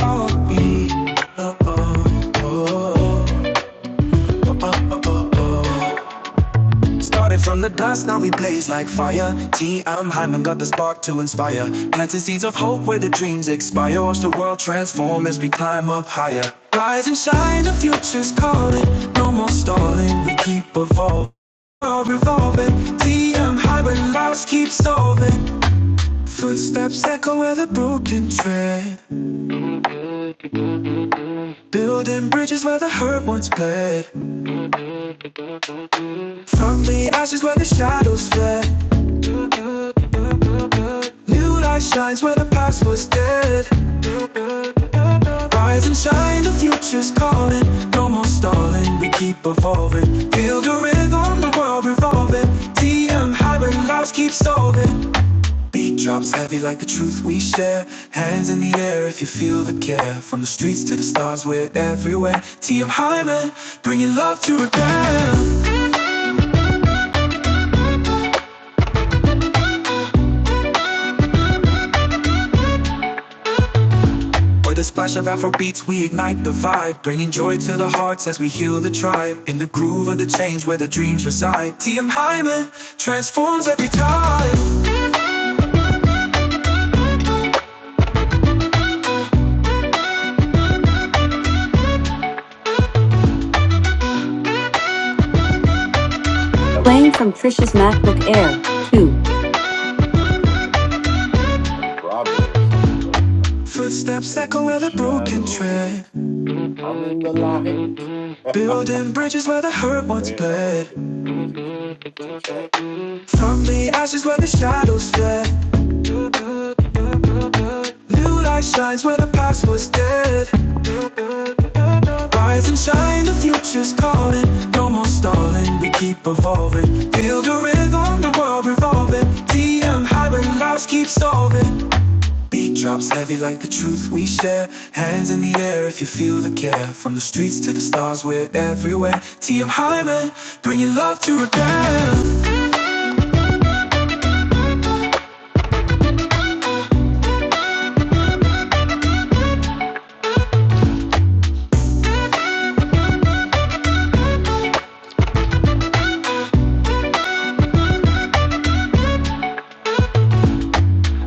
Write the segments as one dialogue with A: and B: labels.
A: Oh, mm, oh, oh, oh. Started from the dust, now we blaze like fire. T. M. Hyman got the spark to inspire. Planting seeds of hope where the dreams expire. Watch the world transform as we climb up higher. Rise and shine, the future's calling. No more stalling, we keep evolving. World revolving, TM Hyman, lives keep solving. Footsteps echo where the broken tread, building bridges where the hurt once bled. From the ashes where the shadows fled. New light shines where the past was dead. Rise and shine, the future's calling. No more stalling, we keep evolving. Feel the rhythm, the world revolving. TM high when lives keep solving. Beat drops heavy like the truth we share. Hands in the air if you feel the care. From the streets to the stars, we're everywhere. TM Hyman, bringing love to repair. With a splash of Afro beats, we ignite the vibe, bringing joy to the hearts as we heal the tribe. In the groove of the change where the dreams reside. TM Hyman transforms every time.
B: Playing from Trisha's MacBook Air, too. Kind of feel like I'm in like like Broadway or something. Like, like I'm
A: Footsteps
B: in
A: echo
B: the
A: where the broken tread,
B: shadows, I'm in the light, and I'm
A: building bridges where the hurt once
B: a
A: bled.
B: little bit crazy. It's okay.
A: From the ashes where the shadows fled, new light shines where the past was dead. Rise and shine, the future's calling. No more stalling, we keep evolving. Build a rhythm, the world revolving. DM high when lives keep solving. Beat drops heavy like the truth we share. Hands in the air if you feel the care. From the streets to the stars, we're everywhere. TM Hyman, your love to repair.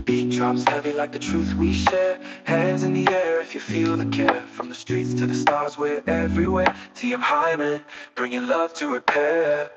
A: Beat drops heavy like the truth we share. Hands in the air if you feel the care. From the streets to the stars, we're everywhere. TM Hyman, your love to repair.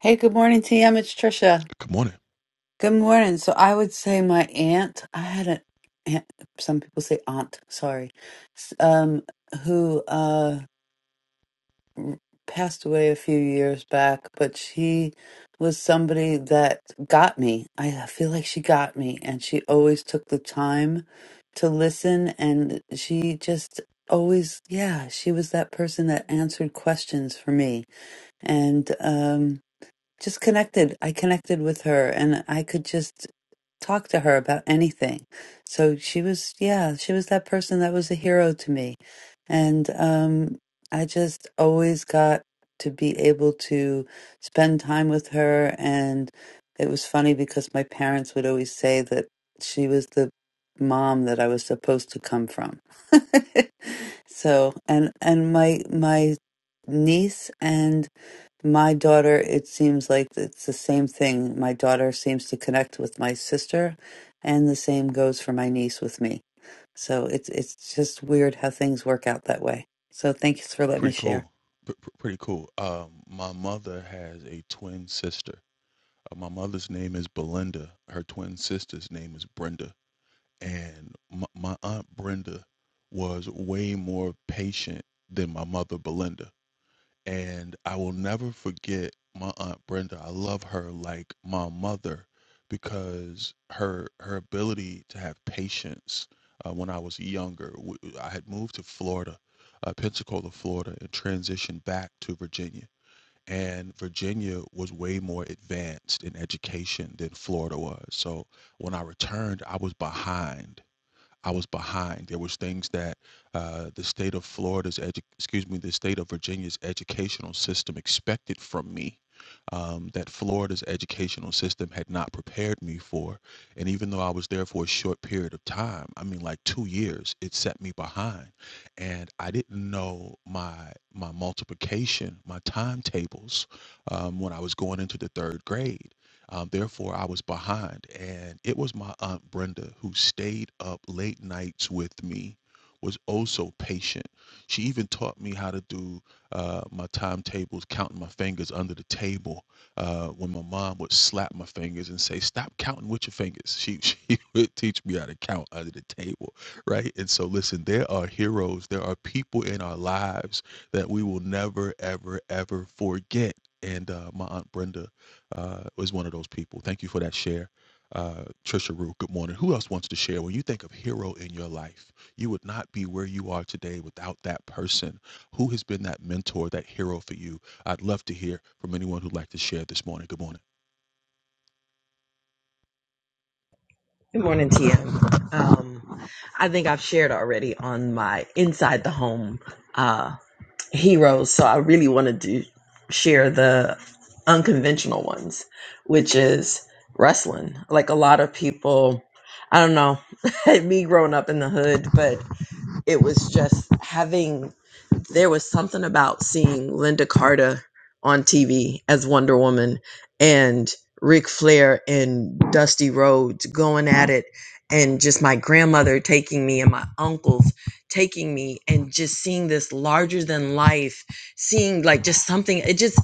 B: Hey, good morning, TM. It's Trisha. Good morning. So I would say my aunt. I had an aunt. Some people say aunt. Sorry. s- Um, who? passed away a few years back, but she was somebody that got me. I feel like she got me, and she always took the time to listen, and she just always, yeah, she was that person that answered questions for me. And, um, just connected. I connected with her and I could just talk to her about anything. So she was, yeah, she was that person that was a hero to me. And um, I just always got to be able to spend time with her. And it was funny because my parents would always say that she was the mom that I was supposed to come from. so, and, and my, my niece and my daughter, it seems like it's the same thing. My daughter seems to connect with my sister, and the same goes for my niece with me. So it's it's just weird how things work out that way. So thanks for letting me share.
C: Good morning, TM. Um, I think I've shared already on my Inside the Home uh, heroes, so I really wanted to share the unconventional ones, which is wrestling. Like a lot of people, I don't know, me growing up in the hood, but it was just having there was something about seeing Linda Carter on TV as Wonder Woman and Ric Flair and Dusty Rhodes going at it, and just my grandmother taking me and my uncles taking me, and just seeing this larger than life, seeing like just something. It just,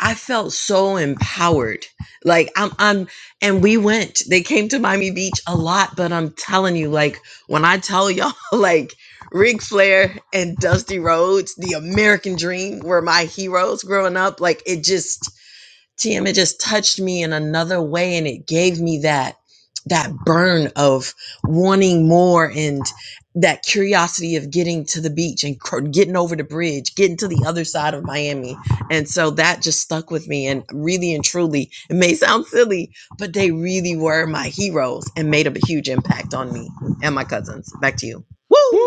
C: I felt so empowered. Like I'm, I'm, and we went. They came to Miami Beach a lot, but I'm telling you, like when I tell y'all, like Ric Flair and Dusty Rhodes, The American Dream, were my heroes growing up. Like it just, TM, it just touched me in another way, and it gave me that that burn of wanting more and that curiosity of getting to the beach and cr- getting over the bridge, getting to the other side of Miami. And so that just stuck with me. And really and truly, it may sound silly, but they really were my heroes and made a huge impact on me and my cousins. Back to you. Woo!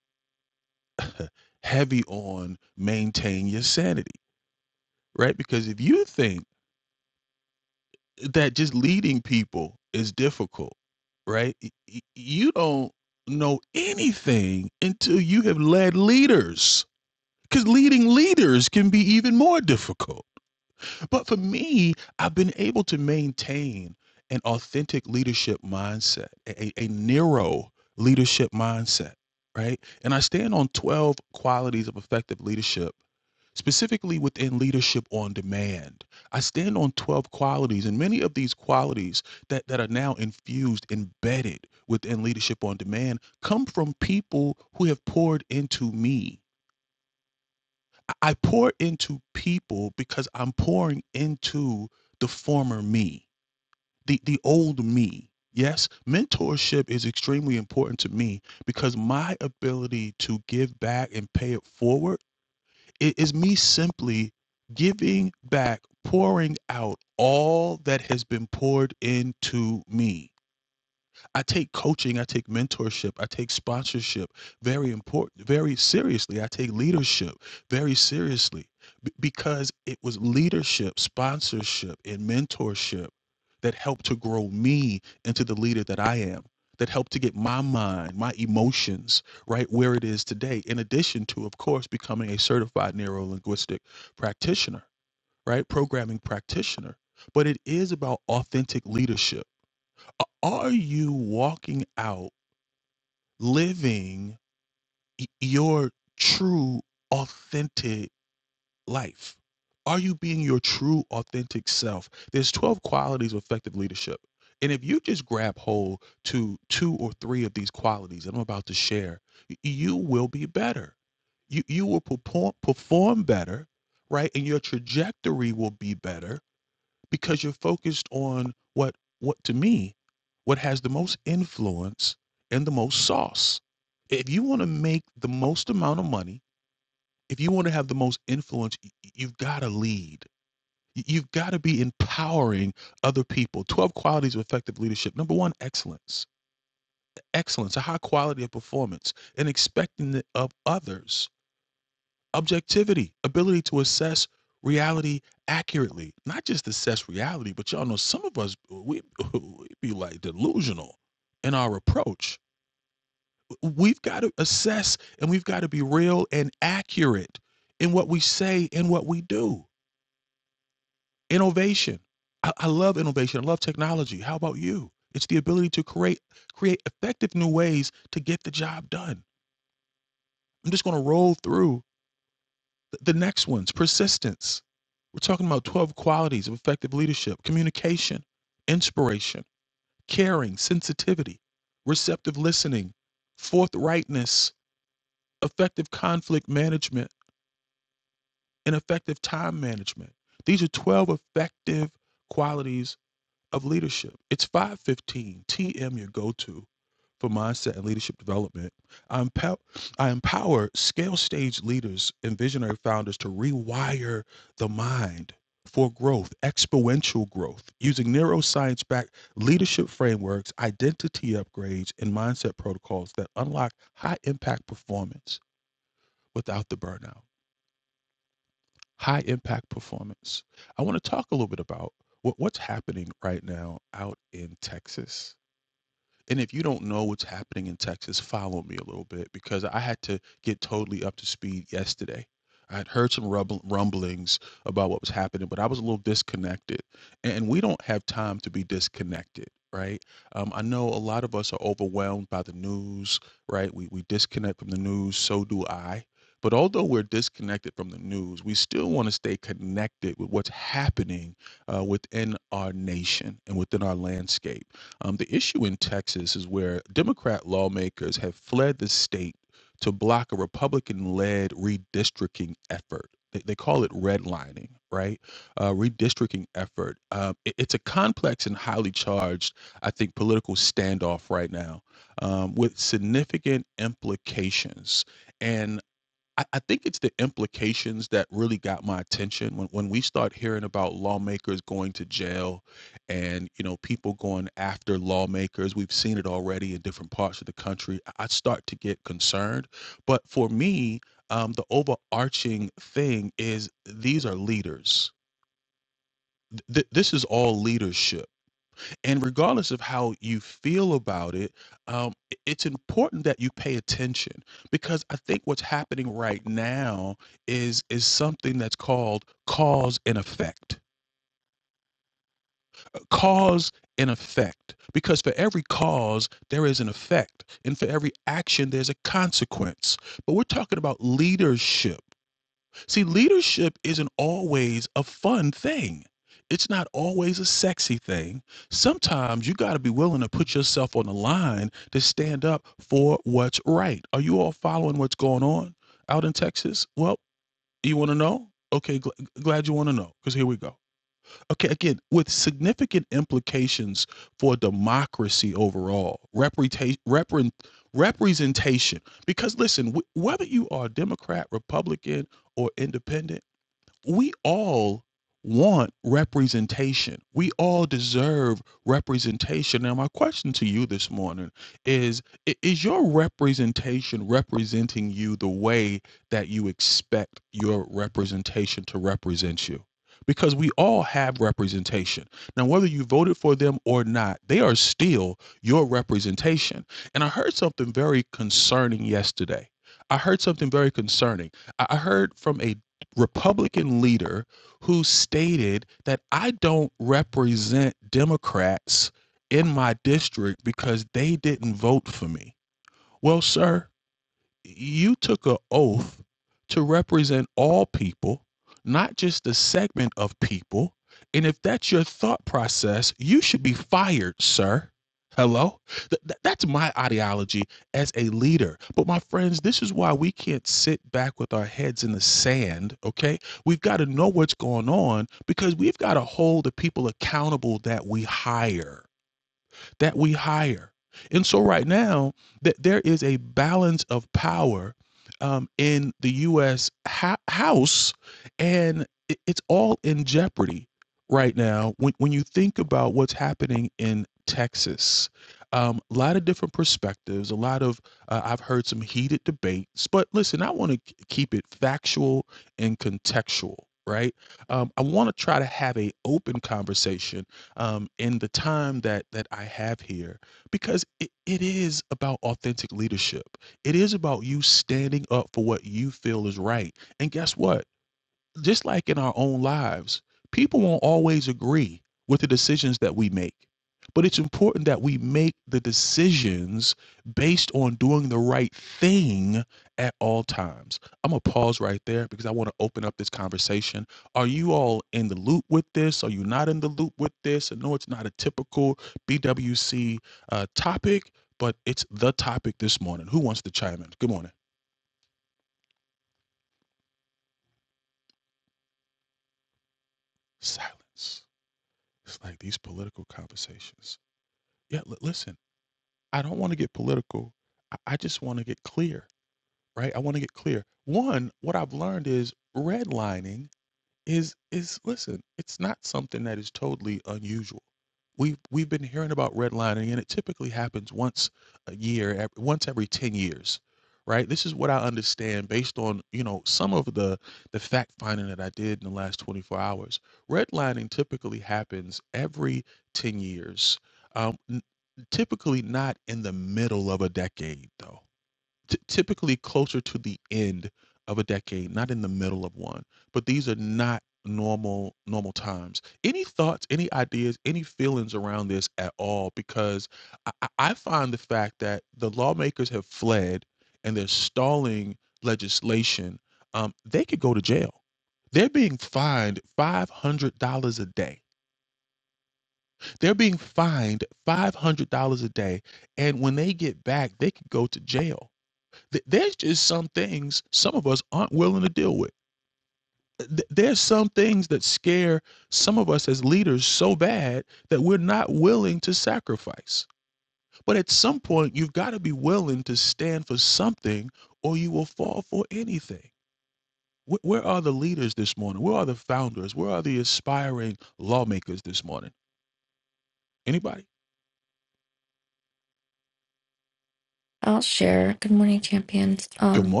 D: I'll share. Good morning, champions. Um,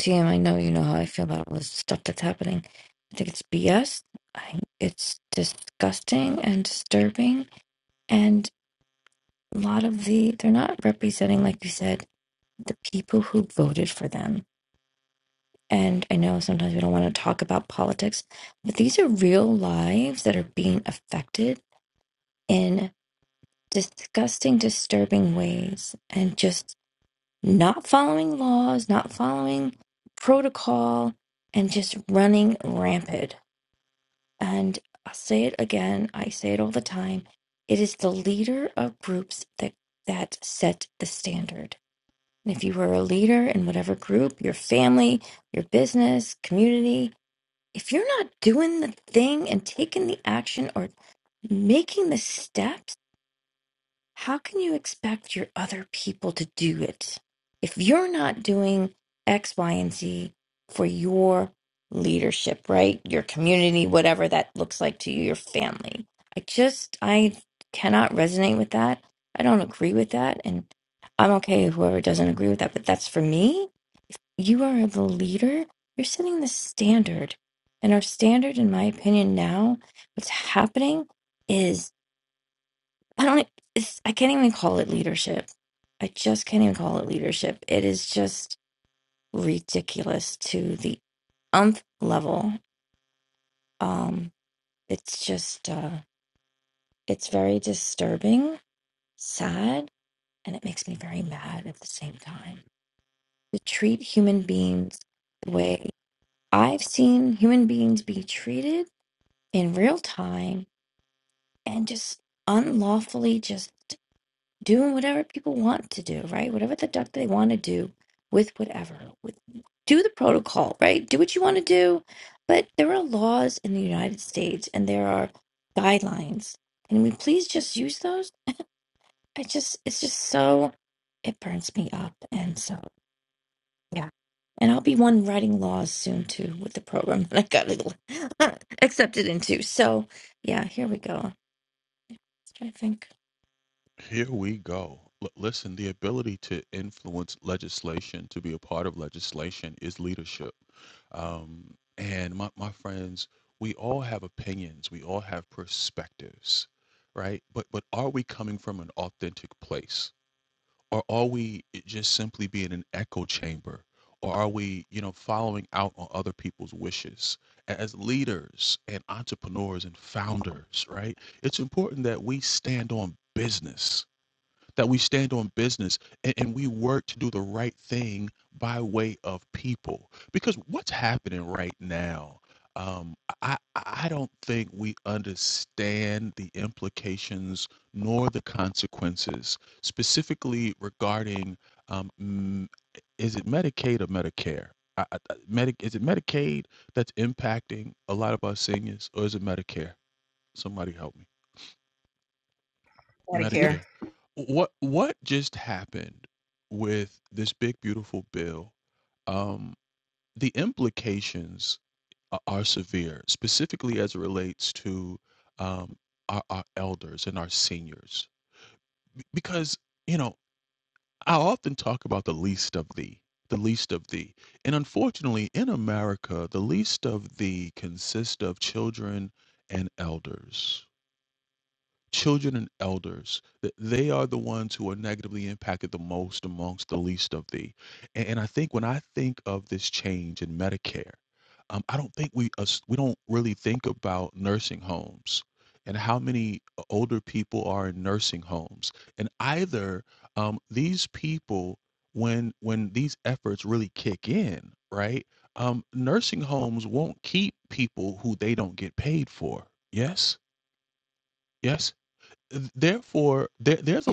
D: TM, I know you know how I feel about all this stuff that's happening. I think it's BS. it's disgusting and disturbing. And a lot of the, they're not representing, like you said, the people who voted for them. And I know sometimes we don't want to talk about politics, but these are real lives that are being affected in disgusting, disturbing ways. And just not following laws, not following protocol, and just running rampant. And I'll say it again, I say it all the time. It is the leader of groups that that set the standard. And if you are a leader in whatever group, your family, your business, community, if you're not doing the thing and taking the action or making the steps, how can you expect your other people to do it if you're not doing X, Y, and Z for your leadership, right? Your community, whatever that looks like to you, your family. I just, I cannot resonate with that. I don't agree with that. And I'm okay if whoever doesn't agree with that, but that's for me. You are the leader. You're setting the standard. And our standard, in my opinion, now, what's happening is I don't e, it's, I can't even call it leadership. I just can't even call it leadership. It is just ridiculous to the umph level. Um it's just uh it's very disturbing, sad, and it makes me very mad at the same time. To treat human beings the way I've seen human beings be treated in real time and just unlawfully just doing whatever people want to do, right? Whatever the duck they want to do with whatever. With do the protocol, right? Do what you want to do. But there are laws in the United States and there are guidelines. Can we please just use those? I just it's just so it burns me up and so yeah. And I'll be one writing laws soon too with the program that I got accepted into. So yeah, here we go. I think.
C: Medicare.
D: Yeah.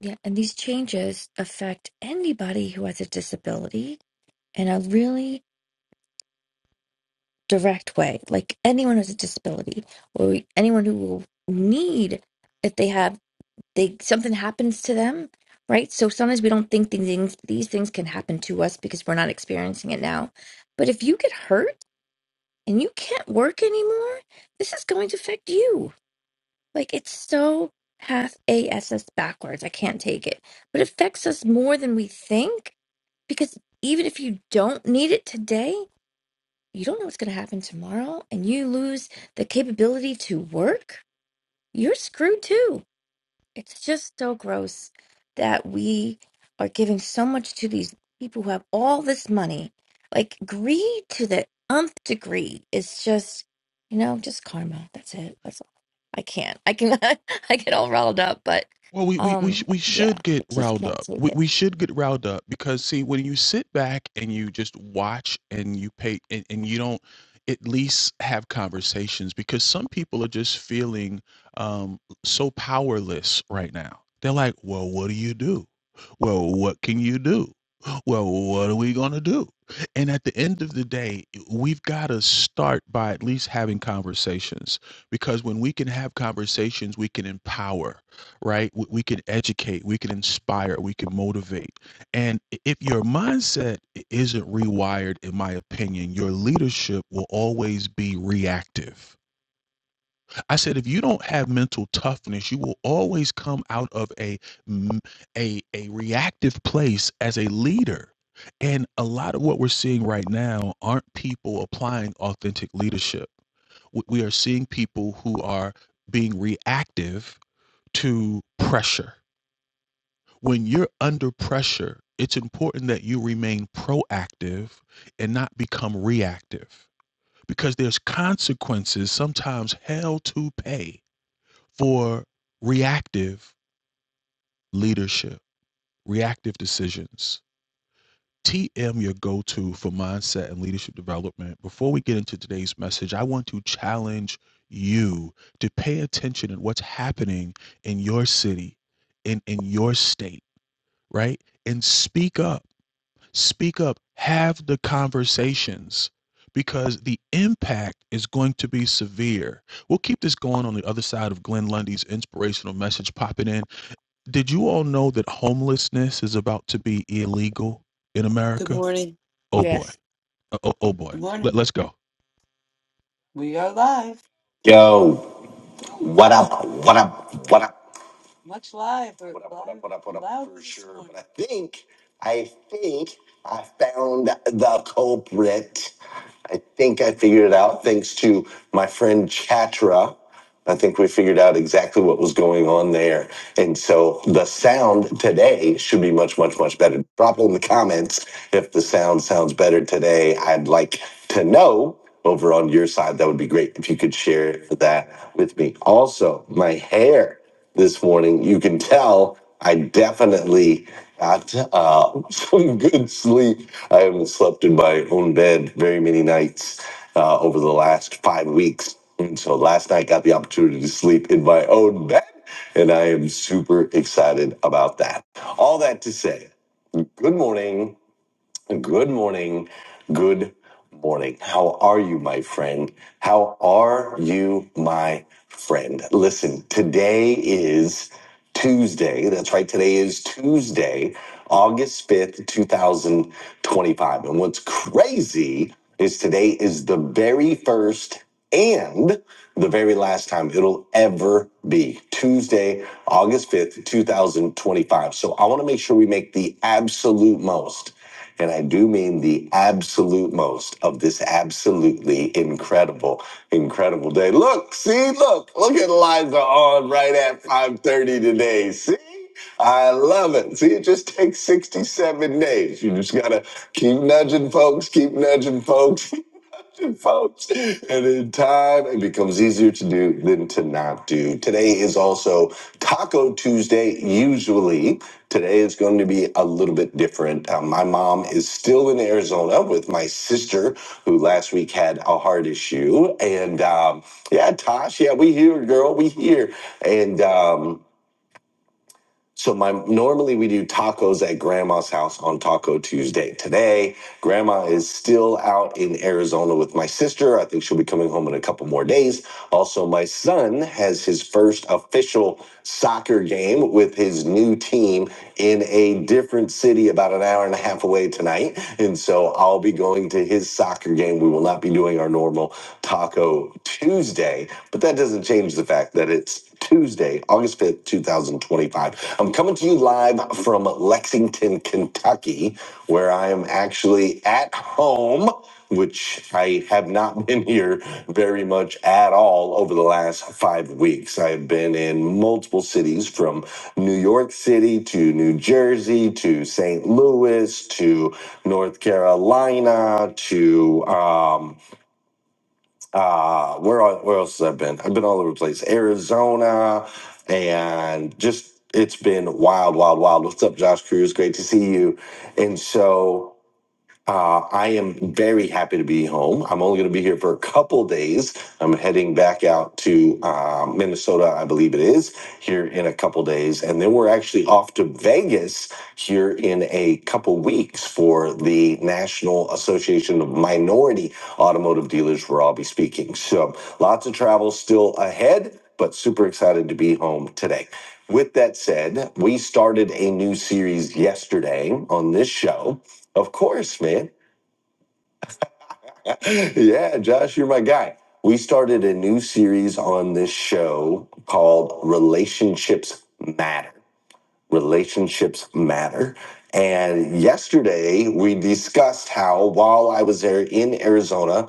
D: Yeah, and these changes affect anybody who has a disability in a really direct way, like anyone who has a disability or anyone who will need if they have they something happens to them, right? So sometimes we don't think these things these things can happen to us because we're not experiencing it now. But if you get hurt and you can't work anymore, this is going to affect you. Like it's so half ass backwards. I can't take it. But it affects us more than we think Because even if you don't need it today, you don't know what's going to happen tomorrow, and you lose the capability to work, you're screwed too. It's just so gross that we are giving so much to these people who have all this money. Like, greed to the nth degree is just, you know, just karma. That's it. That's all. I can't. I can. I get all riled up, but um, yeah, I just can't take it. Yes.
B: Yo, what up? What up? What up? up, what up, up, what up for sure. But I think, I think I found the culprit. I think I figured it out thanks to my friend Chatra. I think we figured out exactly what was going on there. And so the sound today should be much, much, much better. Drop it in the comments if the sound sounds better today. I'd like to know over on your side. That would be great if you could share that with me. Also, my hair this morning. You can tell I definitely got uh, some good sleep. I haven't slept in my own bed very many nights uh, over the last five weeks. And so last night got the opportunity to sleep in my own bed, and I am super excited about that. All that to say, good morning. Good morning. Good morning. How are you, my friend? How are you, my friend? Listen, today is Tuesday. That's right. Today is Tuesday, August 5th, 2025. And what's crazy is today is the very first and the very last time it'll ever be Tuesday, August 5th, 2025. So I want to make sure we make the absolute most and I do mean the absolute most of this absolutely incredible, incredible day. Look, see, look, look at Liza on right at 5.30 today. See? I love it. See, it just takes 67 days. You just gotta keep nudging folks, keep nudging folks. folks. And in time, it becomes easier to do than to not do. Today is also Taco Tuesday. Usually, today is going to be a little bit different. Uh, my mom is still in Arizona with my sister, who last week had a heart issue. And um, yeah, Tosh, yeah, we here, girl, we here. And um, so my normally we do tacos at grandma's house on Taco Tuesday. Today, grandma is still out in Arizona with my sister. I think she'll be coming home in a couple more days. Also, my son has his first official soccer game with his new team in a different city about an hour and a half away tonight. And so I'll be going to his soccer game. We will not be doing our normal taco Tuesday, but that doesn't change change the fact that it's Tuesday, August 5th, 2025. I'm coming to you live from Lexington, Kentucky, where I am actually at home, which I have not been here very much at all over the last five weeks. I've been in multiple cities from New York City to New Jersey to St. Louis to North Carolina to, um, uh where el- where else have I been? I've been all over the place. Arizona and just it's been wild, wild, wild. What's up, Josh Cruz? Great to see you. And so uh, I am very happy to be home. I'm only going to be here for a couple days. I'm heading back out to uh, Minnesota, I believe it is, here in a couple days. And then we're actually off to Vegas here in a couple weeks for the National Association of Minority Automotive Dealers, where I'll be speaking. So lots of travel still ahead, but super excited to be home today. With that said, we started a new series yesterday on this show of course, man. yeah, Josh, you're my guy. We started a new series on this show called Relationships Matter relationships matter. And yesterday we discussed how while I was there in Arizona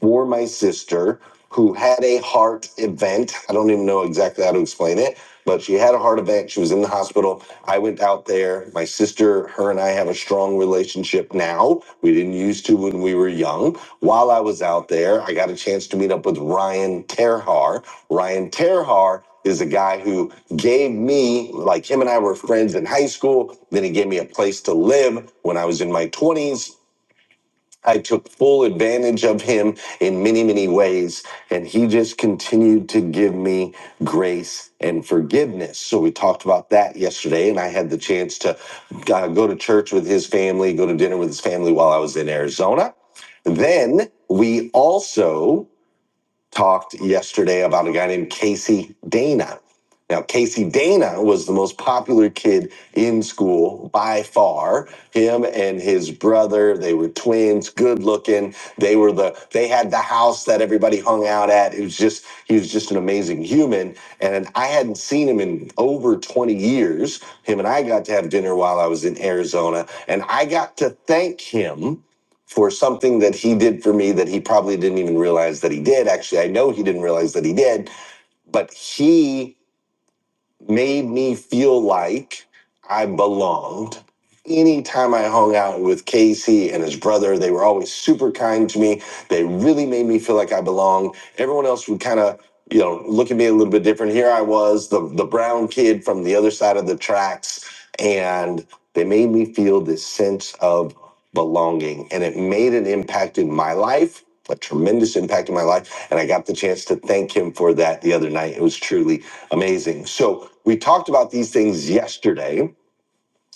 B: for my sister who had a heart event, I don't even know exactly how to explain it, but she had a heart event. She was in the hospital. I went out there. My sister, her and I have a strong relationship now. We didn't used to when we were young. While I was out there, I got a chance to meet up with Ryan Terhar. Ryan Terhar is a guy who gave me, like him and I were friends in high school. Then he gave me a place to live when I was in my 20s. I took full advantage of him in many, many ways. And he just continued to give me grace and forgiveness. So we talked about that yesterday. And I had the chance to uh, go to church with his family, go to dinner with his family while I was in Arizona. Then we also talked yesterday about a guy named Casey Dana. Now, Casey Dana was the most popular kid in school by far. Him and his brother, they were twins, good looking. They were the they had the house that everybody hung out at. It was just he was just an amazing human. And I hadn't seen him in over 20 years. Him and I got to have dinner while I was in Arizona. And I got to thank him for something that he did for me that he probably didn't even realize that he did. Actually, I know he didn't realize that he did, but he made me feel like I belonged. Anytime I hung out with Casey and his brother, they were always super kind to me. They really made me feel like I belonged. Everyone else would kind of, you know, look at me a little bit different. Here I was, the, the brown kid from the other side of the tracks, and they made me feel this sense of belonging. And it made an impact in my life, a tremendous impact in my life. And I got the chance to thank him for that the other night. It was truly amazing. So we talked about these things yesterday.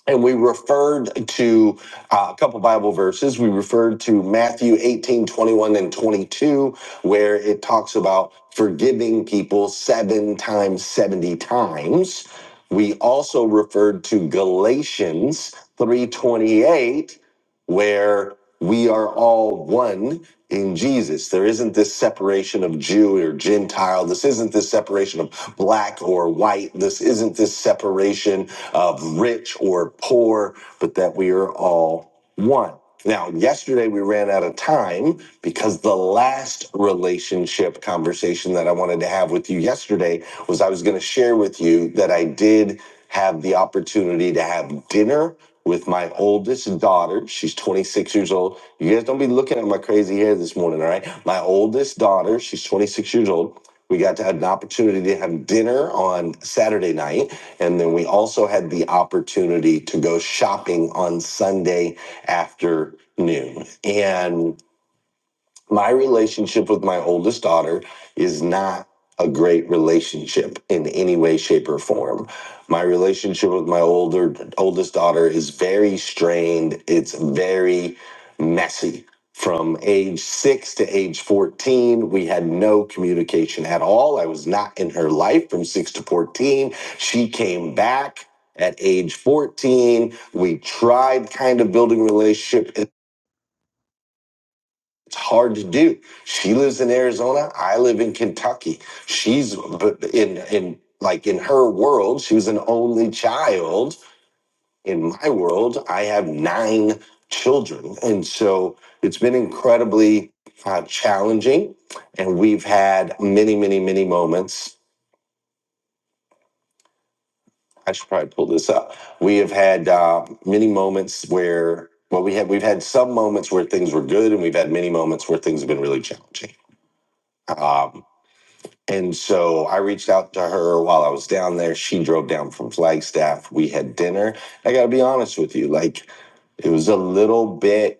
B: And we referred to uh, a couple Bible verses. We referred to Matthew 18, 21, and 22, where it talks about forgiving people seven times, 70 times. We also referred to Galatians 3:28 where we are all one in Jesus. There isn't this separation of Jew or Gentile. This isn't this separation of black or white. This isn't this separation of rich or poor, but that we are all one. Now, yesterday we ran out of time because the last relationship conversation that I wanted to have with you yesterday was I was going to share with you that I did have the opportunity to have dinner with my oldest daughter. She's 26 years old. You guys don't be looking at my crazy hair this morning, all right? My oldest daughter, she's 26 years old. We got to have an opportunity to have dinner on Saturday night. And then we also had the opportunity to go shopping on Sunday afternoon. And my relationship with my oldest daughter is not a great relationship in any way shape or form my relationship with my older oldest daughter is very strained it's very messy from age 6 to age 14 we had no communication at all i was not in her life from 6 to 14 she came back at age 14 we tried kind of building relationship it's hard to do. She lives in Arizona. I live in Kentucky. She's but in in like in her world, she was an only child. In my world, I have nine children, and so it's been incredibly uh, challenging. And we've had many, many, many moments. I should probably pull this up. We have had uh, many moments where well, we had we've had some moments where things were good, and we've had many moments where things have been really challenging. Um, And so I reached out to her while I was down there. She drove down from Flagstaff. We had dinner. I got to be honest with you, like it was a little bit,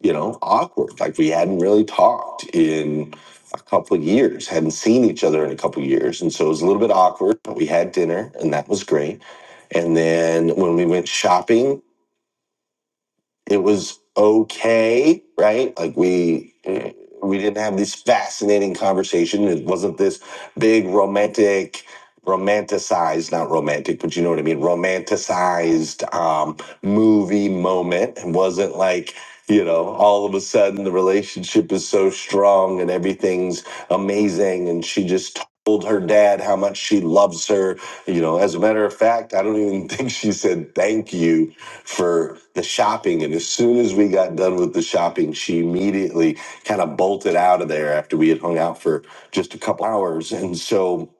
B: you know, awkward. Like we hadn't really talked in a couple of years, hadn't seen each other in a couple of years. And so it was a little bit awkward, but we had dinner and that was great. And then when we went shopping, it was okay, right? Like we eh, we didn't have this fascinating conversation. It wasn't this big romantic romanticized not romantic but you know what i mean romanticized um movie moment it wasn't like you know all of a sudden the relationship is so strong and everything's amazing and she just told her dad how much she loves her you know as a matter of fact i don't even think she said thank you for the shopping. And as soon as we got done with the shopping, she immediately kind of bolted out of there after we had hung out for just a couple hours. And so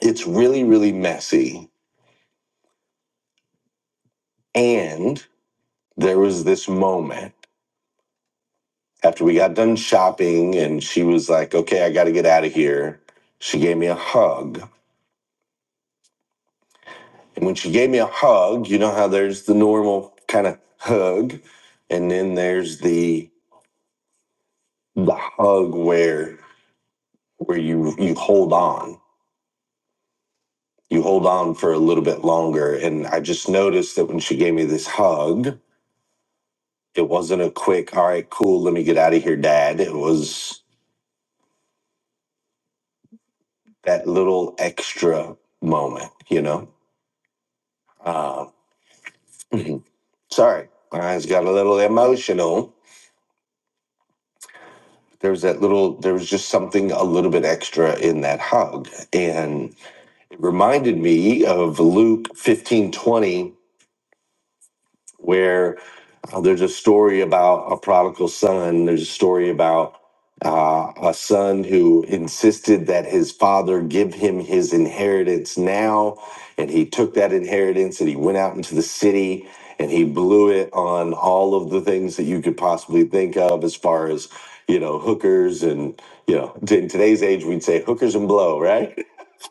B: it's really, really messy. And there was this moment after we got done shopping, and she was like, okay, I got to get out of here. She gave me a hug. And when she gave me a hug, you know how there's the normal kind of hug, and then there's the the hug where where you you hold on you hold on for a little bit longer. And I just noticed that when she gave me this hug, it wasn't a quick, all right, cool, let me get out of here, dad. It was that little extra moment, you know? Uh, sorry, my eyes got a little emotional. There was that little, there was just something a little bit extra in that hug. And it reminded me of Luke fifteen twenty where uh, there's a story about a prodigal son. There's a story about uh, a son who insisted that his father give him his inheritance now. And he took that inheritance and he went out into the city and he blew it on all of the things that you could possibly think of as far as, you know, hookers and, you know, in today's age, we'd say hookers and blow, right?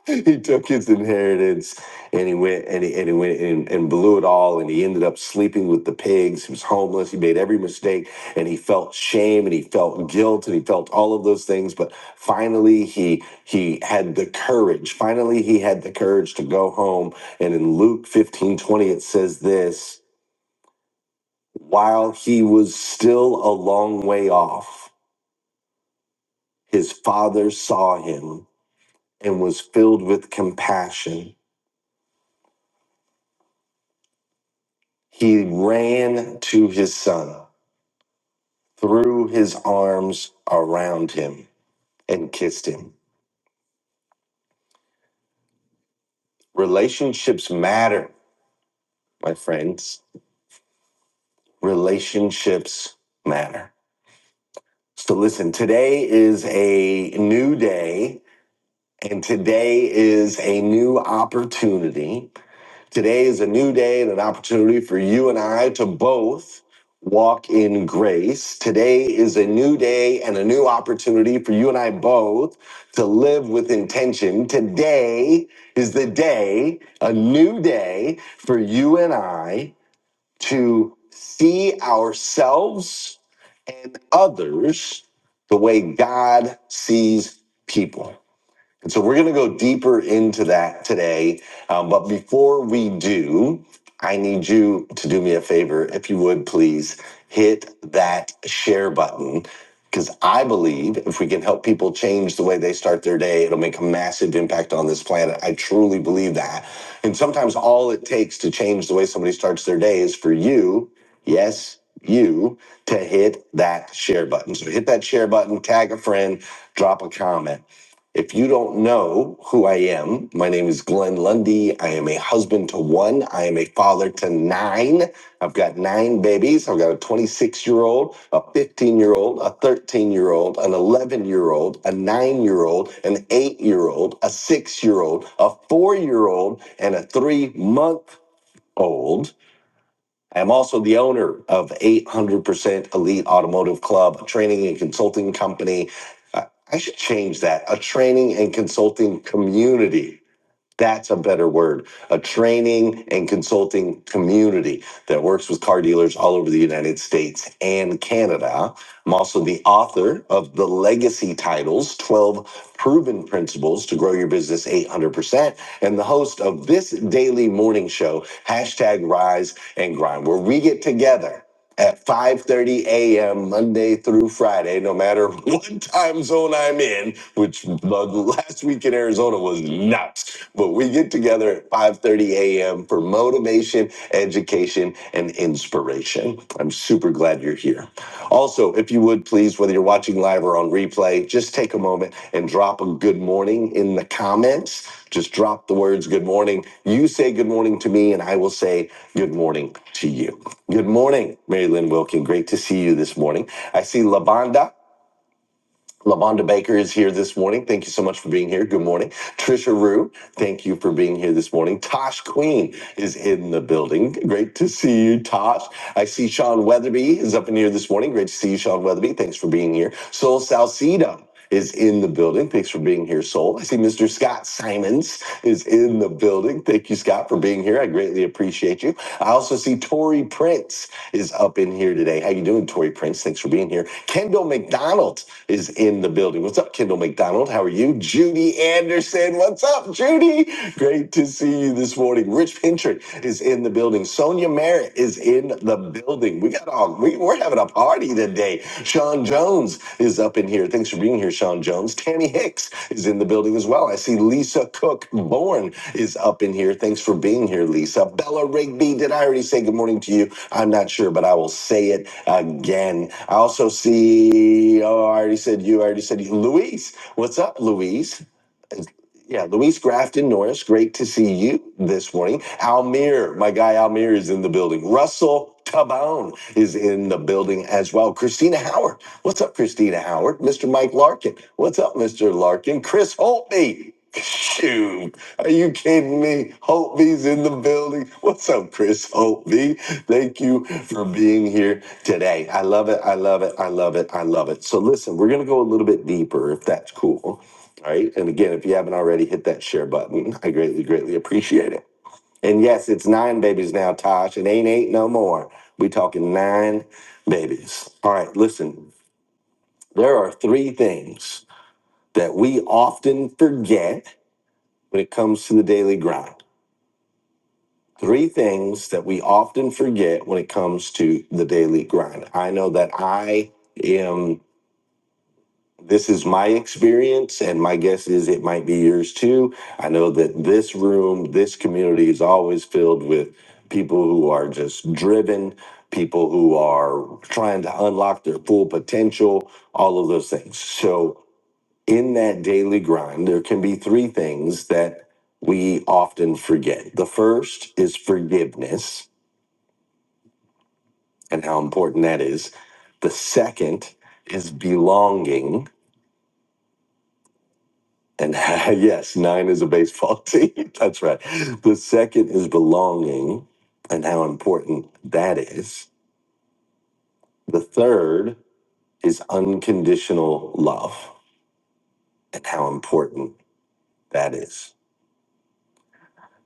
B: he took his inheritance and he went and he, and he went and, and blew it all and he ended up sleeping with the pigs he was homeless he made every mistake and he felt shame and he felt guilt and he felt all of those things but finally he he had the courage finally he had the courage to go home and in luke 15 20, it says this while he was still a long way off his father saw him and was filled with compassion He ran to his son, threw his arms around him, and kissed him. Relationships matter, my friends. Relationships matter. So, listen, today is a new day, and today is a new opportunity. Today is a new day and an opportunity for you and I to both walk in grace. Today is a new day and a new opportunity for you and I both to live with intention. Today is the day, a new day for you and I to see ourselves and others the way God sees people. And so we're going to go deeper into that today. Um, but before we do, I need you to do me a favor, if you would please hit that share button. Because I believe if we can help people change the way they start their day, it'll make a massive impact on this planet. I truly believe that. And sometimes all it takes to change the way somebody starts their day is for you, yes, you, to hit that share button. So hit that share button, tag a friend, drop a comment. If you don't know who I am, my name is Glenn Lundy. I am a husband to one. I am a father to nine. I've got nine babies. I've got a 26 year old, a 15 year old, a 13 year old, an 11 year old, a nine year old, an eight year old, a six year old, a four year old, and a three month old I am also the owner of 800% Elite Automotive Club, a training and consulting company. I I should change that, a training and consulting community that's a better word. A training and consulting community that works with car dealers all over the United States and Canada. I'm also the author of the Legacy Titles 12 Proven Principles to Grow Your Business 800%, and the host of this daily morning show, hashtag Rise and Grind, where we get together at 5:30 a.m. Monday through Friday, no matter what time zone I'm in, which the last week in Arizona was nuts. But we get together at 5:30 a.m. for motivation, education, and inspiration. I'm super glad you're here. Also, if you would please, whether you're watching live or on replay, just take a moment and drop a good morning in the comments. Just drop the words good morning. You say good morning to me, and I will say good morning to you. Good morning, Mary Lynn Wilkin. Great to see you this morning. I see Lavonda. Lavonda Baker is here this morning. Thank you so much for being here. Good morning. Trisha Rue, thank you for being here this morning. Tosh Queen is in the building. Great to see you, Tosh. I see Sean Weatherby is up in here this morning. Great to see you, Sean Weatherby. Thanks for being here. Soul Salcedo is in the building. Thanks for being here, Soul. I see Mr. Scott Simons is in the building. Thank you, Scott, for being here. I greatly appreciate you. I also see Tori Prince is up in here today. How you doing, Tori Prince? Thanks for being here. Kendall McDonald is in the building. What's up, Kendall McDonald? How are you? Judy Anderson. What's up, Judy? Great to see you this morning. Rich Pintrick is in the building. Sonia Mary. Barrett is in the building. We got all we, we're having a party today. Sean Jones is up in here. Thanks for being here, Sean Jones. Tammy Hicks is in the building as well. I see Lisa Cook Bourne is up in here. Thanks for being here, Lisa. Bella Rigby, did I already say good morning to you? I'm not sure, but I will say it again. I also see, oh, I already said you, I already said you. Louise, what's up, Louise? Yeah, Luis Grafton Norris, great to see you this morning. Almir, my guy Almir is in the building. Russell Tabone is in the building as well. Christina Howard, what's up, Christina Howard? Mr. Mike Larkin, what's up, Mr. Larkin? Chris Holtby, shoot, are you kidding me? Holtby's in the building. What's up, Chris Holtby? Thank you for being here today. I love it. I love it. I love it. I love it. So listen, we're gonna go a little bit deeper if that's cool all right. And again, if you haven't already, hit that share button. I greatly, greatly appreciate it. And yes, it's nine babies now, Tosh. It ain't eight no more. We talking nine babies. All right, listen, there are three things that we often forget when it comes to the daily grind. Three things that we often forget when it comes to the daily grind. I know that I am this is my experience, and my guess is it might be yours too. I know that this room, this community is always filled with people who are just driven, people who are trying to unlock their full potential, all of those things. So, in that daily grind, there can be three things that we often forget. The first is forgiveness and how important that is, the second is belonging. And yes, nine is a baseball team. That's right. The second is belonging and how important that is. The third is unconditional love and how important that is.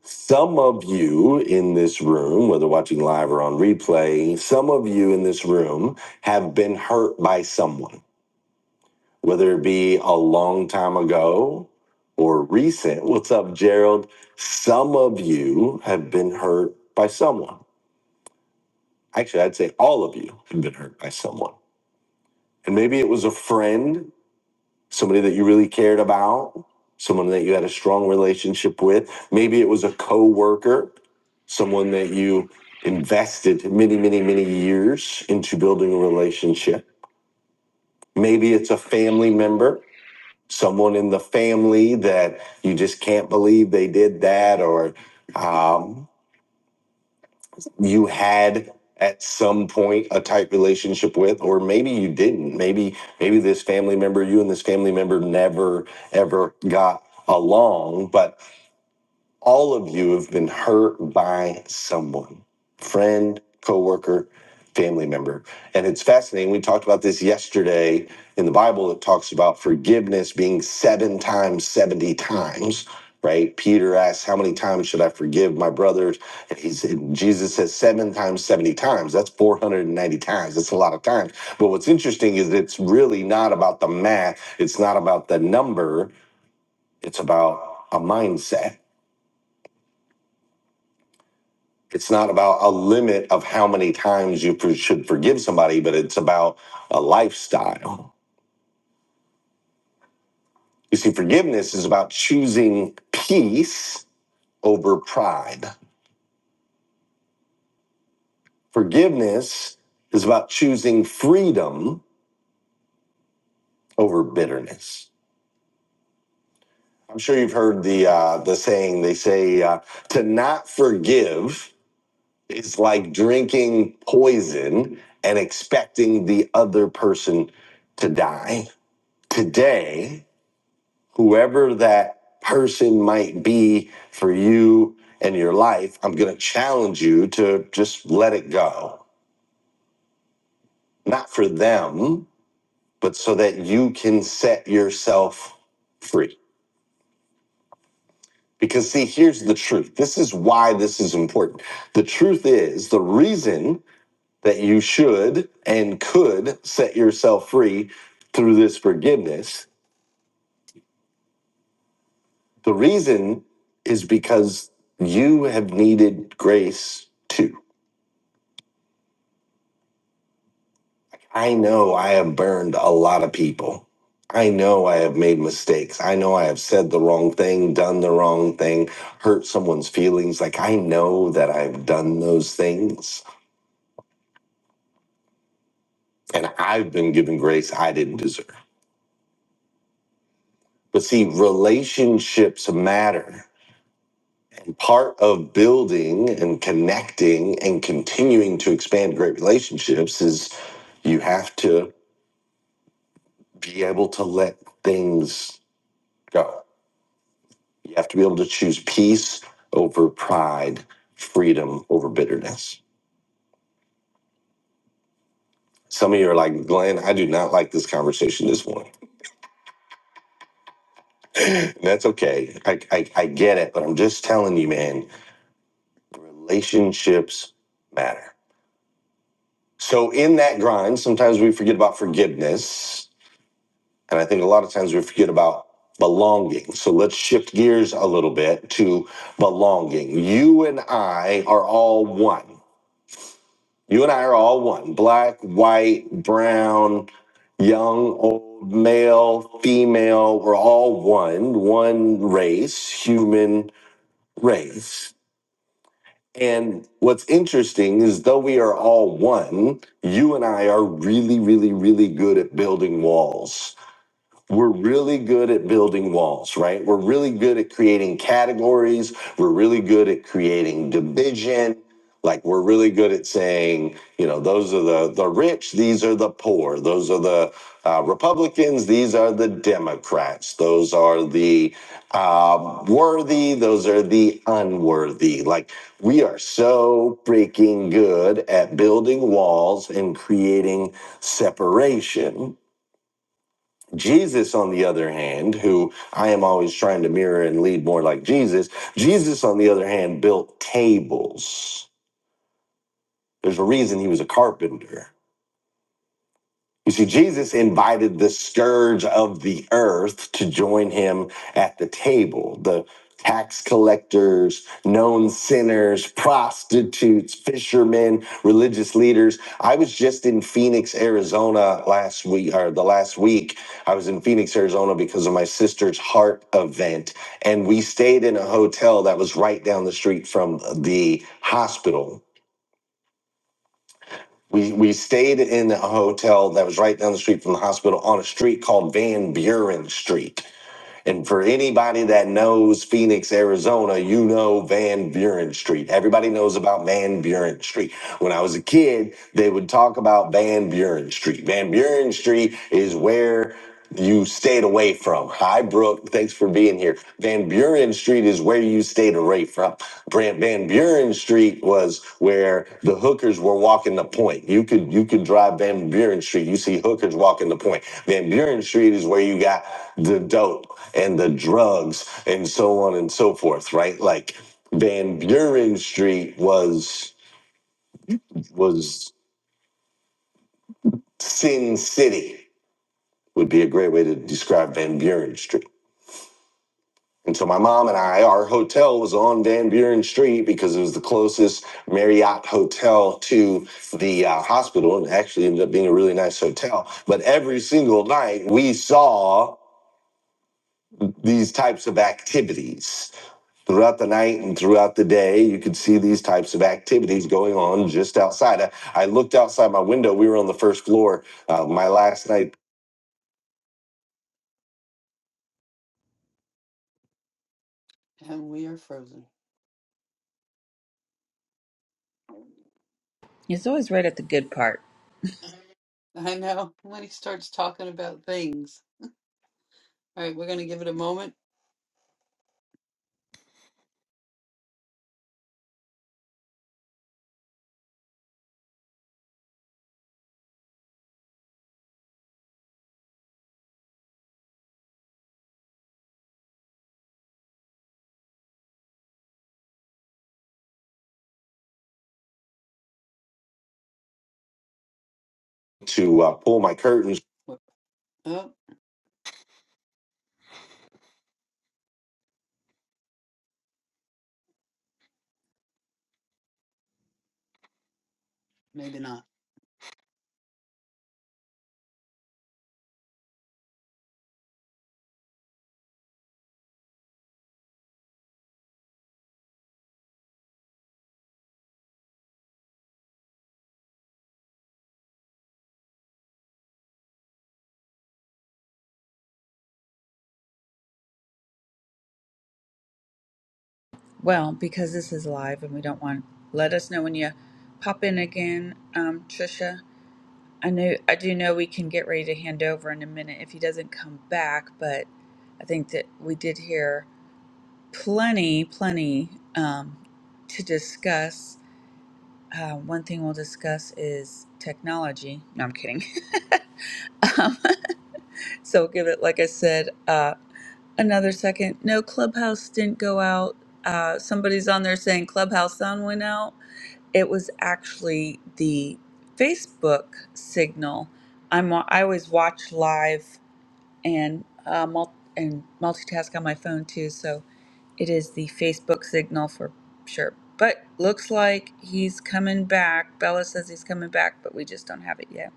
B: Some of you in this room, whether watching live or on replay, some of you in this room have been hurt by someone whether it be a long time ago or recent. What's up, Gerald? Some of you have been hurt by someone. Actually, I'd say all of you have been hurt by someone. And maybe it was a friend, somebody that you really cared about, someone that you had a strong relationship with. Maybe it was a coworker, someone that you invested many, many, many years into building a relationship. Maybe it's a family member someone in the family that you just can't believe they did that, or um, you had at some point a tight relationship with, or maybe you didn't. Maybe maybe this family member, you and this family member never ever got along, but all of you have been hurt by someone, friend, coworker, family member. And it's fascinating. We talked about this yesterday in the Bible. It talks about forgiveness being seven times, 70 times, right? Peter asks, How many times should I forgive my brothers? And he said, Jesus says seven times, 70 times. That's 490 times. That's a lot of times. But what's interesting is it's really not about the math, it's not about the number, it's about a mindset It's not about a limit of how many times you for- should forgive somebody, but it's about a lifestyle. You see, forgiveness is about choosing peace over pride. Forgiveness is about choosing freedom over bitterness. I'm sure you've heard the uh, the saying. They say uh, to not forgive is like drinking poison and expecting the other person to die. Today, whoever that person might be for you and your life, I'm going to challenge you to just let it go. Not for them, but so that you can set yourself free. Because, see, here's the truth. This is why this is important. The truth is the reason that you should and could set yourself free through this forgiveness, the reason is because you have needed grace too I know I have burned a lot of people. I know I have made mistakes. I know I have said the wrong thing, done the wrong thing, hurt someone's feelings. Like, I know that I've done those things and I've been given grace I didn't deserve. But see, relationships matter. Part of building and connecting and continuing to expand great relationships is you have to be able to let things go You have to be able to choose peace over pride, freedom over bitterness. Some of you are like, Glenn, I do not like this conversation this morning. And That's okay. I, I, I get it, but I'm just telling you, man, relationships matter. So, in that grind, sometimes we forget about forgiveness. And I think a lot of times we forget about belonging. So, let's shift gears a little bit to belonging. You and I are all one. You and I are all one black, white, brown, young, old, male, female. We're all one, one race, human race. And what's interesting is though we are all one, you and I are really, really, really good at building walls we're really good at building walls, right? We're really good at creating categories. We're really good at creating division. Like we're really good at saying, you know, those are the the rich, these are the poor. Those are the uh, Republicans, these are the Democrats. Those are the uh, worthy, those are the unworthy. Like we are so freaking good at building walls and creating separation Jesus, on the other hand, who I am always trying to mirror and lead more like Jesus, Jesus, on the other hand, built tables. There's a reason he was a carpenter. You see, Jesus invited the scourge of the earth to join him at the table. The tax collectors, known sinners, prostitutes, fishermen, religious leaders. I was just in Phoenix, Arizona last week, or the last week. I was in Phoenix, Arizona because of my sister's heart event. And we stayed in a hotel that was right down the street from the hospital. We we stayed in a hotel that was right down the street from the hospital on a street called Van Buren Street. And for anybody that knows Phoenix, Arizona, you know Van Buren Street. Everybody knows about Van Buren Street. When I was a kid, they would talk about Van Buren Street. Van Buren Street is where you stayed away from. Hi, Brooke. Thanks for being here. Van Buren Street is where you stayed away from. Brant Van Buren Street was where the hookers were walking the point. You could you could drive Van Buren Street. You see hookers walking the point. Van Buren Street is where you got the dope and the drugs and so on and so forth, right? Like Van Buren Street was was Sin City would be a great way to describe Van Buren Street. And so my mom and I, our hotel was on Van Buren Street because it was the closest Marriott hotel to the uh, hospital, and actually ended up being a really nice hotel. But every single night we saw these types of activities. Throughout the night and throughout the day, you could see these types of activities going on just outside. I, I looked outside my window. We were on the first floor uh, my last night
E: It's always right at the good part.
B: to uh, pull my curtains
E: Well, because this is live and we don't want. Let us know when you pop in again, um, Trisha. I know I do know we can get ready to hand over in a minute if he doesn't come back, but I think that we did hear plenty, plenty um, to discuss. Uh, one thing we'll discuss is technology. No, I'm kidding. So give it, like I said, uh, another second. No, Clubhouse didn't go out. Uh, somebody's on there saying Clubhouse sound went out. It was actually the Facebook signal. I'm I always watch live and uh, mul- and multitask on my phone too, so it is the Facebook signal for sure. But looks like he's coming back. Bella says he's coming back, but we just don't have it yet.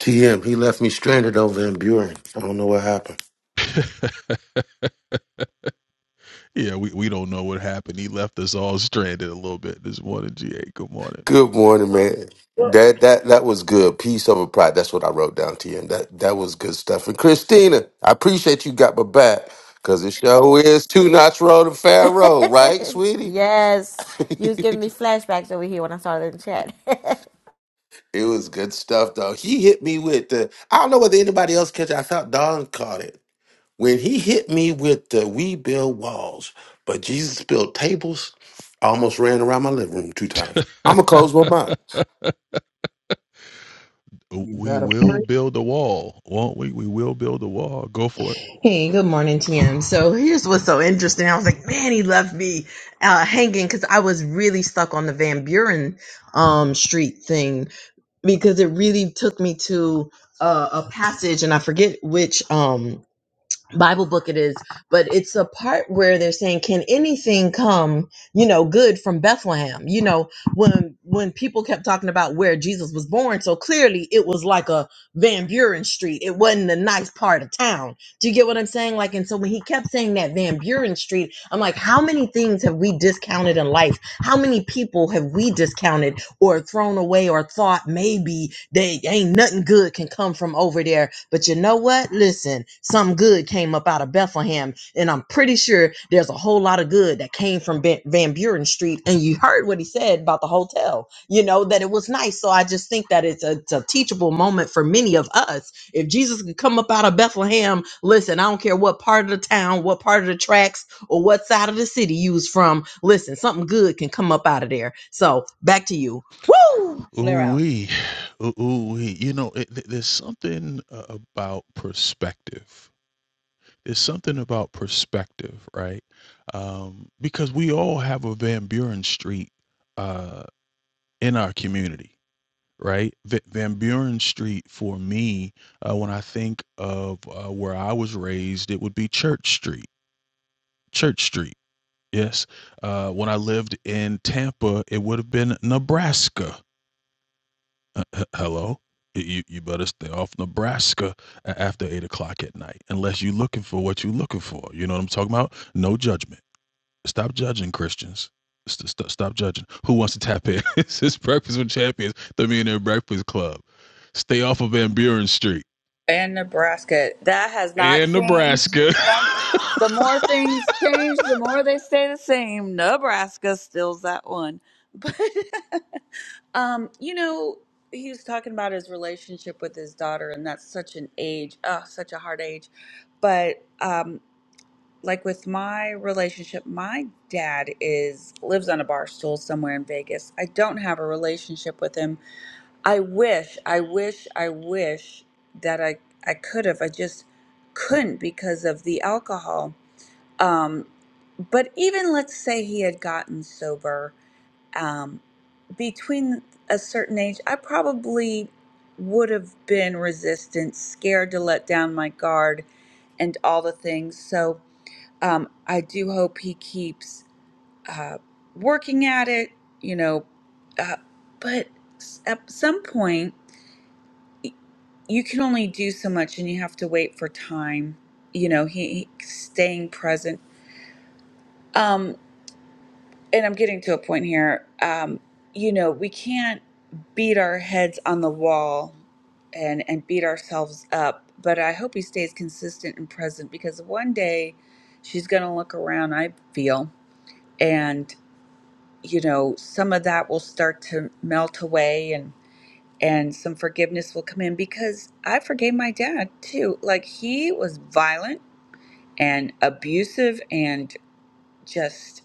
F: TM, he left me stranded over in Buren. I don't know what happened. Good morning, man. That that that was good. Peace over pride. That's what I wrote down, TM. That that was good stuff. And Christina, I appreciate you got my back because it sure is two notch road to Pharaoh, right, sweetie?
G: yes, you was
F: it
G: giving me flashbacks over here when I started in the chat.
F: was good stuff though. He hit me with the I don't know whether anybody else catch it. I thought Don caught it. When he hit me with the we build walls, but Jesus built tables, I almost ran around my living room two times. I'm going to close my mouth.
C: You better. Hey, good morning, TM. So here's what's so interesting. I was like, man, he left me uh, hanging because I was really stuck on the Van Buren um, Street thing because it really took me to uh, a passage, and I forget which. Um, Bible book it is, but it's a part where they're saying, "Can anything come, you know, good from Bethlehem?" You know, when when people kept talking about where Jesus was born, so clearly it was like a Van Buren Street. It wasn't a nice part of town. Do you get what I'm saying? Like, and so when he kept saying that Van Buren Street, I'm like, how many things have we discounted in life? How many people have we discounted? or thrown away or thought maybe they ain't nothing good can come from over there. But you know what? Listen, something good came up out of Bethlehem, and I'm pretty sure there's a whole lot of good that came from Van Van Buren Street. And you heard what he said about the hotel, you know, that it was nice. So I just think that it's a, it's a teachable moment for many of us. If Jesus could come up out of Bethlehem, listen, I don't care what part of the town, what part of the tracks, or what side of the city you was from. Listen, something good can come up out of there. So back to you. Woo! Flare out.
E: and Nebraska. That has not changed. Some, the more things change, the more they stay the same. Nebraska stills that one. But um, you know, he was talking about his relationship with his daughter, and that's such an age, oh, such a hard age. But um, like with my relationship, my dad is lives on a bar stool somewhere in Vegas. I don't have a relationship with him I wish, I wish, I wish that I I could have. I just couldn't because of the alcohol. Um, but even let's say he had gotten sober um, between a certain age, I probably would have been resistant, scared to let down my guard, and all the things. So um, I do hope he keeps uh, working at it. You know, uh, but s- at some point you can only do so much and you have to wait for time you know he, he staying present um and i'm getting to a point here um you know we can't beat our heads on the wall and and beat ourselves up but i hope he stays consistent and present because one day she's going to look around i feel and you know some of that will start to melt away And and some forgiveness will come in because I forgave my dad too. Like he was violent and abusive and just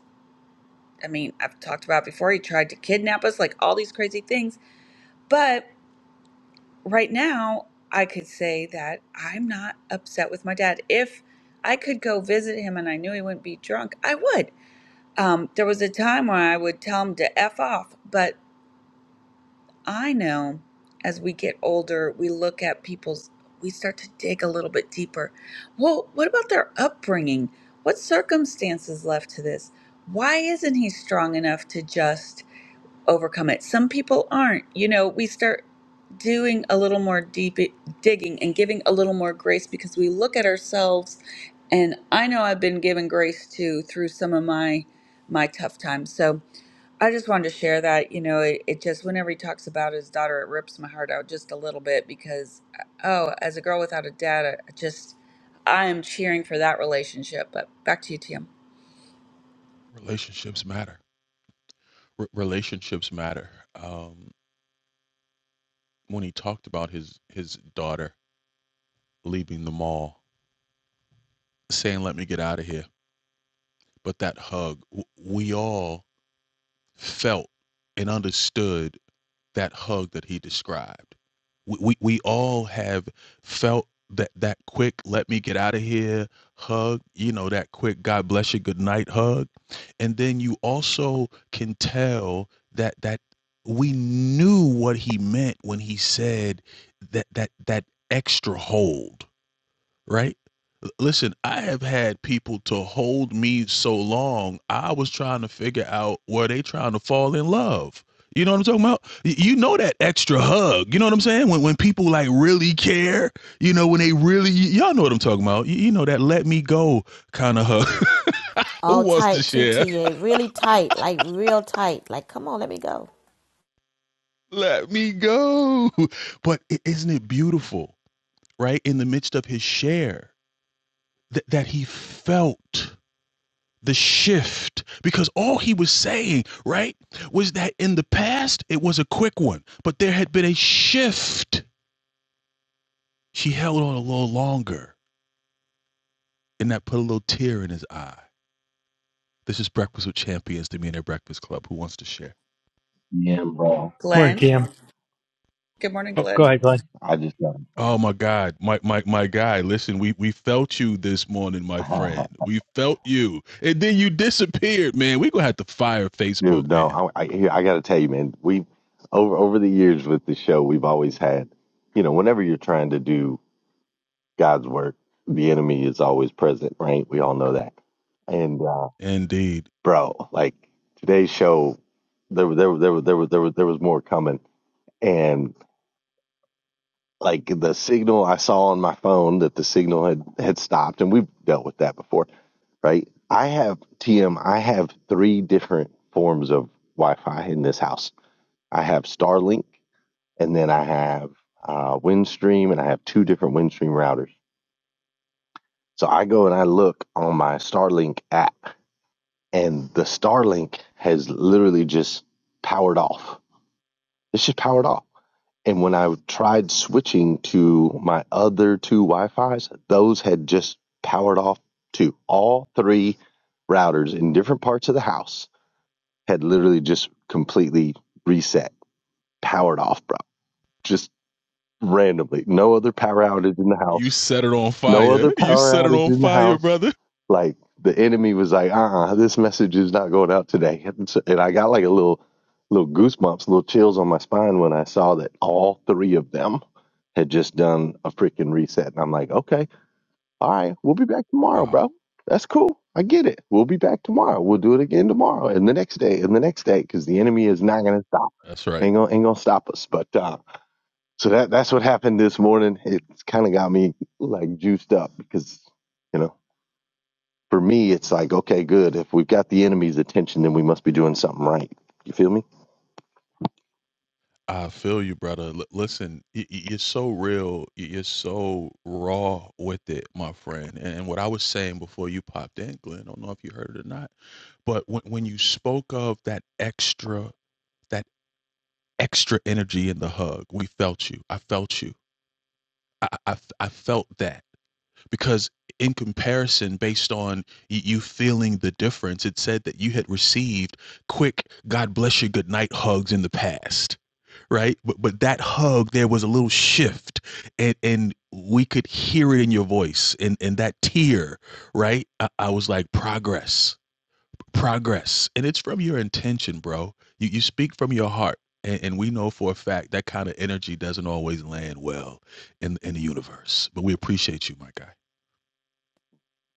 E: I mean, I've talked about before he tried to kidnap us, like all these crazy things. But right now, I could say that I'm not upset with my dad. If I could go visit him and I knew he wouldn't be drunk, I would. Um, there was a time when I would tell him to F off, but I know as we get older, we look at people's, we start to dig a little bit deeper. Well, what about their upbringing? What circumstances left to this? Why isn't he strong enough to just overcome it? Some people aren't. You know, we start doing a little more deep digging and giving a little more grace because we look at ourselves and I know I've been given grace too through some of my my tough times. So, I just wanted to share that, you know, it, it just, whenever he talks about his daughter, it rips my heart out just a little bit because, oh, as a girl without a dad, I just, I am cheering for that relationship. But back to you, Tim.
G: All tight too to you, really tight, like real tight. Like, come on, let me go.
H: Yeah, bro.
I: Morning,
E: Glenn.
I: Cam.
E: Good morning,
I: Oh, go
E: Glenn.
I: ahead, Glenn.
H: I just got dude. No, I I, here, I got to tell you, man. We over over the years with the show, we've always had, you know, whenever you're trying to do God's work, the enemy is always present, right? We all know that. And uh, bro, like today's show, there were- there were- there were- there was there was there was more coming, and like the signal I saw on my phone that the signal had had stopped, and we've dealt with that before right? I have TM, I have three different forms of Wi Fi in this house. I have Starlink, and then I have uh, Windstream, and I have two different Windstream routers. So I go and I look on my Starlink app, and the Starlink has literally just powered off. It's just powered off. And when I tried switching to my other two Wi Fi's, those had just powered off too. All three routers in different parts of the house had literally just completely reset, powered off, bro. Just randomly. No other power outage in the house. No other power outage in the house. Like the enemy was like, uh uh this message is not going out today. And, so, and I got like a little, little goosebumps, little chills on my spine when I saw that all three of them had just done a freaking reset. And I'm like, okay all right, we'll be back tomorrow, bro. That's cool. I get it. We'll be back tomorrow. We'll do it again tomorrow and the next day and the next day because the enemy is not gonna stop. Ain't gonna ain't gonna stop us. But uh, so that that's what happened this morning. It's kind of got me like juiced up because you know for me it's like okay, good. If we've got the enemy's attention, then we must be doing something right. You feel me?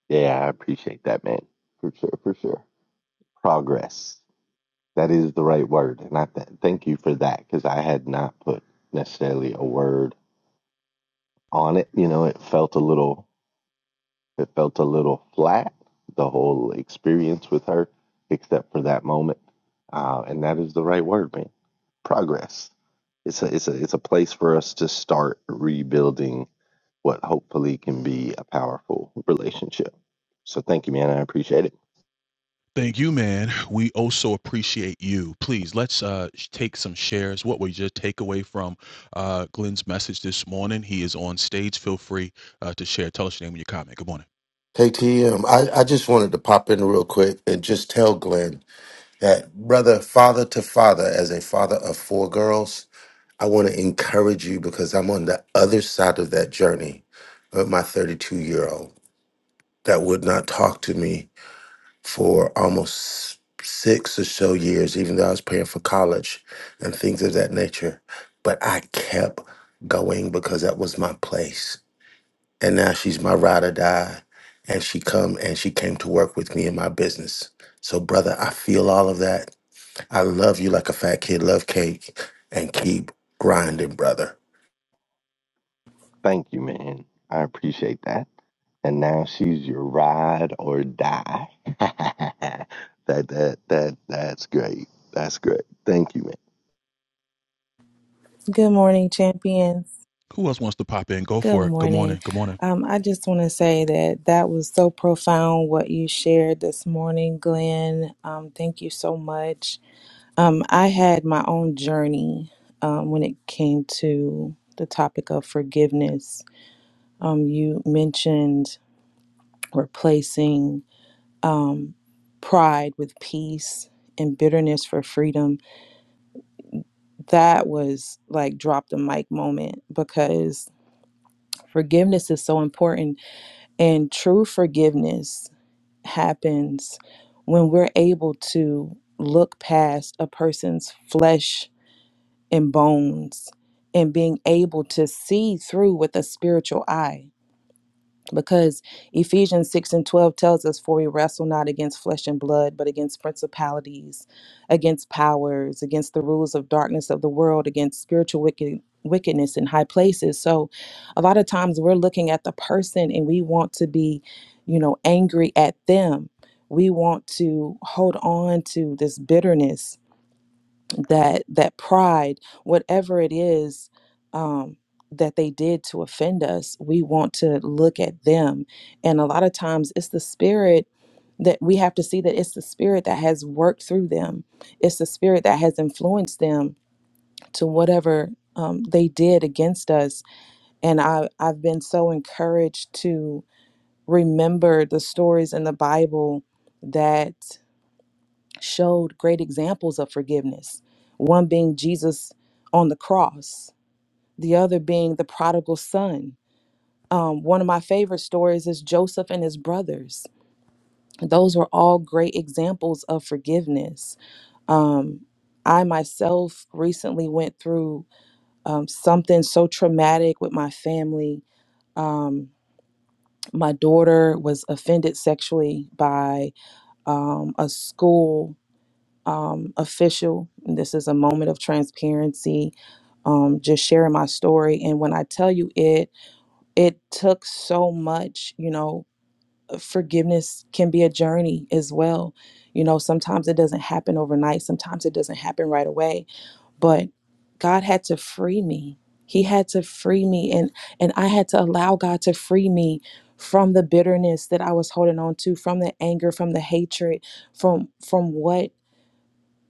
H: Yeah, I appreciate that, man. For sure, for sure. Progress. That is the right word. And I th- thank you for that because I had not put necessarily a word on it. You know, it felt a little, it felt a little flat, the whole experience with her, except for that moment. Uh, and that is the right word, man. Progress. It's a, it's a, it's a place for us to start rebuilding what hopefully can be a powerful relationship. So thank you, man. I appreciate it.
F: Hey, TM, just wanted to pop in real quick and just tell Glenn that, brother, father to father, as a father of four girls, I want to encourage you because I'm on the other side of that journey with my 32 year old that would not talk to me for almost six or so years, even though I was paying for college and things of that nature. But I kept going because that was my place. And now she's my ride or die. And she come and she came to work with me in my business. So brother, I feel all of that. I love you like a fat kid love cake and keep grinding, brother.
H: Thank you, man. I appreciate that. And now she's your ride or die. that that that that's great. That's great. Thank you, man.
J: Good morning, champions. Good morning. Um, I just want to say that that was so profound what you shared this morning, Glenn. Um, thank you so much. Um, I had my own journey um, when it came to the topic of forgiveness. Um, you mentioned replacing um, pride with peace and bitterness for freedom. That was like drop the mic moment because forgiveness is so important And true forgiveness happens when we're able to look past a person's flesh and bones and being able to see through with a spiritual eye because Ephesians 6 and 12 tells us, For we wrestle not against flesh and blood, but against principalities, against powers, against the rules of darkness of the world, against spiritual wicked, wickedness in high places. So, a lot of times we're looking at the person and we want to be, you know, angry at them. We want to hold on to this bitterness that that pride whatever it is um that they did to offend us we want to look at them and a lot of times it's the spirit that we have to see that it's the spirit that has worked through them it's the spirit that has influenced them to whatever um, they did against us and I, i've been so encouraged to remember the stories in the bible that showed great examples of forgiveness, one being Jesus on the cross, the other being the prodigal son. Um, one of my favorite stories is Joseph and his brothers. Those were all great examples of forgiveness. Um, I myself recently went through um, something so traumatic with my family. Um, my daughter was offended sexually by um, a school um, official. This is a moment of transparency, um, just sharing my story. And when I tell you it, it took so much, you know, forgiveness can be a journey as well. You know, sometimes it doesn't happen overnight, sometimes it doesn't happen right away. But God had to free me. He had to free me and and I had to allow God to free me from the bitterness that I was holding on to, from the anger, from the hatred, from from what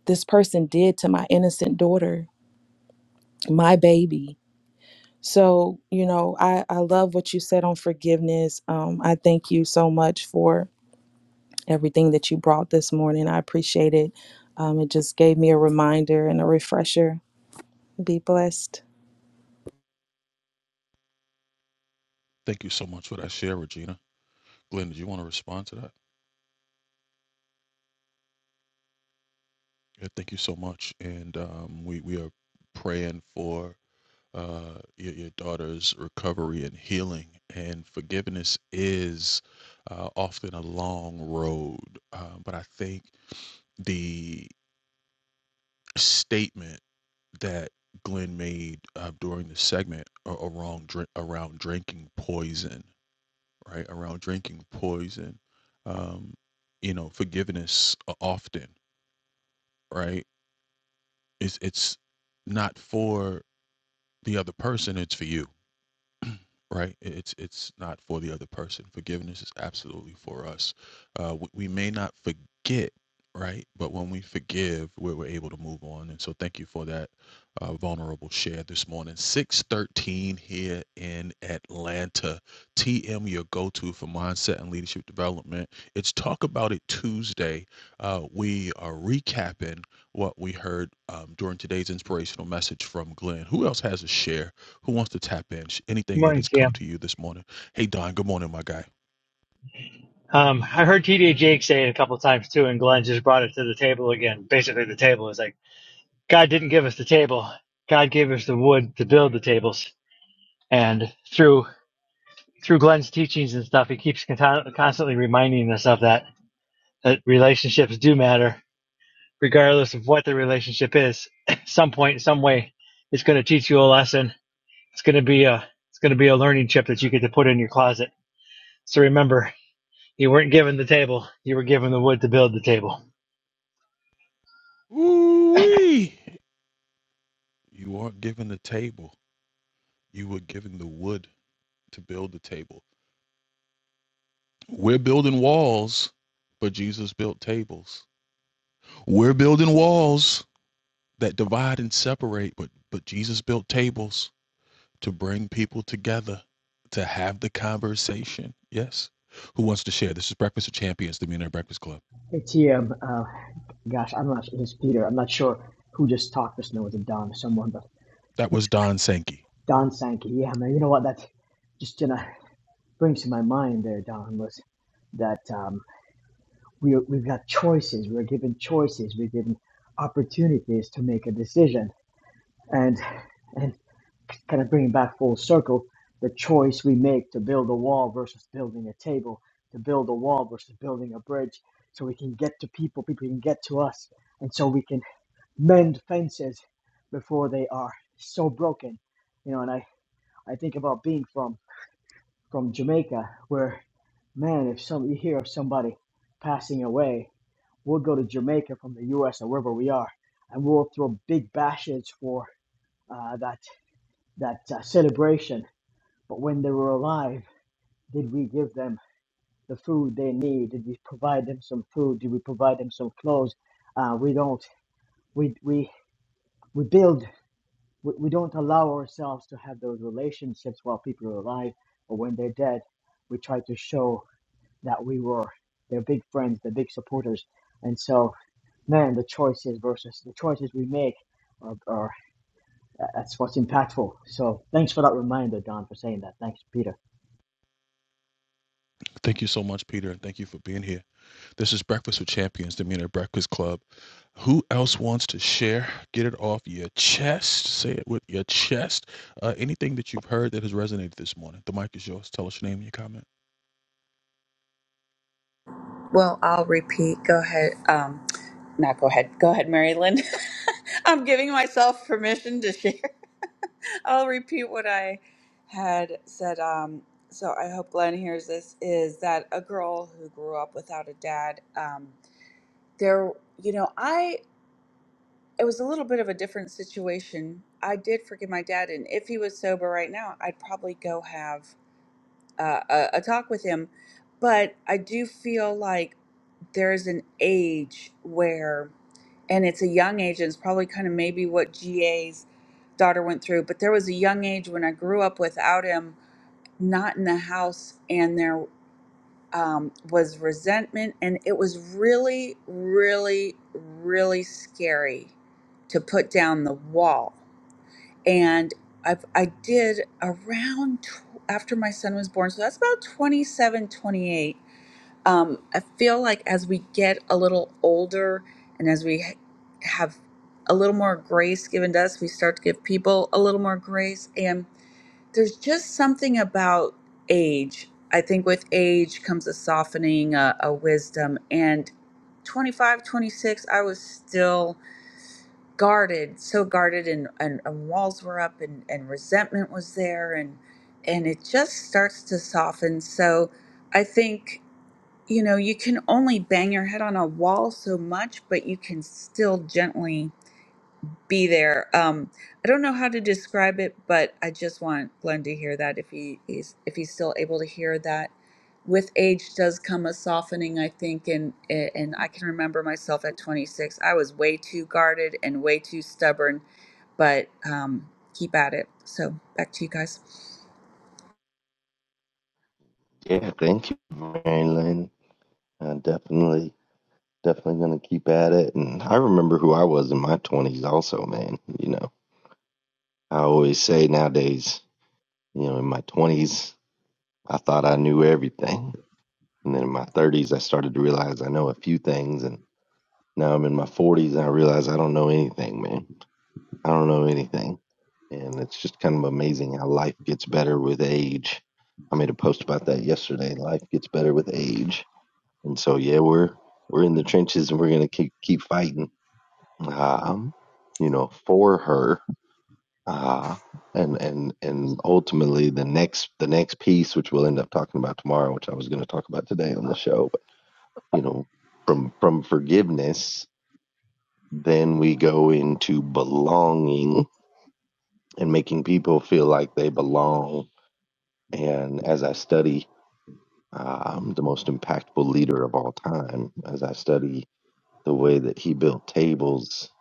J: this person did to my innocent daughter, my baby. So, you know, I, I love what you said on forgiveness. Um, I thank you so much for everything that you brought this morning. I appreciate it. Um, it just gave me a reminder and a refresher. Be blessed.
I: Morning, Cam. Um, I heard TD Jake say it a couple of times too, and Glenn just brought it to the table again. Basically, the table is like God didn't give us the table; God gave us the wood to build the tables. And through through Glenn's teachings and stuff, he keeps con- constantly reminding us of that that relationships do matter, regardless of what the relationship is. At some point, some way, it's going to teach you a lesson. It's going to be a it's going to be a learning chip that you get to put in your closet. So remember, You weren't given the table. You were given the wood to build the table.
K: It's yeah, uh, gosh, I'm not. It's Peter. I'm not sure who just talked just now. Was it Don or someone? But Don Sankey. Yeah, man. You know what? That just gonna brings to my mind there, Don, was that um, we we've got choices. We're given choices. We're given opportunities to make a decision, and and kind of bringing back full circle the choice we make to build a wall versus building a table, to build a wall versus building a bridge, so we can get to people, people can get to us, and so we can. mend fences before they are so broken. You know, and I, I think about being from, from Jamaica where man, if some you hear of somebody passing away, we'll go to Jamaica from the US or wherever we are, and we'll throw big bashes for uh, that that uh, celebration. But when they were alive, did we give them the food they need? Did we provide them some food? Did we provide them some clothes? Uh, we don't. We we we build we, we don't allow ourselves to have those relationships while people are alive or when they're dead. We try to show that we were their big friends, their big supporters. And so, man, the choices versus the choices we make are, are that's what's impactful. So, thanks for that reminder, Don, for saying that. Thanks, Peter.
E: Well, I'll repeat. Go ahead. Um, not go ahead. Go ahead, Mary Lynn. I'm giving myself permission to share. I'll repeat what I had said. Um, so I hope Glenn hears this is that a girl who grew up without a dad. Um, there you know i it was a little bit of a different situation i did forgive my dad and if he was sober right now i'd probably go have uh, a, a talk with him but i do feel like there's an age where and it's a young age and it's probably kind of maybe what ga's daughter went through but there was a young age when i grew up without him not in the house and there um, was resentment, and it was really, really, really scary to put down the wall. And I, I did around tw- after my son was born, so that's about 27, 28. Um, I feel like as we get a little older and as we ha- have a little more grace given to us, we start to give people a little more grace. And there's just something about age. I think with age comes a softening, a, a wisdom. And 25, 26, I was still guarded, so guarded, and, and, and walls were up, and, and resentment was there, and and it just starts to soften. So I think you know you can only bang your head on a wall so much, but you can still gently be there. Um, I don't know how to describe it, but I just want Glenn to hear that if he is if he's still able to hear that. With age does come a softening, I think, and eh, and I can remember myself at 26. I was way too guarded and way too stubborn, but um, keep at it. So back to you guys.
H: Yeah, thank you, Marilyn. I definitely definitely gonna keep at it. And I remember who I was in my twenties also, man. You know. I always say nowadays, you know, in my twenties I thought I knew everything. And then in my thirties I started to realize I know a few things and now I'm in my forties and I realize I don't know anything, I don't know anything. And it's just kind of amazing how life gets better with age. I made a post about that yesterday. Life gets better with age. And so yeah, we're we're in the trenches and we're gonna keep keep fighting. Um, you know, for her. Uh and and and ultimately the next the next piece which we'll end up talking about tomorrow, which I was gonna talk about today on the show, but you know, from from forgiveness, then we go into belonging and making people feel like they belong. And as I study, uh, I'm the most impactful leader of all time. As I study the way that he built tables,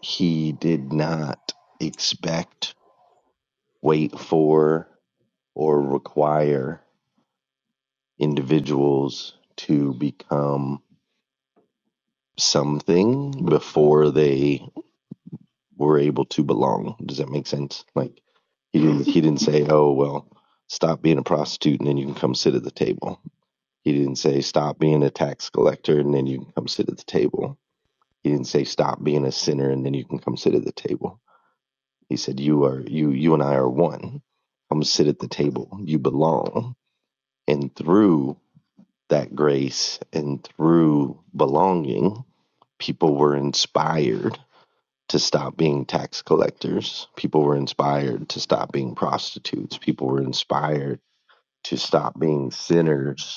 H: he did not expect, wait for, or require individuals to become something before they were able to belong. Does that make sense? Like he didn't he didn't say, "Oh, well, stop being a prostitute and then you can come sit at the table." He didn't say, stop being a tax collector and then you can come sit at the table. He didn't say, stop being a sinner and then you can come sit at the table. He said, you are, you, you and I are one. Come sit at the table. You belong. And through that grace and through belonging, people were inspired to stop being tax collectors. People were inspired to stop being prostitutes. People were inspired to stop being sinners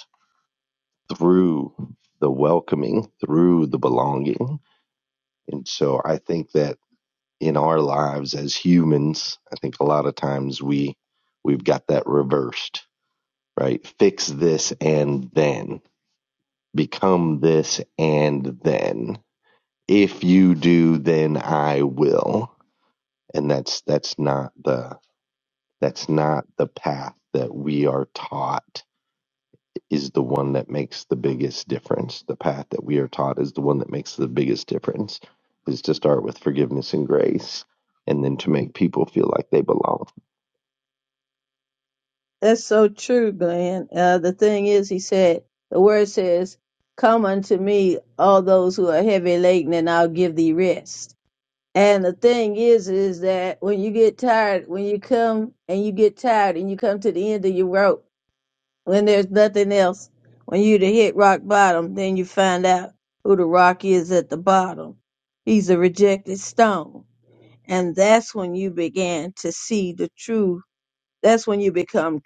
H: through the welcoming, through the belonging. And so I think that in our lives as humans, I think a lot of times we we've got that reversed, right? Fix this and then become this and then. If you do, then I will. And that's that's not the that's not the path that we are taught is the one that makes the biggest difference. The path that we are taught is the one that makes the biggest difference, is to start with forgiveness and grace, and then to make people feel like they belong.
L: That's so true, Glenn. Uh, the thing is, he said, the word says, Come unto me, all those who are heavy laden, and I'll give thee rest. And the thing is, is that when you get tired, when you come and you get tired and you come to the end of your rope, when there's nothing else, when you to hit rock bottom, then you find out who the rock is at the bottom. He's a rejected stone. And that's when you begin to see the truth. That's when you become.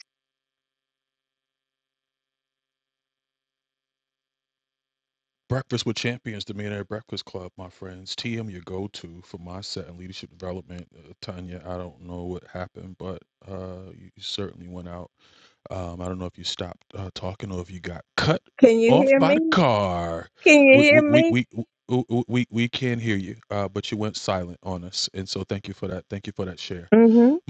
L: Can you hear me? Can you hear me? Mm-hmm.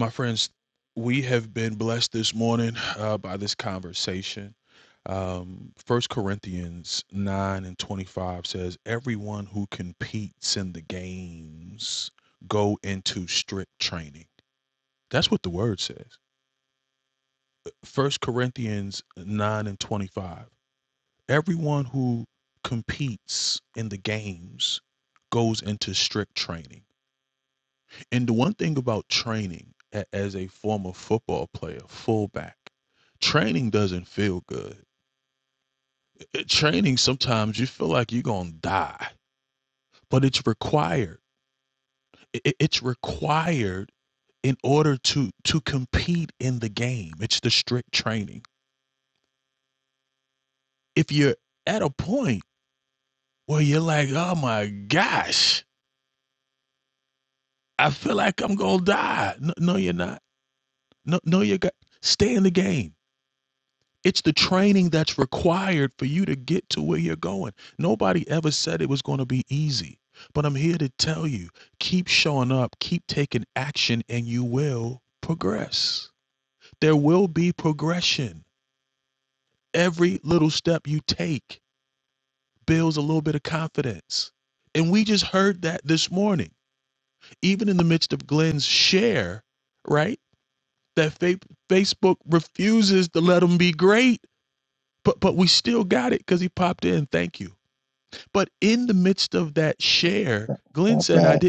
H: That's right.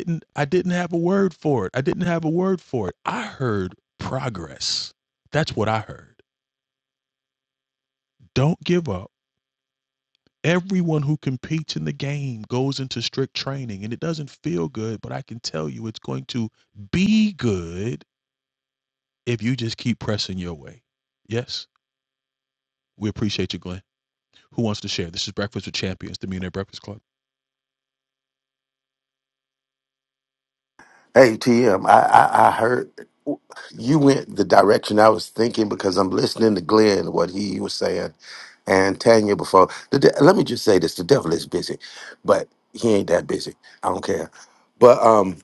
F: Hey TM, I, I I heard you went the direction I was thinking because I'm listening to Glenn what he was saying and Tanya before. The de- let me just say this: the devil is busy, but he ain't that busy. I don't care. But um,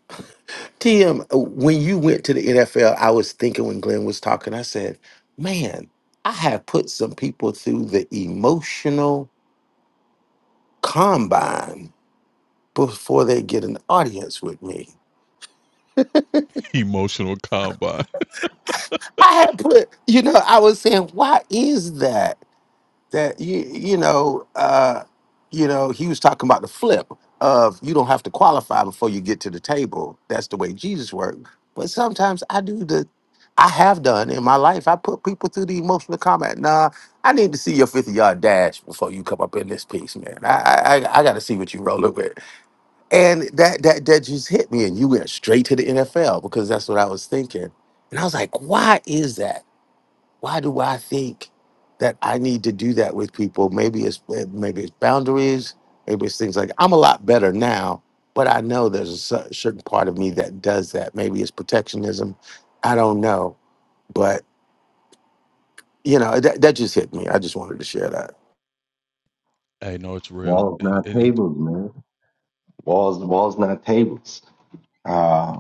F: TM, when you went to the NFL, I was thinking when Glenn was talking, I said, "Man, I have put some people through the emotional combine before they get an audience with me." I had put, you know, I was saying, why is that? That you, you know, uh, you know, he was talking about the flip of you don't have to qualify before you get to the table. That's the way Jesus worked. But sometimes I do the, I have done in my life. I put people through the emotional comment. Nah, I need to see your fifty yard dash before you come up in this piece, man. I, I, I I got to see what you rolling with. And that, that, that just hit me, and you went straight to the NFL because that's what I was thinking. And I was like, why is that? why do I think that I need to do that with people? Maybe it's eh, maybe it's boundaries, maybe it's things like I'm a lot better now, but I know there's a cer- certain part of me that does that. Maybe it's protectionism. I don't know, but you know that, that just hit me. I just wanted to share that.
H: Walls not tables, man. Walls, walls not tables. Uh,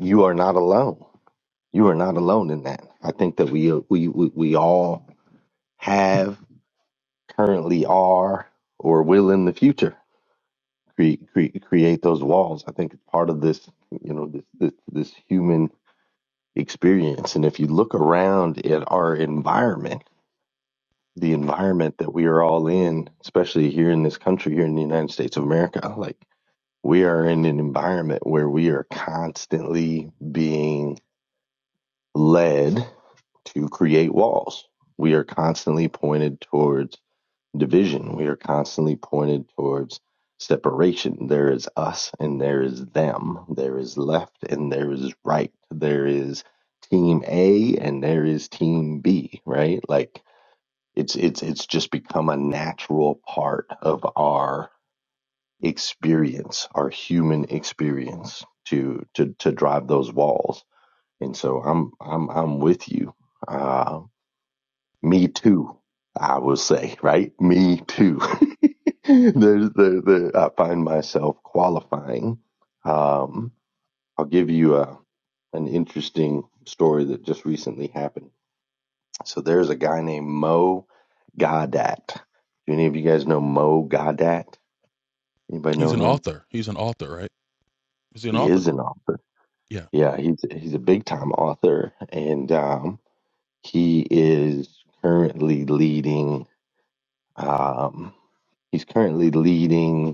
H: you are not alone. You are not alone in that. I think that we we we, we all have, currently are, or will in the future create create, create those walls. I think it's part of this, you know, this, this this human experience. And if you look around at our environment, the environment that we are all in, especially here in this country, here in the United States of America, like we are in an environment where we are constantly being led to create walls. We are constantly pointed towards division. We are constantly pointed towards separation. There is us and there is them. There is left and there is right. There is team A and there is team B, right? Like it's it's it's just become a natural part of our experience, our human experience to to to drive those walls. And so I'm I'm I'm with you. Uh me too. I will say, right? Me too. there's there, there I find myself qualifying. Um, I'll give you a an interesting story that just recently happened. So there's a guy named Mo Godat. Do any of you guys know Mo Godat? Anybody know him? He is an author. Yeah, he's he's a big time author, and um, he is currently leading. Um, he's currently leading.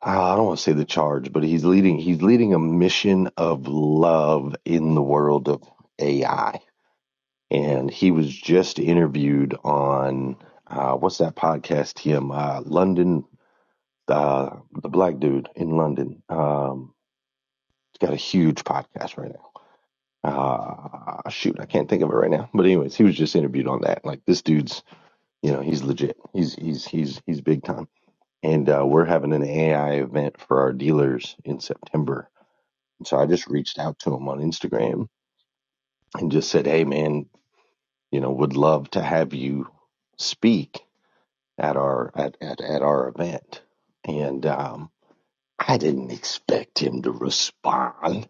H: I don't want to say the charge, but he's leading he's leading a mission of love in the world of AI. And he was just interviewed on uh, what's that podcast? Him, uh, London, uh, the black dude in London. Um, he's got a huge podcast right now. Uh, shoot, I can't think of it right now. But anyways, he was just interviewed on that. Like this dude's, you know, he's legit. He's he's he's he's big time. And uh, we're having an AI event for our dealers in September And so I just reached out to him on Instagram and just said, "Hey, man, you know, would love to have you speak at our at at, at our event." And um, I didn't expect him to respond.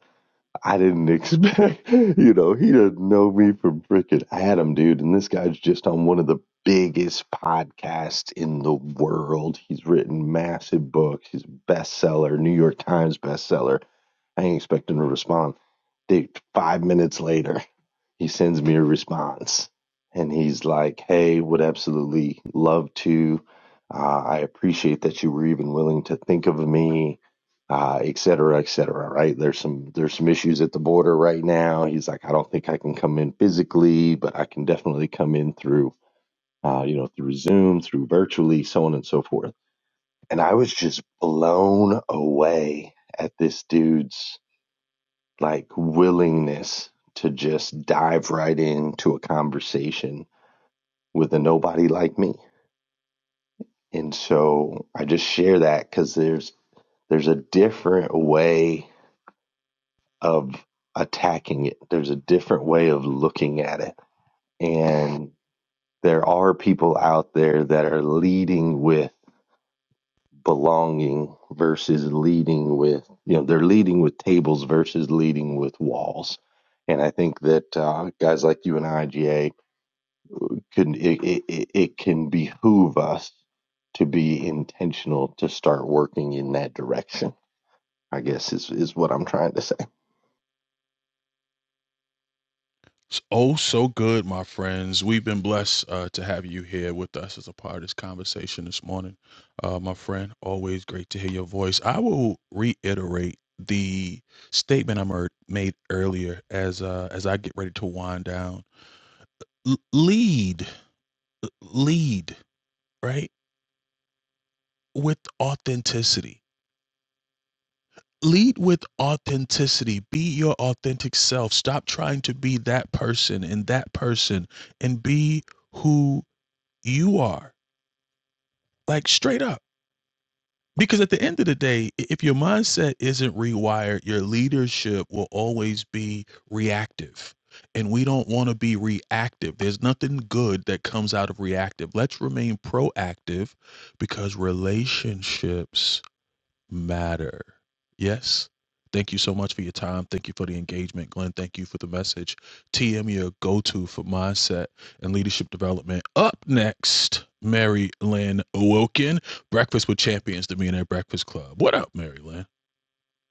H: I didn't expect, you know, he doesn't know me from frickin' Adam, dude. And this guy's just on one of the biggest podcasts in the world. He's written massive books. He's a bestseller, New York Times bestseller. I ain't expecting to respond. Dude, five minutes later, he sends me a response and he's like hey would absolutely love to uh, i appreciate that you were even willing to think of me uh, et cetera et cetera right there's some there's some issues at the border right now he's like i don't think i can come in physically but i can definitely come in through uh, you know through zoom through virtually so on and so forth and i was just blown away at this dude's like willingness to just dive right into a conversation with a nobody like me. And so I just share that cuz there's there's a different way of attacking it. There's a different way of looking at it. And there are people out there that are leading with belonging versus leading with, you know, they're leading with tables versus leading with walls. And I think that uh, guys like you and IGA can it, it, it it can behoove us to be intentional to start working in that direction. I guess is is what I'm trying to say.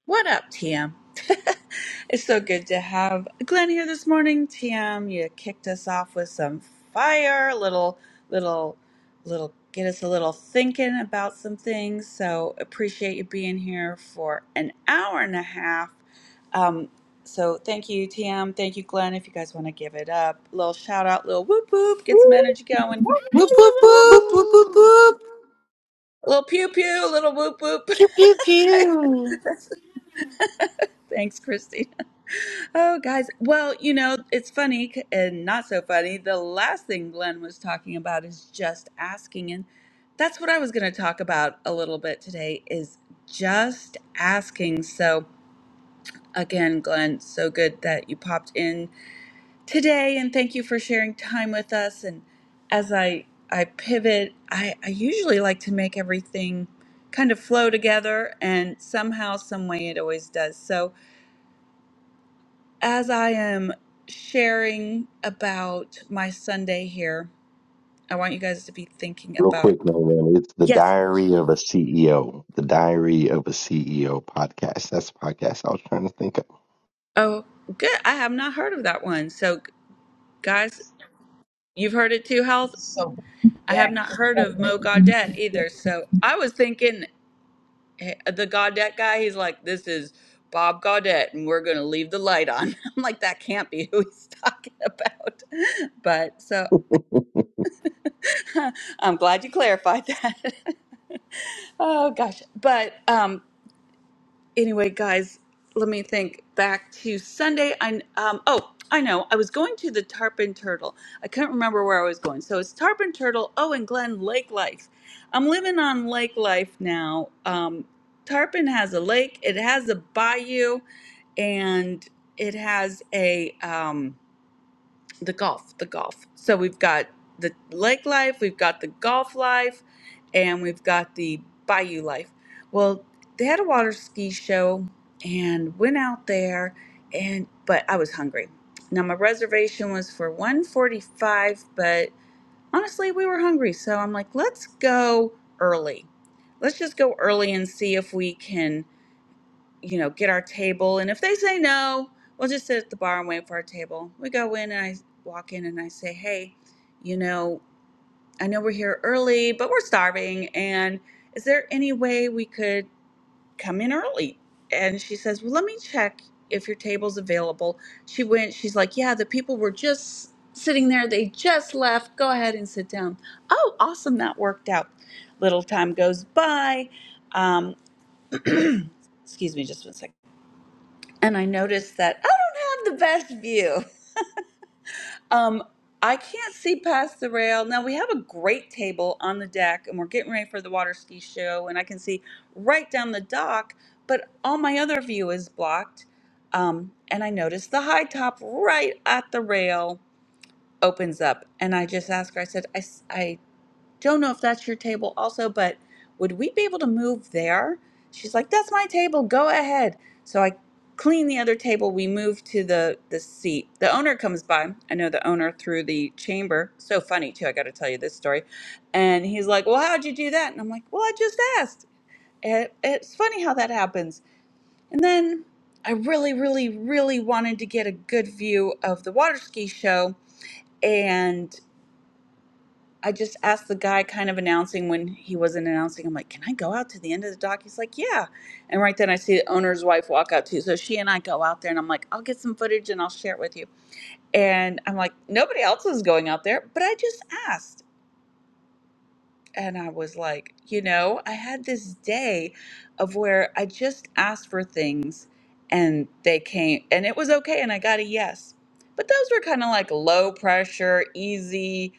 E: What up, TM? It's so good to have Glenn here this morning. TM, you kicked us off with some fire, a little, little, little, get us a little thinking about some things. So appreciate you being here for an hour and a half. Um, so thank you, TM. Thank you, Glenn. If you guys want to give it up, little shout out, little whoop whoop, get some energy going,
F: Woohoo!
E: a little pew pew, a little whoop whoop. Thanks, Christy. Oh, guys. Well, you know, it's funny c- and not so funny. The last thing Glenn was talking about is just asking. And that's what I was going to talk about a little bit today is just asking. So, again, Glenn, so good that you popped in today and thank you for sharing time with us. And as I I pivot, I, I usually like to make everything kind of flow together and somehow, some way it always does. So, as I am sharing about my Sunday here, I want you guys to be thinking
H: Real
E: about.
H: quick, man, man, it's the
E: Yes.
H: Diary of a CEO, the Diary of a CEO podcast. That's the podcast I was trying to think
E: Oh, good. I have not heard of that one. So, guys, you've heard it too, Health.
C: So
E: I have not heard of Mo Gaudette either. So, I was thinking eh, the Gaudette guy, he's like, this is Bob Gaudette, and we're going to leave the light on. I'm like, that can't be who he's talking about. But so
H: of.
E: I'm glad you clarified that. oh, gosh. But, um, anyway, guys, let me think back to Sunday. I um oh I know I was going to the Tarpon Turtle. I couldn't remember where I was going, so it's Tarpon Turtle. Oh, and Glen Lake Life. I'm living on Lake Life now. Um, Tarpon has a lake. It has a bayou, and it has a um the golf, the golf. So we've got the lake life, we've got the golf life, and we've got the bayou life. Well, they had a water ski show and went out there and but I was hungry. Now my reservation was for 145, but honestly, we were hungry, so I'm like, let's go early. Let's just go early and see if we can you know, get our table. And if they say no, we'll just sit at the bar and wait for our table. We go in and I walk in and I say, hey, you know, I know we're here early, but we're starving. And is there any way we could come in early? And she says, well, let me check if your table's available. She went, she's like, yeah, the people were just sitting there. They just left. Go ahead and sit down. Oh, awesome. That worked out. Little time goes by. Um, excuse me just one second and I noticed that I don't have the best view. Um, I can't see past the rail. Now we have a great table on the deck, and we're getting ready for the water ski show, and I can see right down the dock. But all my other view is blocked, um, and I noticed the high top right at the rail opens up, and I just asked her. I said, I, s- I don't know if that's your table also, but would we be able to move there? She's like, That's my table. Go ahead. So I clean the other table. We move to the, the seat. The owner comes by. I know the owner through the chamber. So funny, too. I got to tell you this story. And he's like, Well, how'd you do that? And I'm like, Well, I just asked. It, it's funny how that happens. And then I really, really, really wanted to get a good view of the water ski show. And I just asked the guy kind of announcing when he wasn't announcing. I'm like, "Can I go out to the end of the dock?" He's like, "Yeah." And right then I see the owner's wife walk out too. So she and I go out there and I'm like, "I'll get some footage and I'll share it with you." And I'm like, "Nobody else is going out there, but I just asked." and I was like, you know, I had this day of where I just asked for things and they came and it was okay and I got a yes. But those were kind of like low pressure, easy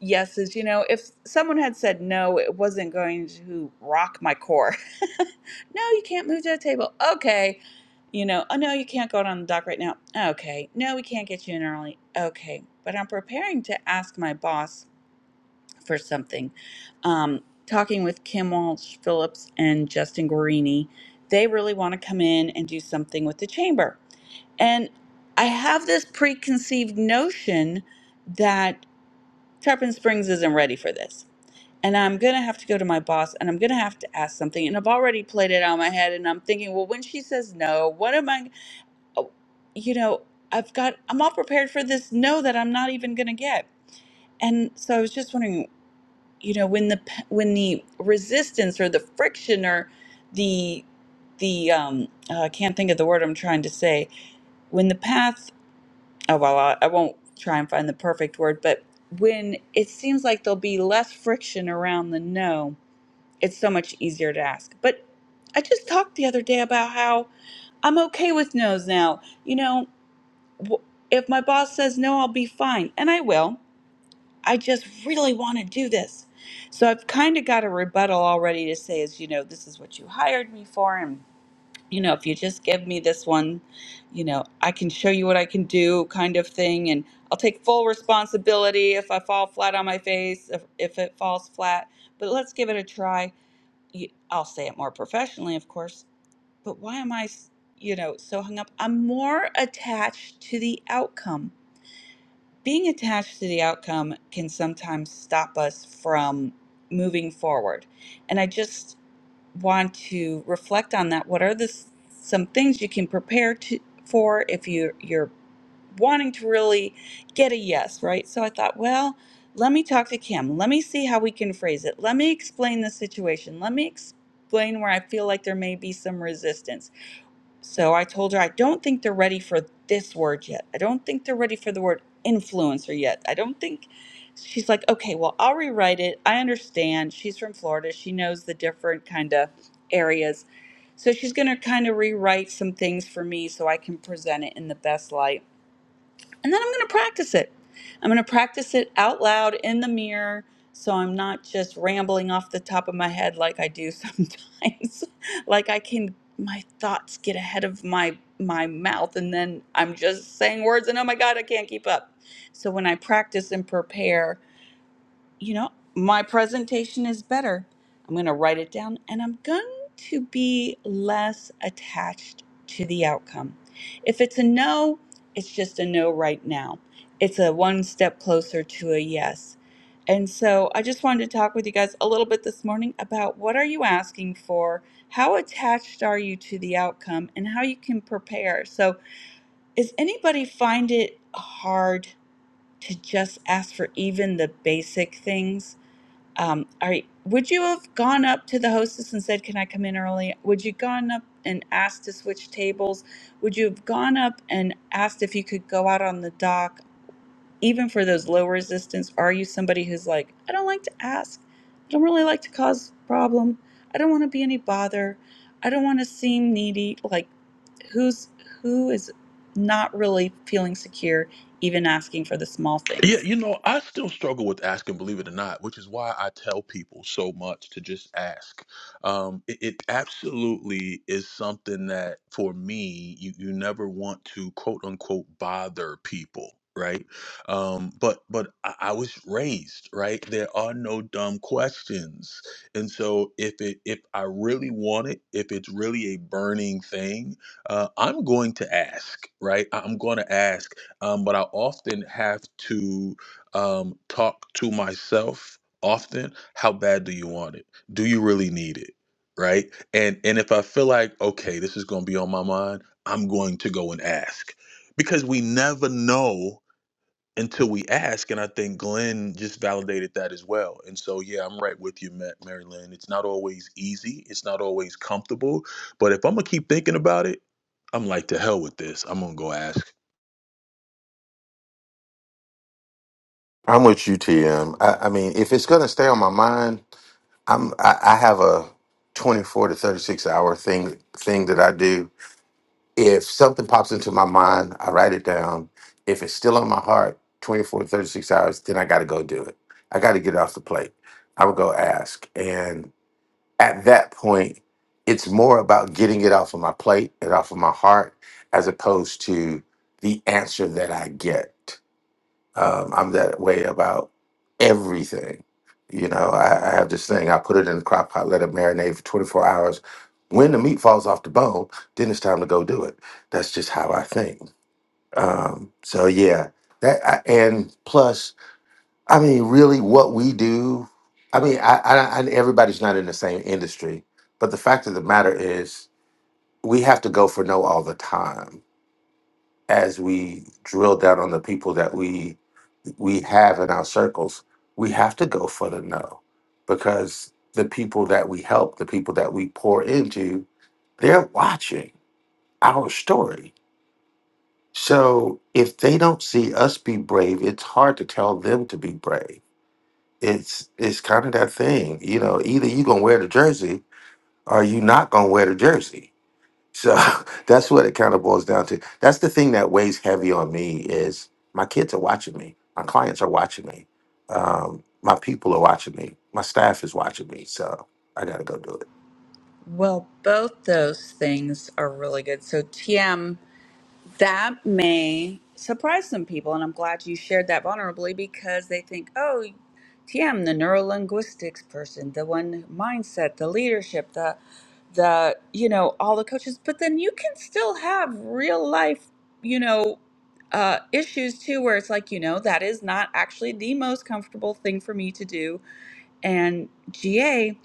E: yeses. You know, if someone had said no, it wasn't going to rock my core. no, you can't move to the table. Okay. You know, oh no, you can't go out on the dock right now. Okay. No, we can't get you in early. Okay. But I'm preparing to ask my boss for something. Um, talking with Kim Walsh Phillips and Justin Guarini, they really want to come in and do something with the chamber. And I have this preconceived notion that Tarpon Springs isn't ready for this. And I'm going to have to go to my boss and I'm going to have to ask something. And I've already played it out in my head. And I'm thinking, well, when she says no, what am I, oh, you know, I've got, I'm all prepared for this no that I'm not even going to get. And so I was just wondering you know when the p- when the resistance or the friction or the the um uh, i can't think of the word i'm trying to say when the path oh well I, I won't try and find the perfect word but when it seems like there'll be less friction around the no it's so much easier to ask but i just talked the other day about how i'm okay with no's now you know w- if my boss says no i'll be fine and i will I just really want to do this. So I've kind of got a rebuttal already to say is, you know, this is what you hired me for. And, you know, if you just give me this one, you know, I can show you what I can do kind of thing. And I'll take full responsibility if I fall flat on my face, if, if it falls flat. But let's give it a try. You- I'll say it more professionally, of course. But why am I, s- you know, so hung up? I'm more attached to the outcome being attached to the outcome can sometimes stop us from moving forward. And I just want to reflect on that. What are the s- some things you can prepare to, for if you you're wanting to really get a yes, right? So I thought, well, let me talk to Kim. Let me see how we can phrase it. Let me explain the situation. Let me explain where I feel like there may be some resistance so I told her, I don't think they're ready for this word yet. I don't think they're ready for the word influencer yet. I don't think. She's like, okay, well, I'll rewrite it. I understand. She's from Florida. She knows the different kind of areas. So she's going to kind of rewrite some things for me so I can present it in the best light and then I'm going to practice it. I'm going to practice it out loud in the mirror so I'm not just rambling off the top of my head like I do sometimes. like I can my thoughts get ahead of my my mouth and then I'm just saying words and oh my god, I can't keep up. So when I practice and prepare, you know, my presentation is better. I'm going to write it down and I'm going to be less attached to the outcome. If it's a no, it's just a no right now. It's a one step closer to a yes. And so I just wanted to talk with you guys a little bit this morning about what are you asking for? How attached are you to the outcome and how you can prepare? So, is anybody find it hard to just ask for even the basic things? um, are, would you have gone up to the hostess and said, "Can I come in early?" Would you gone up and asked to switch tables? Would you have gone up and asked if you could go out on the dock, even for those low resistance? Are you somebody who's like, I don't like to ask, I don't really like to cause problem, I don't want to be any bother, I don't want to seem needy. Like, who's who is not really feeling secure, even asking for the small things?
F: I'm with you, TM. I, I mean, if it's gonna stay on my mind, I'm I, I have a 24 to 36 hour thing thing that I do If something pops into my mind, I write it down. If it's still on my heart, 24 to 36 hours, then I got to go do it. I got to get it off the plate. I would go ask. And at that point, it's more about getting it off of my plate and off of my heart as opposed to the answer that I get. Um, I'm that way about everything. You know, I, I have this thing. I put it in the crock pot, let it marinate for 24 hours. When the meat falls off the bone, then it's time to go do it. That's just how I think. Um, so yeah, that I, and plus, I mean, really, what we do. I mean, I, I, I everybody's not in the same industry, but the fact of the matter is, we have to go for no all the time as we drill down on the people that we we have in our circles, we have to go for the no because the people that we help, the people that we pour into, they're watching our story. So if they don't see us be brave, it's hard to tell them to be brave. It's it's kind of that thing, you know, either you gonna wear the jersey or you not gonna wear the jersey so that's what it kind of boils down to. That's the thing that weighs heavy on me is my kids are watching me, my clients are watching me, um, my people are watching me, my staff is watching me. So I gotta go do it.
E: Well, both those things are really good. So, TM, that may surprise some people. And I'm glad you shared that vulnerably because they think, oh, TM, the neurolinguistics person, the one mindset, the leadership, the, the, you know, all the coaches. But then you can still have real life, you know, uh, issues too, where it's like, you know, that is not actually the most comfortable thing for me to do. And GA,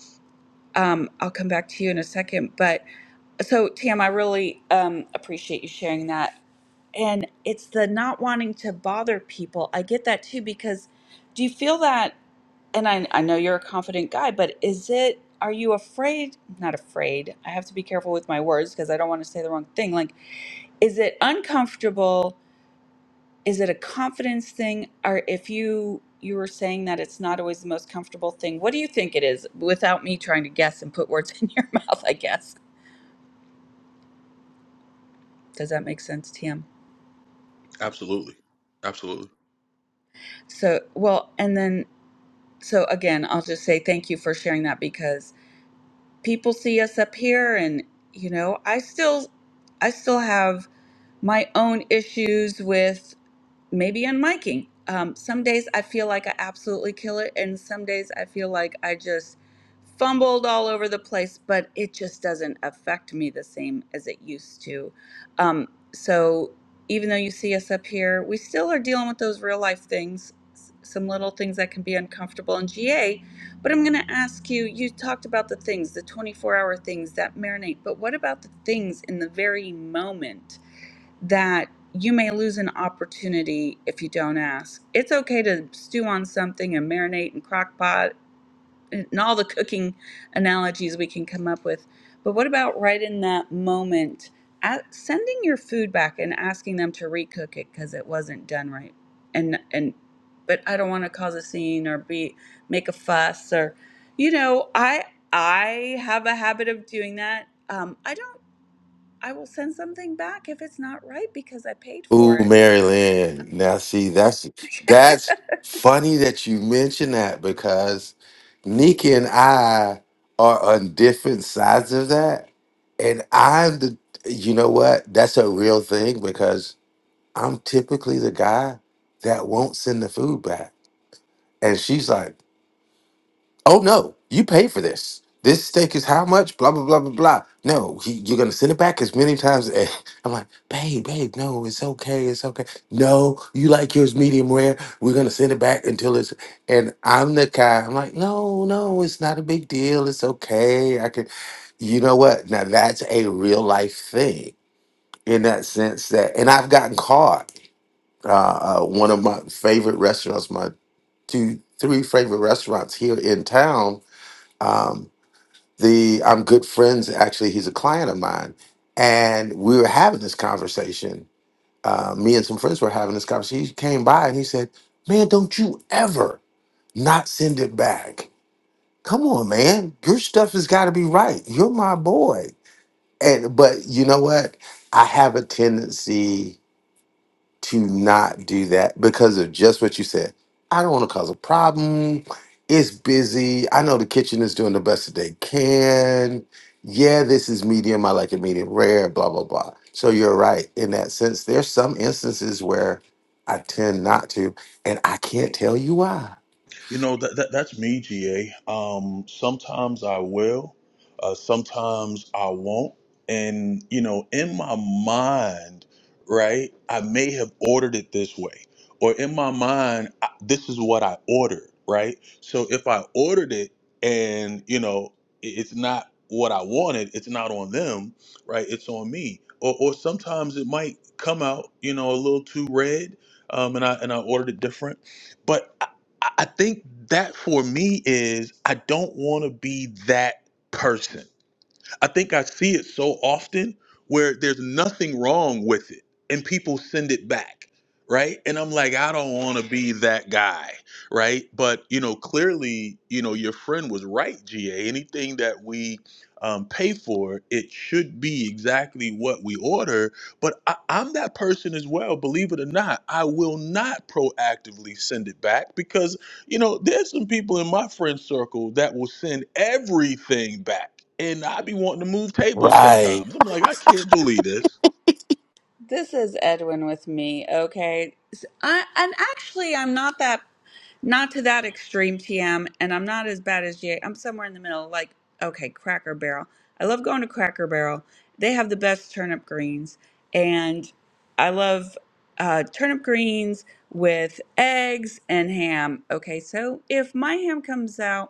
E: um, I'll come back to you in a second, but so, Tam, I really um, appreciate you sharing that. And it's the not wanting to bother people. I get that too, because do you feel that? And I, I know you're a confident guy, but is it, are you afraid? Not afraid. I have to be careful with my words because I don't want to say the wrong thing. Like, is it uncomfortable? Is it a confidence thing? Or if you, you were saying that it's not always the most comfortable thing, what do you think it is without me trying to guess and put words in your mouth, I guess? Does that make sense, Tam? So, well, and then, so again, I'll just say thank you for sharing that because people see us up here and, you know, I still, I still have my own issues with maybe on miking. Um, some days I feel like I absolutely kill it, and some days I feel like I just fumbled all over the place, but it just doesn't affect me the same as it used to. Um, so even though you see us up here, we still are dealing with those real life things, s- some little things that can be uncomfortable in GA. But I'm going to ask you you talked about the things, the 24 hour things that marinate, but what about the things in the very moment? that you may lose an opportunity if you don't ask. It's okay to stew on something and marinate and crock pot and all the cooking analogies we can come up with. But what about right in that moment, at sending your food back and asking them to recook it because it wasn't done right? And and but I don't want to cause a scene or be make a fuss or you know I I have a habit of doing that. Um, I don't. I will send something back if it's not right because I paid for
F: Ooh,
E: it.
F: Marilyn. Now see, that's that's funny that you mention that because Nikki and I are on different sides of that, and I'm the. You know what? That's a real thing because I'm typically the guy that won't send the food back. And she's like, oh no, you pay for this. This steak is how much? Blah, blah, blah, blah, blah. No, he, you're going to send it back as many times. as-" I'm like, babe, babe, no, it's okay. It's okay. No, you like yours medium rare. We're going to send it back until it's. And I'm the guy, I'm like, no, no, it's not a big deal. It's okay. I can, you know what? Now that's a real life thing in that sense that, and I've gotten caught. Uh, uh, one of my favorite restaurants, my two, three favorite restaurants here in town. Um, the I'm good friends. Actually, he's a client of mine, and we were having this conversation. Uh, me and some friends were having this conversation. He came by and he said, "Man, don't you ever not send it back? Come on, man. Your stuff has got to be right. You're my boy." And but you know what? I have a tendency. to not do that because of just what you said. I don't want to cause a problem. It's busy. I know the kitchen is doing the best that they can. Yeah, this is medium. I like it medium rare, blah, blah, blah. So you're right in that sense. There's some instances where I tend not to, and I can't tell you why. Right.
E: This is Edwin with me, okay? S- I, and actually, I'm not that, not to that extreme, TM, and I'm not as bad as Jay. I'm somewhere in the middle, like, okay, Cracker Barrel. I love going to Cracker Barrel. They have the best turnip greens, and I love uh, turnip greens with eggs and ham. Okay, so if my ham comes out,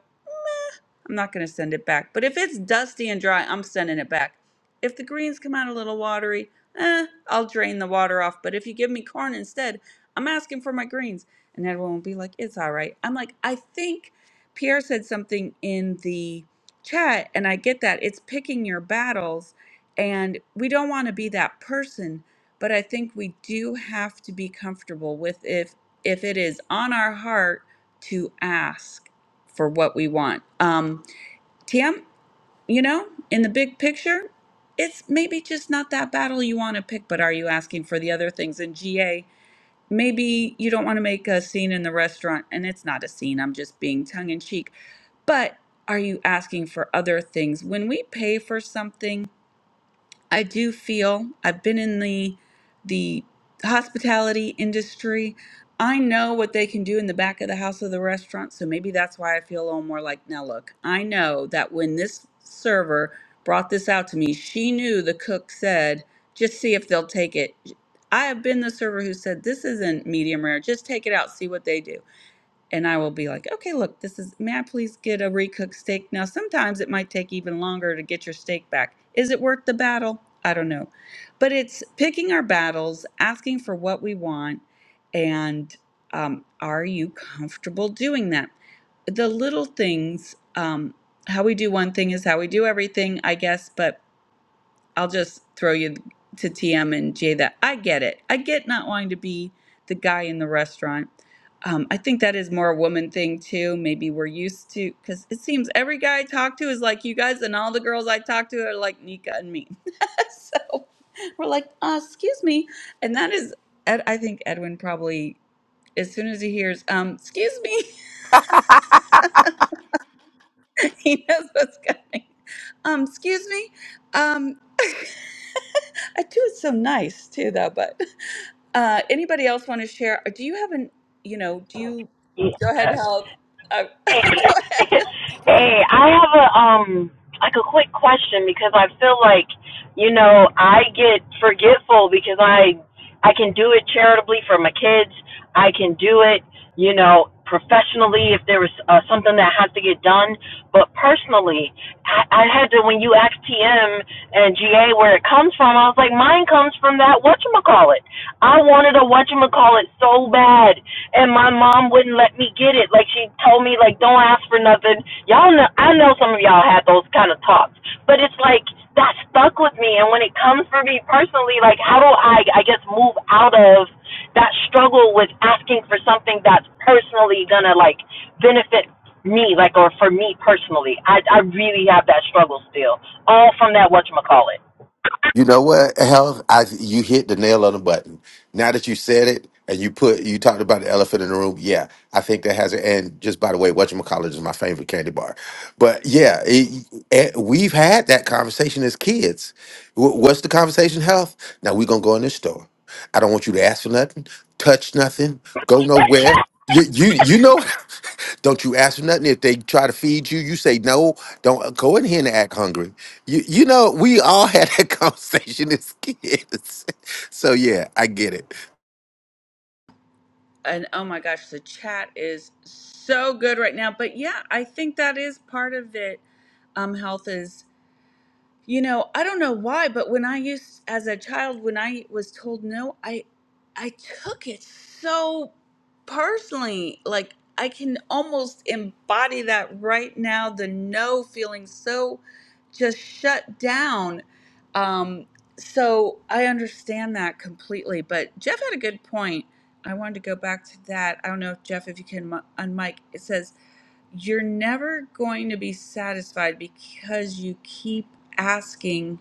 E: I'm not going to send it back. But if it's dusty and dry, I'm sending it back. If the greens come out a little watery, eh, I'll drain the water off. But if you give me corn instead, I'm asking for my greens. And everyone will be like, it's all right. I'm like, I think Pierre said something in the chat, and I get that. It's picking your battles, and we don't want to be that person. But I think we do have to be comfortable with if if it is on our heart to ask for what we want. Um, TM, you know, in the big picture, it's maybe just not that battle you want to pick, but are you asking for the other things? In GA, maybe you don't want to make a scene in the restaurant, and it's not a scene, I'm just being tongue in cheek, but are you asking for other things? When we pay for something, I do feel I've been in the the hospitality industry. I know what they can do in the back of the house of the restaurant, so maybe that's why I feel a little more like now look, I know that when this server brought this out to me, she knew the cook said, just see if they'll take it. I have been the server who said this isn't medium rare, just take it out, see what they do and I will be like, okay, look, this is, may I please get a recooked steak? Now, sometimes it might take even longer to get your steak back. Is it worth the battle? I don't know. But it's picking our battles, asking for what we want, and um, are you comfortable doing that? The little things, um, how we do one thing is how we do everything, I guess, but I'll just throw you to TM and Jay that I get it. I get not wanting to be the guy in the restaurant. Um, I think that is more a woman thing too. Maybe we're used to because it seems every guy I talk to is like you guys, and all the girls I talk to are like Nika and me. so we're like, uh, excuse me, and that is, Ed, I think Edwin probably as soon as he hears, um, excuse me, he knows what's coming. Um, excuse me, um, I do it so nice too, though, but. Uh, anybody else want to share? Do you have an, you know, do you go ahead, help? Uh, go
C: Hey,
E: ahead.
C: hey, I have a um like a quick question because I feel like you know I get forgetful because I I can do it charitably for my kids. I can do it, you know, professionally if there was uh, something that has to get done. But personally, I, I had to when you asked TM and GA where it comes from, I was like, mine comes from that whatchamacallit. I wanted a whatchamacallit so bad and my mom wouldn't let me get it. Like she told me, like don't ask for nothing. Y'all know, I know some of y'all had those kind of talks, but it's like that stuck with me. And when it comes for me personally, like how do I, I guess, move out of that struggle with asking for something that's personally gonna like benefit me, like or for me personally? I I really have that struggle still, all from that whatchamacallit.
F: You know what? Hell, I you hit the nail on the button. Now that you said it and you put you talked about the elephant in the room, yeah, I think that has it. And just by the way, whatchamacallit is my favorite candy bar. But yeah, it, it- we've had that conversation as kids. Wh- What's the conversation? Health. Now we're gonna go in this store. I don't want you to ask for nothing, touch nothing, go nowhere. You you you know. Don't you ask for nothing. If they try to feed you, you say no. Don't go in here and act hungry. You you know, we all had that conversation as kids. So yeah, I get it.
E: And oh my gosh, the chat is so good right now. But yeah, I think that is part of it. Um, health is You know, I don't know why, but when I used as a child when I was told no, I I took it so personally. Like I can almost embody that right now, the no feeling so just shut down. Um so I understand that completely, but Jeff had a good point. I wanted to go back to that. I don't know if Jeff, if you can mu- unmic. It says you're never going to be satisfied because you keep asking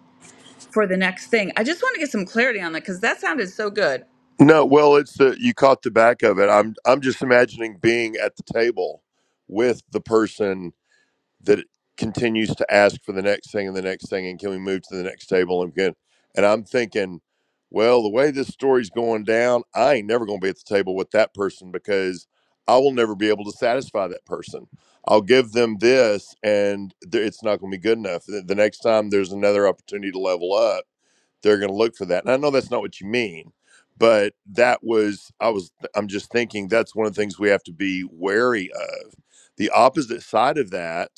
E: for the next thing. I just want to get some clarity on that because that sounded so good.
M: No, well, it's the you caught the back of it. I'm I'm just imagining being at the table with the person that continues to ask for the next thing and the next thing, and can we move to the next table and can and I'm thinking, well, the way this story's going down, I ain't never gonna be at the table with that person because I will never be able to satisfy that person. I'll give them this, and th- it's not gonna be good enough. The the next time there's another opportunity to level up they're going to look for that. And I know that's not what you mean, but that was I was I'm just thinking that's one of the things we have to be wary of. The opposite side of that,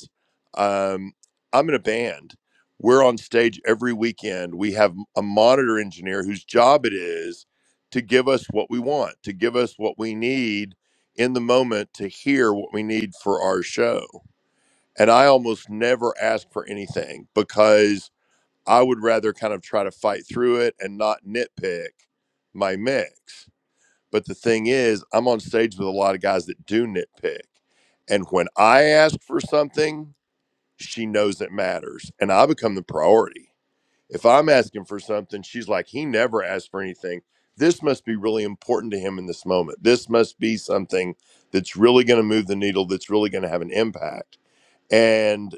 M: um, I'm in a band. We're on stage every weekend. We have a monitor engineer whose job it is to give us what we want, to give us what we need in the moment to hear what we need for our show. And I almost never ask for anything because I would rather kind of try to fight through it and not nitpick my mix. But the thing is, I'm on stage with a lot of guys that do nitpick. And when I ask for something, she knows it matters and I become the priority. If I'm asking for something, she's like, he never asked for anything. This must be really important to him in this moment. This must be something that's really going to move the needle, that's really going to have an impact. And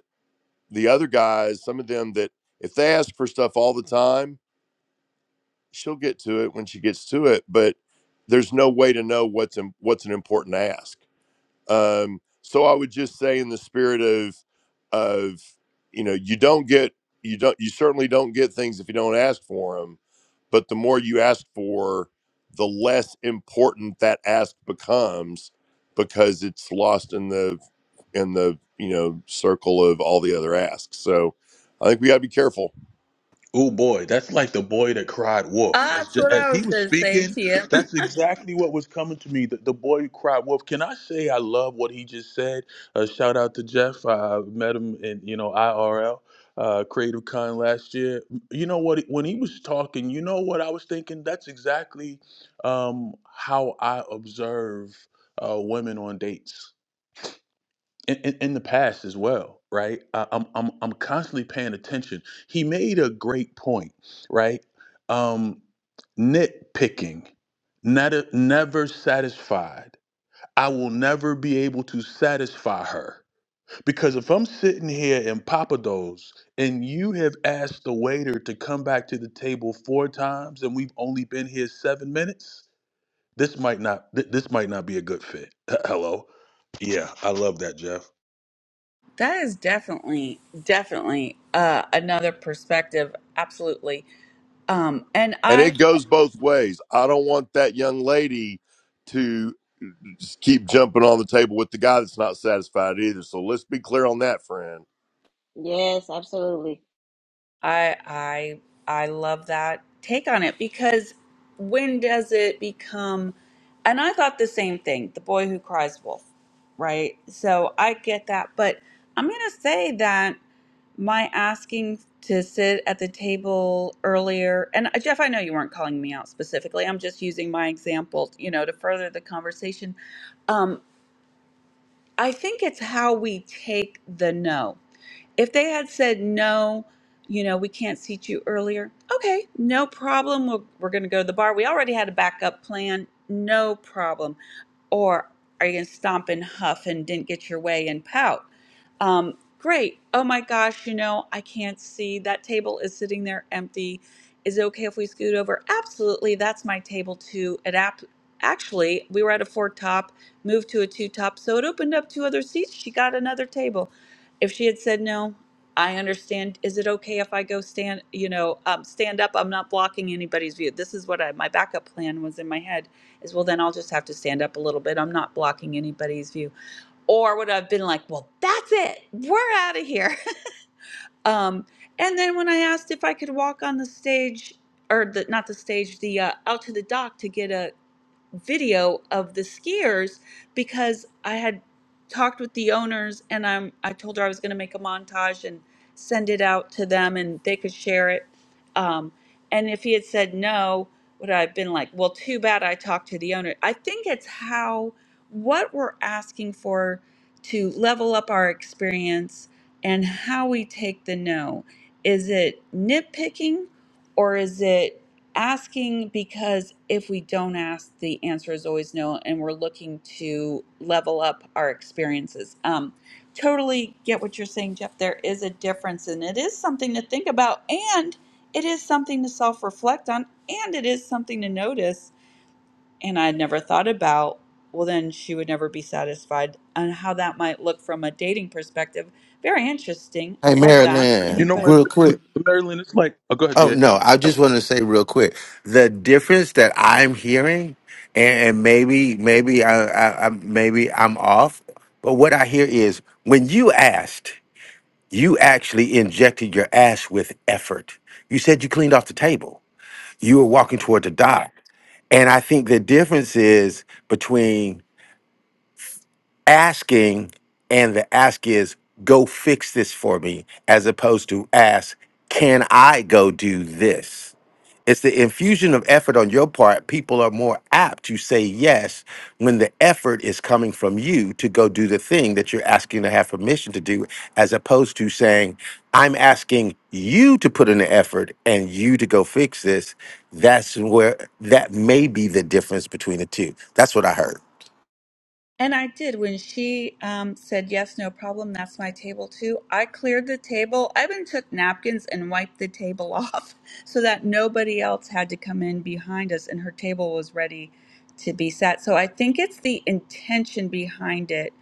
M: the other guys, some of them that if they ask for stuff all the time, she'll get to it when she gets to it but there's no way to know what's in, what's an important ask um so i would just say in the spirit of of you know you don't get you don't you certainly don't get things if you don't ask for them but the more you ask for the less important that ask becomes because it's lost in the in the you know circle of all the other asks so i think we got to be careful
E: That's what I was going to say, TM. That is definitely, definitely uh, another perspective. Absolutely. Um, and
M: And
E: I
M: it goes both ways. I don't want that young lady to just keep jumping on the table with the guy that's not satisfied either. So let's be clear on that, friend.
G: Yes, absolutely.
E: I I I love that take on it because when does it become and I thought the same thing, the boy who cries wolf, right? So I get that, but I'm going to say that my asking to sit at the table earlier and uh, Jeff, I know you weren't calling me out specifically. I'm just using my example, you know, to further the conversation. Um I think it's how we take the no. If they had said, no, you know, we can't seat you earlier, okay, no problem. We're, we're going to go to the bar. We already had a backup plan. No problem or are you going to stomp and huff and didn't get your way and pout? Um, great. Oh my gosh, you know, I can't see. That table is sitting there empty. Is it okay if we scoot over? Absolutely. That's my table too. It ap- actually, we were at a four top, moved to a two top. So it opened up two other seats. She got another table. If she had said no, I understand. Is it okay if I go stand, you know, um, stand up? I'm not blocking anybody's view. This is what I, my backup plan was in my head is well then I'll just have to stand up a little bit. I'm not blocking anybody's view. Or would I've been like, well, that's it. We're out of here. Um, and then when I asked if I could walk on the stage or the not the stage, the uh, out to the dock to get a video of the skiers because I had talked with the owners and I'm I told her I was going to make a montage and send it out to them and they could share it. Um, and if he had said no, would I have been like, well, too bad I talked to the owner. I think it's how what we're asking for to level up our experience and how we take the no. Is it nitpicking or is it asking because if we don't ask the answer is always no and we're looking to level up our experiences um, totally get what you're saying jeff there is a difference and it is something to think about and it is something to self-reflect on and it is something to notice and i never thought about well then she would never be satisfied and how that might look from a dating perspective very interesting i
F: Hey
E: love that
F: Marilyn,
E: anybody
F: real quick. Oh no, I just want to say real quick the difference that I'm hearing, and, and maybe maybe I, I, I maybe I'm off, but what I hear is when you asked, you actually injected your ass with effort. You said you cleaned off the table. You were walking toward the dock. And I think the difference is between asking, and the ask is, go fix this for me, as opposed to ask, can I go do this? It's the infusion of effort on your part. People are more apt to say yes when the effort is coming from you to go do the thing that you're asking to have permission to do, as opposed to saying, I'm asking you to put in the effort and you to go fix this. That's where that may be the difference between the two. That's what I heard.
E: And I did when she um, said yes, no problem. That's my table too. I cleared the table. I even took napkins and wiped the table off so that nobody else had to come in behind us, and her table was ready to be set. So I think it's the intention behind it,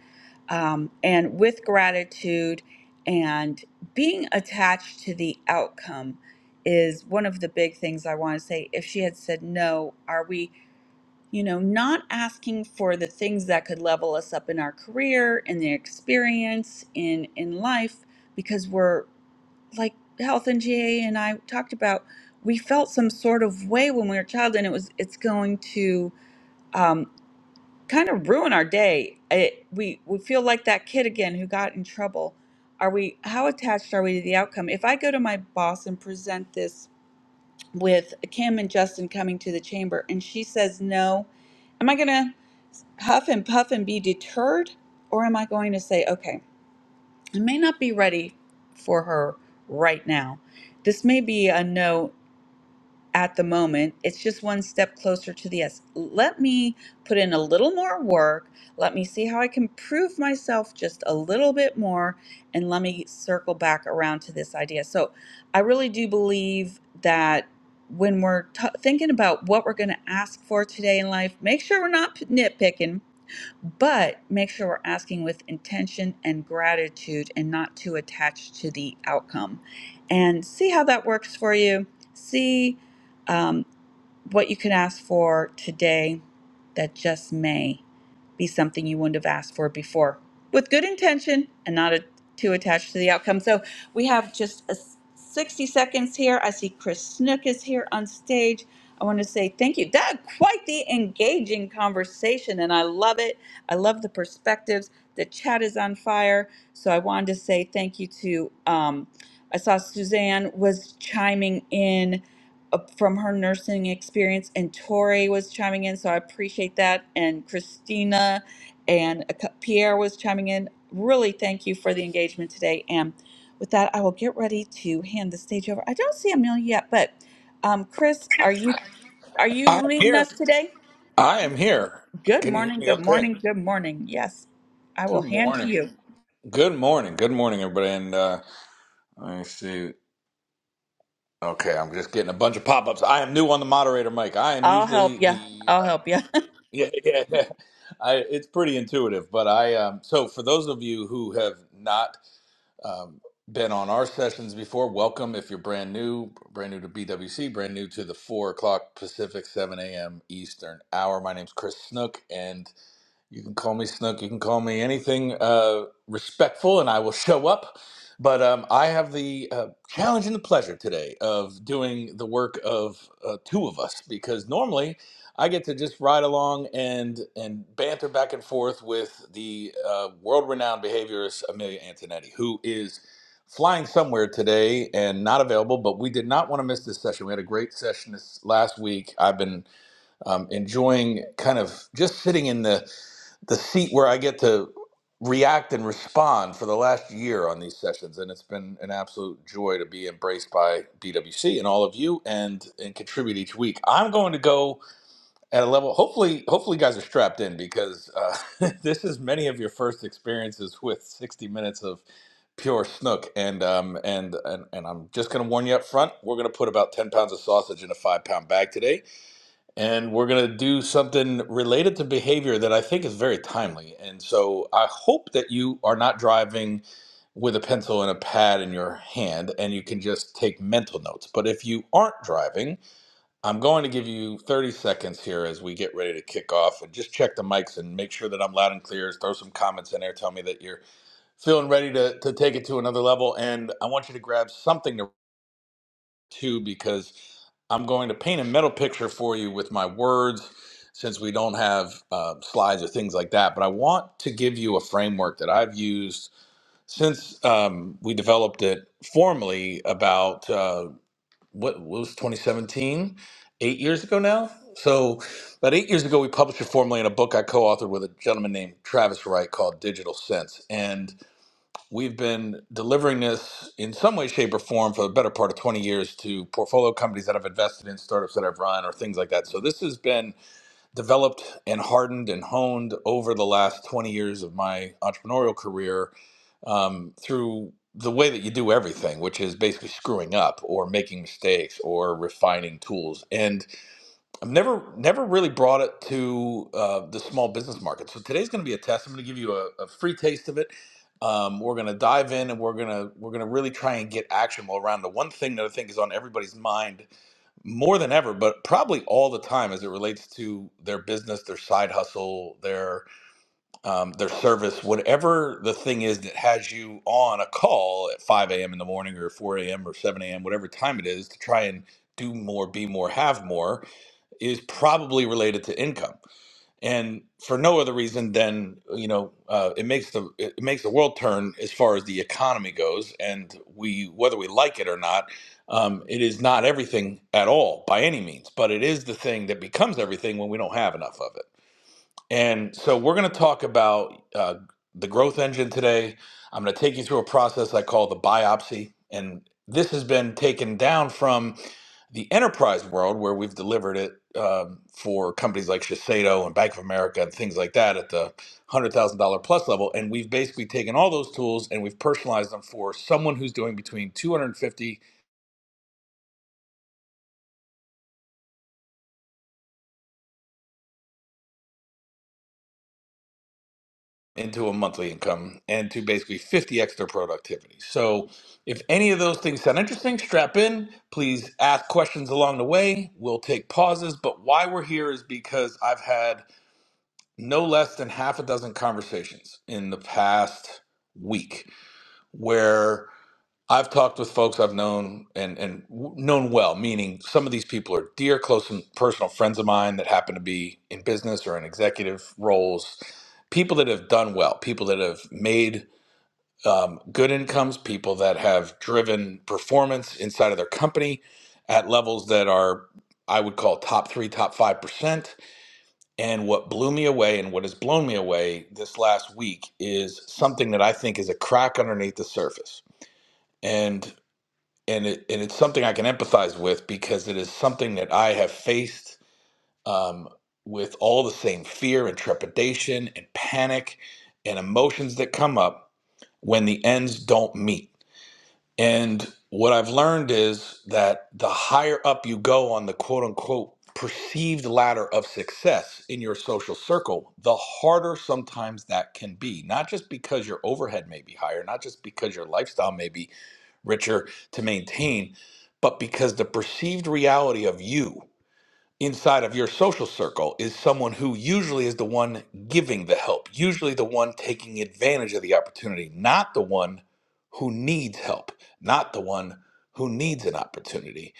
E: um, and with gratitude and being attached to the outcome is one of the big things I want to say. If she had said no, are we? you know, not asking for the things that could level us up in our career, in the experience, in in life, because we're like health and GA and I talked about, we felt some sort of way when we were a child, and it was it's going to um, kind of ruin our day. It, we we feel like that kid again who got in trouble. Are we how attached are we to the outcome? If I go to my boss and present this with Kim and Justin coming to the chamber, and she says, No, am I going to huff and puff and be deterred, or am I going to say, Okay, I may not be ready for her right now? This may be a no at the moment. It's just one step closer to the yes. Let me put in a little more work. Let me see how I can prove myself just a little bit more. And let me circle back around to this idea. So I really do believe that when we're t- thinking about what we're going to ask for today in life, make sure we're not p- nitpicking but make sure we're asking with intention and gratitude and not too attached to the outcome. And see how that works for you. See um, what you can ask for today that just may be something you wouldn't have asked for before with good intention and not a, too attached to the outcome. So we have just a 60 seconds here. I see Chris Snook is here on stage. I want to say thank you. That quite the engaging conversation, and I love it. I love the perspectives. The chat is on fire. So I wanted to say thank you to. Um, I saw Suzanne was chiming in uh, from her nursing experience. And Tori was chiming in, so I appreciate that. And Christina and a Pierre was chiming in. Really, thank you for the engagement today. And with that, I will get ready to hand the stage over. I don't see Amelia yet, but um, Chris, are you are
N: I
E: you
N: am
E: leading
N: here.
E: us today?
N: I am here.
E: Good
N: Can you hear
E: morning.
N: me
E: Good
N: okay?
E: morning. Good morning. Yes, I will
N: Good
E: hand to
N: morning.
E: you.
N: Good morning. Good morning, everybody. And uh, let me see. Okay, I'm just getting a bunch of pop ups. I am new on the moderator mic. I am
E: I'll
N: usually
E: help you.
N: the. Uh,
E: I'll help you.
N: yeah, yeah, yeah. I, it's pretty intuitive, but I. Um, so, for those of you who have not um, been on our sessions before, welcome. If you're brand new, brand new to BWC, brand new to the 4 o'clock Pacific, 7 a.m. Eastern hour, my name's Chris Snook, and You can call me Snook. You can call me anything uh, respectful, and I will show up. But um, I have the uh, challenge and the pleasure today of doing the work of uh, two of us because normally I get to just ride along and and banter back and forth with the uh, world-renowned behaviorist Amelia Antonetti, who is flying somewhere today and not available. But we did not want to miss this session. We had a great session this last week. I've been um, enjoying kind of just sitting in the the seat where I get to react and respond for the last year on these sessions, and it's been an absolute joy to be embraced by BWC and all of you, and and contribute each week. I'm going to go at a level. Hopefully, hopefully, you guys are strapped in because uh, this is many of your first experiences with 60 minutes of pure snook, and um and and and I'm just going to warn you up front. We're going to put about 10 pounds of sausage in a five pound bag today and we're going to do something related to behavior that I think is very timely. And so I hope that you are not driving with a pencil and a pad in your hand and you can just take mental notes. But if you aren't driving, I'm going to give you 30 seconds here as we get ready to kick off and just check the mics and make sure that I'm loud and clear. Throw some comments in there. Tell me that you're feeling ready to, to take it to another level. And I want you to grab something to too because I'm going to paint a mental picture for you with my words since we don't have uh, slides or things like that. But I want to give you a framework that I've used since um, we developed it formally about uh, what what was 2017, eight years ago now. So about eight years ago, we published it formally in a book I co-authored with a gentleman named Travis Wright called Digital Sense. And We've been delivering this in some way, shape, or form for the better part of 20 years to portfolio companies that I've invested in, startups that I've run, or things like that. So this has been developed and hardened and honed over the last 20 years of my entrepreneurial career um, through the way that you do everything, which is basically screwing up or making mistakes or refining tools. And I've never never really brought it to uh, the small business market. So today's going to be a test. I'm going to give you a, a free taste of it. Um, we're going to dive in, and we're going to we're going to really try and get actionable around the one thing that I think is on everybody's mind more than ever, but probably all the time as it relates to their business, their side hustle, their um, their service, whatever the thing is that has you on a call at 5 a.m. in the morning or 4 a.m. or 7 a.m. whatever time it is to try and do more, be more, have more is probably related to income and for no other reason than you know uh, it makes the it makes the world turn as far as the economy goes and we whether we like it or not um, it is not everything at all by any means but it is the thing that becomes everything when we don't have enough of it and so we're going to talk about uh, the growth engine today. I'm going to take you through a process I call the biopsy. And this has been taken down from the enterprise world where we've delivered it um, for companies like Shiseido and Bank of America and things like that at the $100,000 plus level. And we've basically taken all those tools and we've personalized them for someone who's doing between 250 into a monthly income and to basically 50 extra productivity. So if any of those things sound interesting, strap in. Please ask questions along the way. We'll take pauses. But why we're here is because I've had no less than half a dozen conversations in the past week where I've talked with folks I've known and and w- known well, meaning some of these people are dear, close, and personal friends of mine that happen to be in business or in executive roles. People that have done well, people that have made um, good incomes, people that have driven performance inside of their company at levels that are, I would call top three, top five percent. And what blew me away and what has blown me away this last week is something that I think is a crack underneath the surface and it and it's something I can empathize with because it is something that I have faced um, with all the same fear and trepidation and panic and emotions that come up when the ends don't meet and what I've learned is that the higher up you go on the quote unquote perceived ladder of success in your social circle, the harder sometimes that can be. Not just because your overhead may be higher, not just because your lifestyle may be richer to maintain, but because the perceived reality of you inside of your social circle is someone who usually is the one giving the help, usually the one taking advantage of the opportunity, not the one who needs help, not the one who needs an opportunity.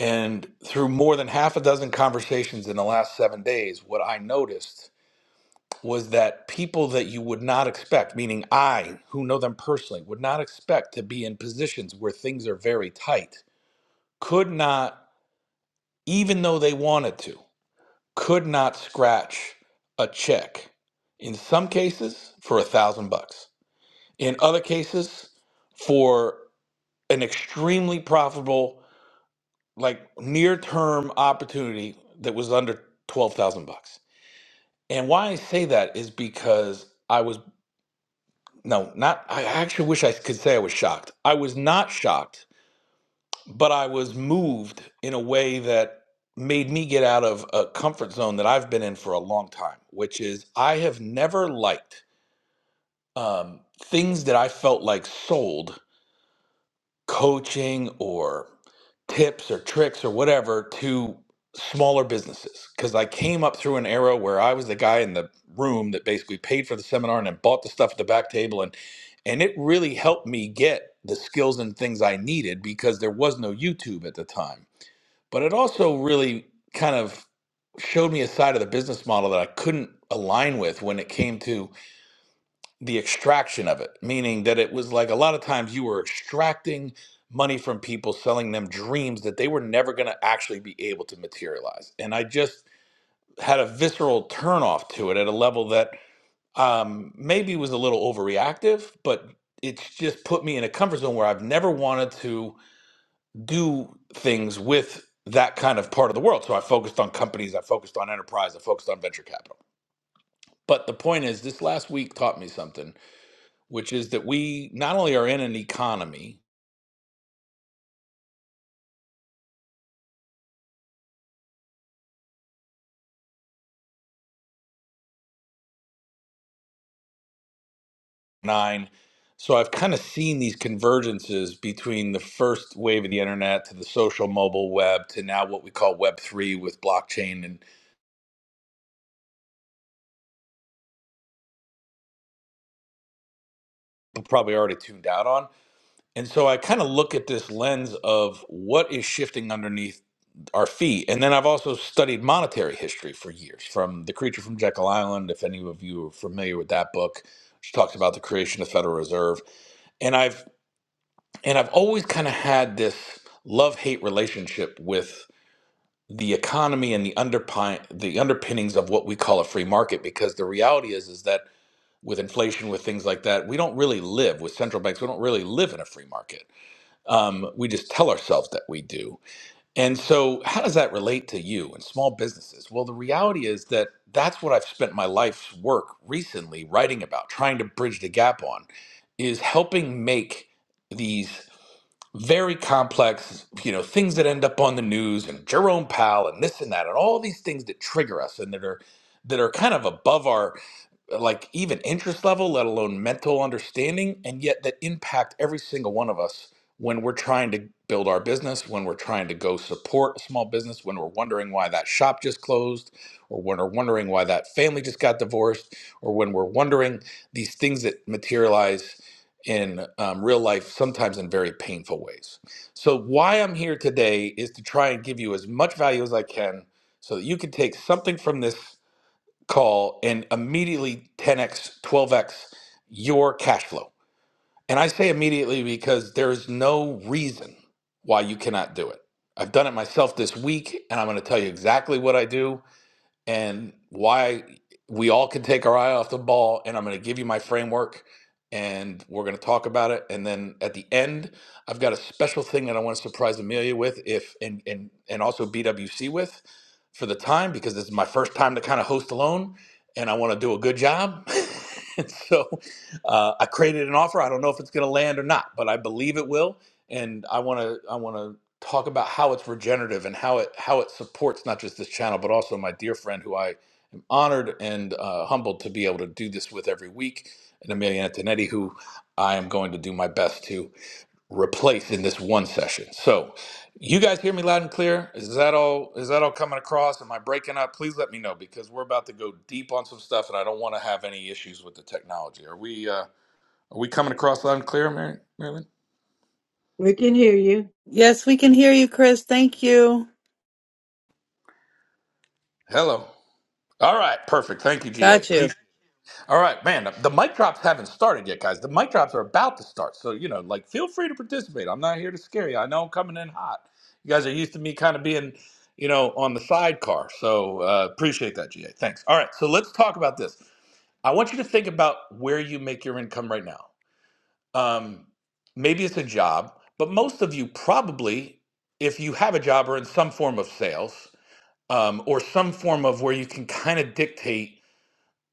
N: And through more than half a dozen conversations in the last seven days, what I noticed was that people that you would not expect, meaning I, who know them personally, would not expect to be in positions where things are very tight, could not, even though they wanted to could not scratch a check in some cases for a thousand bucks in other cases for an extremely profitable like near term opportunity that was under 12000 bucks and why i say that is because i was no not i actually wish i could say i was shocked i was not shocked but I was moved in a way that made me get out of a comfort zone that I've been in for a long time, which is I have never liked um, things that I felt like sold coaching or tips or tricks or whatever to smaller businesses. Because I came up through an era where I was the guy in the room that basically paid for the seminar and then bought the stuff at the back table and and it really helped me get the skills and things I needed because there was no YouTube at the time but it also really kind of showed me a side of the business model that I couldn't align with when it came to the extraction of it, meaning that it was like a lot of times you were extracting money from people, selling them dreams that they were never going to actually be able to materialize. And I just had a visceral turnoff to it at a level that um, maybe was a little overreactive, but it's just put me in a comfort zone where I've never wanted to do things with that kind of part of the world. So I focused on companies, I focused on enterprise, I focused on venture capital. But the point is, this last week taught me something, which is that we not only are in an economy, nine, so I've kind of seen these convergences between the first wave of the internet to the social mobile web to now what we call Web3 with blockchain and probably already tuned out on. And so I kind of look at this lens of what is shifting underneath our feet. And then I've also studied monetary history for years, from The Creature from Jekyll Island, if any of you are familiar with that book, which talks about the creation of the Federal Reserve. And I've and I've always kind of had this love-hate relationship with the economy and the underpin the underpinnings of what we call a free market, because the reality is is that with inflation, with things like that, we don't really live with central banks. We don't really live in a free market. Um, we just tell ourselves that we do and so, how does that relate to you and small businesses? Well, the reality is that that's what I've spent my life's work recently writing about, trying to bridge the gap on, is helping make these very complex, you know, things that end up on the news and Jerome Powell and this and that and all these things that trigger us and that are that are kind of above our like even interest level, let alone mental understanding, and yet that impact every single one of us when we're trying to build our business, when we're trying to go support a small business, when we're wondering why that shop just closed, or when we're wondering why that family just got divorced, or when we're wondering these things that materialize in um, real life, sometimes in very painful ways. So, why I'm here today is to try and give you as much value as I can so that you can take something from this call and immediately 10x, 12x your cash flow. And I say immediately because there is no reason why you cannot do it. I've done it myself this week and I'm going to tell you exactly what I do and why we all can take our eye off the ball. And I'm going to give you my framework and we're going to talk about it. And then at the end, I've got a special thing that I want to surprise Amelia with if and, and, and also BWC with for the time because this is my first time to kind of host alone and I want to do a good job. And so uh, I created an offer. I don't know if it's going to land or not, but I believe it will. And I want to. I want to talk about how it's regenerative and how it how it supports not just this channel but also my dear friend who I am honored and uh, humbled to be able to do this with every week, and Amelia Antonetti, who I am going to do my best to replace in this one session. So, you guys hear me loud and clear? Is that all? Is that all coming across? Am I breaking up? Please let me know because we're about to go deep on some stuff, and I don't want to have any issues with the technology. Are we? Uh, are we coming across loud and clear, Mary? Marilyn?
L: We can hear you.
N: Hello. All right, perfect. Thank you, GA. All right, man. The mic drops haven't started yet, guys. The mic drops are about to start, so you know, like, feel free to participate. I'm not here to scare you. I know I'm coming in hot. You guys are used to me kind of being, you know, on the sidecar. So uh, appreciate that, GA. Thanks. All right, so let's talk about this. I want you to think about where you make your income right now. Um, maybe it's a job, but most of you probably, if you have a job, are in some form of sales um, or some form of where you can kind of dictate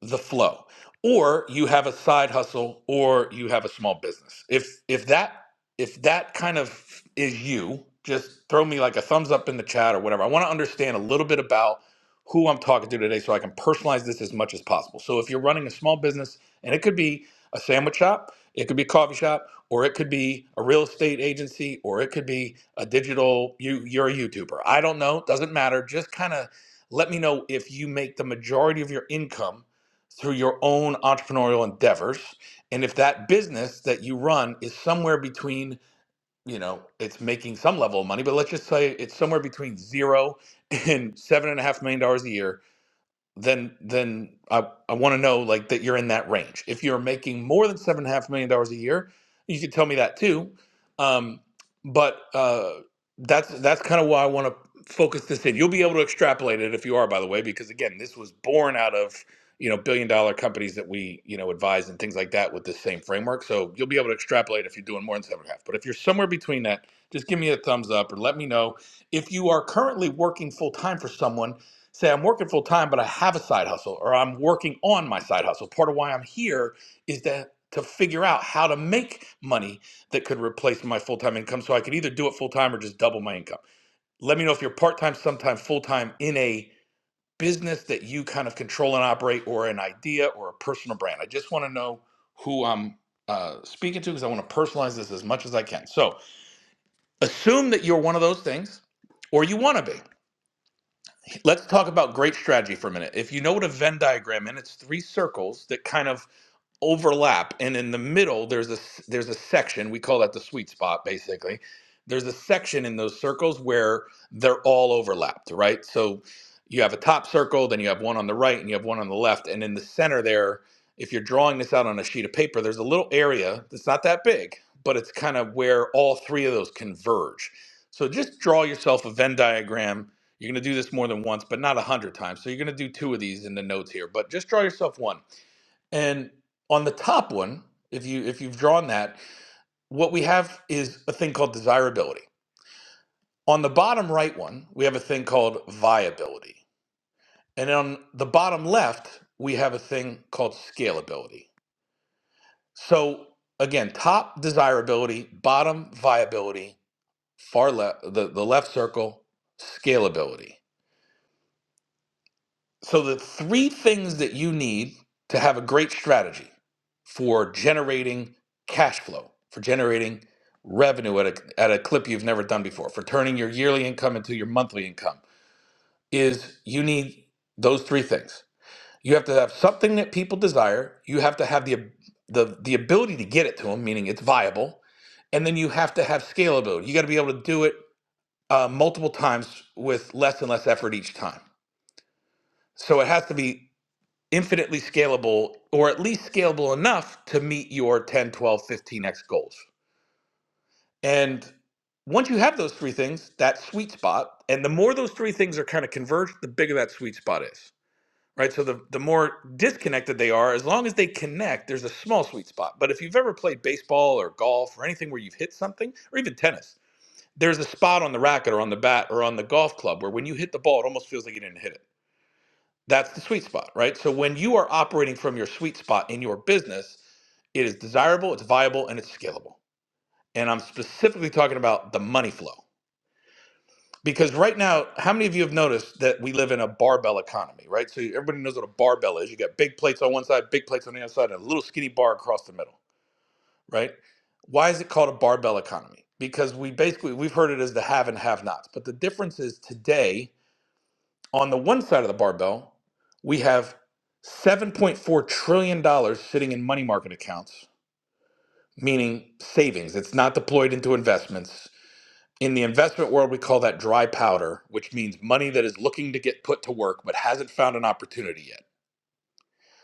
N: the flow or you have a side hustle or you have a small business if if that if that kind of is you just throw me like a thumbs up in the chat or whatever i want to understand a little bit about who i'm talking to today so i can personalize this as much as possible so if you're running a small business and it could be a sandwich shop it could be a coffee shop or it could be a real estate agency or it could be a digital you you're a youtuber i don't know doesn't matter just kind of let me know if you make the majority of your income through your own entrepreneurial endeavors and if that business that you run is somewhere between you know it's making some level of money but let's just say it's somewhere between zero and seven and a half million dollars a year then then I, I want to know like that you're in that range. If you're making more than seven and a half million dollars a year, you can tell me that too. Um, but uh, that's that's kind of why I want to focus this in. You'll be able to extrapolate it if you are, by the way, because again, this was born out of you know billion dollar companies that we you know advise and things like that with this same framework. So you'll be able to extrapolate if you're doing more than seven and a half. But if you're somewhere between that, just give me a thumbs up or let me know if you are currently working full time for someone say I'm working full time, but I have a side hustle or I'm working on my side hustle. Part of why I'm here is that to figure out how to make money that could replace my full time income so I could either do it full time or just double my income. Let me know if you're part time, sometime full time in a business that you kind of control and operate or an idea or a personal brand. I just want to know who I'm uh, speaking to because I want to personalize this as much as I can. So assume that you're one of those things or you want to be let's talk about great strategy for a minute. If you know what a Venn diagram is, it's three circles that kind of overlap and in the middle there's a there's a section we call that the sweet spot basically there's a section in those circles where they're all overlapped right so you have a top circle then you have one on the right and you have one on the left and in the center there if you're drawing this out on a sheet of paper there's a little area that's not that big but it's kind of where all three of those converge so just draw yourself a venn diagram you're going to do this more than once but not a hundred times so you're going to do two of these in the notes here but just draw yourself one and on the top one, if you if you've drawn that, what we have is a thing called desirability. On the bottom right one, we have a thing called viability. And on the bottom left, we have a thing called scalability. So again, top desirability, bottom viability, far left the, the left circle, scalability. So, the three things that you need to have a great strategy for generating cash flow, for generating revenue at a, at a clip you've never done before, for turning your yearly income into your monthly income is you need those three things. You have to have something that people desire, you have to have the, ab- the, the ability to get it to them, meaning it's viable, and then you have to have scalability. You got to be able to do it uh, multiple times with less and less effort each time. So it has to be infinitely scalable or at least scalable enough to meet your ten, twelve, fifteen x goals and once you have those three things that sweet spot and the more those three things are kind of converged the bigger that sweet spot is right so the, the more disconnected they are as long as they connect there's a small sweet spot but if you've ever played baseball or golf or anything where you've hit something or even tennis there's a spot on the racket or on the bat or on the golf club where when you hit the ball it almost feels like you didn't hit it that's the sweet spot, right? So when you are operating from your sweet spot in your business, it is desirable, it's viable, and it's scalable. And I'm specifically talking about the money flow. Because right now, how many of you have noticed that we live in a barbell economy, right? So everybody knows what a barbell is. You got big plates on one side, big plates on the other side, and a little skinny bar across the middle, right? Why is it called a barbell economy? Because we basically we've heard it as the have and have nots. But the difference is today On the one side of the barbell, we have $7.4 trillion dollars sitting in money market accounts, meaning savings. It's not deployed into investments. In the investment world, we call that dry powder, which means money that is looking to get put to work but hasn't found an opportunity yet.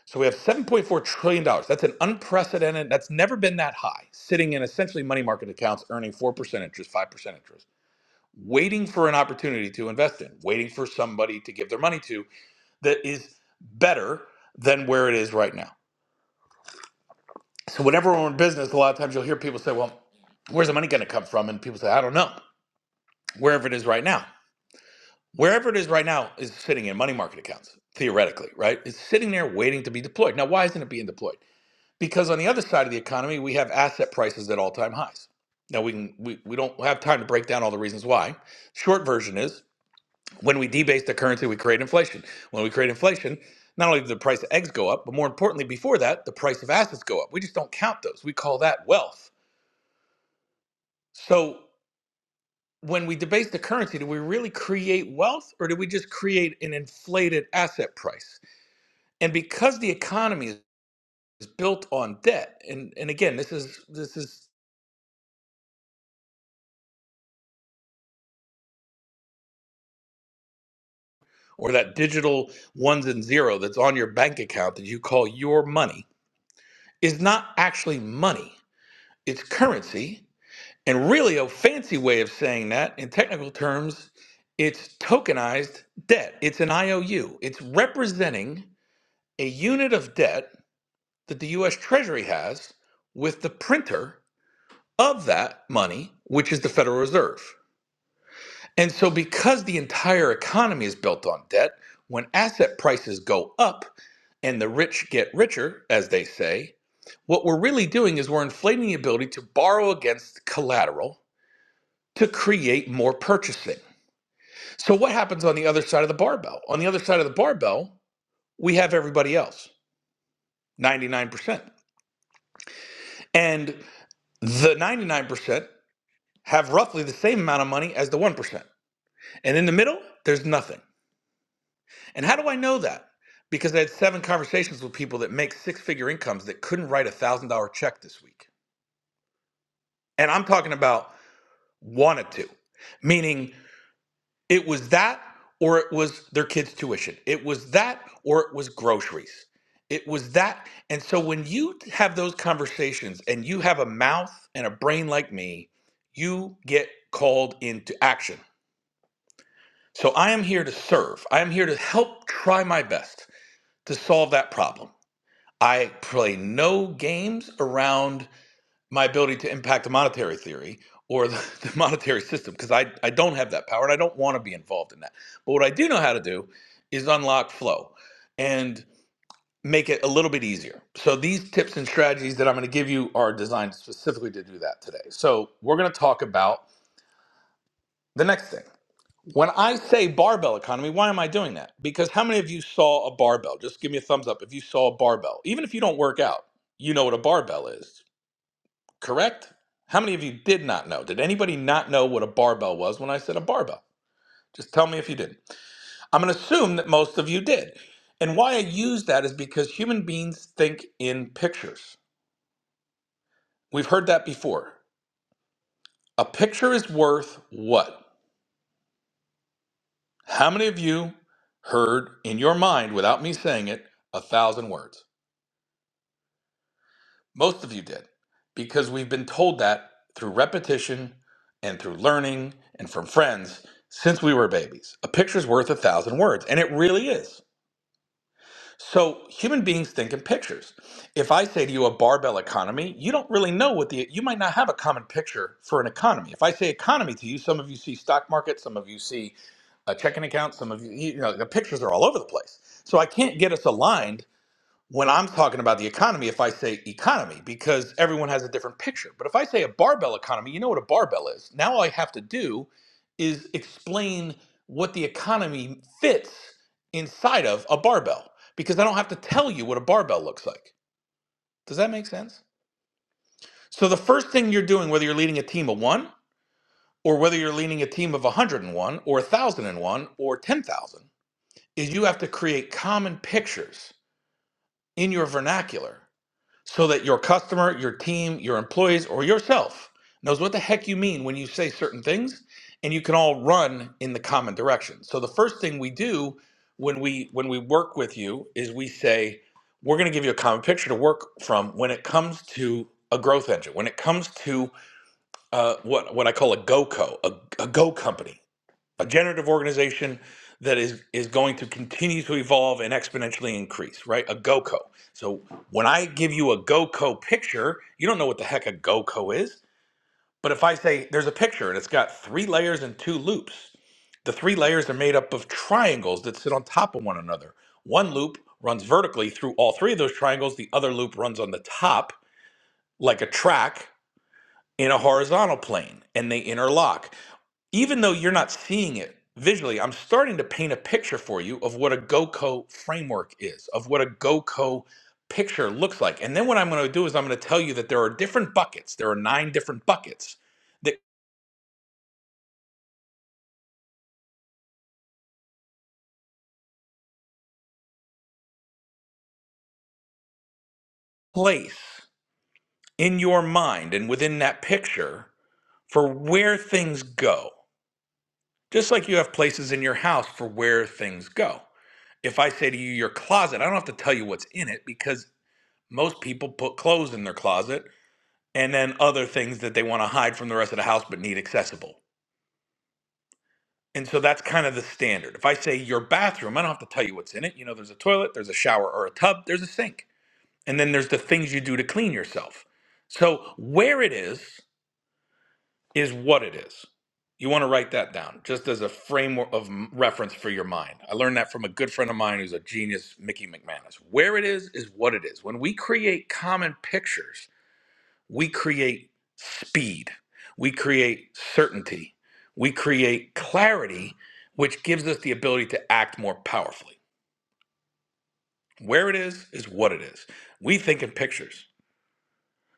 N: So we have $7.4 trillion. dollars. That's an unprecedented, that's never been that high, sitting in essentially money market accounts, earning 4% interest, 5% interest, waiting for an opportunity to invest in, waiting for somebody to give their money to that is better than where it is right now. So whenever we're in business, a lot of times you'll hear people say, "Well, where's the money going to come from?" And people say, "I don't know. Wherever it is right now, wherever it is right now is sitting in money market accounts theoretically, right? It's sitting there waiting to be deployed. Now, why isn't it being deployed? Because on the other side of the economy, we have asset prices at all-time highs. Now we can we, we don't have time to break down all the reasons why. Short version is When we debase the currency, we create inflation. When we create inflation, not only do the price of eggs go up, but more importantly, before that, the price of assets go up. We just don't count those. We call that wealth. So when we debase the currency, do we really create wealth or do we just create an inflated asset price? And because the economy is built on debt, and, and again, this is this is or that digital ones and zero that's on your bank account that you call your money is not actually money. It's currency And really, a fancy way of saying that in technical terms, it's tokenized debt. It's an IOU. It's representing a unit of debt that the US Treasury has with the printer of that money, which is the Federal Reserve. And so, because the entire economy is built on debt, when asset prices go up and the rich get richer, as they say, what we're really doing is we're inflating the ability to borrow against collateral to create more purchasing. So, what happens on the other side of the barbell? On the other side of the barbell, we have everybody else, 99%. And the 99% have roughly the same amount of money as the 1%. And in the middle, there's nothing. And how do I know that? Because I had seven conversations with people that make six figure incomes that couldn't write a $1,000 check this week. And I'm talking about wanted to, meaning It was that or it was their kids' tuition. It was that or it was groceries. It was that. And so when you have those conversations and you have a mouth and a brain like me, you get called into action. So I am here to serve. I am here to help try my best to solve that problem. I play no games around my ability to impact the monetary theory or the, the monetary system because I, I don't have that power and I don't want to be involved in that. But what I do know how to do is unlock flow and make it a little bit easier. So these tips and strategies that I'm going to give you are designed specifically to do that today. So we're going to talk about the next thing. When I say barbell economy, why am I doing that? Because how many of you saw a barbell? Just give me a thumbs up if you saw a barbell. Even if you don't work out, you know what a barbell is. Correct? How many of you did not know? Did anybody not know what a barbell was when I said a barbell? Just tell me if you did. not I'm going to assume that most of you did. And why I use that is because human beings think in pictures. We've heard that before. A picture is worth what? How many of you heard in your mind, without me saying it, a thousand words? Most of you did, because we've been told that through repetition and through learning and from friends since we were babies. A picture's worth a thousand words, and it really is. So human beings think in pictures. If I say to you a barbell economy, you don't really know what the you might not have a common picture for an economy. If I say economy to you, some of you see stock market, some of you see a checking account, some of you you know the pictures are all over the place. So I can't get us aligned when I'm talking about the economy if I say economy because everyone has a different picture. But if I say a barbell economy, you know what a barbell is. Now all I have to do is explain what the economy fits inside of a barbell because I don't have to tell you what a barbell looks like. Does that make sense? So the first thing you're doing whether you're leading a team of 1 or whether you're leading a team of 101 or 1001 or 10,000 is you have to create common pictures in your vernacular so that your customer, your team, your employees, or yourself knows what the heck you mean when you say certain things, and you can all run in the common direction. So the first thing we do when we when we work with you is we say we're going to give you a common picture to work from when it comes to a growth engine, when it comes to uh, what what I call a GoCo, a, a Go company a generative organization that is is going to continue to evolve and exponentially increase, right? A GoCo. So when I give you a GoCo picture, you don't know what the heck a GoCo is. But if I say there's a picture and it's got three layers and two loops, the three layers are made up of triangles that sit on top of one another. One loop runs vertically through all three of those triangles, the other loop runs on the top like a track in a horizontal plane and they interlock even though you're not seeing it visually, I'm starting to paint a picture for you of what a GoCo framework is, of what a GoCo picture looks like. And then what I'm going to do is I'm going to tell you that there are different buckets. There are nine different buckets that place in your mind and within that picture for where things go. Just like you have places in your house for where things go. If I say to you your closet, I don't have to tell you what's in it because most people put clothes in their closet and then other things that they want to hide from the rest of the house but need accessible. And so that's kind of the standard. If I say your bathroom, I don't have to tell you what's in it. You know, there's a toilet, there's a shower or a tub, there's a sink. And then there's the things you do to clean yourself. So where it is, is what it is. You want to write that down just as a framework of m- reference for your mind. I learned that from a good friend of mine who's a genius, Mickey McManus. Where it is, is what it is. When we create common pictures, we create speed, we create certainty, we create clarity, which gives us the ability to act more powerfully. Where it is, is what it is. We think in pictures.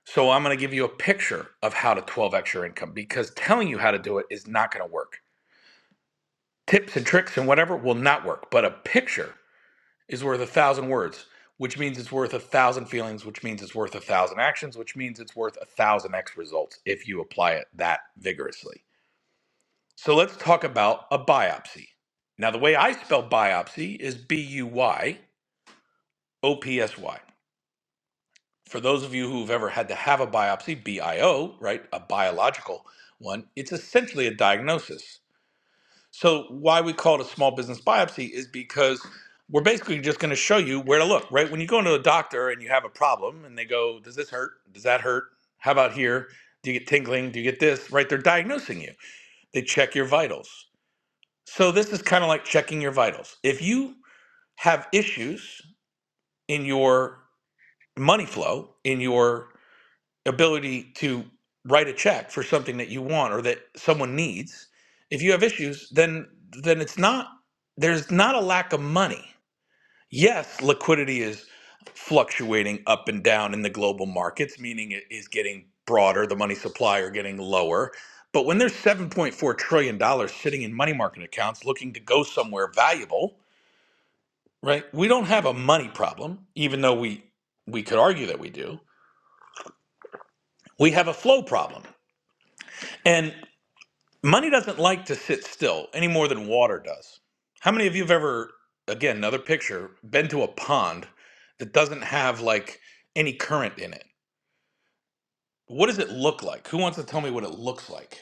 N: So I'm going to give you a picture of how to 12x your income because telling you how to do it is not going to work. Tips and tricks and whatever will not work, but a picture is worth a thousand words, which means it's worth a thousand feelings, which means it's worth a thousand actions, which means it's worth a thousand X results if you apply it that vigorously. So let's talk about a biopsy. Now, the way I spell biopsy is B U Y O P S Y. For those of you who've ever had to have a biopsy, B I O, right, a biological one, it's essentially a diagnosis. So, why we call it a small business biopsy is because we're basically just going to show you where to look, right? When you go into a doctor and you have a problem and they go, Does this hurt? Does that hurt? How about here? Do you get tingling? Do you get this? Right? They're diagnosing you. They check your vitals So this is kind of like checking your vitals. If you have issues in your money flow, in your ability to write a check for something that you want or that someone needs, if you have issues, then then it's not there's not a lack of money. Yes, liquidity is fluctuating up and down in the global markets, meaning it is getting broader, the money supply are getting lower. But when there's $7.4 trillion dollars sitting in money market accounts looking to go somewhere valuable, right? We don't have a money problem, even though we we could argue that we do. We have a flow problem. And money doesn't like to sit still any more than water does. How many of you have ever again, another picture, been to a pond that doesn't have like any current in it? What does it look like? Who wants to tell me what it looks like?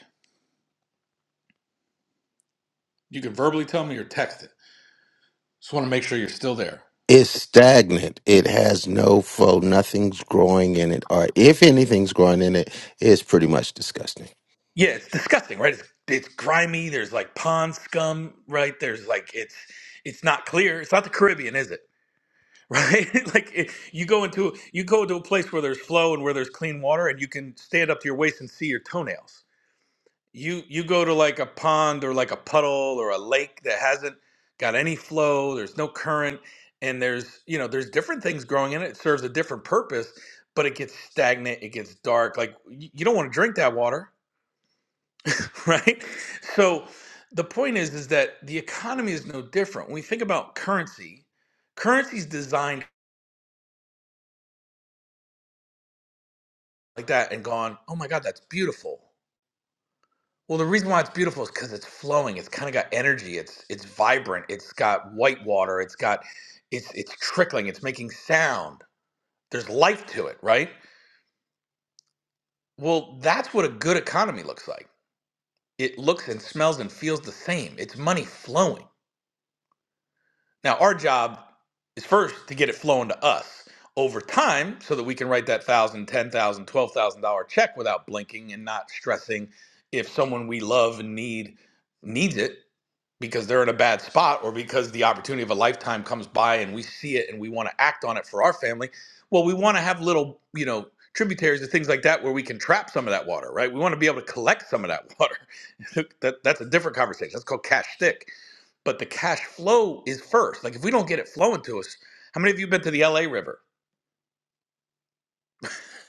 N: You can verbally tell me or text it. Just want to make sure you're still there.
F: It's stagnant. It has no flow. Nothing's growing in it. Or if anything's growing in it, it's pretty much disgusting.
N: Yeah, it's disgusting, right? It's it's grimy. There's like pond scum, right? There's like it's it's not clear. It's not the Caribbean, is it? Right? like it, you go into you go to a place where there's flow and where there's clean water, and you can stand up to your waist and see your toenails. You you go to like a pond or like a puddle or a lake that hasn't got any flow. There's no current, and there's you know there's different things growing in it. It serves a different purpose, but it gets stagnant. It gets dark. Like you you don't want to drink that water right? So the point is is that the economy is no different. When we think about currency, currency's designed like that and gone, "Oh my god, that's beautiful." Well, the reason why it's beautiful is cuz it's flowing. It's kind of got energy. It's it's vibrant. It's got white water. It's got it's it's trickling. It's making sound. There's life to it, right? Well, that's what a good economy looks like. It looks and smells and feels the same. It's money flowing Now, our job is first to get it flowing to us over time so that we can write that thousand, ten thousand, twelve thousand dollar check without blinking and not stressing if someone we love and need needs it because they're in a bad spot or because the opportunity of a lifetime comes by and we see it and we want to act on it for our family. Well, we want to have little, you know, tributaries and things like that where we can trap some of that water, right? We want to be able to collect some of that water. that, that's a different conversation. That's called cash stick but the cash flow is first. Like if we don't get it flowing to us, how many of you have been to the LA River?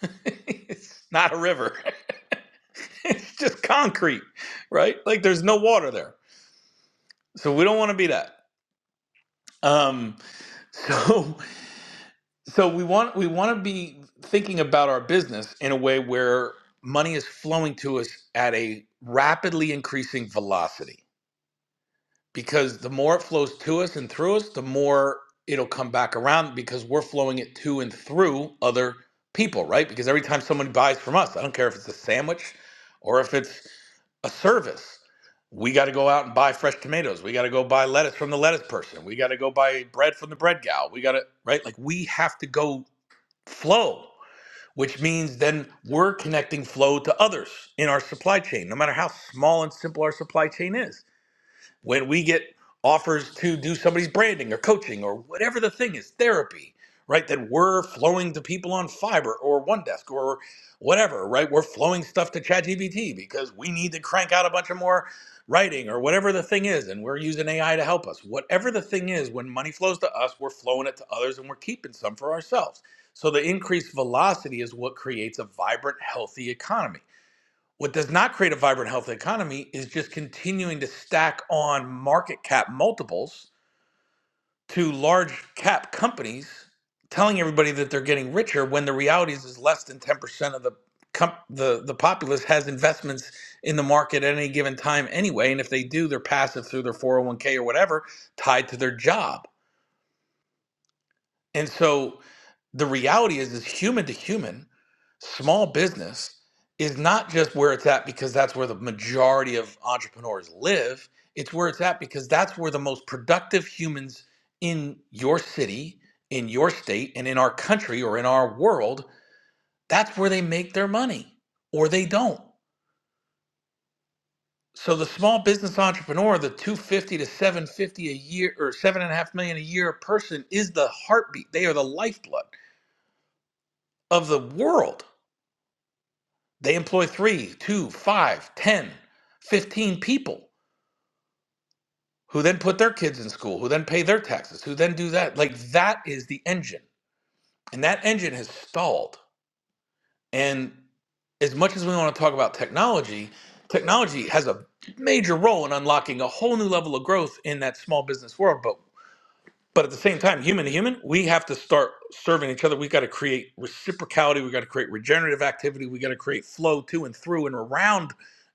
N: it's not a river. it's just concrete, right? Like there's no water there. So we don't want to be that. Um so so we want we want to be thinking about our business in a way where money is flowing to us at a rapidly increasing velocity because the more it flows to us and through us, the more it'll come back around because we're flowing it to and through other people, right? Because every time someone buys from us, I don't care if it's a sandwich or if it's a service, we got to go out and buy fresh tomatoes. We got to go buy lettuce from the lettuce person. We got to go buy bread from the bread gal. We got to, right? Like we have to go flow, which means then we're connecting flow to others in our supply chain, no matter how small and simple our supply chain is when we get offers to do somebody's branding or coaching or whatever the thing is, therapy, right? That we're flowing to people on Fiverr or OneDesk or whatever, right? We're flowing stuff to ChatGPT because we need to crank out a bunch of more writing or whatever the thing is, and we're using AI to help us. Whatever the thing is, when money flows to us, we're flowing it to others and we're keeping some for ourselves. So the increased velocity is what creates a vibrant, healthy economy what does not create a vibrant, healthy economy is just continuing to stack on market cap multiples to large cap companies, telling everybody that they're getting richer when the reality is, is less than 10% of the, comp- the, the populace has investments in the market at any given time anyway. And if they do, they're passive through their 401k or whatever tied to their job and so the reality is, is human to human, small business is not just where it's at because that's where the majority of entrepreneurs live. It's where it's at because that's where the most productive humans in your city, in your state, and in our country or in our world, that's where they make their money or they don't. So the small business entrepreneur, the 250 to 750 a year or seven and a half million a year person is the heartbeat. They are the lifeblood of the world They employ three, two, five, ten, fifteen people who then put their kids in school, who then pay their taxes, who then do that. Like that is the engine. And that engine has stalled. And as much as we want to talk about technology, technology has a major role in unlocking a whole new level of growth in that small business world. but. but at the same time, human to human, we have to start serving each other. We got to create reciprocality. We got to create regenerative activity. We got to create flow to and through and around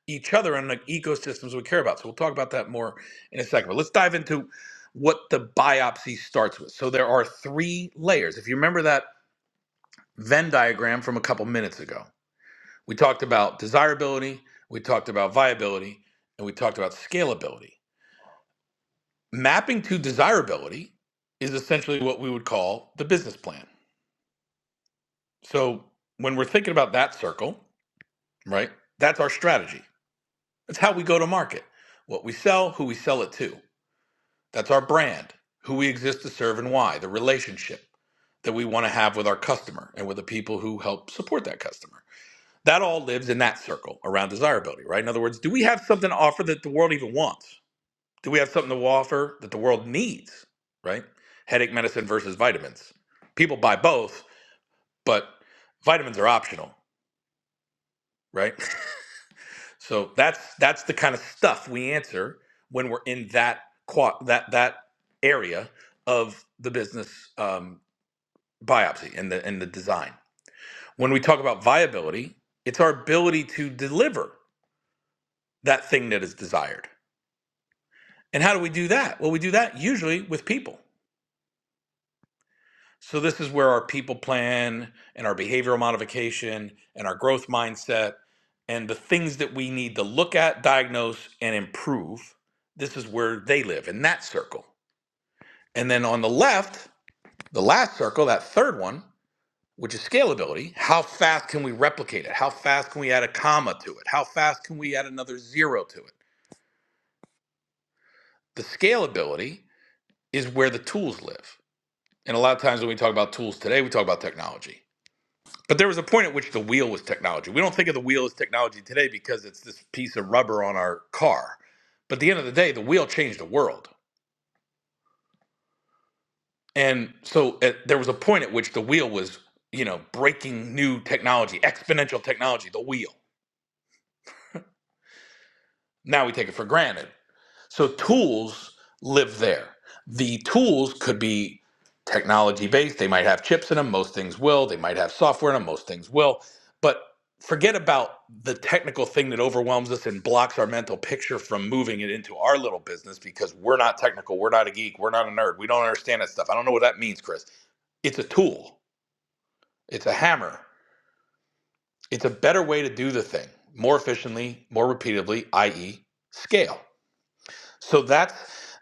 N: each other and the ecosystems we care about. So we'll talk about that more in a second. But let's dive into what the biopsy starts with. So there are three layers. If you remember that Venn diagram from a couple minutes ago, we talked about desirability, we talked about viability, and we talked about scalability mapping to desirability is essentially what we would call the business plan. So when we're thinking about that circle, right, that's our strategy. That's how we go to market, what we sell, who we sell it to. That's our brand, who we exist to serve and why, the relationship that we want to have with our customer and with the people who help support that customer. That all lives in that circle around desirability, right? In other words, do we have something to offer that the world even wants? do we have something to offer that the world needs, right? Headache medicine versus vitamins. People buy both, but vitamins are optional, right? So that's that's the kind of stuff we answer when we're in that qua- that that area of the business um, biopsy and the and the design. When we talk about viability, it's our ability to deliver that thing that is desired. And how do we do that? Well, we do that usually with people So this is where our people plan and our behavioral modification and our growth mindset and the things that we need to look at, diagnose, and improve. This is where they live in that circle. And then on the left, the last circle, that third one, which is scalability, how fast can we replicate it? How fast can we add a comma to it? How fast can we add another zero to it? The scalability is where the tools live. And a lot of times when we talk about tools today, we talk about technology But there was a point at which the wheel was technology. We don't think of the wheel as technology today because it's this piece of rubber on our car. But at the end of the day, the wheel changed the world. And so at, there was a point at which the wheel was, you know, breaking new technology, exponential technology, the wheel. Now we take it for granted. So tools live there. The tools could be technology based. They might have chips in them. Most things will. They might have software in them. Most things will. But forget about the technical thing that overwhelms us and blocks our mental picture from moving it into our little business because we're not technical. We're not a geek. We're not a nerd. We don't understand that stuff. I don't know what that means, Chris. It's a tool, it's a hammer. It's a better way to do the thing more efficiently, more repeatedly, i.e., scale. So that's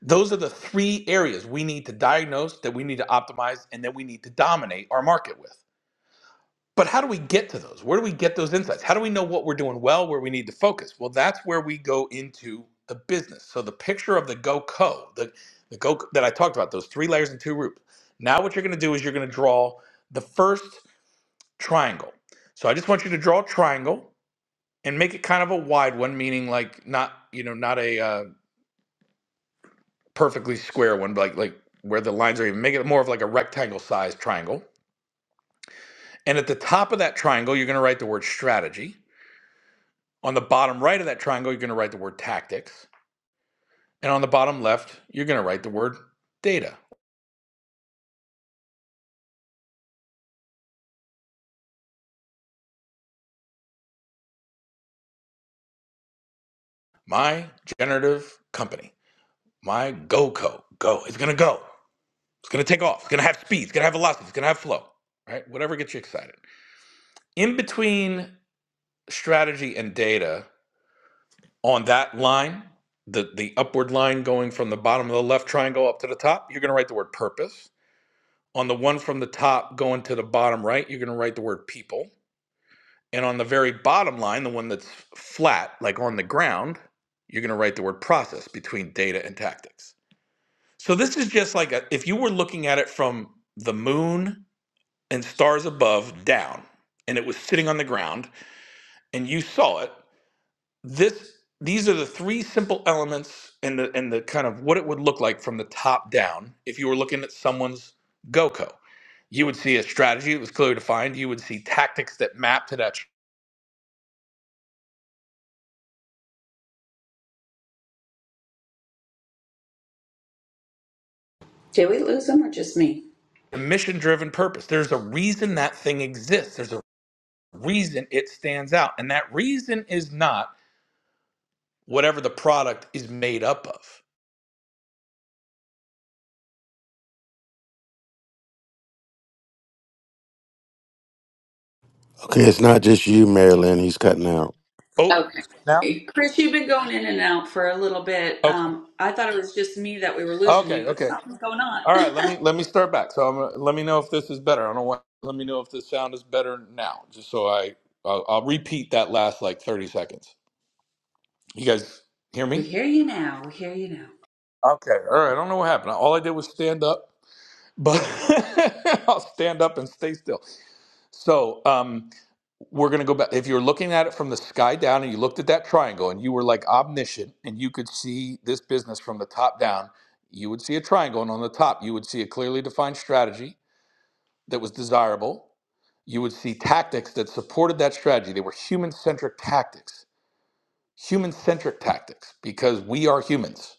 N: those are the three areas we need to diagnose, that we need to optimize, and that we need to dominate our market with. But how do we get to those? Where do we get those insights? How do we know what we're doing well, where we need to focus? Well, that's where we go into the business. So the picture of the go co, the, the go that I talked about, those three layers and two roofs. Now what you're going to do is you're going to draw the first triangle. So I just want you to draw a triangle and make it kind of a wide one, meaning like not you know not a uh, perfectly square one, like like where the lines are even. Make it more of like a rectangle sized triangle. And at the top of that triangle, you're going to write the word strategy. On the bottom right of that triangle, you're going to write the word tactics. And on the bottom left, you're going to write the word data. My generative company. My GoCo. Go. It's going to go. It's going to take off. It's going to have speed. It's going to have velocity. It's going to have flow. Right? Whatever gets you excited. In between strategy and data, on that line, the, the upward line going from the bottom of the left triangle up to the top, you're going to write the word purpose. On the one from the top going to the bottom right, you're going to write the word people. And on the very bottom line, the one that's flat, like on the ground, you're going to write the word process between data and tactics. So this is just like a, if you were looking at it from the moon and stars above down, and it was sitting on the ground, and you saw it. this these are the three simple elements and the and the kind of what it would look like from the top down if you were looking at someone's GoCo. You would see a strategy that was clearly defined. You would see tactics that map to that
E: Did we lose them or just me?
N: mission driven purpose. There's a reason that thing exists. There's a reason it stands out. And that reason is not whatever the product is made up of.
F: Okay, it's not just you, Marilyn. He's cutting out.
N: Oh,
E: Okay.
N: now?
E: Chris, you've been going in and out for a little bit.
N: Okay.
E: Um, I thought it was just me that we were losing
N: Okay.
E: you, but
N: Okay.
E: something's going on.
N: All right, let me let me start back. So I'm, gonna- let me know if this is better. I don't want. Let me know if the sound is better now, just so I I'll, I'll repeat that last like 30 seconds. You guys hear
E: we
N: me?
E: hear you now. We hear you now.
N: Okay. All right. I don't know what happened. All I did was stand up, but I'll stand up and stay still. So um, we're gonna go back. If you're looking at it from the sky down, and you looked at that triangle, and you were like omniscient, and you could see this business from the top down, you would see a triangle, and on the top you would see a clearly defined strategy that was desirable. You would see tactics that supported that strategy. They were human centric tactics, human centric tactics, because we are humans.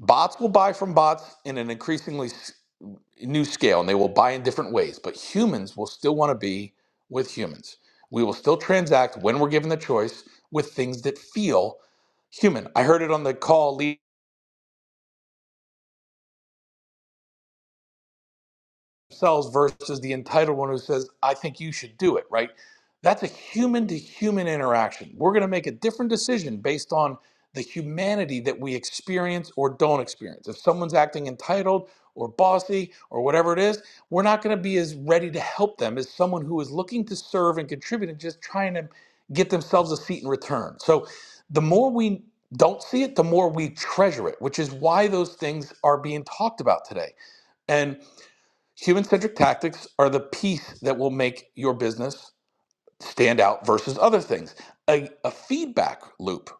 N: Bots will buy from bots in an increasingly s- new scale, and they will buy in different ways, but humans will still want to be with humans. We will still transact when we're given the choice with things that feel human. I heard it on the call themselves versus the entitled one who says, I think you should do it, right? That's a human to human interaction. We're going to make a different decision based on the humanity that we experience or don't experience. If someone's acting entitled or bossy or whatever it is, we're not going to be as ready to help them as someone who is looking to serve and contribute and just trying to get themselves a seat in return. So the more we don't see it, the more we treasure it, which is why those things are being talked about today. And Human centric tactics are the piece that will make your business stand out versus other things. A, a feedback loop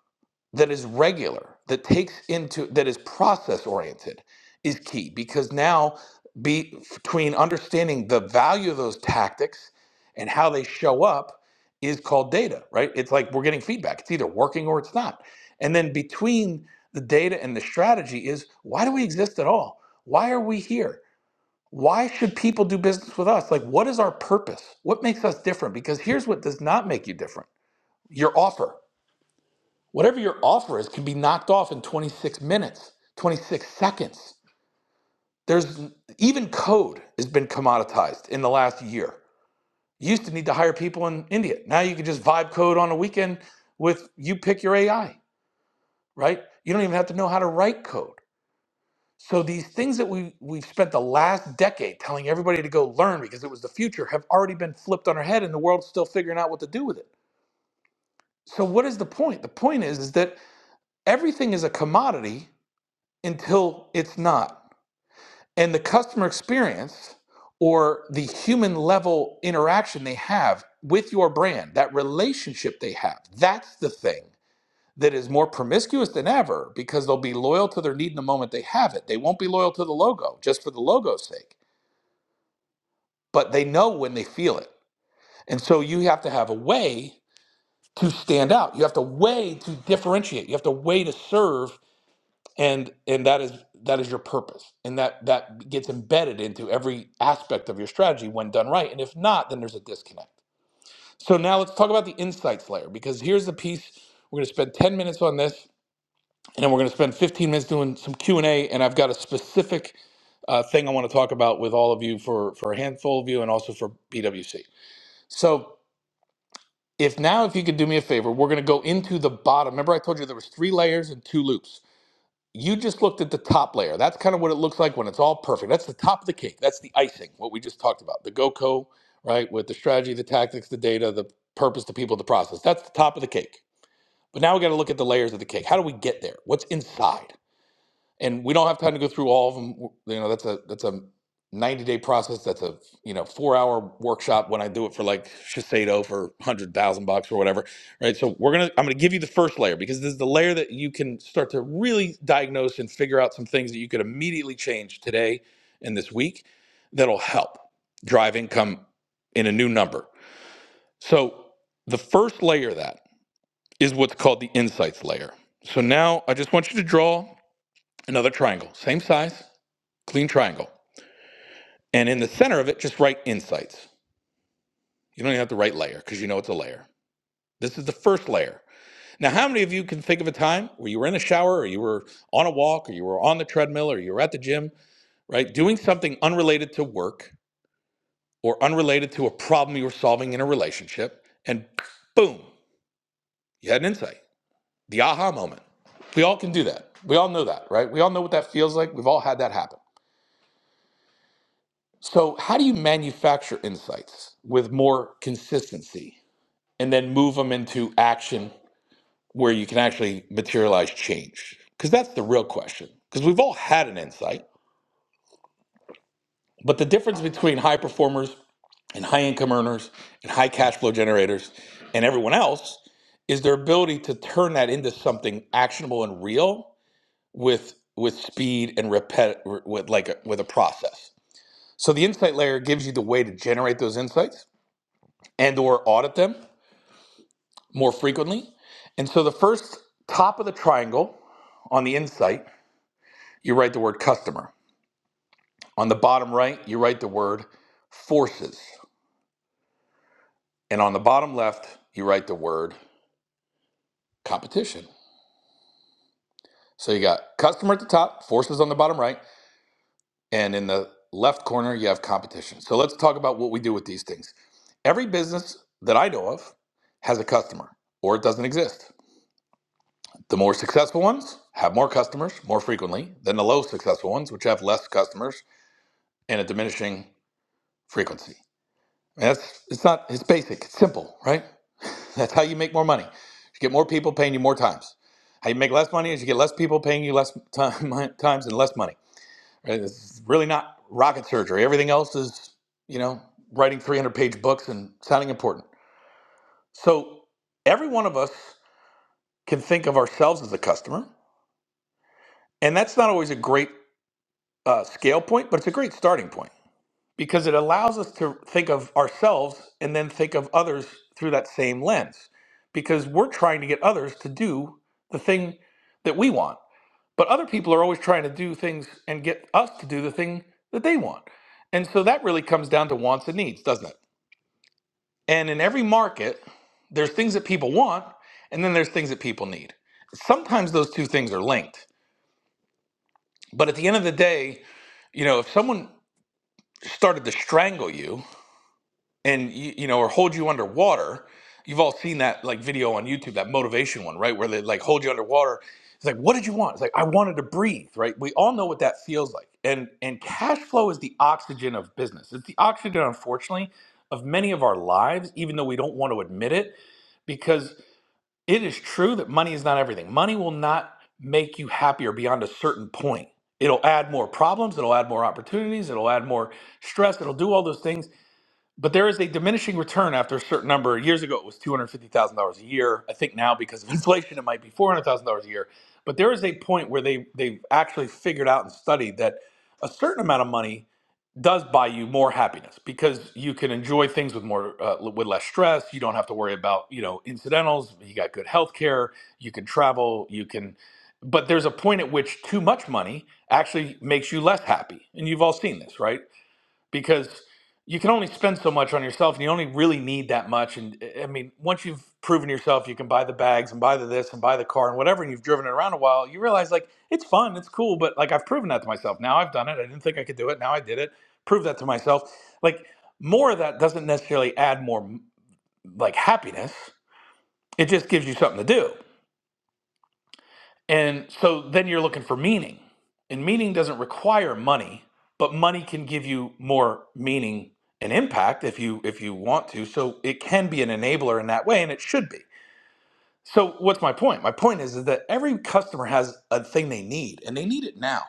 N: that is regular, that takes into, that is process oriented is key because now be, between understanding the value of those tactics and how they show up is called data, right? It's like we're getting feedback. It's either working or it's not. And then between the data and the strategy is why do we exist at all? Why are we here? why should people do business with us? Like, what is our purpose? What makes us different? Because here's what does not make you different your offer. Whatever your offer is can be knocked off in 26 minutes, 26 seconds. There's even code has been commoditized in the last year. You used to need to hire people in India. Now you can just vibe code on a weekend with you pick your AI, right? You don't even have to know how to write code. So these things that we we've spent the last decade telling everybody to go learn because it was the future have already been flipped on our head and the world's still figuring out what to do with it. So what is the point? The point is is that everything is a commodity until it's not. And the customer experience or the human level interaction they have with your brand, that relationship they have, that's the thing that is more promiscuous than ever because they'll be loyal to their need in the moment they have it. They won't be loyal to the logo just for the logo's sake but they know when they feel it. And so you have to have a way to stand out. You have to way to differentiate. You have to way to serve and and that is that is your purpose. And that that gets embedded into every aspect of your strategy when done right. And if not, then there's a disconnect. So now let's talk about the insights layer because here's the piece we're going to spend 10 minutes on this and then we're going to spend 15 minutes doing some Q&A and A, and I've got a specific uh, thing I want to talk about with all of you for for a handful of you and also for BWC. So If now, if you could do me a favor, we're going to go into the bottom. Remember, I told you there was three layers and two loops. You just looked at the top layer. That's kind of what it looks like when it's all perfect. That's the top of the cake. That's the icing. What we just talked about. The GoCo, right? With the strategy, the tactics, the data, the purpose, the people, the process. That's the top of the cake. But now we got to look at the layers of the cake. How do we get there? What's inside? and we don't have time to go through all of them. You know, that's a that's a 90 day process. That's a you know four hour workshop when I do it for like Shiseido for hundred thousand bucks or whatever, right? So we're gonna I'm gonna give you the first layer because this is the layer that you can start to really diagnose and figure out some things that you could immediately change today and this week that'll help drive income in a new number. So the first layer of that is what's called the insights layer. So now I just want you to draw another triangle, same size clean triangle. And in the center of it, just write insights. You don't even have to write layer because you know it's a layer. This is the first layer. Now, how many of you can think of a time where you were in a shower or you were on a walk or you were on the treadmill or you were at the gym, right? Doing something unrelated to work or unrelated to a problem you were solving in a relationship, and boom, you had an insight, the aha moment. We all can do that. We all know that, right? We all know what that feels like. We've all had that happen. So, how do you manufacture insights with more consistency? and then move them into action where you can actually materialize change? Because that's the real question. Because we've all had an insight, but the difference between high performers and high income earners and high cash flow generators and everyone else is their ability to turn that into something actionable and real with with speed and repet with like a, with a process. So the insight layer gives you the way to generate those insights and or audit them more frequently. And so the first top of the triangle On the insight, you write the word customer. On the bottom right, you write the word forces. And on the bottom left, you write the word competition. So you got customer at the top, forces on the bottom right, and in the left corner, you have competition. So let's talk about what we do with these things. Every business that I know of has a customer, or it doesn't exist. The more successful ones have more customers more frequently than the low successful ones, which have less customers and a diminishing frequency. That's it's not it's basic, it's simple, right? That's how you make more money. You get more people paying you more times. How you make less money is you get less people paying you less time, times and less money. Right? It's really not rocket surgery. Everything else is, you know, writing 300 page books and sounding important. So every one of us can think of ourselves as a customer. And that's not always a great uh, scale point, but it's a great starting point because it allows us to think of ourselves and then think of others through that same lens because we're trying to get others to do the thing that we want but other people are always trying to do things and get us to do the thing that they want and so that really comes down to wants and needs doesn't it and in every market there's things that people want and then there's things that people need sometimes those two things are linked but at the end of the day you know if someone started to strangle you and you, you know or hold you underwater you've all seen that like video on youtube that motivation one right where they like hold you underwater it's like what did you want it's like i wanted to breathe right we all know what that feels like and and cash flow is the oxygen of business it's the oxygen unfortunately of many of our lives even though we don't want to admit it because it is true that money is not everything money will not make you happier beyond a certain point it'll add more problems it'll add more opportunities it'll add more stress it'll do all those things but there is a diminishing return after a certain number. Years ago, it was two hundred fifty thousand dollars a year. I think now, because of inflation, it might be four hundred thousand dollars a year. But there is a point where they they've actually figured out and studied that a certain amount of money does buy you more happiness because you can enjoy things with more uh, with less stress. You don't have to worry about you know incidentals. You got good health care. You can travel. You can. But there's a point at which too much money actually makes you less happy, and you've all seen this, right? because you can only spend so much on yourself and you only really need that much and i mean once you've proven yourself you can buy the bags and buy the this and buy the car and whatever and you've driven it around a while you realize like it's fun it's cool but like i've proven that to myself now i've done it i didn't think i could do it now i did it prove that to myself like more of that doesn't necessarily add more like happiness it just gives you something to do and so then you're looking for meaning. And meaning doesn't require money, but money can give you more meaning and impact if you if you want to. So it can be an enabler in that way and it should be. So what's my point? My point is, is that every customer has a thing they need and they need it now.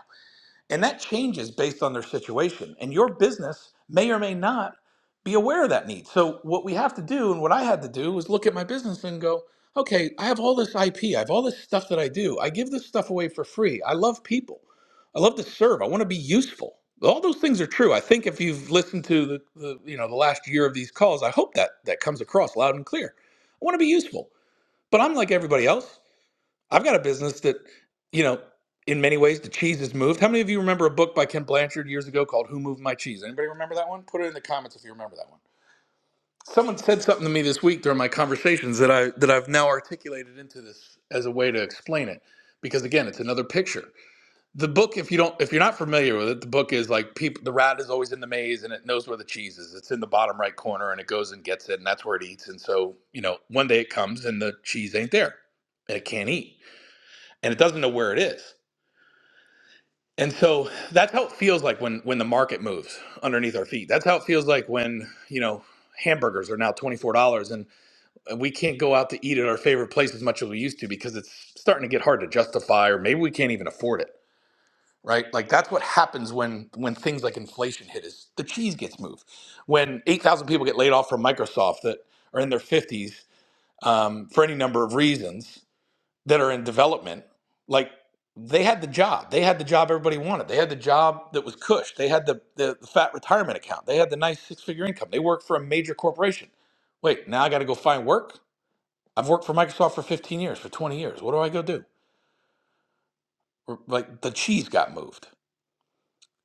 N: And that changes based on their situation. And your business may or may not be aware of that need. So, what we have to do, and what I had to do, was look at my business and go, okay, I have all this IP. I have all this stuff that I do. I give this stuff away for free. I love people. I love to serve. I want to be useful. All those things are true. I think if you've listened to the, the you know the last year of these calls, I hope that that comes across loud and clear. I want to be useful, but I'm like everybody else. I've got a business that, you know, in many ways the cheese has moved. How many of you remember a book by Ken Blanchard years ago called Who Moved My Cheese? Anybody remember that one? Put it in the comments if you remember that one. Someone said something to me this week during my conversations that I that I've now articulated into this as a way to explain it because again, it's another picture. The book if you don't if you're not familiar with it, the book is like people the rat is always in the maze and it knows where the cheese is. It's in the bottom right corner and it goes and gets it and that's where it eats and so, you know, one day it comes and the cheese ain't there and it can't eat and it doesn't know where it is. And so that's how it feels like when when the market moves underneath our feet. That's how it feels like when, you know, hamburgers are now $24 and we can't go out to eat at our favorite place as much as we used to because it's starting to get hard to justify or maybe we can't even afford it, right? Like that's what happens when when things like inflation hit is the cheese gets moved. When 8,000 people get laid off from Microsoft that are in their 50s um, for any number of reasons, that are in development, like they had the job. They had the job everybody wanted. They had the job that was cush. They had the, the, the fat retirement account. They had the nice six figure income. They worked for a major corporation. Wait, now I got to go find work? I've worked for Microsoft for 15 years, for 20 years. What do I go do? Or, Like the cheese got moved.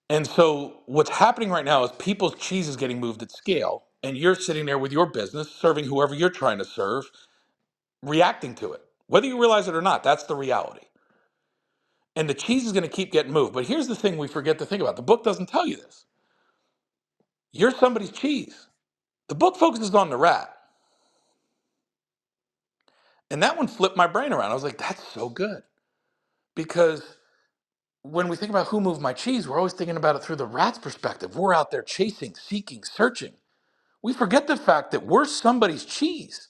N: And so what's happening right now is people's cheese is getting moved at scale, and you're sitting there with your business, serving whoever you're trying to serve, reacting to it. Whether you realize it or not, that's the reality. and the cheese is going to keep getting moved. But here's the thing we forget to think about the book doesn't tell you this. You're somebody's cheese. The book focuses on the rat. And that one flipped my brain around. I was like, that's so good. Because when we think about who moved my cheese, we're always thinking about it through the rat's perspective. We're out there chasing, seeking, searching. We forget the fact that we're somebody's cheese.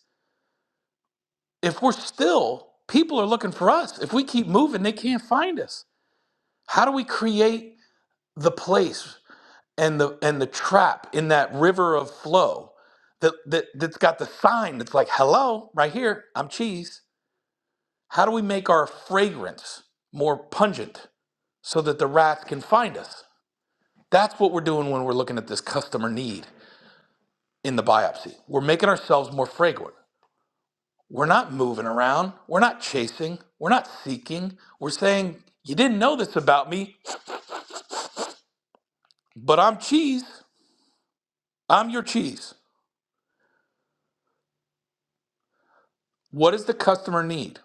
N: If we're still, people are looking for us. If we keep moving, they can't find us. How do we create the place? and the and the trap in that river of flow that, that that's got the sign that's like hello right here i'm cheese how do we make our fragrance more pungent so that the rats can find us that's what we're doing when we're looking at this customer need in the biopsy we're making ourselves more fragrant we're not moving around we're not chasing we're not seeking we're saying you didn't know this about me but i'm cheese i'm your cheese what does the customer need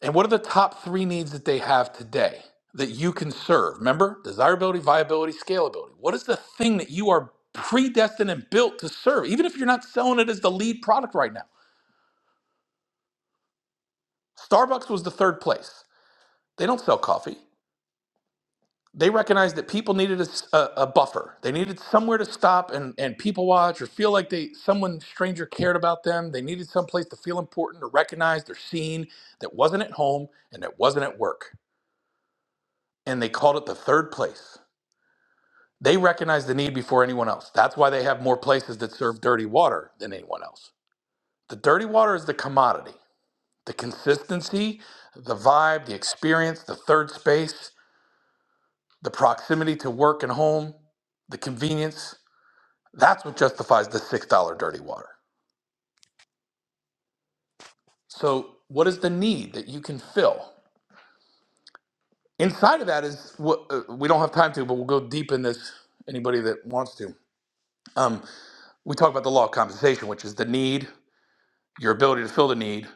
N: And what are the top three needs that they have today that you can serve? Remember, desirability, viability, scalability. What is the thing that you are predestined and built to serve, even if you're not selling it as the lead product right now? Starbucks was the third place. They don't sell coffee. They recognized that people needed a, s- a- a buffer. They needed somewhere to stop and, and people watch or feel like they someone stranger cared about them. They needed someplace to feel important or recognized or seen that wasn't at home and that wasn't at work. And they called it the third place. They recognize the need before anyone else. That's why they have more places that serve dirty water than anyone else. The dirty water is the commodity, the consistency, the vibe, the experience, the third space, the proximity to work and home, the convenience. That's what justifies the $6 dirty water. So, what is the need that you can fill? Inside of that is what uh, we don't have time to, but we'll go deep in this. Anybody that wants to. Um, we talk about the law of compensation, which is the need, your ability to fill the need,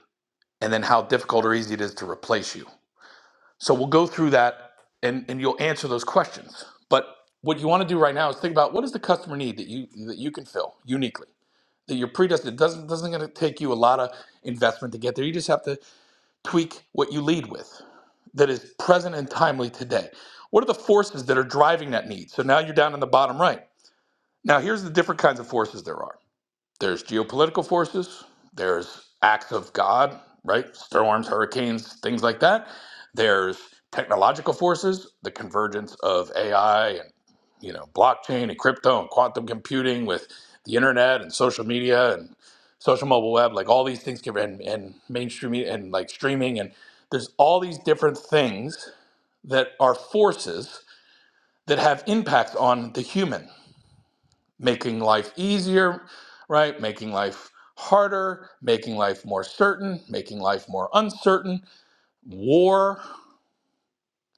N: and then how difficult or easy it is to replace you. So we'll go through that and, and you'll answer those questions. But what you want to do right now is think about what is the customer need that you that you can fill uniquely. That you're predestined. It doesn't doesn't gonna take you a lot of investment to get there. You just have to tweak what you lead with that is present and timely today. What are the forces that are driving that need? So now you're down in the bottom right. Now here's the different kinds of forces there are. There's geopolitical forces, there's acts of God, right? Storms, hurricanes, things like that. There's technological forces, the convergence of AI and, you know, blockchain and crypto and quantum computing with the internet and social media and social mobile web, like all these things can and, and mainstream media and like streaming and there's all these different things that are forces that have impacts on the human making life easier, right? Making life harder, making life more certain, making life more uncertain, war,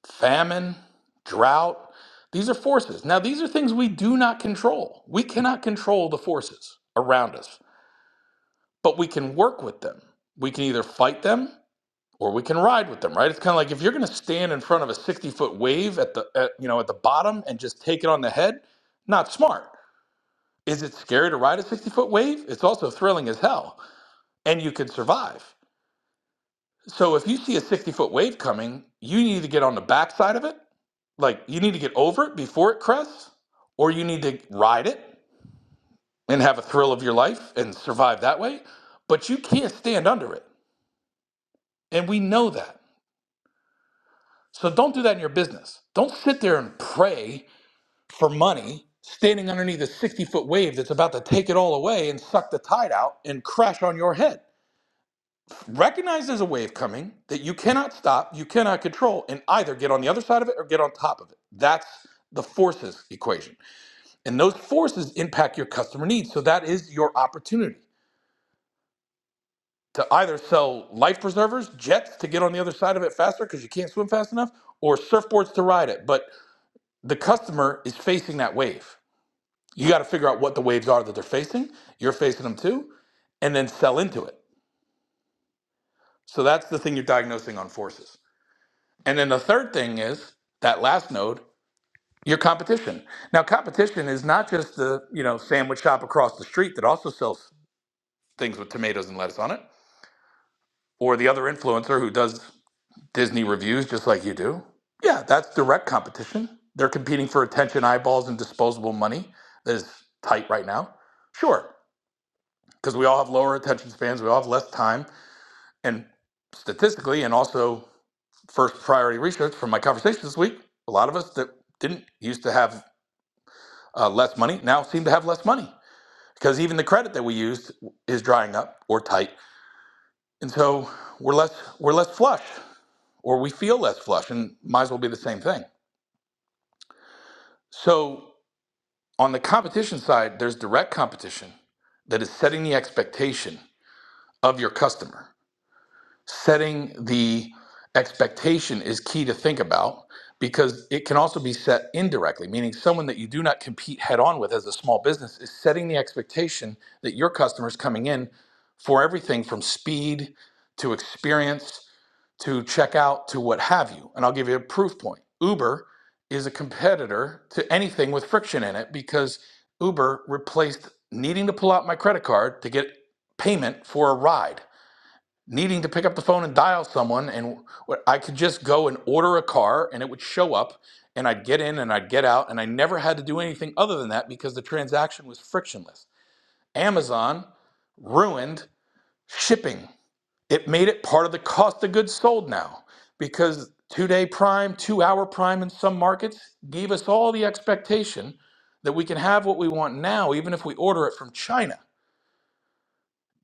N: famine, drought. These are forces. Now, these are things we do not control. We cannot control the forces around us, but we can work with them. We can either fight them or we can ride with them, right? It's kind of like if you're going to stand in front of a 60 foot wave at the, at, you know, at the bottom and just take it on the head, not smart. Is it scary to ride a 60 foot wave? It's also thrilling as hell, and you can survive. So if you see a 60 foot wave coming, you need to get on the backside of it. Like you need to get over it before it crests, or you need to ride it and have a thrill of your life and survive that way. But you can't stand under it. And we know that. So don't do that in your business. Don't sit there and pray for money standing underneath a 60 foot wave that's about to take it all away and suck the tide out and crash on your head Recognize there's a wave coming that you cannot stop, you cannot control, and either get on the other side of it or get on top of it. That's the forces equation. And those forces impact your customer needs. So that is your opportunity to either sell life preservers, jets to get on the other side of it faster because you can't swim fast enough, or surfboards to ride it. But the customer is facing that wave. You got to figure out what the waves are that they're facing. You're facing them too, and then sell into it. So that's the thing you're diagnosing on forces. And then the third thing is that last node, your competition. Now, competition is not just the you know sandwich shop across the street that also sells things with tomatoes and lettuce on it, or the other influencer who does Disney reviews just like you do. Yeah, that's direct competition. They're competing for attention, eyeballs, and disposable money that is tight right now. Sure, because we all have lower attention spans, we all have less time, and statistically, and also first priority research from my conversations this week, a lot of us that didn't used to have uh, less money now seem to have less money because even the credit that we used is drying up or tight, and so we're less we're less flush or we feel less flush, and might as well be the same thing. So on the competition side, there's direct competition that is setting the expectation of your customer. setting the expectation is key to think about because it can also be set indirectly, meaning someone that you do not compete head on with as a small business is setting the expectation that your customers coming in for everything from speed to experience to checkout to what have you. And I'll give you a proof point. Uber is a competitor to anything with friction in it because Uber replaced needing to pull out my credit card to get payment for a ride needing to pick up the phone and dial someone and wh- I could just go and order a car and it would show up and I'd get in and I'd get out and I never had to do anything other than that because the transaction was frictionless. Amazon ruined shipping. It made it part of the cost of goods sold now because 2-day prime, 2-hour prime in some markets gave us all the expectation that we can have what we want now even if we order it from China.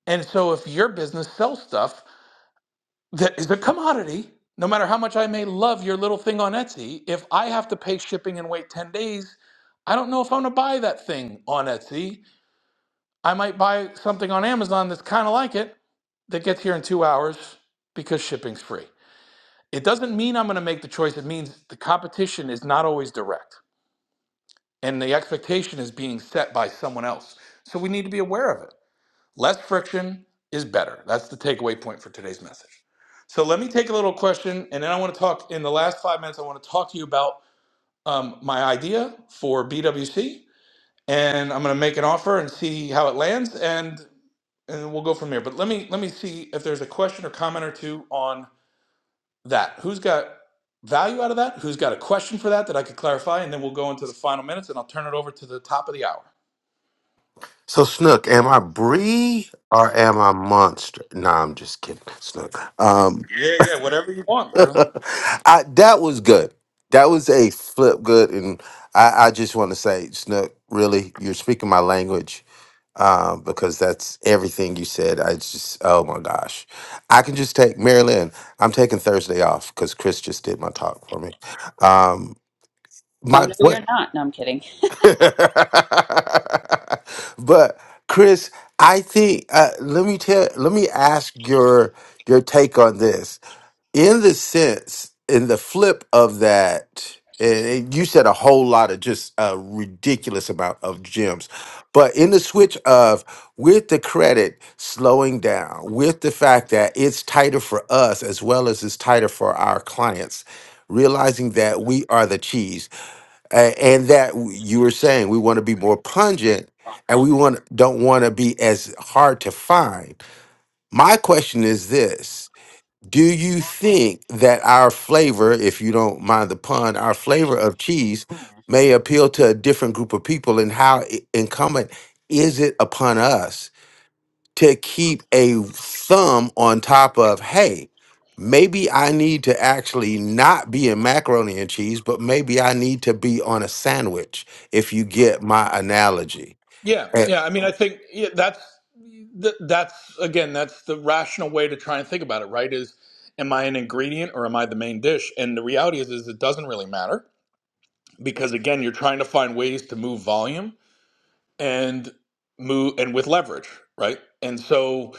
N: And so if your business sells stuff that is a commodity. No matter how much I may love your little thing on Etsy, if I have to pay shipping and wait 10 days, I don't know if I'm going to buy that thing on Etsy. I might buy something on Amazon that's kind of like it that gets here in two hours because shipping's free. It doesn't mean I'm going to make the choice. It means the competition is not always direct and the expectation is being set by someone else. So we need to be aware of it. Less friction is better. That's the takeaway point for today's message. So let me take a little question, and then I want to talk in the last five minutes. I want to talk to you about um, my idea for BWC, and I'm going to make an offer and see how it lands, and and we'll go from there. But let me let me see if there's a question or comment or two on that. Who's got value out of that? Who's got a question for that that I could clarify? And then we'll go into the final minutes, and I'll turn it over to the top of the hour.
F: So, Snook, am I Bree or am I Monster? No, I'm just kidding, Snook.
N: Yeah, yeah, whatever you want, bro.
F: I, that was good. That was a flip good, and I, I just want to say, Snook, really, you're speaking my language um, because that's everything you said. I just, oh my gosh, I can just take Marilyn. I'm taking Thursday off because Chris just did my talk for me. Um,
E: Oh,
F: my
E: no,
F: what?
E: you're not. No, I'm kidding.
F: but Chris, I think uh, let me tell. Let me ask your your take on this in the sense in the flip of that and and you said a whole lot of just a ridiculous amount of gems but in the switch of with the credit slowing down with the fact that it's tighter for us as well as it's tighter for our clients realizing that we are the cheese a- and that w- you were saying we want to be more pungent and we want don't want to be as hard to find my question is this do you think that our flavor, if you don't mind the pun, our flavor of cheese may appeal to a different group of people? And how i- incumbent is it upon us to keep a thumb on top of, hey, maybe I need to actually not be in macaroni and cheese, but maybe I need to be on a sandwich, if you get my analogy?
N: Yeah,
F: Eh,
N: yeah. I mean, I think yeah, that's th- that's again, that's the rational way to try and think about it, right? Is am I an ingredient or am I the main dish? And the reality is, is it doesn't really matter because again, you're trying to find ways to move volume and move and with leverage, right? And so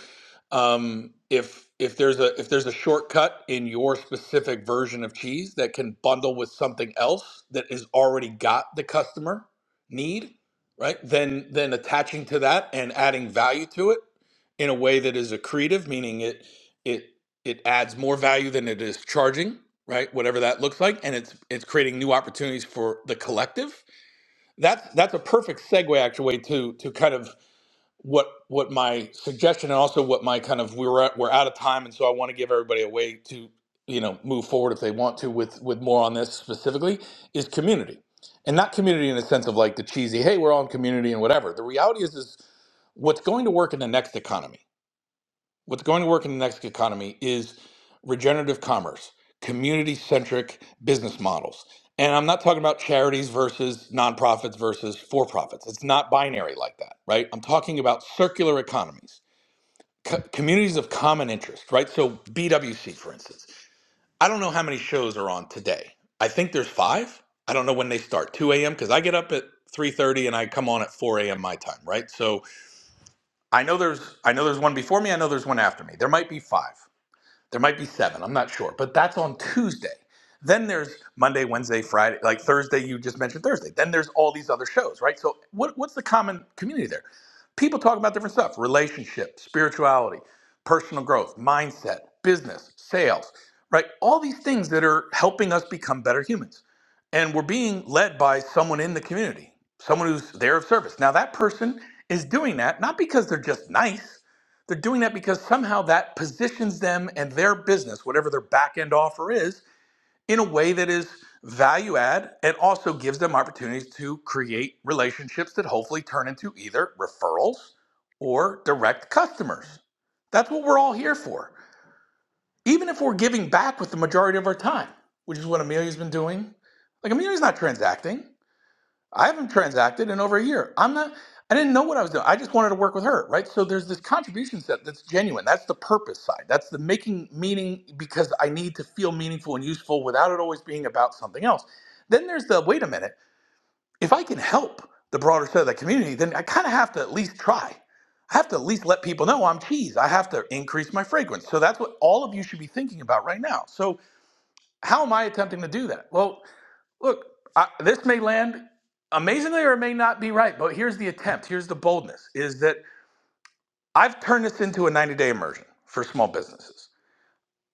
N: um, if if there's a if there's a shortcut in your specific version of cheese that can bundle with something else that is already got the customer need right then then attaching to that and adding value to it in a way that is accretive meaning it it it adds more value than it is charging right whatever that looks like and it's it's creating new opportunities for the collective that's that's a perfect segue actually to to kind of what what my suggestion and also what my kind of we are at, we're out of time and so I want to give everybody a way to you know move forward if they want to with with more on this specifically is community and not community in the sense of like the cheesy hey we're all in community and whatever the reality is is what's going to work in the next economy what's going to work in the next economy is regenerative commerce, community centric business models. And I'm not talking about charities versus nonprofits versus for profits. It's not binary like that, right? I'm talking about circular economies, co- communities of common interest, right? So, BWC, for instance, I don't know how many shows are on today. I think there's five. I don't know when they start, 2 a.m. because I get up at 3:30 and I come on at 4 a.m. my time, right? So I know there's I know there's one before me. I know there's one after me. There might be five. There might be seven, I'm not sure, but that's on Tuesday. Then there's Monday, Wednesday, Friday, like Thursday, you just mentioned Thursday. Then there's all these other shows, right? So, what, what's the common community there? People talk about different stuff relationship, spirituality, personal growth, mindset, business, sales, right? All these things that are helping us become better humans and we're being led by someone in the community, someone who's there of service. Now, that person is doing that not because they're just nice, they're doing that because somehow that positions them and their business, whatever their back end offer is, in a way that is value add and also gives them opportunities to create relationships that hopefully turn into either referrals or direct customers. That's what we're all here for even if we're giving back with the majority of our time, which is what Amelia's been doing. Like Amelia's not transacting. I haven't transacted in over a year. I'm not I didn't know what I was doing. I just wanted to work with her, right? So there's this contribution set that's genuine. That's the purpose side. That's the making meaning because I need to feel meaningful and useful without it always being about something else. Then there's the wait a minute if I can help the broader set of that community, then I kind of have to at least try. I have to at least let people know I'm cheese. I have to increase my fragrance. So that's what all of you should be thinking about right now. So how am I attempting to do that? Well, look, I, this may land amazingly or it may not be right, but here's the attempt. Here's the boldness: is that I've turned this into a 90-day immersion for small businesses.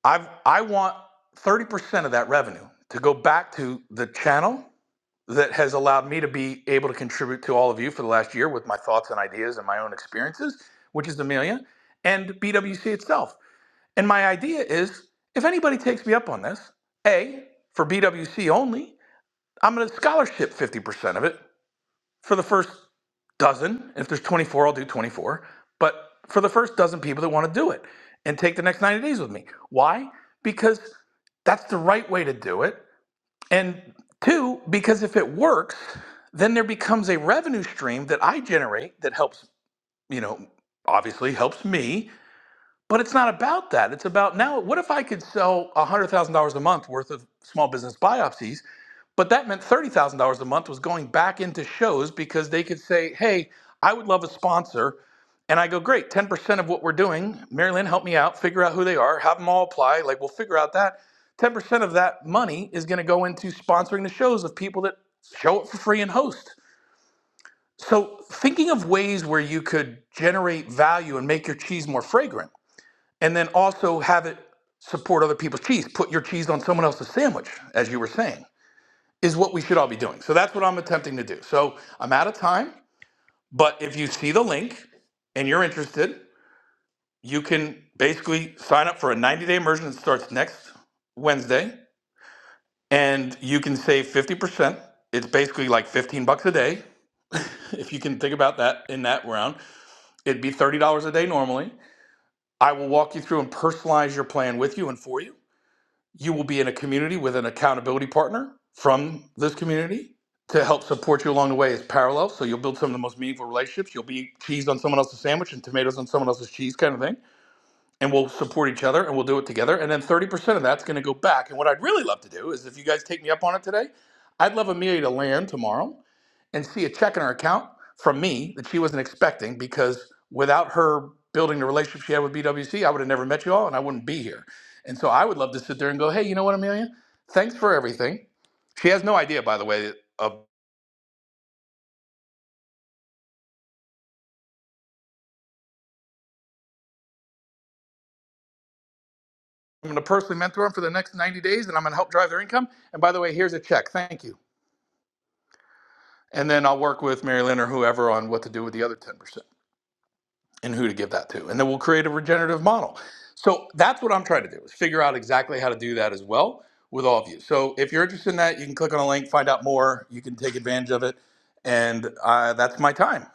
N: I've I want 30% of that revenue to go back to the channel that has allowed me to be able to contribute to all of you for the last year with my thoughts and ideas and my own experiences, which is Amelia, and BWC itself. And my idea is if anybody takes me up on this, A, for BWC only, I'm going to scholarship 50% of it for the first dozen. If there's 24, I'll do 24. But for the first dozen people that want to do it and take the next 90 days with me. Why? Because that's the right way to do it. And two, because if it works, then there becomes a revenue stream that I generate that helps, you know, obviously helps me but it's not about that. It's about now, what if I could sell $100,000 a month worth of small business biopsies? But that meant $30,000 a month was going back into shows because they could say, hey, I would love a sponsor. And I go, great, 10% of what we're doing, Marilyn, help me out, figure out who they are, have them all apply. Like, we'll figure out that. 10% of that money is going to go into sponsoring the shows of people that show up for free and host. So, thinking of ways where you could generate value and make your cheese more fragrant and then also have it support other people's cheese. Put your cheese on someone else's sandwich, as you were saying, is what we should all be doing. So that's what I'm attempting to do. So I'm out of time, but if you see the link and you're interested, you can basically sign up for a 90 day immersion that starts next Wednesday, and you can save 50%. It's basically like 15 bucks a day. If you can think about that in that round, it'd be $30 a day normally. I will walk you through and personalize your plan with you and for you You will be in a community with an accountability partner from this community to help support you along the way. It's parallel, so you'll build some of the most meaningful relationships. You'll be cheese on someone else's sandwich and tomatoes on someone else's cheese, kind of thing. And we'll support each other and we'll do it together. And then 30% of that's going to go back. And what I'd really love to do is if you guys take me up on it today, I'd love Amelia to land tomorrow and see a check in her account from me that she wasn't expecting because without her building the relationship she had with BWC, I would have never met you all and I wouldn't be here. And so I would love to sit there and go, hey, you know what, Amelia? Thanks for everything. She has no idea, by the way, of I'm going to personally mentor them for the next 90 days and I'm going to help drive their income. And by the way, here's a check. Thank you. And then I'll work with Mary Lynn or whoever on what to do with the other 10%. and who to give that to. And then we'll create a regenerative model. So that's what I'm trying to do is figure out exactly how to do that as well with all of you. So if you're interested in that, you can click on a link, find out more. You can take advantage of it. And uh, that's my time.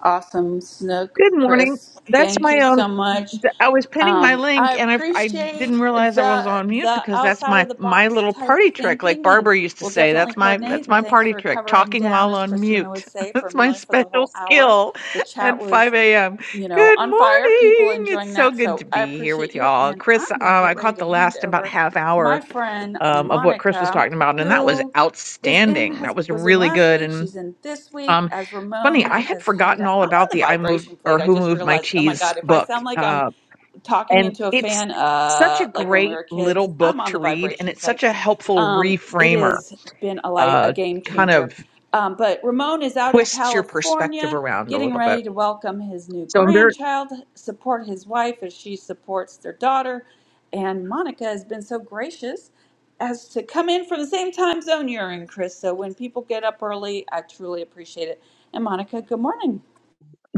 E: Awesome, Snook,
O: Good morning.
E: Chris.
O: That's
E: Thank
O: my
E: you
O: own.
E: so much.
O: th- I was pinning my
E: Um,
O: link
E: I
O: and I, I didn't
E: appreciate
O: realize I was
E: the
O: on mute
E: the
O: because that's
E: outside
O: my
E: of the
O: my
E: box
O: little
E: type
O: party trick, like
E: thinking, and
O: Barbara used to
E: we'll
O: say.
E: definitely
O: That's my
E: coordinate.
O: that's
E: And
O: my
E: thanks
O: party
E: for
O: trick,
E: covering
O: talking
E: down,
O: while
E: as
O: on
E: Christina would
O: mute.
E: say, for
O: That's my
E: Amelia for the
O: special
E: whole hour.
O: skill
E: The
O: at
E: chat was
O: 5 a.m.
E: you know,
O: Good
E: on fire, people
O: morning. It's
E: enjoying
O: so
E: that.
O: good to
E: So I
O: be here
E: appreciate
O: with
E: you.
O: y'all,
E: And
O: Chris. Um,
E: I'm going to get
O: I
E: ready
O: caught
E: to
O: the
E: hand
O: last about
E: over
O: half
E: to my
O: hour
E: friend
O: um, of what Chris was
E: Monica,
O: talking about, and that was
E: who is in,
O: outstanding. That
E: has,
O: was
E: was in
O: really
E: last
O: good.
E: week.
O: and.
E: She's in this week
O: Um,
E: as
O: it's funny,
E: Ramon
O: I had
E: has headed
O: forgotten
E: out.
O: all
E: I'm on
O: about
E: the
O: the I Moved
E: vibration
O: or
E: plate. I
O: Who
E: just
O: Moved My
E: realized, oh my
O: Cheese
E: God, if I
O: book.
E: sound like I'm
O: Uh,
E: talking
O: and
E: into a
O: it's
E: fan,
O: such a
E: uh, like when we
O: great
E: were
O: little
E: kids, I'm
O: book
E: on
O: to
E: the
O: read, and
E: vibration
O: it's
E: plate.
O: such a helpful
E: Um, it
O: reframer,
E: has been a, light, a
O: uh,
E: game
O: kind
E: changer.
O: of
E: Um, but Ramon is out in
O: twists your perspective
E: California
O: around a
E: getting
O: little bit.
E: ready to welcome his new
O: So I'm very,
E: grandchild, support his wife as she supports their daughter. And Monica has been so gracious as to come in from the same time zone you're in, Chris. So when people get up early, I truly appreciate it. And Monica, good morning.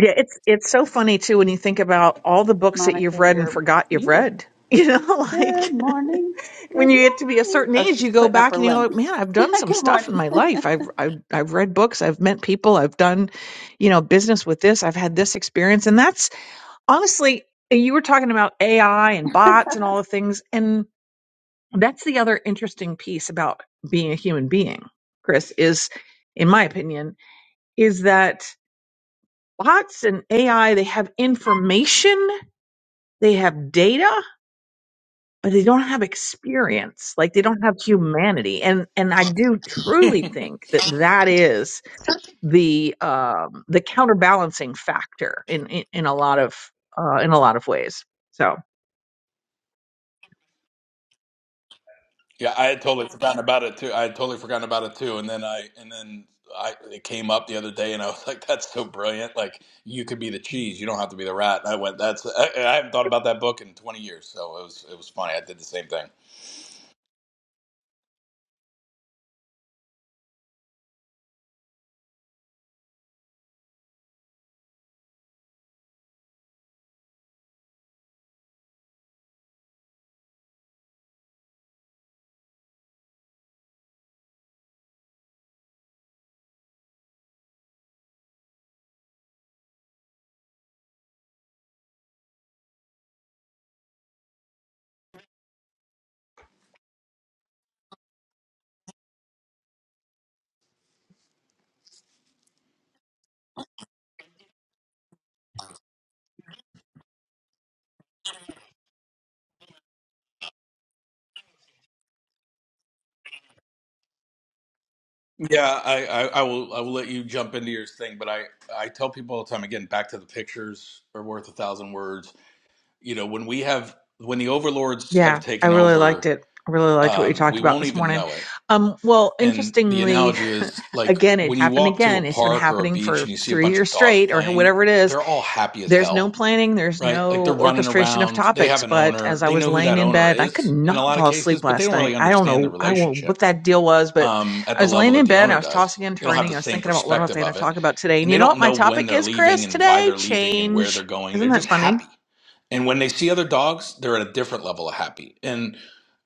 O: yeah, it's, it's so funny too when you think about all the books that you've
E: Monica,
O: read and
E: you're
O: forgot you've
E: muted.
O: read, you know,
E: Good
O: like.
E: morning.
O: when
E: Good
O: you get to be a
E: morning.
O: certain
E: Oh,
O: age,
E: she's
O: you go
E: putting up
O: back
E: her
O: and you go,
E: link.
O: like, man, I've done some
E: Good
O: stuff
E: morning.
O: in my life. I've, I've, I've read books. I've met people. I've done, you know, business with this. I've had this experience. And that's honestly, you were talking about AI and bots and all the things. And that's the other interesting piece about being a human being, Chris, is in my opinion, is that bots and AI, they have information, they have data, but they don't have experience like they don't have humanity and and i do truly think that that is the um the counterbalancing factor in in, in a lot of uh in a lot of ways so
N: Yeah, I had totally forgotten about it too. I had totally forgotten about it too. And then I and then I it came up the other day, and I was like, "That's so brilliant! Like you could be the cheese. You don't have to be the rat." And I went, "That's I, I haven't thought about that book in 20 years." So it was it was funny. I did the same thing. Yeah, I, I, I will I will let you jump into your thing, but I, I tell people all the time again, back to the pictures are worth a thousand words. You know, when we have when the overlords have
O: yeah i
N: taken
O: really
N: over,
O: liked it I really liked what you
N: um,
O: talked
N: we
O: about
N: won't
O: this
N: even
O: morning
N: know it.
O: um well
N: And the
O: interestingly
N: analogy is like
O: again it
N: when you
O: happened
N: walk to a
O: again it's been
N: park or a
O: happening
N: beach and
O: for
N: you see a
O: three
N: bunch of
O: years
N: dogs
O: straight or
N: playing,
O: whatever it is
N: they're all happy as
O: There's no
N: hell,
O: planning, there's
N: right? Like
O: no
N: they're running
O: orchestration of
N: around, they have
O: topics.
N: an
O: But
N: owner,
O: as I
N: they
O: was
N: know who
O: laying
N: that
O: in
N: owner
O: bed, I could
N: is in a
O: not
N: lot of
O: fall
N: cases,
O: asleep
N: but they
O: last
N: don't
O: night.
N: really
O: I don't
N: understand the
O: know, I don't know
N: relationship
O: what that deal was, but
N: um, at
O: I
N: the
O: was
N: level
O: laying
N: that
O: in
N: the
O: bed, and
N: owner
O: I was
N: does.
O: tossing and
N: They don't have the
O: turning, I was
N: same
O: thinking about what was
N: perspective
O: I going to
N: of it,
O: talk about today.
N: and
O: And
N: they
O: you know
N: don't
O: what my
N: know when
O: topic
N: they're
O: is,
N: leaving
O: Chris?
N: and why
O: Today,
N: they're leaving and where they're
O: change.
N: going. They're
O: Isn't that
N: just
O: funny?
N: happy. And when they see other dogs, they're at a different level of happy. And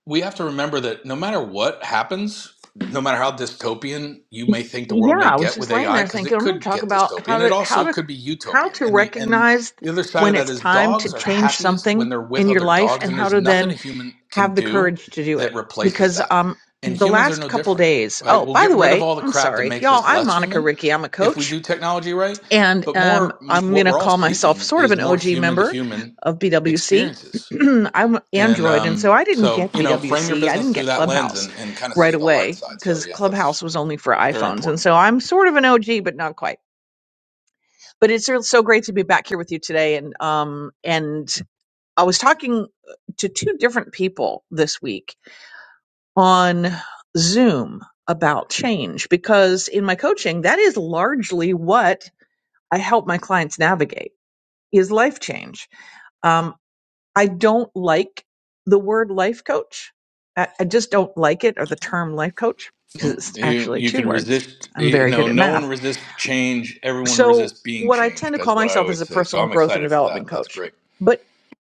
N: we have to remember that no matter what happens, no matter how dystopian you may think the
O: Yeah,
N: world may
O: I was
N: get
O: just
N: with
O: laying
N: AI,
O: there
N: because
O: thinking
N: it
O: I'm going to
N: could
O: talk
N: get
O: about how
N: dystopian, it
O: to how
N: also
O: to
N: could be
O: how
N: utopian.
O: to
N: And the and
O: recognize
N: the other side
O: when
N: of that
O: it's
N: is
O: time to
N: dogs are
O: change
N: happiest when
O: something
N: they're with
O: in your
N: other
O: life
N: dogs,
O: and
N: and
O: how
N: there's
O: to then
N: nothing a human can
O: have the
N: do
O: courage to do
N: that
O: it
N: replaces
O: because
N: that.
O: um
N: And
O: the
N: humans are
O: last
N: no
O: couple
N: different,
O: days
N: right?
O: oh
N: We'll
O: by
N: get
O: the
N: rid of
O: way
N: all the
O: i'm
N: crap that
O: sorry
N: makes
O: y'all
N: us
O: i'm
N: less
O: monica
N: human
O: ricky i'm a
N: if we
O: coach
N: do technology right.
O: and
N: But
O: um
N: more, m-
O: i'm
N: what
O: gonna
N: we're all
O: call myself
N: seeking
O: sort of
N: is
O: an
N: more
O: og
N: human to
O: member
N: human
O: of bwc
N: experiences
O: i'm
N: and
O: android and so
N: um,
O: i didn't
N: so,
O: get
N: you know, frame your
O: bwc i
N: business
O: didn't
N: through
O: get
N: that lens
O: clubhouse
N: and, and kind of
O: right
N: see the light
O: away
N: side. So,
O: because
N: yeah, that's
O: clubhouse was only for
N: very
O: iphones and
N: important.
O: so i'm sort of an og but not quite but it's so so great to be back here with you today and um and i was talking to two different people this week on Zoom about change because in my coaching, that is largely what I help my clients navigate is life change. Um, I don't like the word life coach. I, I just don't like it or the term life coach because
N: Mm.
O: it's
N: You,
O: actually
N: you
O: two
N: can
O: words.
N: resist,
O: I'm
N: you
O: very
N: know,
O: good at
N: no one
O: math.
N: resists change. Everyone
O: So
N: resists being
O: what I tend
N: changed,
O: to
N: is
O: call
N: what I
O: myself is
N: always
O: a
N: say. So
O: personal
N: I'm
O: growth and
N: excited for that.
O: development
N: That's
O: coach.
N: great.
O: But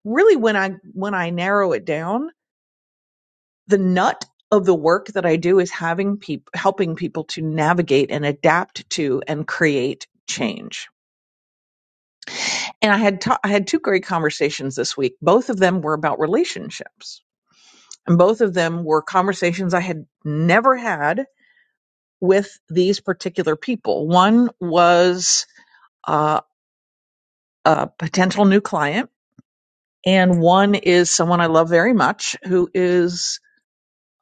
O: really when I when I narrow it down, the nut of the work that I do is having people helping people to navigate and adapt to and create change. And I had ta- I had two great conversations this week. Both of them were about relationships. And both of them were conversations I had never had with these particular people. One was uh, a potential new client, and one is someone I love very much who is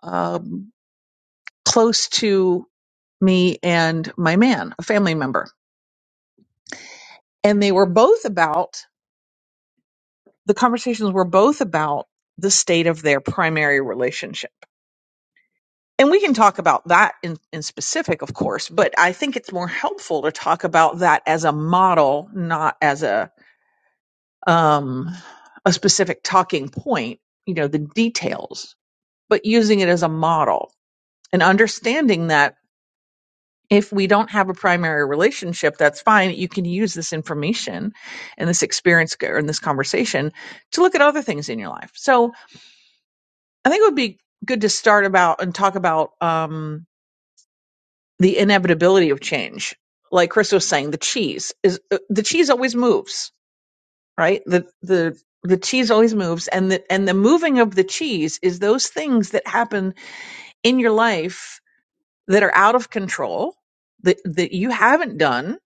O: uh, close to me and my man, a family member. And they were both about, the conversations were both about the state of their primary relationship. And we can talk about that in, in specific, of course, but I think it's more helpful to talk about that as a model, not as a, um, a specific talking point, you know, the details, but using it as a model and understanding that if we don't have a primary relationship, that's fine. You can use this information and this experience g- or in this conversation to look at other things in your life. So I think it would be good to start about and talk about um, the inevitability of change. Like Chris was saying, the cheese is uh, the cheese always moves, right? The the the cheese always moves, and the and the moving of the cheese is those things that happen in your life that are out of control that that you haven't done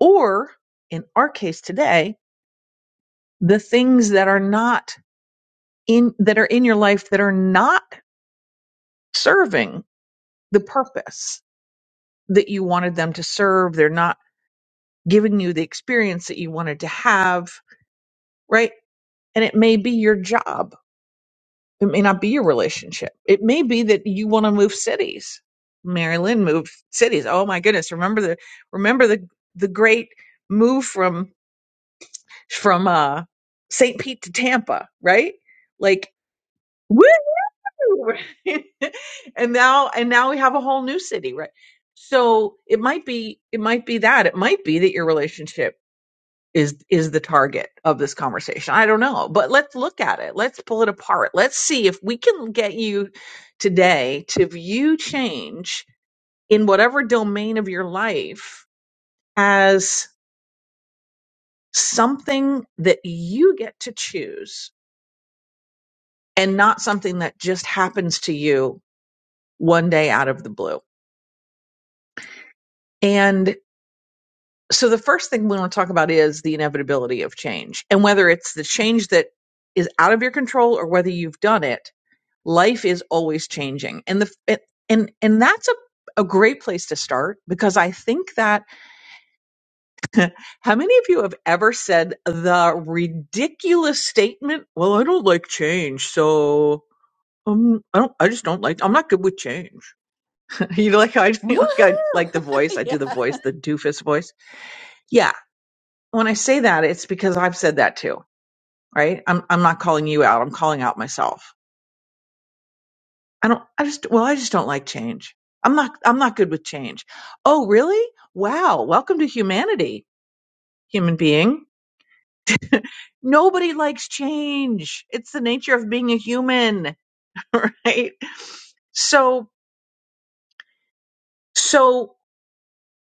O: or in our case today the things that are not in that are in your life that are not serving the purpose that you wanted them to serve they're not giving you the experience that you wanted to have right and it may be your job it may not be your relationship it may be that you want to move cities marilyn moved cities oh my goodness remember the remember the the great move from from uh st pete to tampa right like Woo! and now and now we have a whole new city, right? So it might be it might be that it might be that your relationship is is the target of this conversation. I don't know, but let's look at it. Let's pull it apart. Let's see if we can get you today to view change in whatever domain of your life as something that you get to choose and not something that just happens to you one day out of the blue. so the first thing we want to talk about is the inevitability of change and whether it's the change that is out of your control or whether you've done it life is always changing and the and and that's a a great place to start because I think that how many of you have ever said the ridiculous statement, well, I don't like change, so um, I don't, I just don't like, I'm not good with change. you know, like I, like I, like the
E: Woohoo!
O: voice, I do the
E: yeah.
O: voice, the doofus voice. Yeah. When I say that, it's because I've said that too right? I'm I'm not calling you out. I'm calling out myself. I don't I just well, I just don't like change. I'm not I'm not good with change. Oh, really? Wow. Welcome to humanity, human being. Nobody likes change. It's the nature of being a human, right? So so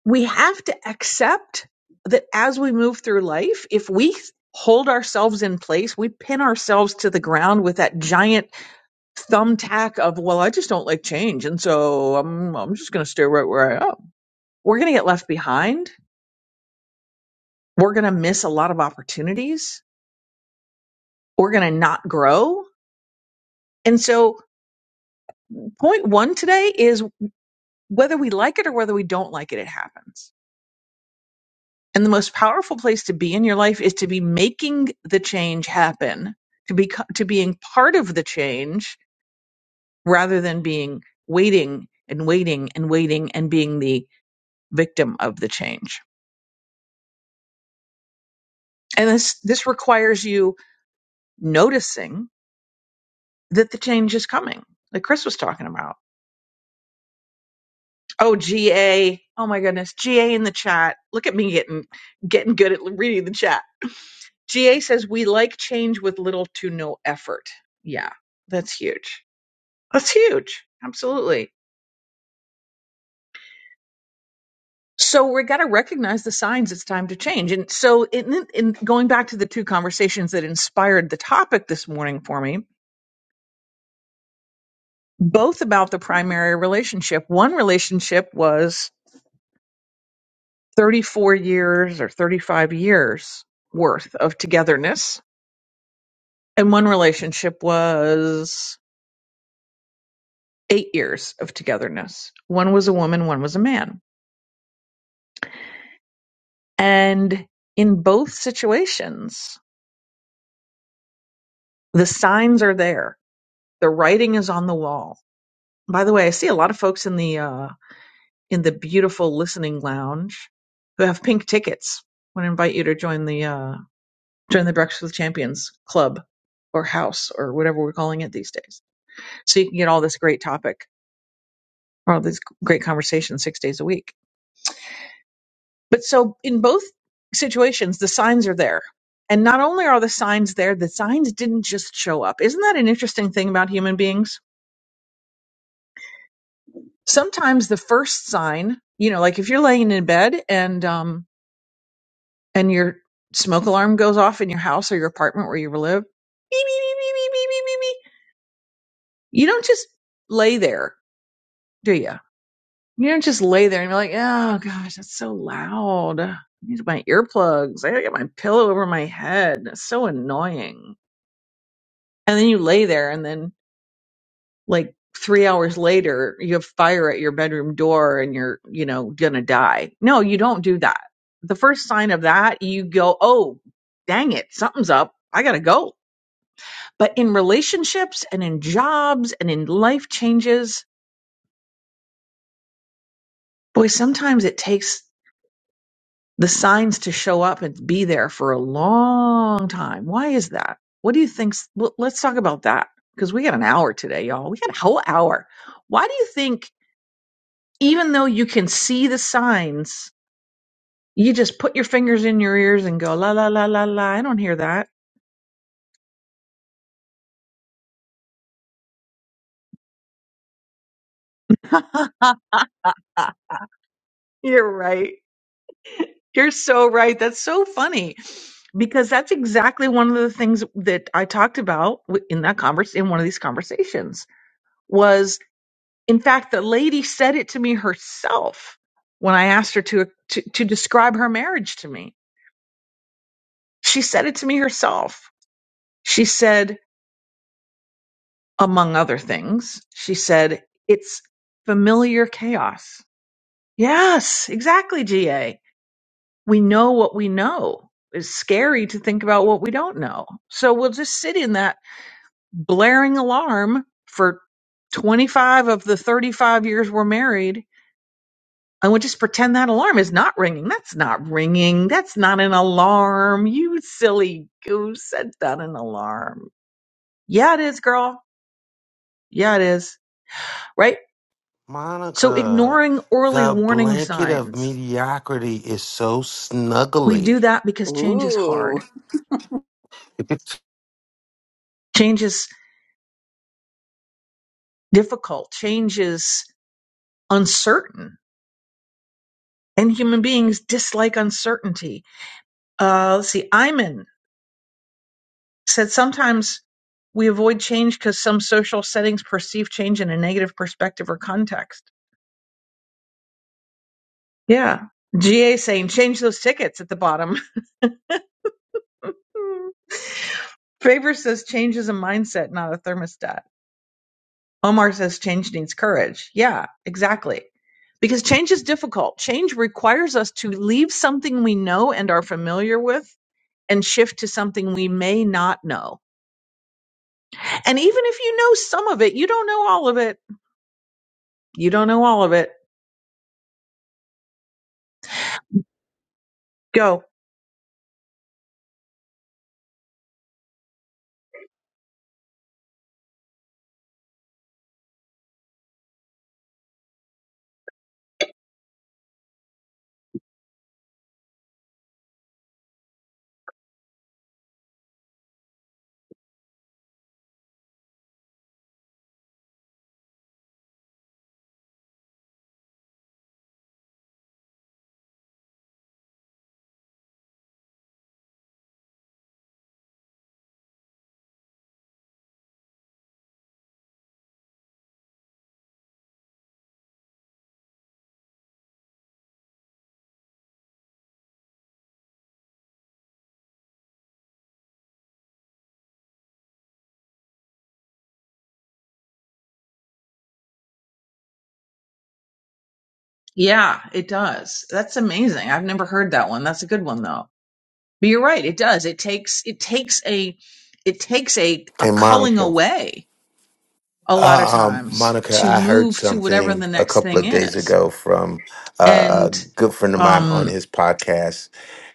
O: we have to accept that as we move through life, if we hold ourselves in place, we pin ourselves to the ground with that giant thumbtack of well i just don't like change and so i'm, I'm just going to stay right where i am we're going to get left behind we're going to miss a lot of opportunities we're going to not grow and so point one today is whether we like it or whether we don't like it it happens and the most powerful place to be in your life is to be making the change happen to be to being part of the change rather than being waiting and waiting and waiting and being the victim of the change And this this requires you noticing that the change is coming, like Chris was talking about. Oh, GA. Oh my goodness. GA in the chat. Look at me getting getting good at reading the chat. GA says we like change with little to no effort. Yeah, that's huge. That's huge. Absolutely. So we got to recognize the signs it's time to change. And so in, in going back to the two conversations that inspired the topic this morning for me, both about the primary relationship. One relationship was 34 years or 35 years worth of togetherness, and one relationship was eight years of togetherness. One was a woman, one was a man. And in both situations, the signs are there. The writing is on the wall. By the way, I see a lot of folks in the uh, in the beautiful listening lounge who have pink tickets. I want to invite you to join the uh, join the Breakfast with Champions club or house or whatever we're calling it these days. So you can get all this great topic, all this great conversation six days a week. But so in both situations, the signs are there. And not only are the signs there, the signs didn't just show up. Isn't that an interesting thing about human beings? Sometimes the first sign, you know, like if you're laying in bed and um and your smoke alarm goes off in your house or your apartment where you live, beep, beep, beep, beep, beep, beep, beep, beep, beep, you don't just lay there, do you? You don't just lay there and be like, oh gosh, that's so loud. I need my earplugs. I gotta get my pillow over my head. That's so annoying. And then you lay there and then like three hours later you have fire at your bedroom door and you're, you know, gonna die. No, you don't do that. The first sign of that, you go, oh, dang it, something's up. I gotta go. But in relationships and in jobs and in life changes, boy, sometimes it takes the signs to show up and be there for a long time. Why is that? What do you think? Well, let's talk about that because we got an hour today, y'all. We got a whole hour. Why do you think, even though you can see the signs, you just put your fingers in your ears and go, la, la, la, la, la, I don't hear that? You're right. You're so right. That's so funny because that's exactly one of the things that I talked about in that converse in one of these conversations was In fact, the lady said it to me herself when I asked her to, to, to describe her marriage to me. She said it to me herself. She said, among other things, she said, it's familiar chaos. Yes, exactly, GA. We know what we know. It's scary to think about what we don't know. So we'll just sit in that blaring alarm for 25 of the 35 years we're married I would just pretend that alarm is not ringing. That's not ringing. That's not an alarm. You silly goose. That's not an alarm. Yeah, it is, girl. Yeah, it is. Right? So
F: Monica,
O: ignoring early
F: the
O: warning
F: blanket of
O: signs.
F: mediocrity is so
O: We do
F: snuggly.
O: that because change is hard.
E: Ooh.
O: Change is difficult. Change is uncertain. And human beings dislike uncertainty. Uh, let's see. Iman said sometimes we avoid change because some social settings perceive change in a negative perspective or context Yeah. GA saying change those tickets at the bottom. Favor says change is a mindset, not a thermostat. Omar says change needs courage. Yeah, exactly. Because change is difficult. Change requires us to leave something we know and are familiar with and shift to something we may not know. And even if you know some of it, you don't know all of it. You don't know all of it. Go. Yeah, it does. That's amazing. I've never heard that one. That's a good one, though. But you're right, it does. It takes it takes a it takes a, a
F: Hey,
O: culling
F: Monica.
O: away a lot of
F: Uh, um,
O: times
F: Monica,
O: to
F: I heard
O: move to whatever
F: something
O: the
F: a
O: next
F: couple
O: thing
F: of days
O: is.
F: ago from uh, a
O: And
F: good friend of mine on
O: um
F: his podcast,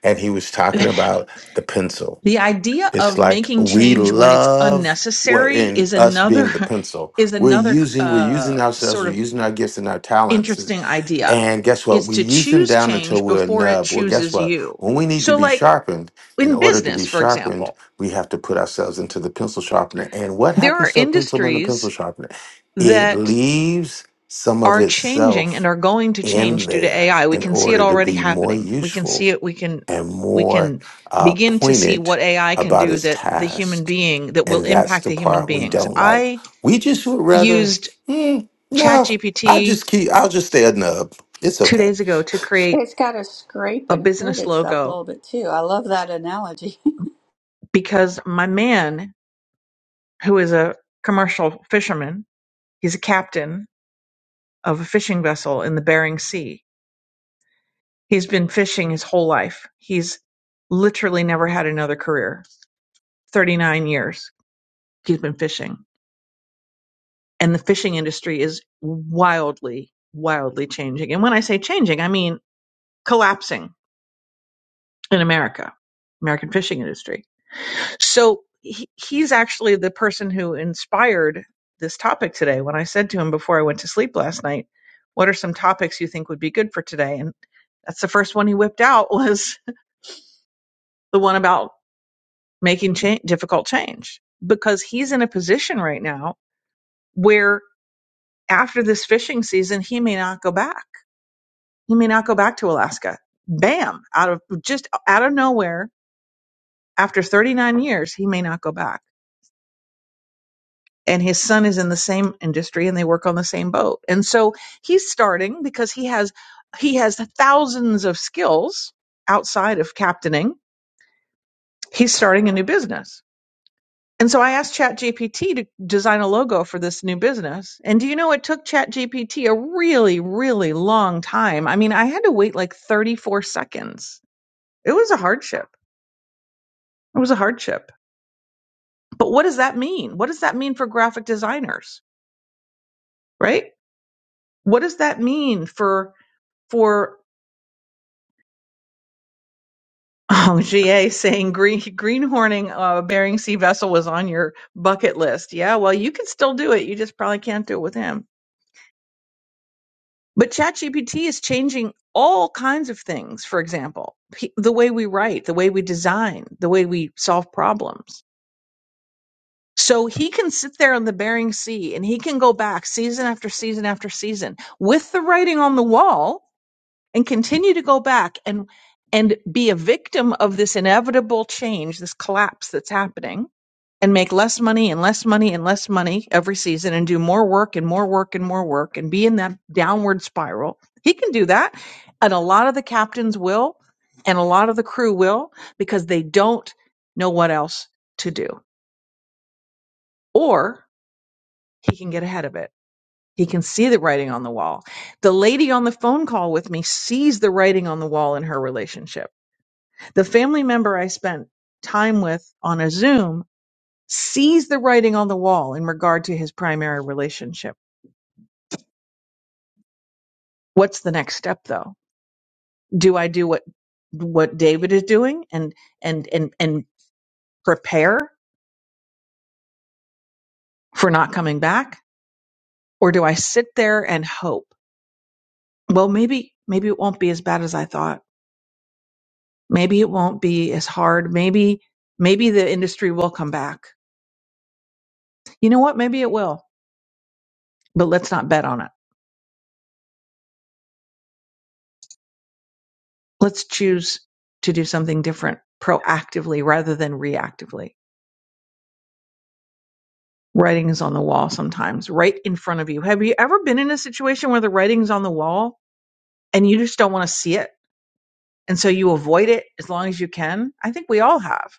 F: and he was talking
O: the
F: about the pencil.
O: idea
F: It's
O: of
F: like
O: making
F: we
O: change when it's
F: love what
O: unnecessary
F: in
O: is
F: us being
O: another
F: the pencil.
O: is
F: We're
O: another
F: using, we're
O: uh
F: using ourselves,
O: sort
F: we're
O: of
F: using our gifts and our talents. is-
O: interesting idea
F: And guess what?
O: is
F: We
O: to
F: use them
O: choose
F: down until
O: change
F: we're a
O: before it
F: nub. Well, guess
O: chooses
F: what?
O: you.
F: When we need to
O: So
F: be
O: like
F: sharpened, in
O: in
F: order to
O: business,
F: be
O: for
F: sharpened,
O: example,
F: we have to put ourselves into the pencil sharpener. And what
O: there
F: happens
O: are
F: to a pencil and a pencil
O: industries
F: sharpener? It
O: that
F: leaves some of
O: are changing and
F: itself
O: are going to
F: in
O: change due to
F: there
O: AI. We
F: in
O: can see it
F: order to
O: already
F: be more
O: happening. We can
F: useful
O: see it. We can
F: and
O: we
F: more
O: can
F: uh,
O: begin to see
F: pointed
O: what AI can
F: about
O: do
F: his
O: that the human
F: task.
O: being that will
F: And that's
O: impact
F: the
O: the human
F: part we
O: beings.
F: don't like.
O: I
F: We just would rather,
O: used
F: "Mm, no, I
O: ChatGPT
F: just keep, I'll just stay a nub. It's
O: two
F: okay.
O: days ago to create
E: It's got to scrape
O: a
E: and hurt
O: business
E: itself a
O: logo
E: little bit too. I love that analogy.
O: because my man, who is a commercial fisherman, he's a captain of a fishing vessel in the Bering Sea. He's been fishing his whole life. He's literally never had another career 39 years he's been fishing and the fishing industry is wildly wildly changing and when i say changing i mean collapsing in america american fishing industry so he, he's actually the person who inspired this topic today when i said to him before i went to sleep last night what are some topics you think would be good for today and that's the first one he whipped out was the one about making change, difficult change because he's in a position right now where after this fishing season, he may not go back. He may not go back to Alaska. Bam, out of just out of nowhere, after 39 years, he may not go back. And his son is in the same industry and they work on the same boat. And so he's starting because he has he has thousands of skills outside of captaining. He's starting a new business And so I asked ChatGPT to design a logo for this new business. And do you know it took ChatGPT a really, really long time? I mean, I had to wait like 34 seconds. It was a hardship. It was a hardship. But what does that mean? What does that mean for graphic designers, right? What does that mean for for oh, GA saying green greenhorning a Bering Sea vessel was on your bucket list? Yeah, well, you can still do it. You just probably can't do it with him But ChatGPT is changing all kinds of things. For example, p- the way we write, the way we design, the way we solve problems. So he can sit there on the Bering Sea and he can go back season after season after season with the writing on the wall and continue to go back and and be a victim of this inevitable change, this collapse that's happening and make less money and less money and less money every season and do more work and more work and more work and be in that downward spiral. He can do that. And a lot of the captains will, and a lot of the crew will, because they don't know what else to do. Or he can get ahead of it. He can see the writing on the wall. The lady on the phone call with me sees the writing on the wall in her relationship. The family member I spent time with on a Zoom sees the writing on the wall in regard to his primary relationship. What's the next step though? Do I do what what David is doing and and and and prepare for not coming back or do I sit there and hope? Well, maybe maybe it won't be as bad as I thought. Maybe it won't be as hard. Maybe maybe the industry will come back. You know what? Maybe it will. But let's not bet on it. Let's choose to do something different proactively rather than reactively writings on the wall sometimes right in front of you. Have you ever been in a situation where the writing's on the wall and you just don't want to see it? And so you avoid it as long as you can? I think we all have.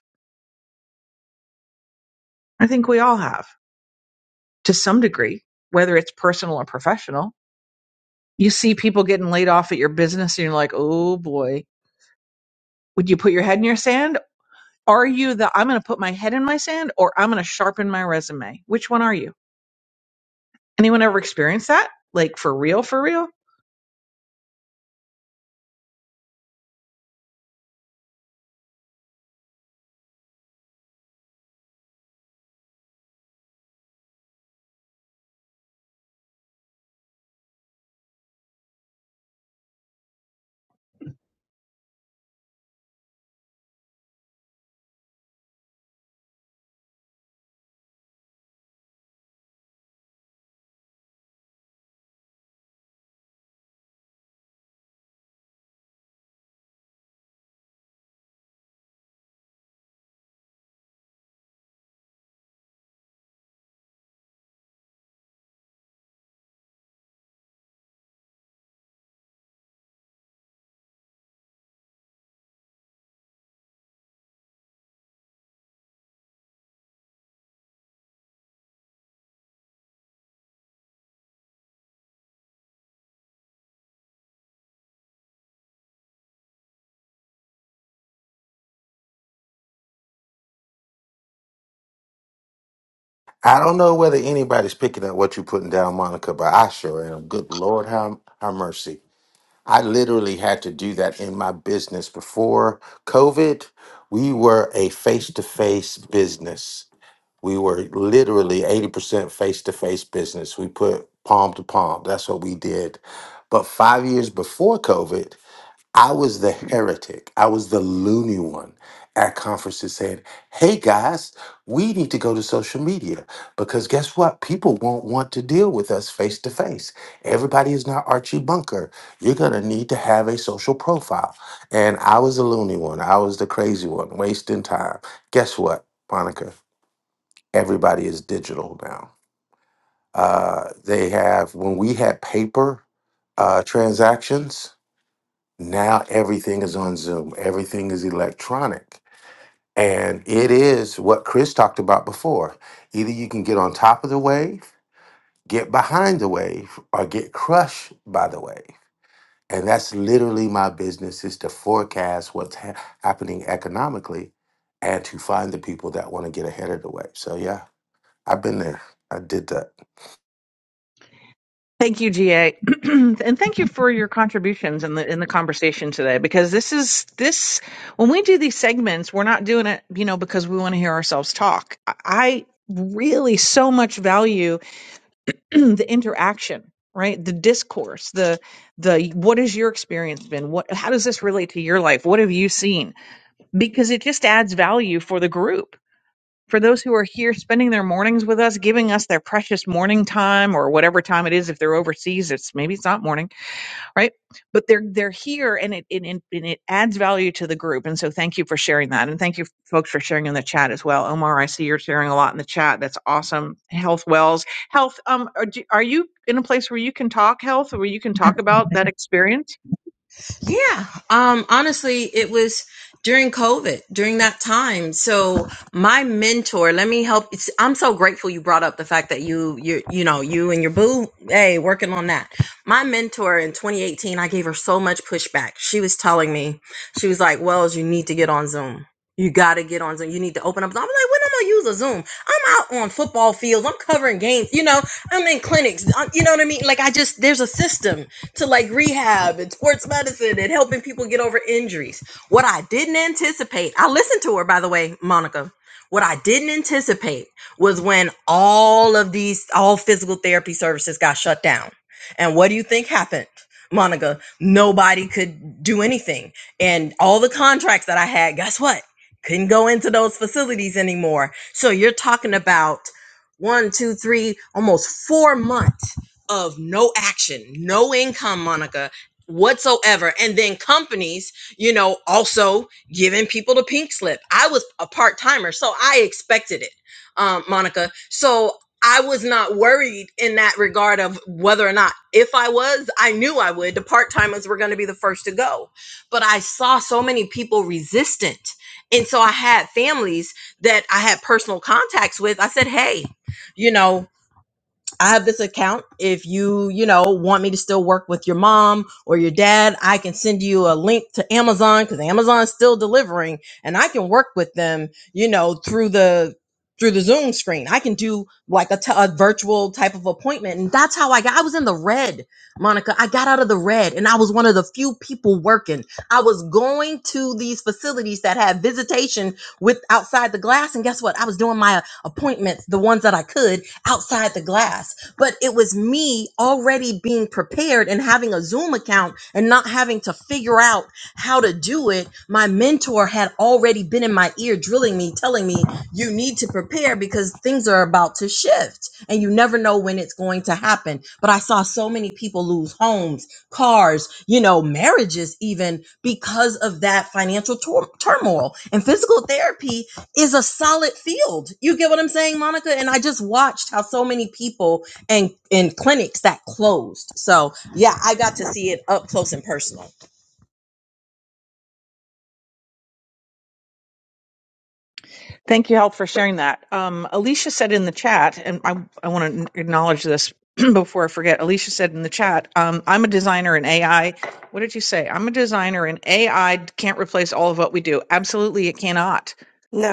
O: I think we all have to some degree, whether it's personal or professional. You see people getting laid off at your business and you're like, oh boy, would you put your head in your sand? Are you the I'm going to put my head in my sand or I'm going to sharpen my resume? Which one are you? Anyone ever experienced that? Like for real, for real?
F: I don't know whether anybody's picking up what you're putting down, Monica, but I sure am. Good Lord, have, have mercy. I literally had to do that in my business before COVID. We were a face to face business We were literally 80% face to face business. We put palm to palm. That's what we did. But five years before COVID, I was the heretic. I was the loony one at conferences saying, hey guys, we need to go to social media because guess what? People won't want to deal with us face to face. Everybody is not Archie Bunker. You're going to need to have a social profile. And I was the loony one. I was the crazy one, wasting time. Guess what, Monica? everybody is digital now. Uh, they have, when we had paper uh, transactions, now everything is on Zoom, everything is electronic. And it is what Chris talked about before. Either you can get on top of the wave, get behind the wave, or get crushed by the wave. And that's literally my business is to forecast what's ha- happening economically and to find the people that want to get ahead of the wave. So, yeah, I've been there. I did that.
O: Thank you, GA, and thank you for your contributions in the in the conversation today. Because this is this when we do these segments, we're not doing it, you know, because we want to hear ourselves talk. I I really so much value the interaction, right? The discourse, the the what has your experience been? What how does this relate to your life? What have you seen? Because it just adds value for the group for those who are here spending their mornings with us, giving us their precious morning time or whatever time it is. If they're overseas, it's maybe it's not morning, right? But they're they're here, and it and, and and it adds value to the group. And so, thank you for sharing that, and thank you folks for sharing in the chat as well. Omar, I see you're sharing a lot in the chat. That's awesome. Health Wells, health. Um, are, do- are you in a place where you can talk health, where you can talk about that experience?
C: Yeah. Um, honestly, it was during COVID, during that time. So my mentor, let me help. It's, I'm so grateful you brought up the fact that you, you, you know, you and your boo, hey, working on that. My mentor in 2018, I gave her so much pushback. She was telling me, she was like, Wells, you need to get on Zoom. You got to get on Zoom. You need to open up. I'm like, when am I gonna use a Zoom? I'm out on football fields. I'm covering games. You know, I'm in clinics. I'm, you know what I mean? Like I just, there's a system to like rehab and sports medicine and helping people get over injuries. What I didn't anticipate, I listened to her, by the way, Monica. What I didn't anticipate was when all of these, all physical therapy services got shut down. And what do you think happened? Monica, nobody could do anything. And all the contracts that I had, guess what? Couldn't go into those facilities anymore. So you're talking about one, two, three, almost four months of no action, no income, Monica, whatsoever. And then companies, you know, also giving people the pink slip. I was a part timer, so I expected it, um, Monica. So I was not worried in that regard of whether or not if I was, I knew I would. The part timers were going to be the first to go. But I saw so many people resistant. And so I had families that I had personal contacts with. I said, hey, you know, I have this account. If you, you know, want me to still work with your mom or your dad, I can send you a link to Amazon because Amazon's still delivering and I can work with them, you know, through the through the Zoom screen. I can do like a t- a virtual type of appointment. And that's how I got I was in the red, Monica. I got out of the red and I was one of the few people working. I was going to these facilities that had visitation with outside the glass and guess what? I was doing my appointments, the ones that I could outside the glass. But it was me already being prepared and having a Zoom account and not having to figure out how to do it. My mentor had already been in my ear, drilling me, telling me, you need to prepare because things are about to shift and you never know when it's going to happen. But I saw so many people lose homes, cars, you know, marriages, even because of that financial tur- turmoil. And physical therapy is a solid field. You get what I'm saying, Monica? And I just watched how so many people and in clinics that closed. So yeah, I got to see it up close and personal.
O: Thank you, Help, for sharing that. Um, Alicia said in the chat, and I, I want to acknowledge this before I forget. Alicia said in the chat, um, I'm a designer in AI. What did you say? I'm a designer and AI can't replace all of what we do. Absolutely, it cannot.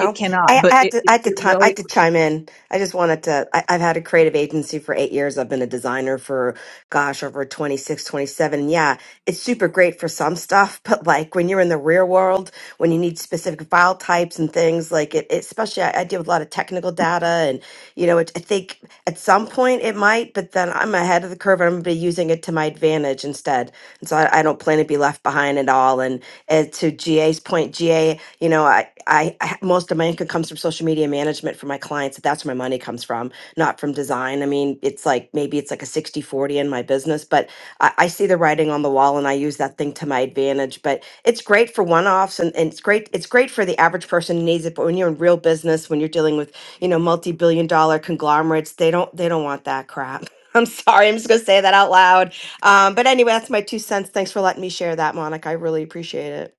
O: It cannot,
P: I, I
O: but
P: had
O: it,
P: to. I
O: it,
P: had to.
O: it
P: Time,
O: will.
P: I had
O: It,
P: to chime in. I just wanted to. I, I've had a creative agency for eight years. I've been a designer for, gosh, over 26, 27. And yeah, it's super great for some stuff, but like when you're in the real world, when you need specific file types and things, like it, it especially I, I deal with a lot of technical data, and you know, it, I think at some point it might, but then I'm ahead of the curve. and I'm going to be using it to my advantage instead, and so I, I don't plan to be left behind at all. And uh, to GA's point, GA, you know, I. I, I most of my income comes from social media management for my clients. That's where my money comes from, not from design. I mean, it's like maybe it's like a 60 40 in my business, but I, I see the writing on the wall and I use that thing to my advantage. But it's great for one offs and, and it's great. It's great for the average person who needs it. But when you're in real business, when you're dealing with, you know, multi billion dollar conglomerates, they don't they don't want that crap. I'm sorry. I'm just going to say that out loud. Um, but anyway, that's my two cents. Thanks for letting me share that, Monica. I really appreciate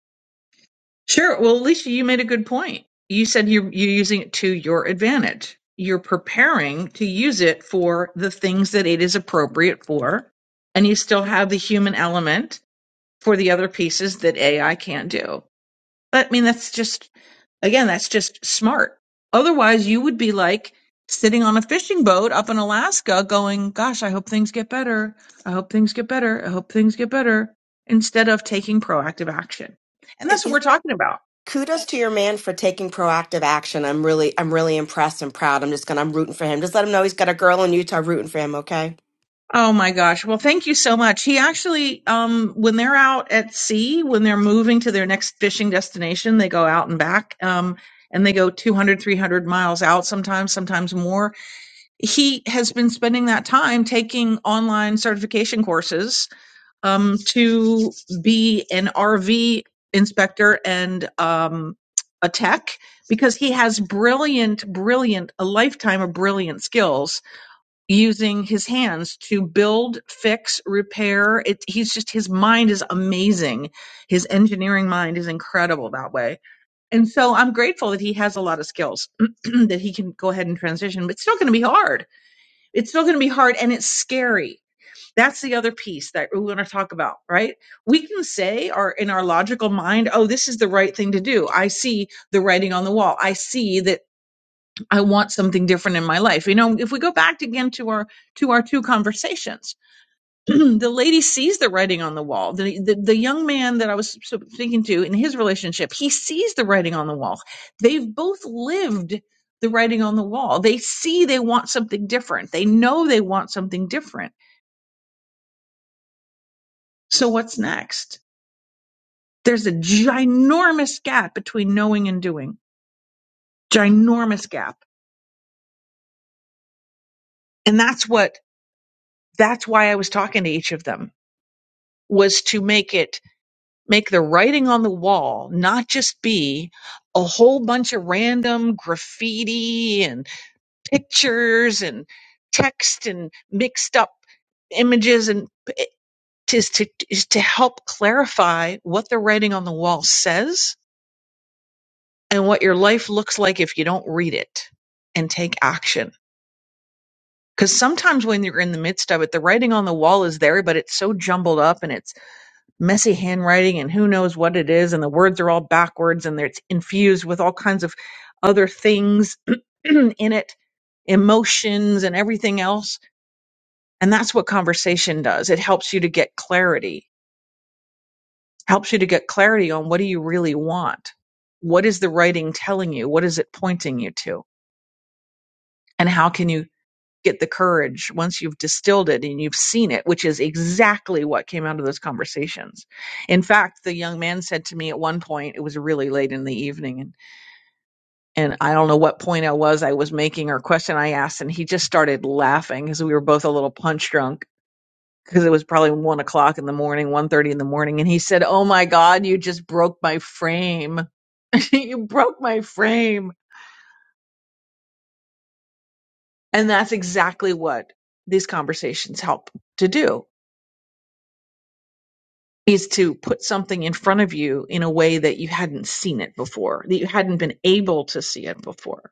O: sure. Well, Alicia, you made a good point. You said you're, you're using it to your advantage. You're preparing to use it for the things that it is appropriate for, and you still have the human element for the other pieces that AI can't do. I mean, that's just, again, that's just smart. Otherwise, you would be like sitting on a fishing boat up in Alaska going, gosh, I hope things get better. I hope things get better. I hope things get better instead of taking proactive action. And that's what
P: it.
O: we're talking about.
P: kudos to your man for taking proactive action. I'm really, I'm really impressed and proud. I'm just gonna, I'm rooting for him. Just let him know he's got a girl in Utah rooting for him. Okay.
O: Oh my gosh. Well, thank you so much. He actually, um, when they're out at sea, when they're moving to their next fishing destination, they go out and back. Um, and they go 200, 300 miles out sometimes, sometimes more he has been spending that time taking online certification courses um, to be an RV inspector and um, a tech because he has brilliant, brilliant, a lifetime of brilliant skills using his hands to build, fix, repair. It, he's just, his mind is amazing. His engineering mind is incredible that way. And so I'm grateful that he has a lot of skills that he can go ahead and transition, but it's still going to be hard it's still going to be hard and it's scary. That's the other piece that we want to talk about, right? We can say our in our logical mind, oh, this is the right thing to do. I see the writing on the wall. I see that I want something different in my life. You know, if we go back again to our to our two conversations, the lady sees the writing on the wall. The, the the young man that I was speaking to in his relationship, he sees the writing on the wall. They've both lived the writing on the wall. They see they want something different. They know they want something different. So what's next? There's a ginormous gap between knowing and doing. Ginormous gap. And that's what that's why I was talking to each of them was to make it make the writing on the wall not just be a whole bunch of random graffiti and pictures and text and mixed up images and it is to is to help clarify what the writing on the wall says and what your life looks like if you don't read it and take action because sometimes when you're in the midst of it the writing on the wall is there but it's so jumbled up and it's messy handwriting and who knows what it is and the words are all backwards and they're- it's infused with all kinds of other things in it emotions and everything else and that's what conversation does it helps you to get clarity helps you to get clarity on what do you really want what is the writing telling you what is it pointing you to and how can you get the courage once you've distilled it and you've seen it, which is exactly what came out of those conversations. In fact, the young man said to me at one point, it was really late in the evening, and, and I don't know what point I was I was making or question I asked, and he just started laughing because we were both a little punch drunk because it was probably one o'clock in the morning, one thirty in the morning, and he said, "Oh my God, you just broke my frame." you broke my frame. And that's exactly what these conversations help to do is to put something in front of you in a way that you hadn't seen it before, that you hadn't been able to see it before.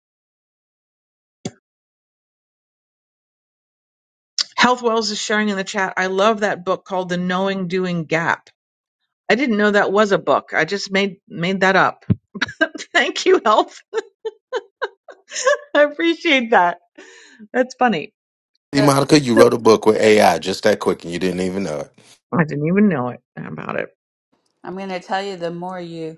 O: Health Wells is sharing in the chat. I love that book called The Knowing Doing Gap. I didn't know that was a book. I just made made that up. Thank you, Health. I appreciate that. That's funny.
F: See,
E: but
F: Monica, you
O: Nope.
F: wrote a book with AI just that quick and you didn't even know it.
O: I didn't even know it about it.
E: I'm going to tell you the more you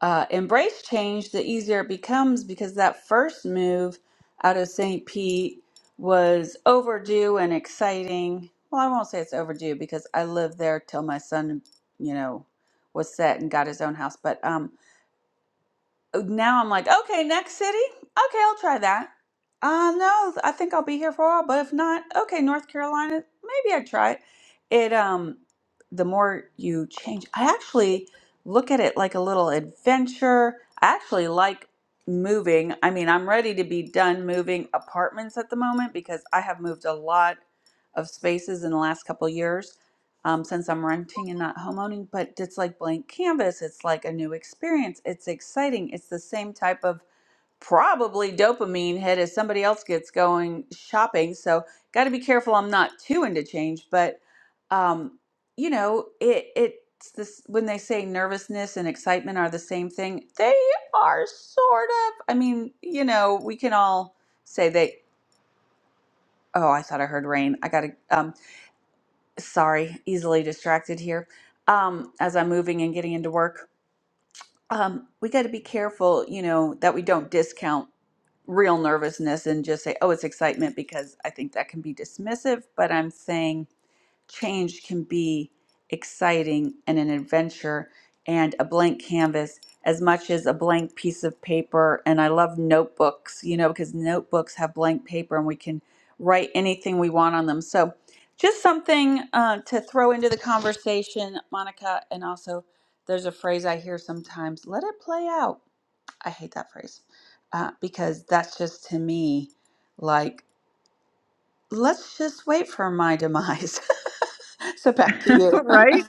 E: uh, embrace change, the easier it becomes because that first move out of St. Pete was overdue and exciting. Well, I won't say it's overdue because I lived there till my son, you know, was set and got his own house. But um, Uh, now I'm like, okay, next city. Okay, I'll try that. Uh, no, I think I'll be here for a while, but if not, okay, North Carolina, maybe I try it. It um, the more you change, I actually look at it like a little adventure. I actually like moving. I mean, I'm ready to be done moving apartments at the moment because I have moved a lot of spaces in the last couple years um, since I'm renting and not homeowning, but it's like blank canvas. It's like a new experience. It's exciting. It's the same type of probably dopamine hit as somebody else gets going shopping. So got to be careful. I'm not too into change, but um, you know, it it's this when they say nervousness and excitement are the same thing. They are sort of. I mean, you know, we can all say they. Oh, I thought I heard rain. I got to. Um, sorry, easily distracted here. Um, as I'm moving and getting into work, um, we got to be careful, you know, that we don't discount real nervousness and just say, oh, it's excitement, because I think that can be dismissive. But I'm saying change can be exciting and an adventure and a blank canvas as much as a blank piece of paper and i love notebooks you know because notebooks have blank paper and we can write anything we want on them so just something uh, to throw into the conversation monica and also there's a phrase i hear sometimes let it play out i hate that phrase uh, because that's just to me like let's just wait for my demise. so back to you.
O: right?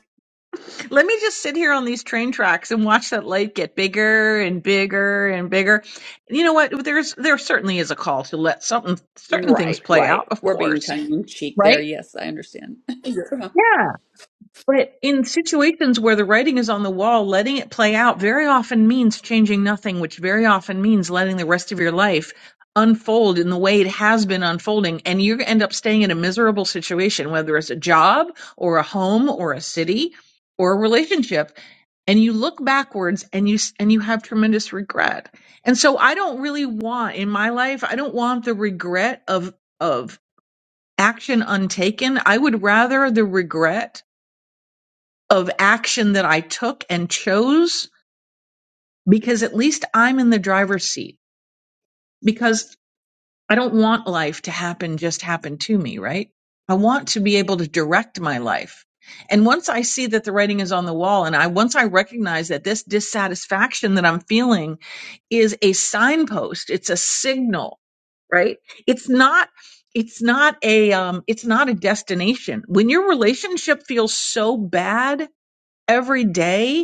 O: Let me just sit here on these train tracks and watch that light get bigger and bigger and bigger. You know what? There's there certainly is a call to let something certain things
E: Right,
O: play
E: right.
O: out, of
E: We're being
O: course,
E: tongue in cheek there.
O: right?
E: Yes, I understand. Yeah.
O: Yeah. But in situations where the writing is on the wall, letting it play out very often means changing nothing, which very often means letting the rest of your life unfold in the way it has been unfolding. And you end up staying in a miserable situation, whether it's a job or a home or a city or a relationship and you look backwards and you and you have tremendous regret. And so I don't really want in my life I don't want the regret of of action untaken. I would rather the regret of action that I took and chose because at least I'm in the driver's seat because I don't want life to happen just happen to me, right? I want to be able to direct my life. And once I see that the writing is on the wall and I once I recognize that this dissatisfaction that I'm feeling is a signpost, it's a signal, right? It's not it's not a um it's not a destination. When your relationship feels so bad every day,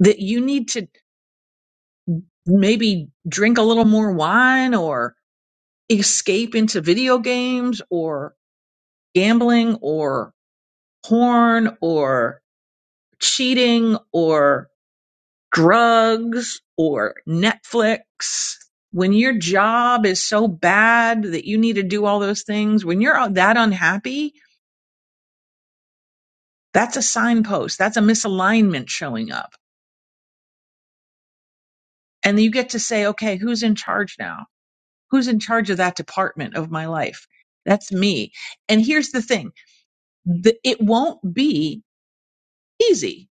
O: that you need to maybe drink a little more wine or escape into video games or gambling or porn or cheating or drugs or Netflix. When your job is so bad that you need to do all those things, when you're that unhappy, that's a signpost. That's a misalignment showing up. And you get to say, okay, who's in charge now? who's in charge of that department of my life that's me and here's the thing the, it won't be easy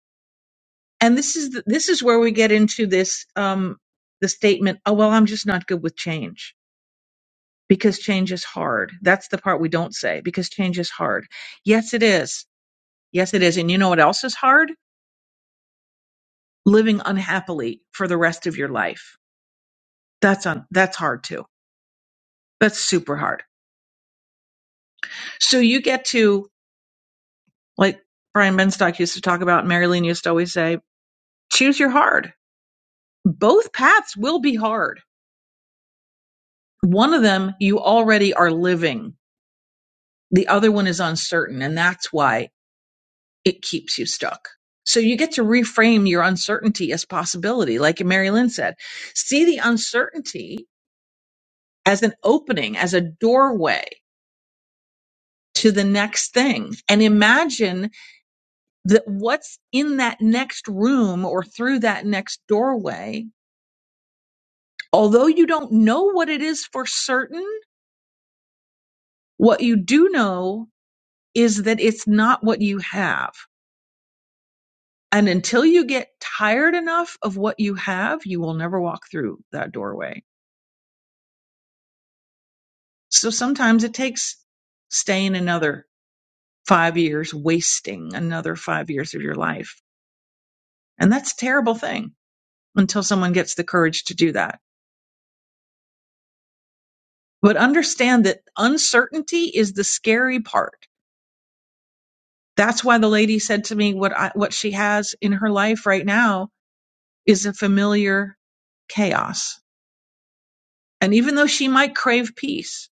O: and this is the, this is where we get into this um the statement oh well i'm just not good with change because change is hard that's the part we don't say because change is hard yes it is yes it is and you know what else is hard living unhappily for the rest of your life that's on that's hard too that's super hard so you get to like Brian Benstock used to talk about, Marilyn used to always say. choose your hard. Both paths will be hard. One of them you already are living, the other one is uncertain, and that's why it keeps you stuck. So you get to reframe your uncertainty as possibility, like Mary Lynn said. See the uncertainty as an opening, as a doorway to the next thing, and imagine that what's in that next room or through that next doorway. Although you don't know what it is for certain, what you do know is that it's not what you have. And until you get tired enough of what you have, you will never walk through that doorway. So sometimes it takes staying another five years, wasting another five years of your life. And that's a terrible thing until someone gets the courage to do that. But understand that uncertainty is the scary part. That's why the lady said to me what I, what she has in her life right now is a familiar chaos And even though she might crave peace,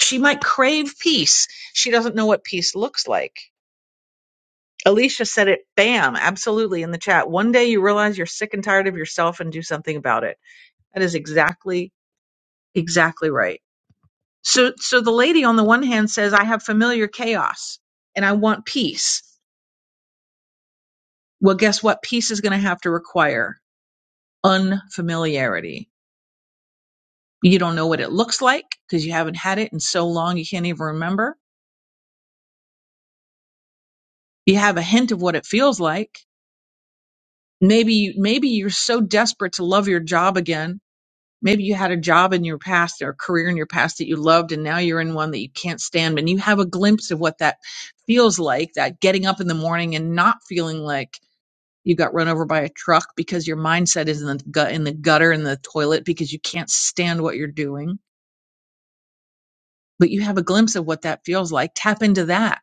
O: she might crave peace. She doesn't know what peace looks like. Alicia said it, bam, absolutely in the chat. One day you realize you're sick and tired of yourself and do something about it. That is exactly, exactly right. So, so the lady on the one hand says, I have familiar chaos and I want peace. Well, guess what? Peace is going to have to require unfamiliarity. You don't know what it looks like because you haven't had it in so long. You can't even remember. You have a hint of what it feels like maybe maybe you're so desperate to love your job again maybe you had a job in your past or a career in your past that you loved and now you're in one that you can't stand and you have a glimpse of what that feels like that getting up in the morning and not feeling like you got run over by a truck because your mindset is in the gut in the gutter in the toilet because you can't stand what you're doing but you have a glimpse of what that feels like tap into that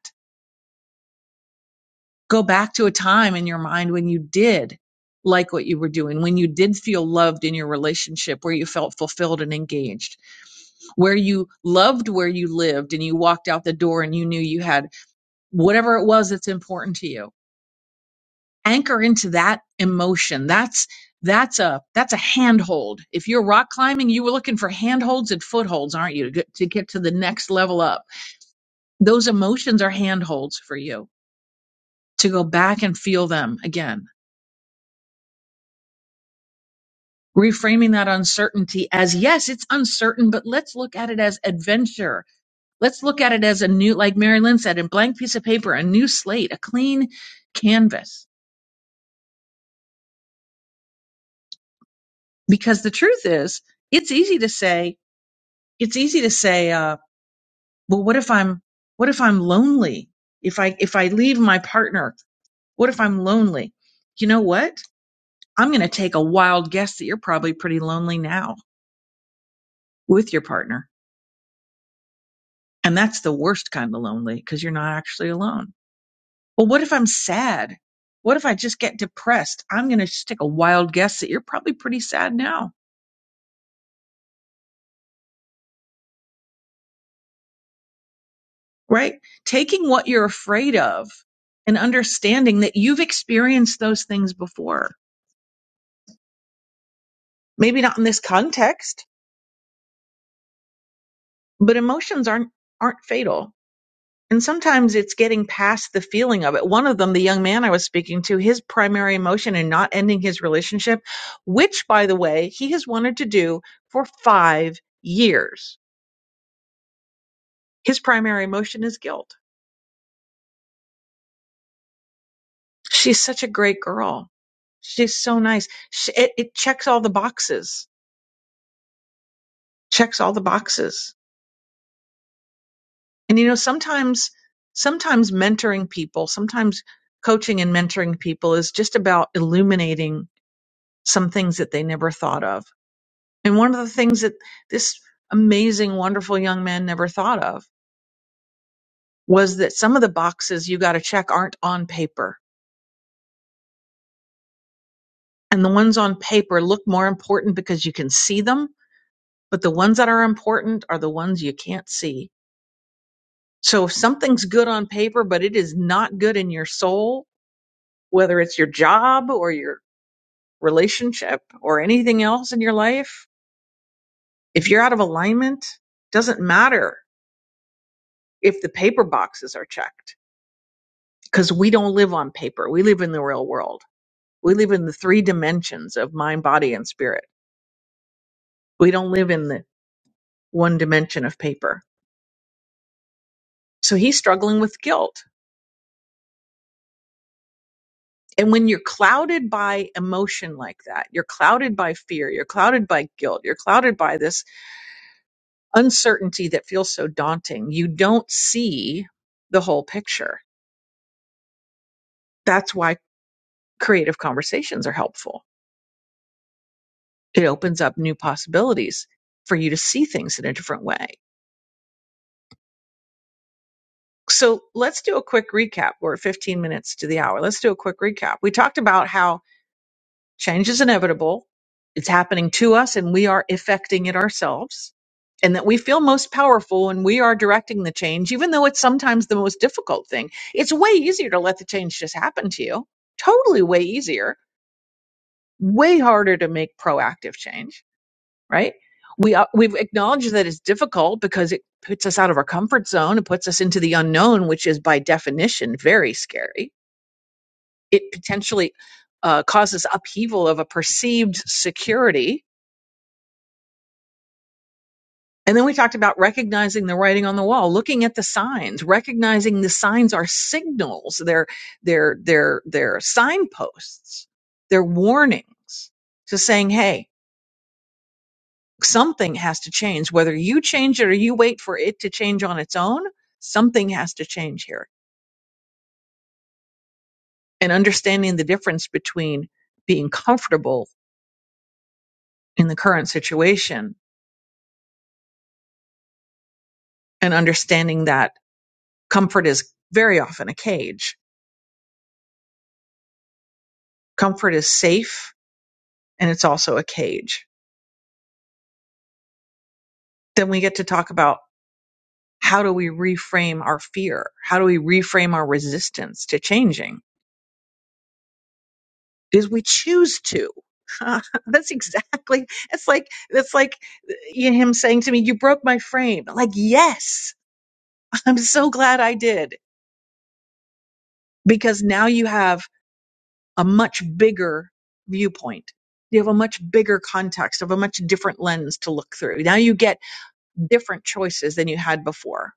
O: Go back to a time in your mind when you did like what you were doing, when you did feel loved in your relationship, where you felt fulfilled and engaged, where you loved where you lived and you walked out the door and you knew you had whatever it was that's important to you. Anchor into that emotion. That's that's a that's a handhold. If you're rock climbing, you were looking for handholds and footholds, aren't you, to get to, get to the next level up? Those emotions are handholds for you to go back and feel them again reframing that uncertainty as yes, it's uncertain, but let's look at it as adventure. Let's look at it as a new, like Mary Lynn said, a blank piece of paper, a new slate, a clean canvas. Because the truth is, it's easy to say, it's easy to say, uh, well, what if I'm, what if I'm lonely? If I, if I leave my partner, what if I'm lonely? You know what? I'm going to take a wild guess that you're probably pretty lonely now with your partner. And that's the worst kind of lonely because you're not actually alone Well, what if I'm sad? What if I just get depressed? I'm going to just take a wild guess that you're probably pretty sad now, right? Taking what you're afraid of and understanding that you've experienced those things before. Maybe not in this context, but emotions aren't aren't fatal. And sometimes it's getting past the feeling of it. One of them, the young man I was speaking to, his primary emotion in not ending his relationship, which by the way, he has wanted to do for 5 years His primary emotion is guilt. She's such a great girl. She's so nice. She, it, it checks all the boxes, checks all the boxes. And you know, sometimes, sometimes mentoring people, sometimes coaching and mentoring people is just about illuminating some things that they never thought of. And one of the things that this amazing, wonderful young man never thought of was that some of the boxes you got to check aren't on paper. And the ones on paper look more important because you can see them But the ones that are important are the ones you can't see. So if something's good on paper, but it is not good in your soul, whether it's your job or your relationship or anything else in your life, if you're out of alignment, doesn't matter if the paper boxes are checked because we don't live on paper. We live in the real world. We live in the three dimensions of mind, body, and spirit. We don't live in the one dimension of paper. So he's struggling with guilt And when you're clouded by emotion like that, you're clouded by fear, you're clouded by guilt, you're clouded by this uncertainty that feels so daunting, you don't see the whole picture. That's why creative conversations are helpful. It opens up new possibilities for you to see things in a different way. So let's do a quick recap. We're at 15 minutes to the hour. Let's do a quick recap. We talked about how change is inevitable. It's happening to us and we are effecting it ourselves. And that we feel most powerful when we are directing the change, even though it's sometimes the most difficult thing. It's way easier to let the change just happen to you. Totally way easier. Way harder to make proactive change, right? We are, we've acknowledged that it's difficult because it puts us out of our comfort zone. It puts us into the unknown, which is by definition very scary. It potentially uh, causes upheaval of a perceived security And then we talked about recognizing the writing on the wall, looking at the signs, recognizing the signs are signals, they're they're they're they're signposts, they're warnings to saying, hey, something has to change. Whether you change it or you wait for it to change on its own, something has to change here. And understanding the difference between being comfortable in the current situation and understanding that comfort is very often a cage. Comfort is safe and it's also a cage. Then we get to talk about how do we reframe our fear? How do we reframe our resistance to changing? Is we choose to. that's exactly. It's like it's like y- him saying to me, "You broke my frame." Like, yes, I'm so glad I did because now you have a much bigger viewpoint. You have a much bigger context of a much different lens to look through. Now you get different choices than you had before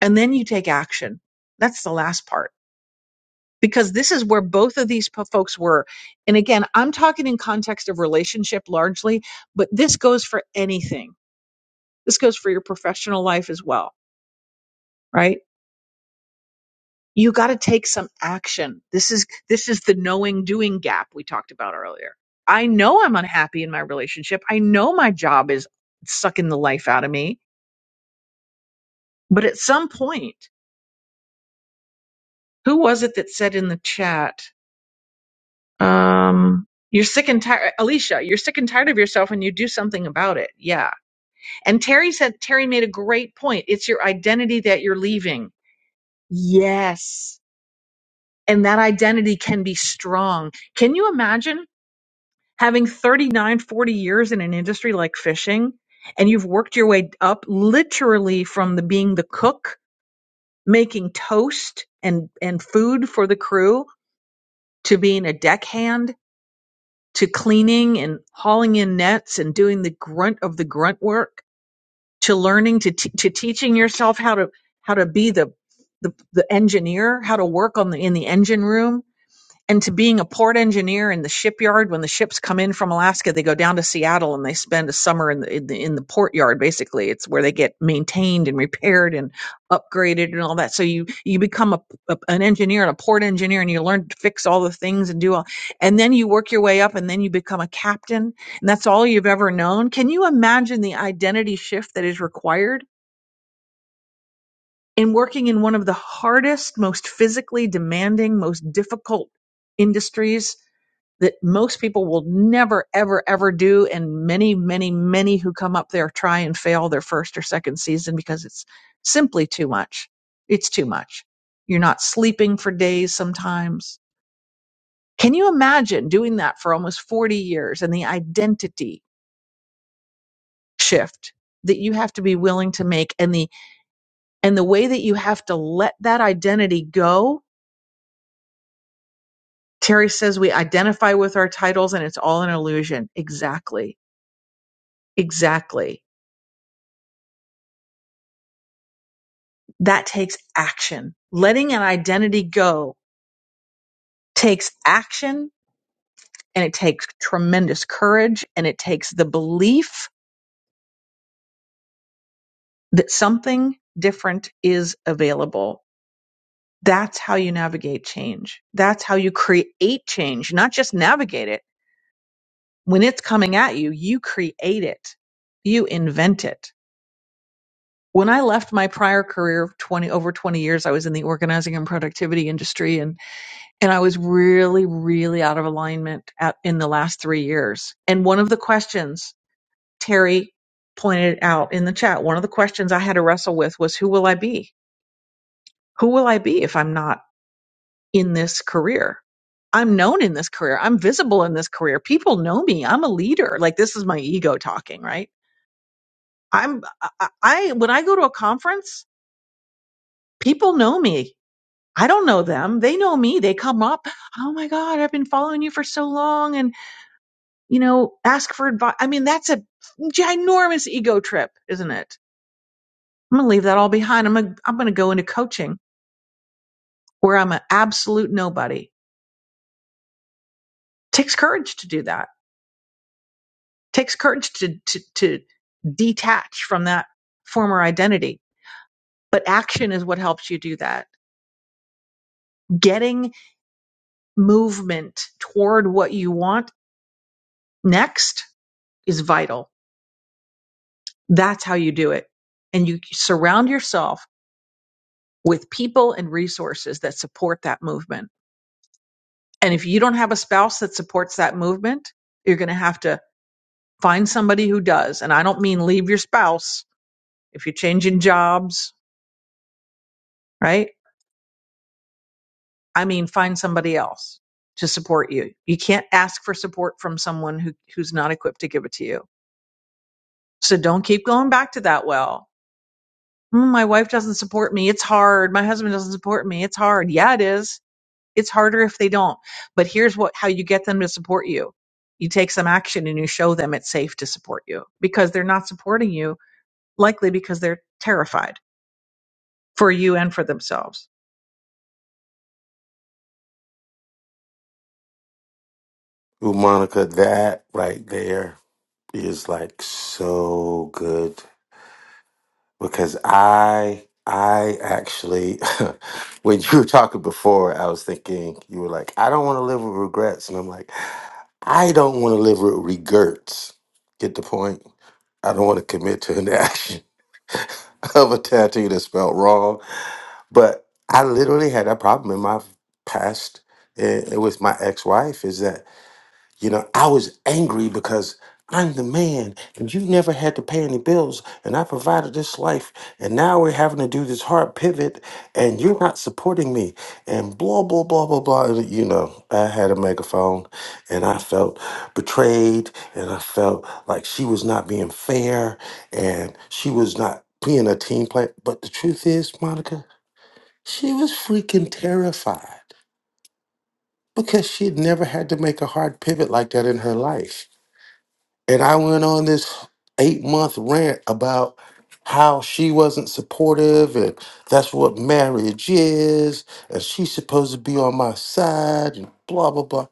O: and then you take action. That's the last part because this is where both of these po- folks were. And again, I'm talking in context of relationship largely, but this goes for anything. This goes for your professional life as well, right? You got to take some action. This is this is the knowing doing gap we talked about earlier. I know I'm unhappy in my relationship. I know my job is sucking the life out of me, but at some point, who was it that said in the chat Um, you're sick and tired, Alicia, you're sick and tired of yourself and you do something about it. Yeah. And Terry said, Terry made a great point. It's your identity that you're leaving. Yes. And that identity can be strong. Can you imagine having 39, 40 years in an industry like fishing and you've worked your way up literally from the being the cook, making toast and, and food for the crew to being a deckhand to cleaning and hauling in nets and doing the grunt of the grunt work to learning to t- to teaching yourself how to how to be the the, the engineer how to work on the in the engine room and to being a port engineer in the shipyard when the ships come in from Alaska they go down to Seattle and they spend a summer in the in the, in the port yard basically it's where they get maintained and repaired and upgraded and all that so you you become a, a- an engineer and a port engineer and you learn to fix all the things and do all and then you work your way up and then you become a captain and that's all you've ever known can you imagine the identity shift that is required in working in one of the hardest most physically demanding most difficult industries that most people will never, ever, ever do. And many, many, many who come up there try and fail their first or second season because it's simply too much. It's too much. You're not sleeping for days sometimes. Can you imagine doing that for almost 40 years and the identity shift that you have to be willing to make and the, and the way that you have to let that identity go? Terry says we identify with our titles and it's all an illusion. Exactly. Exactly that takes action. Letting an identity go takes action and it takes tremendous courage and it takes the belief that something different is available. That's how you navigate change. That's how you create change, not just navigate it. When it's coming at you, you create it. You invent it. When I left my prior career of 20 over 20 years, I was in the organizing and productivity industry and and I was really, really out of alignment at, in the last three years. And one of the questions Terry pointed out in the chat, one of the questions I had to wrestle with was who will I be? Who will I be if I'm not in this career? I'm known in this career. I'm visible in this career. People know me. I'm a leader. Like this is my ego talking, right? I'm, I, I when I go to a conference, people know me. I don't know them. They know me. They come up. Oh my God, I've been following you for so long. and. You know, ask for advice. I mean, that's a ginormous ego trip, isn't it? I'm going to leave that all behind. I'm gonna, I'm going to go into coaching where I'm an absolute nobody. Takes courage to do that. Takes courage to to to detach from that former identity. But action is what helps you do that. Getting movement toward what you want next is vital. That's how you do it. And you surround yourself with people and resources that support that movement And if you don't have a spouse that supports that movement, you're going to have to find somebody who does. And I don't mean leave your spouse if you're changing jobs, right? I mean find somebody else to support you. You can't ask for support from someone who, who's not equipped to give it to you. So don't keep going back to that well. "Hmm, My wife doesn't support me. It's hard. My husband doesn't support me. It's hard. Yeah, it is It's harder if they don't. But here's what how you get them to support you. You take some action and you show them it's safe to support you because they're not supporting you likely because they're terrified for you and for themselves.
F: Ooh, Monica, that right there is like so good because I I actually when you were talking before, I was thinking you were like, I don't want to live with regrets, and I'm like, I don't want to live with regrets. Get the point? I don't want to commit to an action of a tattoo that's spelled wrong, but I literally had that problem in my past eh, with my ex-wife. Is that You know, I was angry because I'm the man and you never had to pay any bills and I provided this life and now we're having to do this hard pivot and you're not supporting me and blah blah blah blah blah And, you know I had a megaphone and I felt betrayed and I felt like she was not being fair and she was not being a team player but the truth is Monica she was freaking terrified because she had never had to make a hard pivot like that in her life and I went on this eight month rant about how she wasn't supportive and that's what marriage is and she's supposed to be on my side and blah, blah, blah.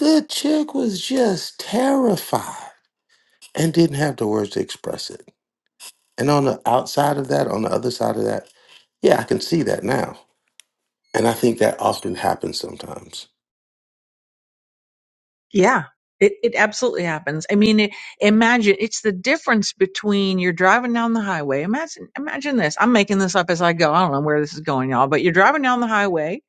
F: The chick was just terrified and didn't have the words to express it. And on the outside of that, on the other side of that, yeah, I can see that now. And I think that often happens sometimes.
O: Yeah. It, it absolutely happens. I mean, it, imagine it's the difference between you're driving down the highway. Imagine, imagine this. I'm making this up as I go. I don't know where this is going, y'all, but you're driving down the highway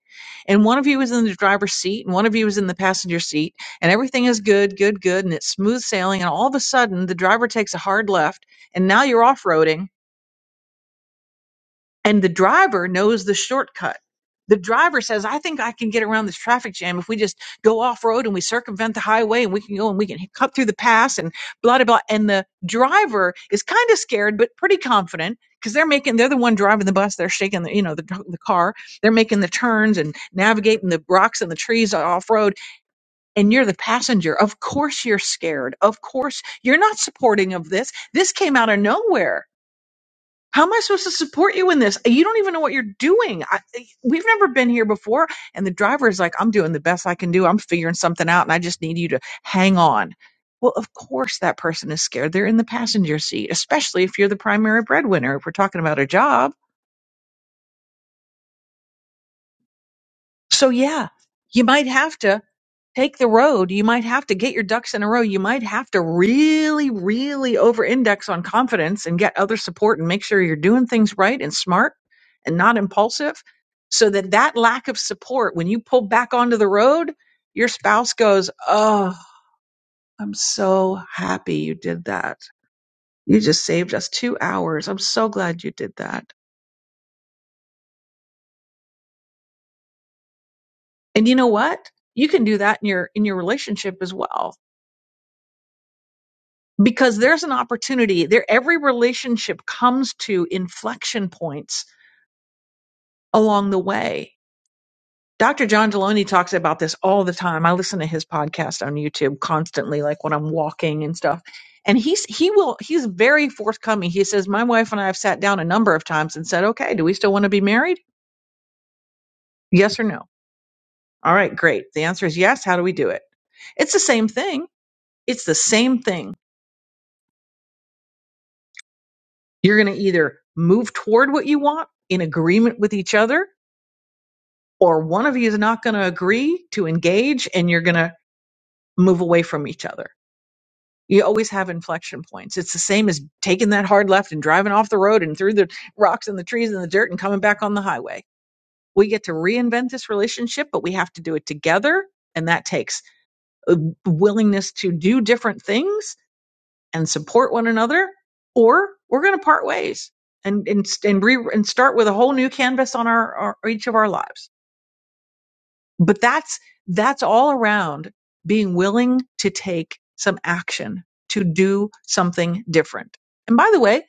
O: and one of you is in the driver's seat and one of you is in the passenger seat and everything is good good good and it's smooth sailing and all of a sudden the driver takes a hard left and now you're off-roading and the driver knows the shortcut. The driver says, I think I can get around this traffic jam if we just go off road and we circumvent the highway and we can go and we can cut through the pass and blah, blah, blah. And the driver is kind of scared, but pretty confident because they're making, they're the one driving the bus. They're shaking the, you know, the, the car. They're making the turns and navigating the rocks and the trees off road. And you're the passenger. Of course you're scared. Of course you're not supporting of this. This came out of nowhere how am I supposed to support you in this? You don't even know what you're doing. I, we've never been here before. And the driver is like, I'm doing the best I can do. I'm figuring something out and I just need you to hang on. Well, of course, that person is scared. They're in the passenger seat, especially if you're the primary breadwinner, if we're talking about a job. So, yeah, you might have to. take the road. You might have to get your ducks in a row. You might have to really, really over index on confidence and get other support and make sure you're doing things right and smart and not impulsive so that that lack of support, when you pull back onto the road, your spouse goes, Oh, I'm so happy you did that. You just saved us two hours. I'm so glad you did that. And you know what? You can do that in your, in your relationship as well because there's an opportunity there every relationship comes to inflection points along the way dr john deloney talks about this all the time i listen to his podcast on youtube constantly like when i'm walking and stuff and he's he will he's very forthcoming he says my wife and i have sat down a number of times and said okay do we still want to be married yes or no all right great the answer is yes how do we do it it's the same thing it's the same thing you're going to either move toward what you want in agreement with each other or one of you is not going to agree to engage and you're going to move away from each other. You always have inflection points. It's the same as taking that hard left and driving off the road and through the rocks and the trees and the dirt and coming back on the highway. We get to reinvent this relationship, but we have to do it together. And that takes a willingness to do different things and support one another, or we're going to part ways and, and, and, re, and start with a whole new canvas on our, our each of our lives. but that's that's all around being willing to take some action to do something different and by the way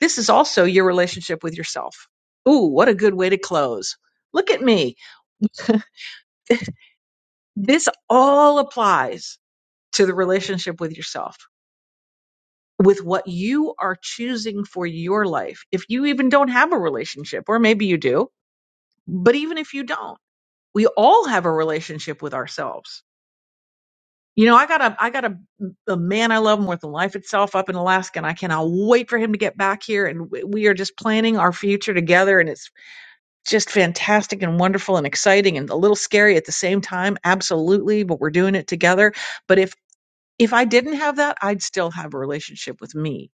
O: this is also your relationship with yourself ooh what a good way to close look at me this all applies to the relationship with yourself with what you are choosing for your life if you even don't have a relationship or maybe you do but even if you don't we all have a relationship with ourselves You know, I got a I got a, a man I love more than life itself up in Alaska, and I cannot wait for him to get back here. And we we are just planning our future together, and it's just fantastic and wonderful and exciting and a little scary at the same time. Absolutely, but we're doing it together. But if if I didn't have that, I'd still have a relationship with me.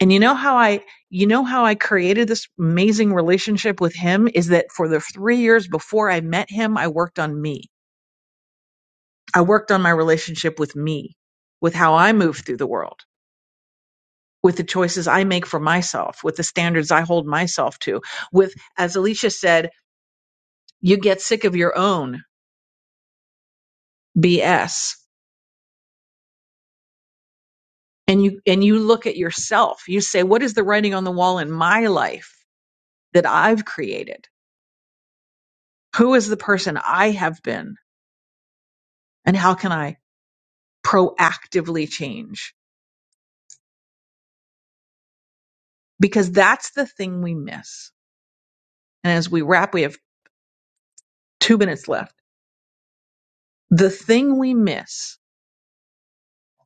O: And you know how I you know how I created this amazing relationship with him is that for the 3 years before I met him, I worked on me. I worked on my relationship with me, with how I move through the world, with the choices I make for myself, with the standards I hold myself to. With, as Alicia said, you get sick of your own BS and you, and you look at yourself. You say, what is the writing on the wall in my life that I've created? Who is the person I have been and how can I proactively change? Because that's the thing we miss. And as we wrap, we have two minutes left. The thing we miss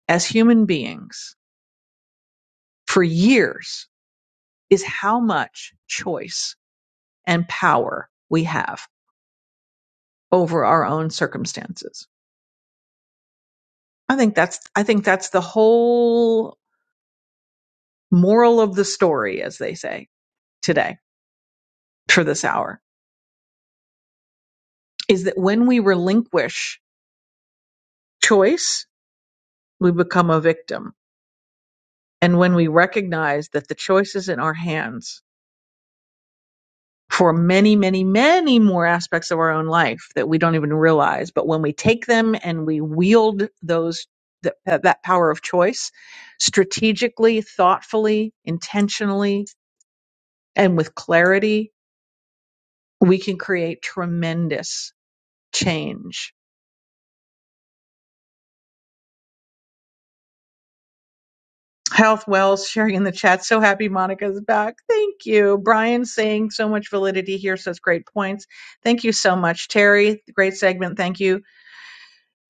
O: as human beings for years is how much choice and power we have over our own circumstances. I think that's I think that's the whole moral of the story as they say today for this hour is that when we relinquish choice we become a victim and when we recognize that the choice is in our hands for many, many, many more aspects of our own life that we don't even realize. But when we take them and we wield those that, that power of choice strategically, thoughtfully, intentionally, and with clarity, we can create tremendous change. Health Wells sharing in the chat. So happy Monica's back. Thank you. Brian saying so much validity here, such great points. Thank you so much, Terry. Great segment. Thank you.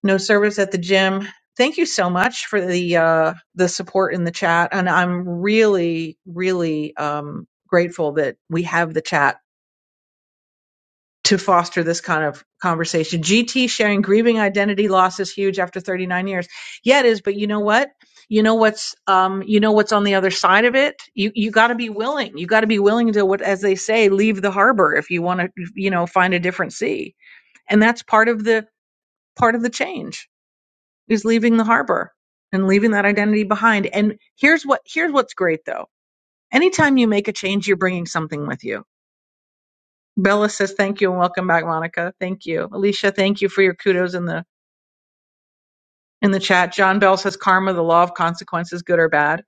O: no service at the gym. Thank you so much for the uh, the support in the chat, and I'm really, really um, grateful that we have the chat to foster this kind of conversation. GT sharing grieving identity loss is huge after 39 years. Yeah, it is, but you know what? You know what's um, you know what's on the other side of it. You you got to be willing. You got to be willing to what, as they say, leave the harbor if you want to, you know, find a different sea. And that's part of the part of the change is leaving the harbor and leaving that identity behind. And here's what here's what's great though. Anytime you make a change, you're bringing something with you. Bella says thank you and welcome back, Monica. Thank you, Alicia. Thank you for your kudos in the in the chat. John Bell says karma, the law of consequences, good or bad.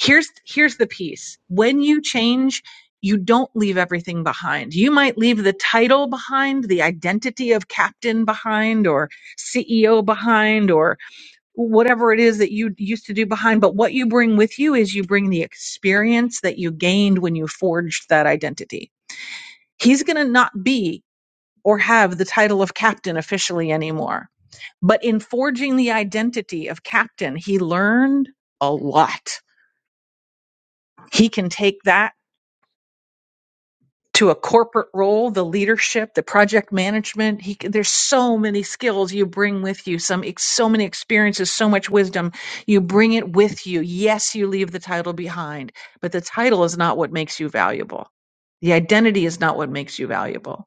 O: Here's here's the piece. When you change, you don't leave everything behind. You might leave the title behind, the identity of captain behind, or CEO behind, or whatever it is that you used to do behind, but what you bring with you is you bring the experience that you gained when you forged that identity. He's going to not be or have the title of captain officially anymore. But in forging the identity of captain, he learned a lot. He can take that to a corporate role, the leadership, the project management. He, there's so many skills you bring with you, some ex- so many experiences, so much wisdom. You bring it with you. Yes, you leave the title behind, but the title is not what makes you valuable. The identity is not what makes you valuable.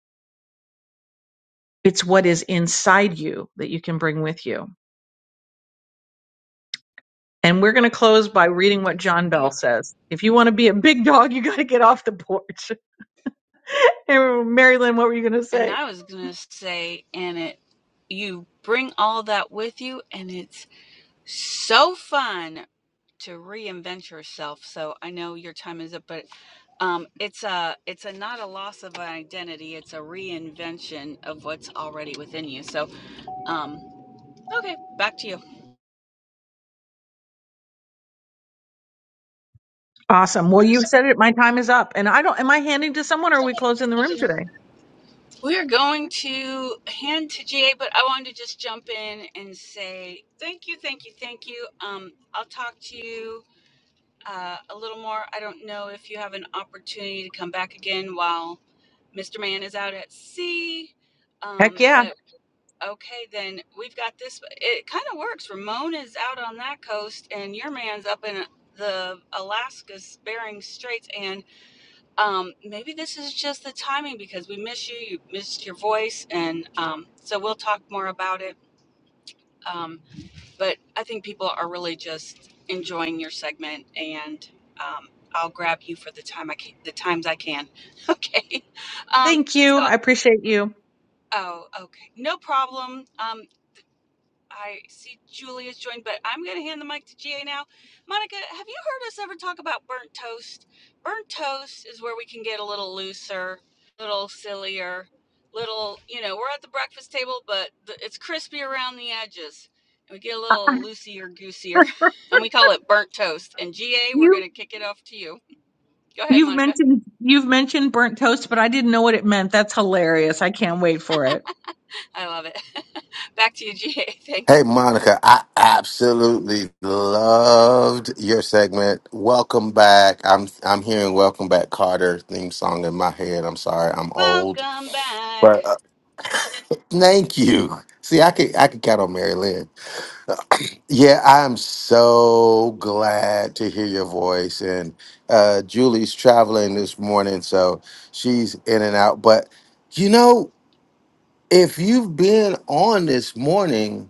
O: It's what is inside you that you can bring with you. And we're going to close by reading what John Bell
E: And
O: says. If you want to be a big dog, you got to get off the porch. And Marilyn, what were you going to
E: and
O: say?
E: I was going to say, and it, you bring all that with you, and it's so fun to reinvent yourself. So I know your time is up, but um, it's a, it's a not a loss of identity. It's a reinvention of what's already within you. So, um, okay, back to you.
O: Awesome. Well, you said it. My time is up. And I don't, am I handing to someone or are we closing the room today?
E: We're going to hand to GA, but I wanted to just jump in and say thank you, thank you, thank you. Um, I'll talk to you uh, a little more. I don't know if you have an opportunity to come back again while Mr. Man is out at sea.
O: Heck
E: Um,
O: yeah.
E: but okay, then we've got this. It kind of works. Ramon is out on that coast, and your man's up in the Alaska's Bering Straits, and um, maybe this is just the timing because we miss you. You missed your voice, and um, so we'll talk more about it. Um, but I think people are really just enjoying your segment, and um, I'll grab you for the time I can, the times I can. Okay. Um,
O: Thank you.
E: so,
O: I appreciate you.
E: oh, okay, no problem. Um, I see Julia's joined, but I'm going to hand the mic to GA now. Monica, have you heard us ever talk about burnt toast? Burnt toast is where we can get a little looser, a little sillier, little, you know, we're at the breakfast table, but the, it's crispy around the edges. And we get a little loosier, goosier, and we call it burnt toast. And GA, we're
O: You
E: going to kick it off to you. Go ahead,
O: You've
E: Monica.
O: mentioned you've mentioned burnt toast, but I didn't know what it meant. That's hilarious. I can't wait for it.
E: I love it. back to you, GA. Thanks.
F: Hey, Monica, I absolutely loved your segment. Welcome back. I'm I'm hearing "Welcome Back, Carter" theme song in my head. I'm sorry, I'm old,
E: Welcome back.
F: but uh, thank you. See, I could I could count on Mary Lynn. Yeah, I'm so glad to hear your voice. And uh, Julie's traveling this morning, so she's in and out. But you know, if you've been on this morning.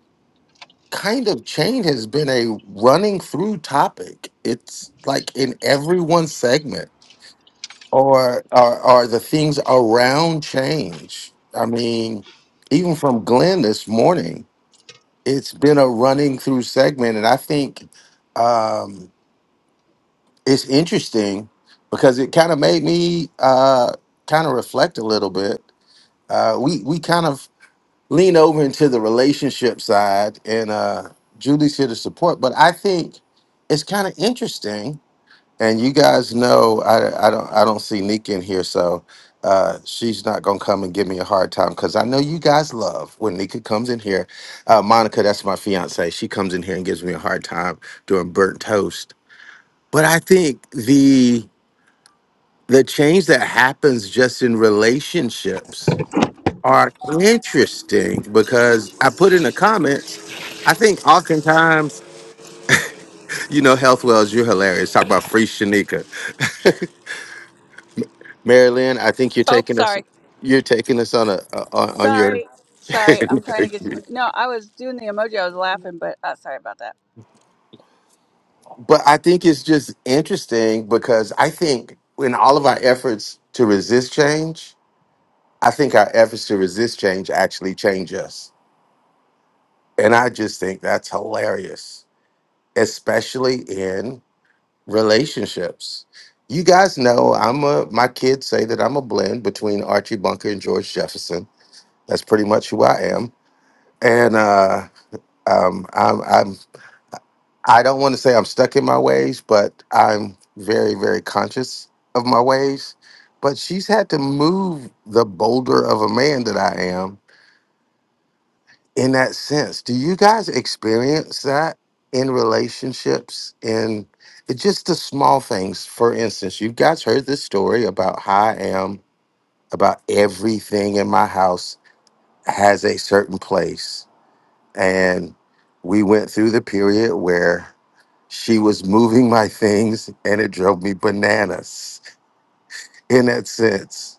F: kind of chain has been a running through topic. It's like in every one segment or are are the things around change. I mean, even from Glenn this morning, it's been a running through segment. And I think um, it's interesting because it kind of made me uh, kind of reflect a little bit. Uh, we we kind of lean over into the relationship side, and uh, Julie's here to support. But I think it's kind of interesting, and you guys know I, I don't I don't see Nika in here, so uh, she's not gonna come and give me a hard time because I know you guys love when Nika comes in here. Uh, Monica, that's my fiance. She comes in here and gives me a hard time doing burnt toast. But I think the the change that happens just in relationships are interesting because I put in the comments. I think oftentimes, you know, Health Wells, you're hilarious. Talk about free Shanika, Marilyn. I think you're
E: Oh,
F: taking us,
E: sorry.
F: you're taking us on a on, on your.
E: Sorry, sorry. I'm trying to get to. No, I was doing the emoji. I was laughing, but uh, sorry about that.
F: but I think it's just interesting because I think in all of our efforts to resist change, I think our efforts to resist change actually change us, and I just think that's hilarious, especially in relationships. You guys know I'm a my kids say that I'm a blend between Archie Bunker and George Jefferson. That's pretty much who I am. And uh um I'm I'm I don't want to say I'm stuck in my ways, but I'm very, very conscious of my ways. But she's had to move the boulder of a man that I am in that sense. Do you guys experience that in relationships? In it's just the small things. For instance, you guys heard this story about how I am about everything in my house has a certain place. And we went through the period where she was moving my things and it drove me bananas in that sense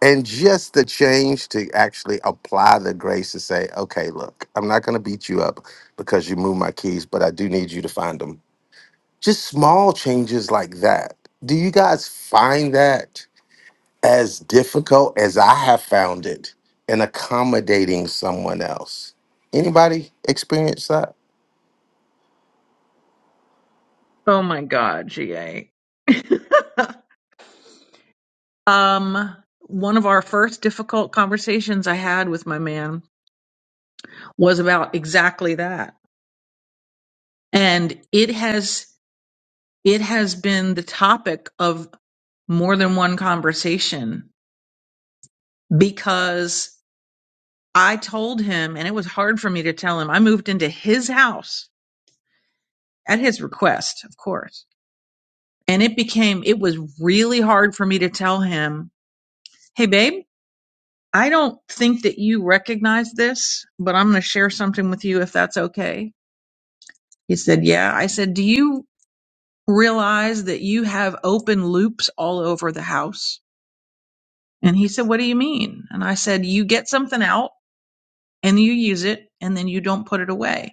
F: and just the change to actually apply the grace to say, okay, look, I'm not going to beat you up because you moved my keys, but I do need you to find them. Just small changes like that. Do you guys find that as difficult as I have found it in accommodating someone else? Anybody experience that?
O: Oh my god, GA. um one of our first difficult conversations I had with my man was about exactly that. And it has it has been the topic of more than one conversation because I told him, and it was hard for me to tell him, I moved into his house at his request, of course. And it became, it was really hard for me to tell him, hey, babe, I don't think that you recognize this, but I'm going to share something with you if that's okay. He said, yeah. I said, do you realize that you have open loops all over the house? And he said, what do you mean? And I said, you get something out and you use it and then you don't put it away.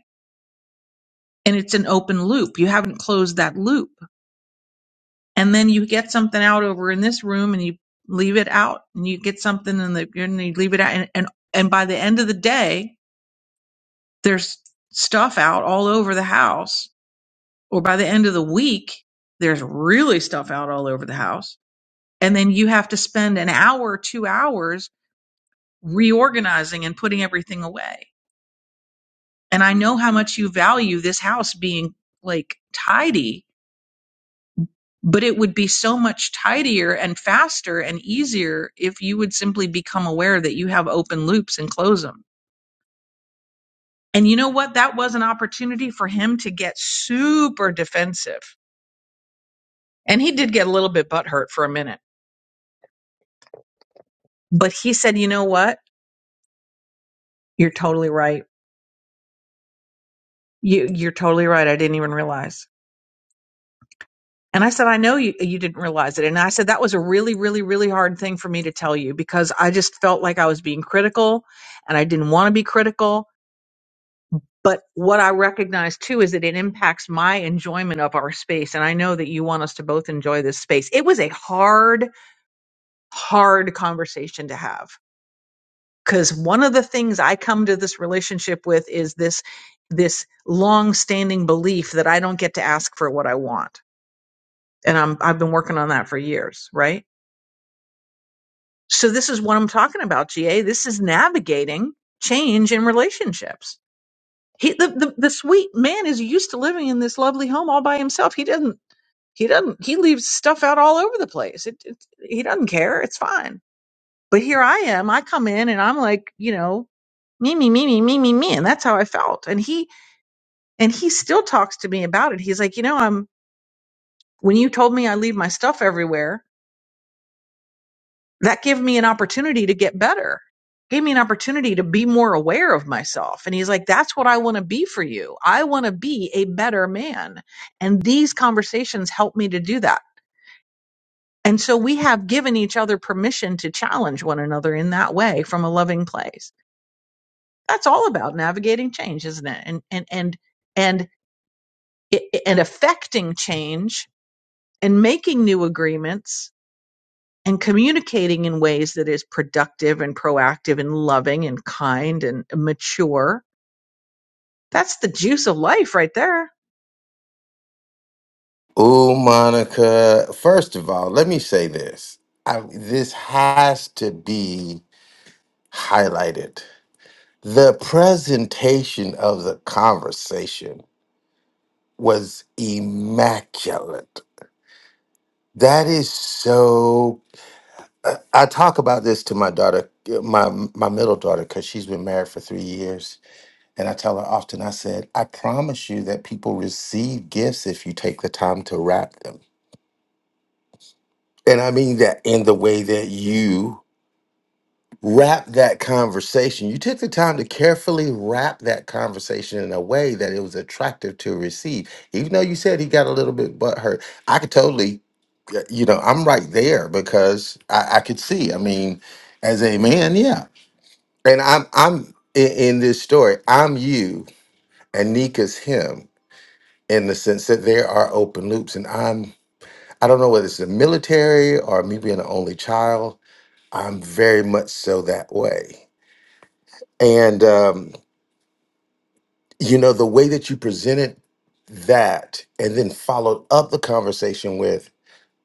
O: and it's an open loop. You haven't closed that loop. And then you get something out over in this room and you leave it out and you get something in the, and you leave it out. And, and, and by the end of the day, there's stuff out all over the house. Or by the end of the week, there's really stuff out all over the house. And then you have to spend an hour, two hours reorganizing and putting everything away. And I know how much you value this house being like tidy But it would be so much tidier and faster and easier if you would simply become aware that you have open loops and close them. And you know what? That was an opportunity for him to get super defensive. And he did get a little bit butthurt for a minute. But he said, you know what? You're totally right. You, you're totally right. I didn't even realize. And I said, I know you, you didn't realize it. And I said, that was a really, really, really hard thing for me to tell you because I just felt like I was being critical and I didn't want to be critical But what I recognize too is that it impacts my enjoyment of our space. And I know that you want us to both enjoy this space. It was a hard, hard conversation to have because one of the things I come to this relationship with is this, this long standing belief that I don't get to ask for what I want. And I'm, I've been working on that for years, right? So this is what I'm talking about, GA. This is navigating change in relationships he the, the the sweet man is used to living in this lovely home all by himself he doesn't He doesn't. He leaves stuff out all over the place. It, it, he doesn't care. It's fine. But here I am. I come in and I'm like, you know, me, me, me, me, me, me, me, and that's how I felt. And he and he still talks to me about it. He's like, you know, I'm when you told me I leave my stuff everywhere, that gave me an opportunity to get better. Gave me an opportunity to be more aware of myself. And he's like, that's what I want to be for you. I want to be a better man. And these conversations help me to do that. And so we have given each other permission to challenge one another in that way from a loving place. That's all about navigating change, isn't it? And and and and and affecting change and making new agreements and communicating in ways that is productive and proactive and loving and kind and mature. That's the juice of life right there.
F: Oh, Monica. First of all, let me say this. I, this has to be highlighted The presentation of the conversation was immaculate. That is so. I I talk about this to my daughter, my my middle daughter, because she's been married for three years, and I tell her often. I said, "I promise you that people receive gifts if you take the time to wrap them." And I mean that in the way that you wrap that conversation. You took the time to carefully wrap that conversation in a way that it was attractive to receive. Even though you said he got a little bit butthurt, I could totally, uh, you know, I'm right there because I, I could see. I mean, as a man, yeah. And I'm, I'm in, in this story. I'm you, and Nika's him. In the sense that there are open loops, and I'm, I don't know whether it's the military or me being an only child, I'm very much so that way. And, um, you know the way that you presented that and then followed up the conversation with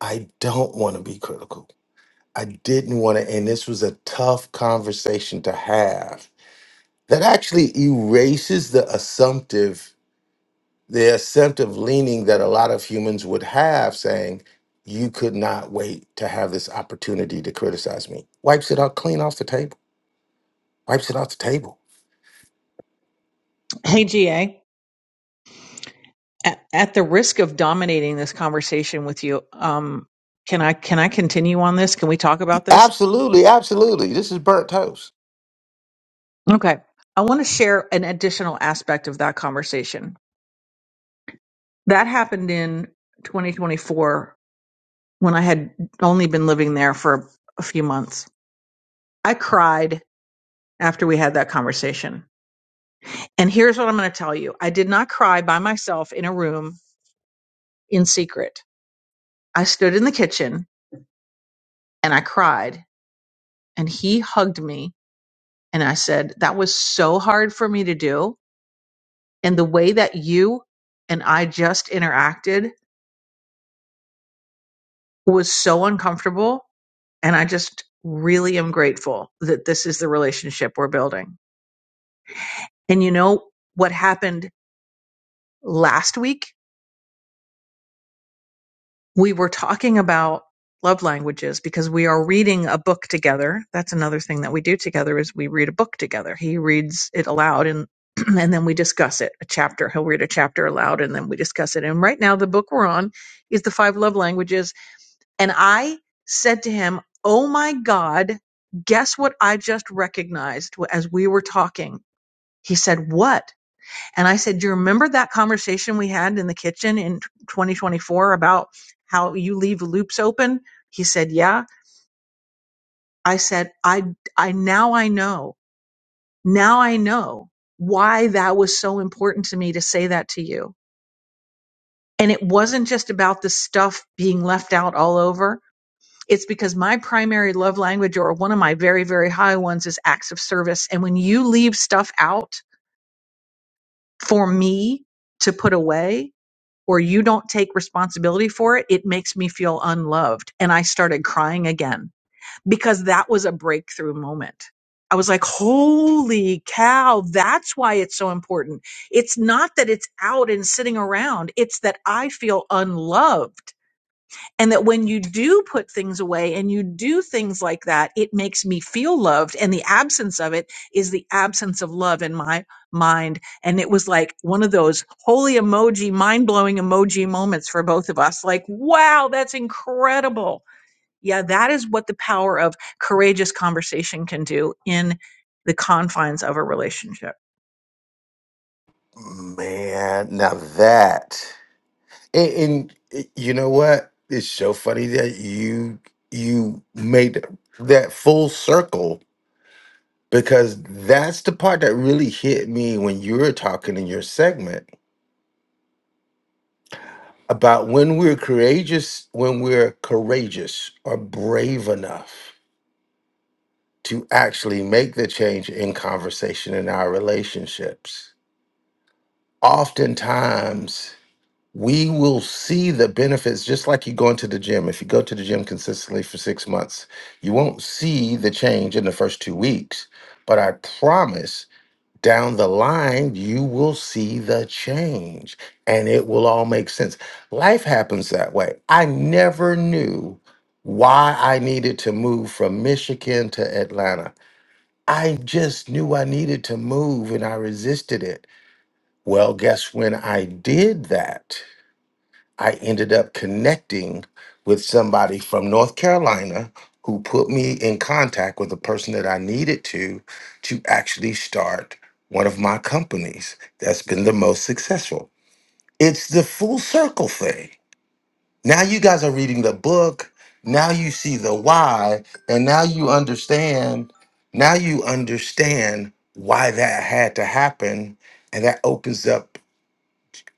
F: i don't want to be critical i didn't want to and this was a tough conversation to have that actually erases the assumptive the assumptive leaning that a lot of humans would have saying you could not wait to have this opportunity to criticize me wipes it out clean off the table wipes it off the table
O: Hey, GA, at, at the risk of dominating this conversation with you, um, can I can I continue on this? Can we talk about this?
F: absolutely absolutely this is burnt toast
O: Okay. I want to share an additional aspect of that conversation. That happened in 2024 when I had only been living there for a few months. I cried after we had that conversation. And here's what I'm going to tell you I did not cry by myself in a room in secret. I stood in the kitchen and I cried, and he hugged me. And I said, That was so hard for me to do. And the way that you and I just interacted was so uncomfortable. And I just really am grateful that this is the relationship we're building. And you know what happened last week? we were talking about love languages because we are reading a book together. That's another thing that we do together is we read a book together. He reads it aloud and and then we discuss it a chapter. He'll read a chapter aloud and then we discuss it. And right now the book we're on is the five love languages and I said to him, "Oh my god, guess what I just recognized as we were talking?" He said, "What?" And I said, Do you remember that conversation we had in the kitchen in 2024 about how you leave loops open? He said, Yeah. I said, I, I now I know. Now I know why that was so important to me to say that to you. And it wasn't just about the stuff being left out all over. It's because my primary love language or one of my very, very high ones is acts of service. And when you leave stuff out for me to put away, or you don't take responsibility for it, it makes me feel unloved. And I started crying again because that was a breakthrough moment. I was like, holy cow, that's why it's so important. It's not that it's out and sitting around, it's that I feel unloved and that when you do put things away and you do things like that, it makes me feel loved. And the absence of it is the absence of love in my mind. And it was like one of those holy emoji, mind blowing emoji moments for both of us. Like, wow, that's incredible. Yeah, that is what the power of courageous conversation can do in the confines of a relationship.
F: Man, now that and, and eh, you know what? It's so funny that you you made that full circle because that's the part that really hit me when you were talking in your segment about when we're courageous, when we're courageous or brave enough to actually make the change in conversation in our relationships. Oftentimes we will see the benefits just like you going to the gym. If you go to the gym consistently for six months, you won't see the change in the first two weeks. But I promise down the line, you will see the change and it will all make sense. Life happens that way. I never knew why I needed to move from Michigan to Atlanta. I just knew I needed to move and I resisted it. Well, guess when I did that? I ended up connecting with somebody from North Carolina who put me in contact with a person that I needed to to actually start one of my companies that's been the most successful. It's the full circle thing. Now you guys are reading the book, now you see the why, and now you understand, now you understand why that had to happen and that opens up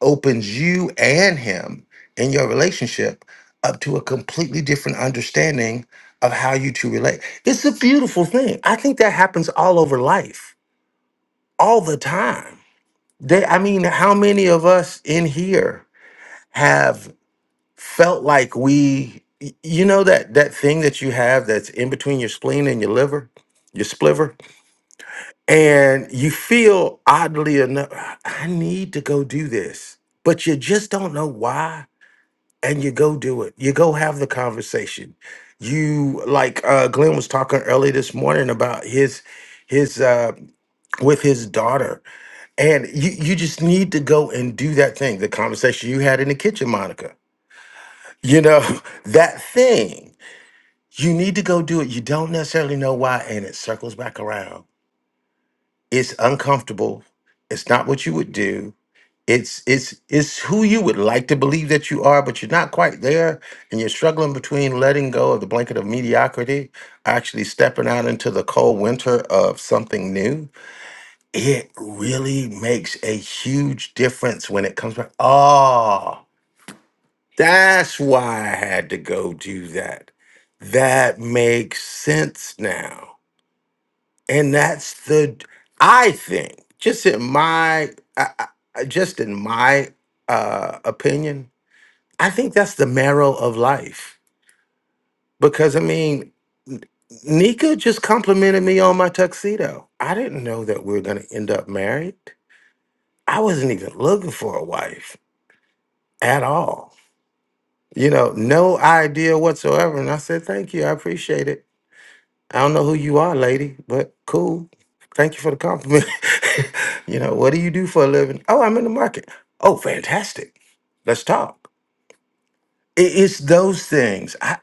F: opens you and him in your relationship up to a completely different understanding of how you two relate. It's a beautiful thing. I think that happens all over life, all the time. They, I mean, how many of us in here have felt like we, y- you know, that that thing that you have that's in between your spleen and your liver, your spliver, and you feel oddly enough, I need to go do this, but you just don't know why and you go do it. You go have the conversation. You like uh Glenn was talking early this morning about his his uh with his daughter. And you you just need to go and do that thing, the conversation you had in the kitchen, Monica. You know, that thing. You need to go do it. You don't necessarily know why and it circles back around. It's uncomfortable. It's not what you would do It's it's it's who you would like to believe that you are, but you're not quite there, and you're struggling between letting go of the blanket of mediocrity, actually stepping out into the cold winter of something new. It really makes a huge difference when it comes back. Oh, that's why I had to go do that. That makes sense now and that's the i think just in my I, I, I- just in my uh opinion i think that's the marrow of life because i mean N- nika just complimented me on my tuxedo i didn't know that we were going to end up married i wasn't even looking for a wife at all you know no idea whatsoever and i said thank you i appreciate it I don't know who you are, lady, but cool. Thank you for the compliment. you know, what do you do for a living? Oh, I'm in the market. Oh, fantastic. Let's talk. I- it's those things. I,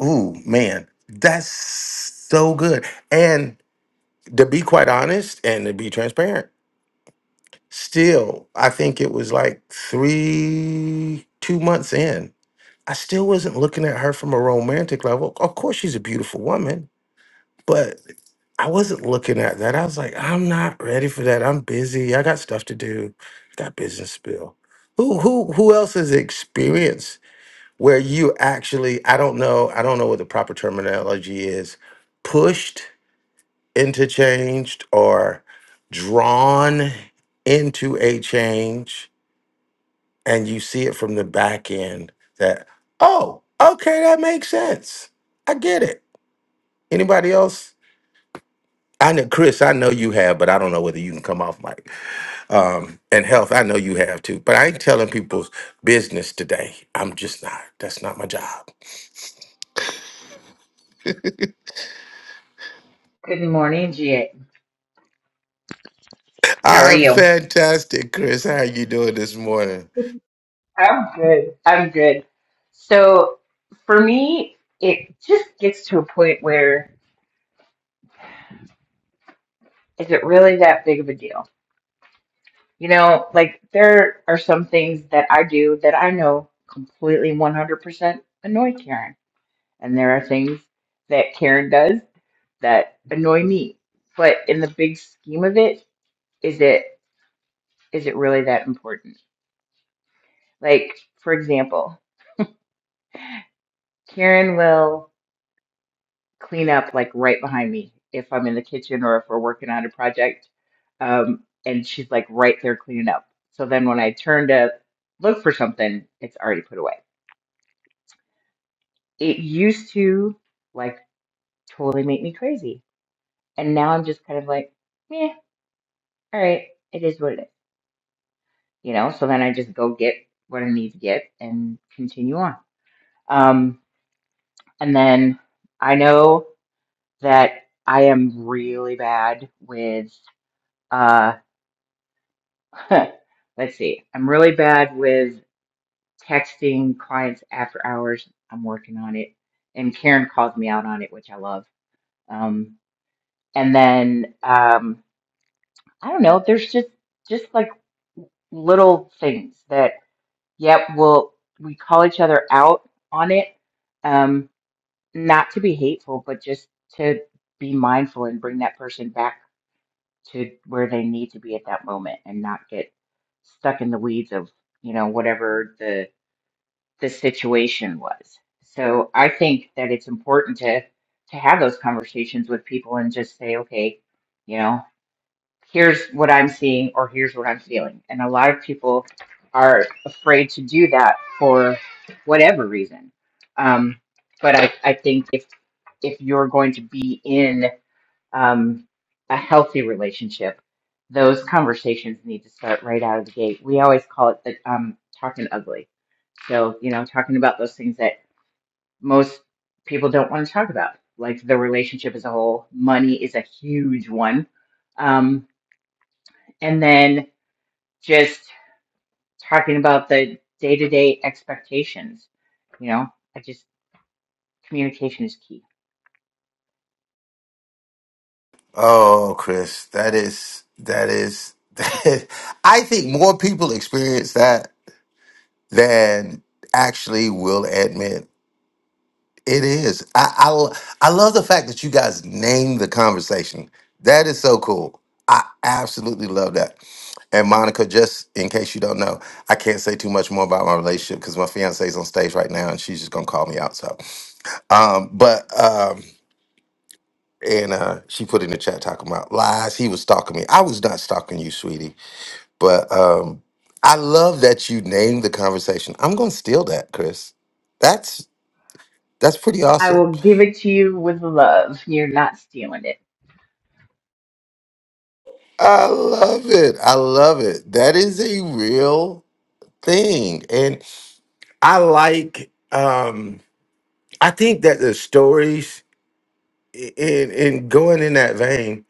F: I ooh, man, that's so good. And to be quite honest and to be transparent, still, I think it was like three, two months in. I still wasn't looking at her from a romantic level. Of course, she's a beautiful woman But I wasn't looking at that. I was like, I'm not ready for that. I'm busy. I got stuff to do. I got business bill. Who who who else has experienced where you actually, I don't know, I don't know what the proper terminology is, pushed into changed or drawn into a change and you see it from the back end that, oh, okay, that makes sense. I get it. Anybody else I know Chris, I know you have, but I don't know whether you can come off mic. Um, and health, I know you have too, but I ain't telling people's business today. I'm just not. That's not my job.
Q: Good morning, GA. How are
F: I'm
Q: you?
F: fantastic, Chris. How are you doing this morning?
Q: I'm good. I'm good. So for me, it just gets to a point where is it really that big of a deal? You know, like there are some things that I do that I know completely 100% annoy Karen. And there are things that Karen does that annoy me. But in the big scheme of it, is it is it really that important? Like, for example, Karen will. clean up like right behind me if I'm in the kitchen or if we're working on a project. Um, and she's like right there cleaning up. So then when I turn to look for something, it's already put away. It used to like totally make me crazy. And now I'm just kind of like, yeah, all right, it is what it is, you know? So then I just go get what I need to get and continue on. Um, and then I know that I am really bad with uh, Let's see. I'm really bad with texting clients after hours. I'm working on it. And Karen calls me out on it, which I love. Um, and then um, I don't know. There's just just like little things that yep, we'll we call each other out on it. Um, not to be hateful, but just to be mindful and bring that person back to where they need to be at that moment and not get stuck in the weeds of you know whatever the the situation was. So I think that it's important to to have those conversations with people and just say, okay, you know, here's what I'm seeing or here's what I'm feeling. And a lot of people are afraid to do that for whatever reason. Um, but I, I think if if you're going to be in um, a healthy relationship, those conversations need to start right out of the gate. We always call it the um, talking ugly. So, you know, talking about those things that most people don't want to talk about, like the relationship as a whole. Money is a huge one. Um, and then just talking about the day to day expectations. You know, I just, communication is key.
F: Oh, Chris, that is that is that, I think more people experience that than actually will admit. It is. I, I l- I love the fact that you guys named the conversation. That is so cool. I absolutely love that. And Monica, just in case you don't know, I can't say too much more about my relationship because my fiance is on stage right now and she's just gonna call me out. So, um, but um, and uh, she put in the chat talking about lies. He was stalking me. I was not stalking you, sweetie. But um, I love that you named the conversation. I'm gonna steal that, Chris. That's that's pretty
Q: I
F: awesome.
Q: will give it to you with love. You're not stealing it.
F: I love it. I love it. That is a real thing. And I like um I think that the stories i- in in going in that vein,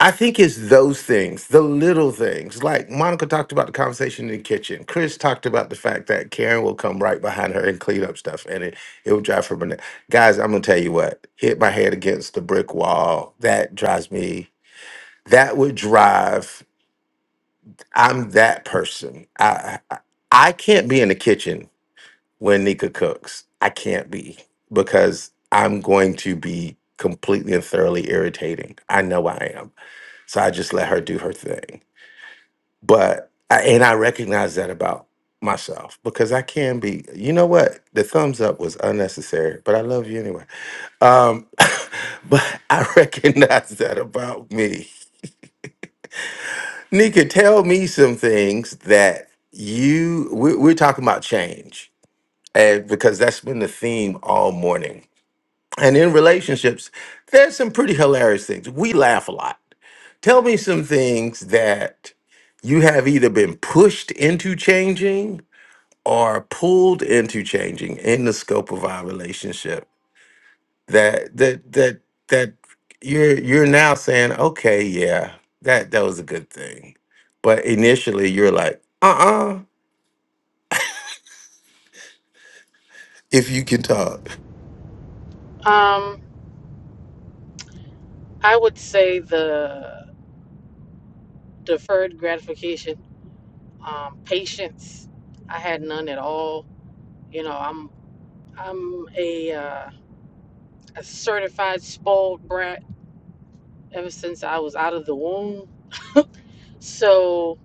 F: I think it's those things, the little things. Like Monica talked about the conversation in the kitchen. Chris talked about the fact that Karen will come right behind her and clean up stuff and it it will drive her bananas. Guys, I'm gonna tell you what, hit my head against the brick wall. That drives me that would drive I'm that person. I I I can't be in the kitchen when Nika cooks. I can't be because I'm going to be completely and thoroughly irritating. I know I am. So I just let her do her thing. But I, and I recognize that about myself because I can be. You know what? The thumbs up was unnecessary, but I love you anyway. Um but I recognize that about me. Nika, tell me some things that you we're, we're talking about change, and because that's been the theme all morning. And in relationships, there's some pretty hilarious things. We laugh a lot. Tell me some things that you have either been pushed into changing or pulled into changing in the scope of our relationship that that that that you're you're now saying okay yeah that that was a good thing but initially you're like uh-uh if you can talk
R: Um, I would say the deferred gratification, um, patience. I had none at all. You know, I'm I'm a, uh, a certified spoiled brat ever since I was out of the womb. So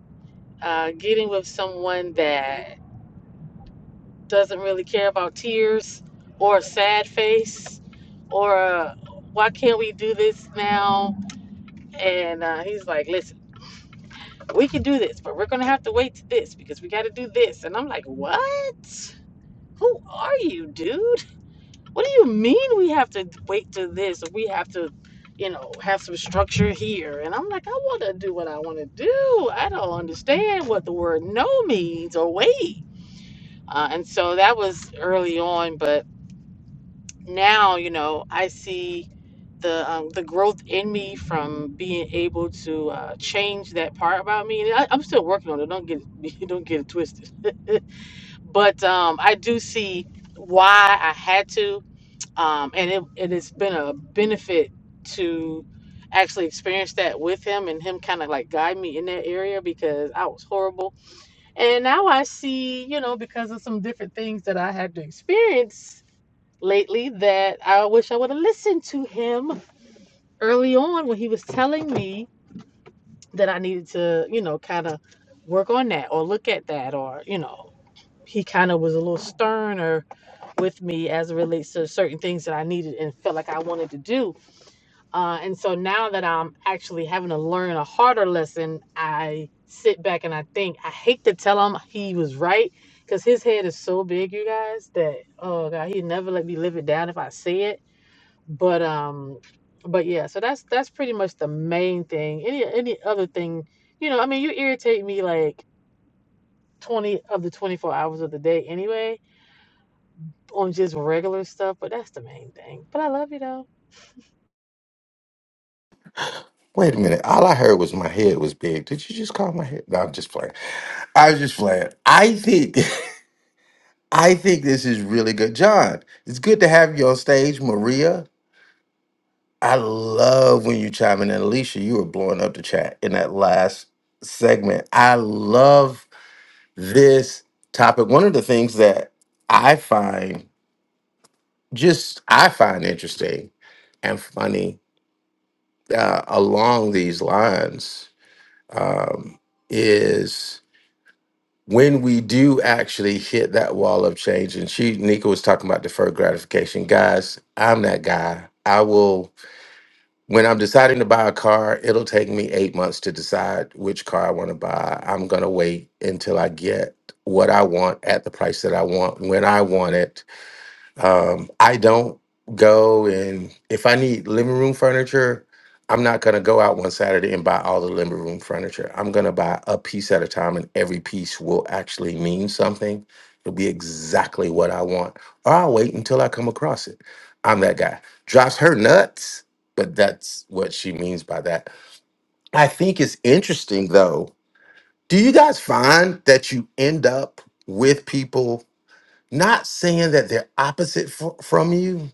R: uh, getting with someone that doesn't really care about tears or a sad face or a why can't we do this now? And uh, he's like, listen. we can do this, but we're gonna have to wait to this because we gotta do this. And I'm like, what? Who are you, dude? What do you mean we have to wait to this? Or we have to, you know, have some structure here. And I'm like, I wanna do what I wanna do. I don't understand what the word no means or wait. Uh, and so that was early on, but now, you know, I see the um, the growth in me from being able to uh, change that part about me. And I, I'm still working on it. Don't get don't get it twisted. but um, I do see why I had to, um, and it it has been a benefit to actually experience that with him and him kind of like guide me in that area because I was horrible. And now I see, you know, because of some different things that I had to experience lately that I wish I would have listened to him early on when he was telling me that I needed to, you know, kind of work on that or look at that or, you know, he kind of was a little sterner with me as it relates to certain things that I needed and felt like I wanted to do. Uh, and so now that I'm actually having to learn a harder lesson, I sit back and I think, I hate to tell him he was right because his head is so big, you guys, that, oh God, he'd never let me live it down if I say it but um but yeah so that's that's pretty much the main thing any any other thing you know i mean you irritate me like 20 of the 24 hours of the day anyway on just regular stuff but that's the main thing but i love you though
F: wait a minute all i heard was my head was big did you just call my head no i'm just playing i was just playing i think i think this is really good john it's good to have you on stage maria i love when you chime in and alicia you were blowing up the chat in that last segment i love this topic. One of the things that I find just I find interesting and funny uh, along these lines um, is when we do actually hit that wall of change. And she, Nika, was talking about deferred gratification. Guys, I'm that guy. I will. When I'm deciding to buy a car, it'll take me eight months to decide which car I want to buy. I'm going to wait until I get what I want at the price that I want when I want it Um, I don't go and if I need living room furniture, I'm not gonna go out one Saturday and buy all the living room furniture. I'm gonna buy a piece at a time, and every piece will actually mean something. It'll be exactly what I want, or I'll wait until I come across it. I'm that guy. Drops her nuts, but that's what she means by that. I think it's interesting though. Do you guys find that you end up with people not saying that they're opposite fr- from you?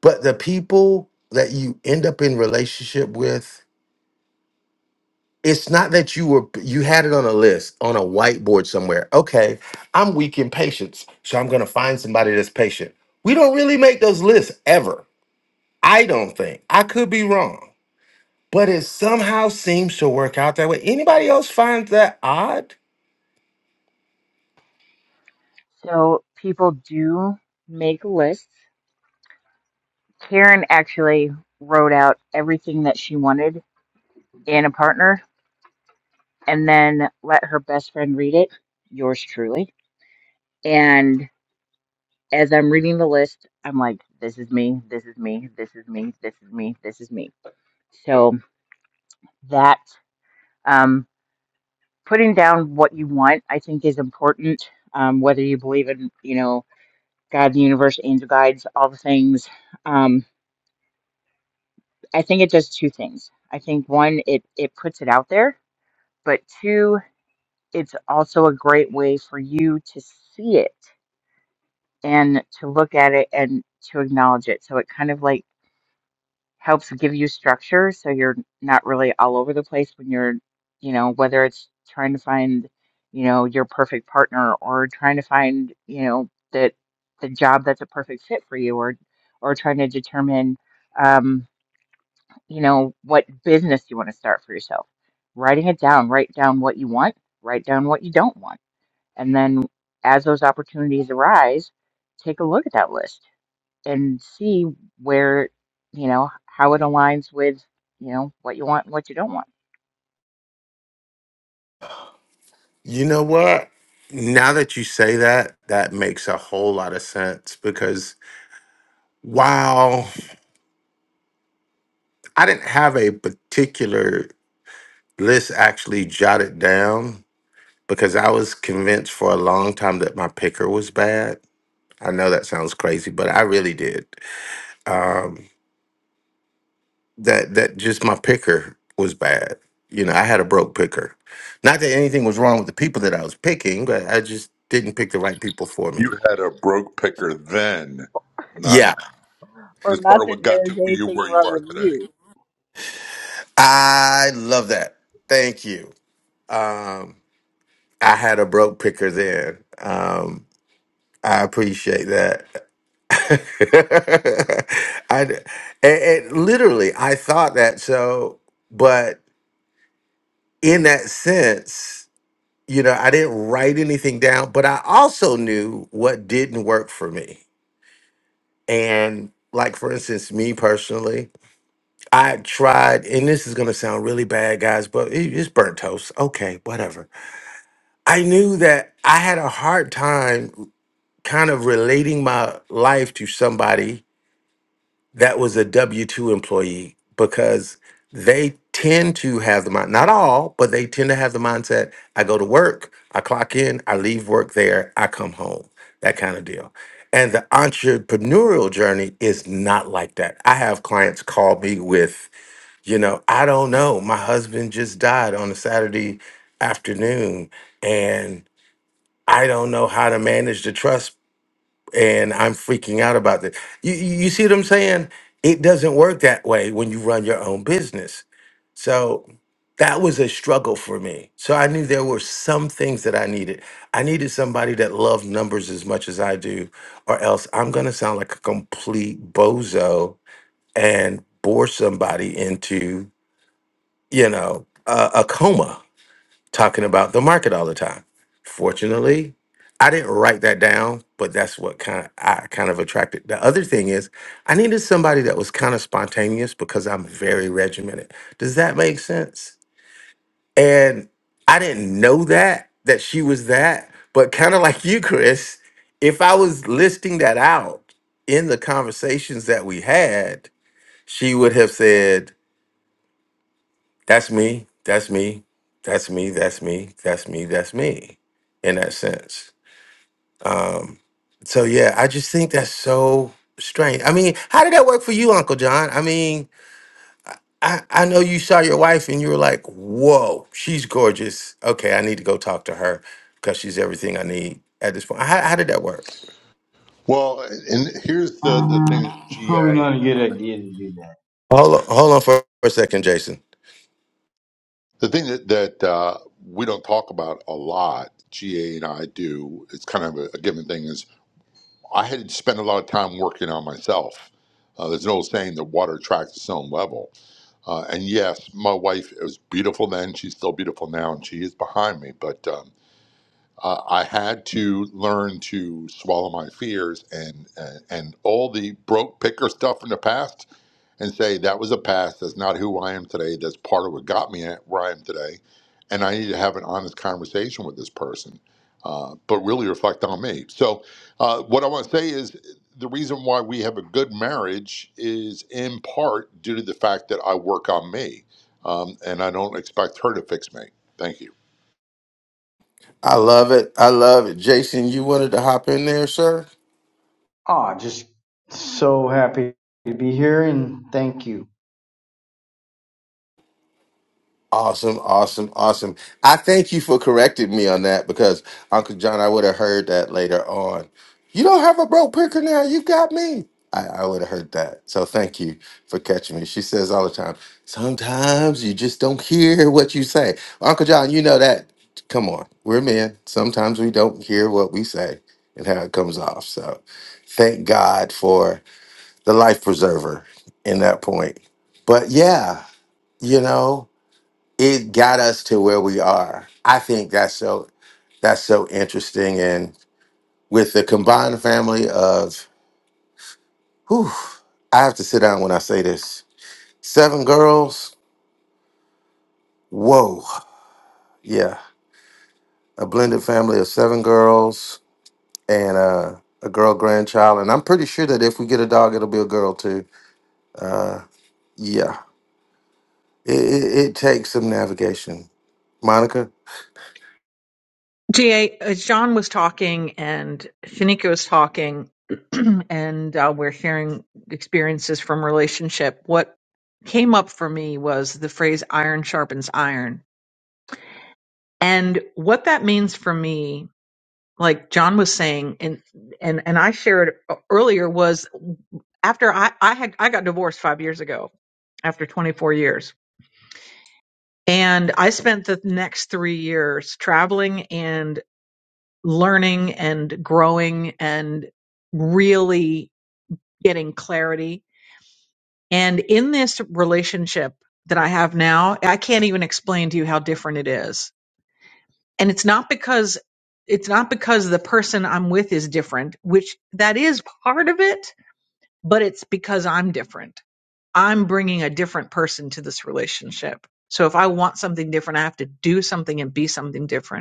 F: But the people that you end up in relationship with, it's not that you were you had it on a list on a whiteboard somewhere. Okay, I'm weak in patience, so I'm gonna find somebody that's patient. We don't really make those lists ever. I don't think. I could be wrong, but it somehow seems to work out that way. Anybody else find that odd?
Q: So people do make lists. Karen actually wrote out everything that she wanted in a partner and then let her best friend read it, yours truly. And as I'm reading the list, I'm like, this is me, this is me, this is me, this is me, this is me. So that um, putting down what you want, I think, is important. Um, whether you believe in, you know, God, the universe, angel guides, all the things. Um, I think it does two things. I think one, it it puts it out there, but two, it's also a great way for you to see it and to look at it and to acknowledge it. So it kind of like helps give you structure so you're not really all over the place when you're, you know, whether it's trying to find, you know, your perfect partner or trying to find, you know, that the job that's a perfect fit for you or or trying to determine um, you know, what business you want to start for yourself. Writing it down, write down what you want, write down what you don't want. And then as those opportunities arise, take a look at that list and see where, you know, how it aligns with, you know, what you want and what you don't want.
F: You know what? Now that you say that, that makes a whole lot of sense because while I didn't have a particular list actually jotted down because I was convinced for a long time that my picker was bad. I know that sounds crazy, but I really did. Um, that that just my picker was bad. You know, I had a broke picker. Not that anything was wrong with the people that I was picking, but I just didn't pick the right people for me.
S: You had a broke picker then, not now.
F: Yeah,
S: And
Q: Or
S: it's part
Q: not
S: of
Q: that
S: what
Q: there
S: got
Q: was
S: to you
Q: anything
S: where you
Q: wrong
S: are
Q: with
S: today.
Q: you.
F: I love that. Thank you. Um, I had a broke picker then. Um, I appreciate that. I and, and literally, I thought that so, but in that sense, you know, I didn't write anything down, but I also knew what didn't work for me. And like for instance, me personally, I tried, and this is gonna sound really bad, guys, but it- it's burnt toast. Okay, whatever. I knew that I had a hard time kind of relating my life to somebody that was a W 2 employee because they tend to have the mind, not all, but they tend to have the mindset I go to work, I clock in, I leave work there, I come home, that kind of deal. And the entrepreneurial journey is not like that. I have clients call me with, you know, I don't know, my husband just died on a Saturday afternoon and I don't know how to manage the trust and I'm freaking out about this. You, you you see what I'm saying? It doesn't work that way when you run your own business. So that was a struggle for me. So I knew there were some things that I needed. I needed somebody that loved numbers as much as I do, or else I'm going to sound like a complete bozo and bore somebody into, you know, a, a coma talking about the market all the time. Fortunately, I didn't write that down, but that's what kind of I kind of attracted. The other thing is, I needed somebody that was kind of spontaneous because I'm very regimented. Does that make sense? And I didn't know that that she was that, but kind of like you, Chris, if I was listing that out in the conversations that we had, she would have said, that's me. That's me. That's me. That's me. That's me. That's me. In that sense. Um, so yeah, I just think that's so strange. I mean, how did that work for you, Uncle John? I mean, I, I know you saw your wife and you were like, whoa, she's gorgeous. Okay, I need to go talk to her because she's everything I need at this point. How, how did that work?
S: Well, and here's the, the
T: Uh,
S: thing that
T: it's probably
S: GA and
T: not a good
S: I,
T: idea to do that.
F: Hold on, hold on for a second, Jason.
S: the thing that, that uh, we don't talk about a lot, GA and I do, it's kind of a, a given thing, is I had spent a lot of time working on myself. Uh, there's an old saying that water attracts its own level. Uh, and yes, my wife was beautiful then. She's still beautiful now, and she is behind me. But um, uh, I had to learn to swallow my fears and, and and all the broke picker stuff from the past, and say that was a past. That's not who I am today. That's part of what got me at where I am today, and I need to have an honest conversation with this person, uh, but really reflect on me. So, uh, what I want to say is the reason why we have a good marriage is in part due to the fact that I work on me, um, and I don't expect her to fix me. Thank you.
F: I love it. I love it. Jason, you wanted to hop in there, sir?
T: Ah, just so happy to be here and thank you.
F: Awesome, awesome, awesome. I thank you for correcting me on that because Uncle John, I would have heard that later on. You don't have a broke picker now. You got me. I, I would have heard that. So thank you for catching me. She says all the time, sometimes you just don't hear what you say. Uncle John, you know that. Come on, we're men. Sometimes we don't hear what we say and how it comes off. So thank God for the life preserver in that point. But yeah, you know it got us to where we are. I think that's so that's so interesting. And with the combined family of whew, I have to sit down when I say this. Seven girls, whoa. Yeah. A blended family of seven girls and uh a girl grandchild, and I'm pretty sure that if we get a dog, it'll be a girl too. Uh, yeah, it, it, it takes some navigation. Monica,
O: GA, As John was talking and Shanika was talking, and uh, we're hearing experiences from relationship. What came up for me was the phrase iron sharpens iron. And what that means for me, like John was saying, and, and, and I shared earlier, was after I, I had I got divorced five years ago after 24 years. And I spent the next three years traveling and. learning and growing and really getting clarity. And in this relationship that I have now, I can't even explain to you how different it is. And it's not because it's not because the person I'm with is different, which that is part of it, but it's because I'm different. I'm bringing a different person to this relationship. So if I want something different, I have to do something and be something different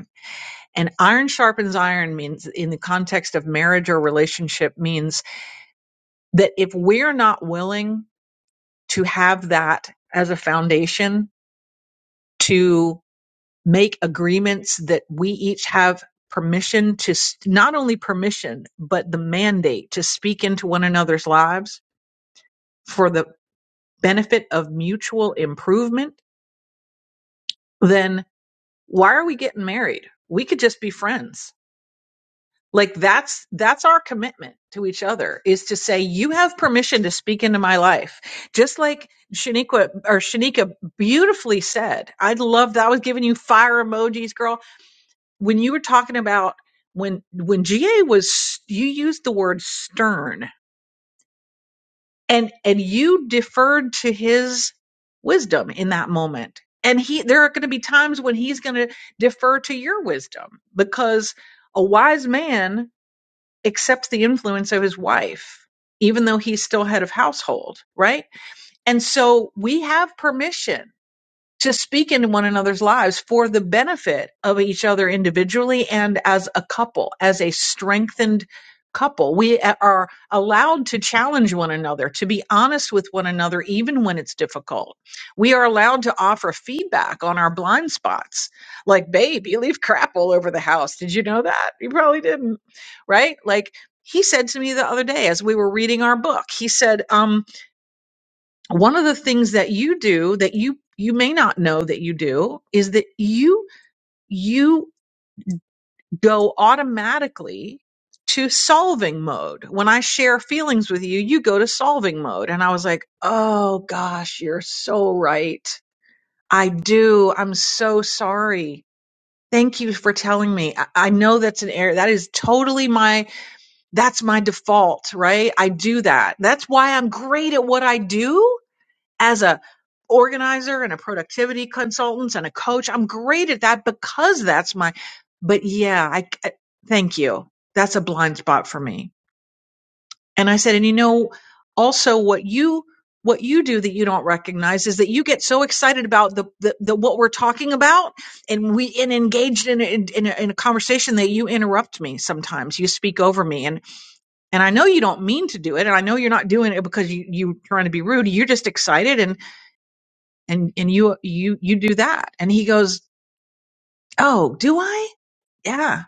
O: And iron sharpens iron means, in the context of marriage or relationship, means that if we're not willing to have that as a foundation to make agreements that we each have permission to, not only permission, but the mandate to speak into one another's lives for the benefit of mutual improvement, then why are we getting married? We could just be friends like that's that's our commitment to each other is to say you have permission to speak into my life just like shaniqua or shanika beautifully said i love that i was giving you fire emojis girl when you were talking about when when ga was you used the word stern and and you deferred to his wisdom in that moment and he there are going to be times when he's going to defer to your wisdom because a wise man accepts the influence of his wife, even though he's still head of household, right? And so we have permission to speak into one another's lives for the benefit of each other individually and as a couple, as a strengthened couple. We are allowed to challenge one another, to be honest with one another, even when it's difficult. We are allowed to offer feedback on our blind spots. Like, babe, you leave crap all over the house. Did you know that? You probably didn't, right? Like, he said to me the other day as we were reading our book, he said, um, one of the things that you do that you you may not know that you do is that you you go automatically to solving mode. When I share feelings with you, you go to solving mode. And I was like, "Oh gosh, you're so right. I do. I'm so sorry. Thank you for telling me. I, I know that's an error. That is totally my that's my default, right? I do that. That's why I'm great at what I do as a organizer and a productivity consultant and a coach i'm great at that because that's my but yeah i I- thank you that's a blind spot for me and i said and you know also what you what you do that you don't recognize is that you get so excited about the, the, the what we're talking about and we and engaged in in, in, a, in a conversation that you interrupt me sometimes you speak over me and and i know you don't mean to do it and i know you're not doing it because you you're trying to be rude you're just excited and and and you you you do that." And he goes, "Oh, do I? Yeah,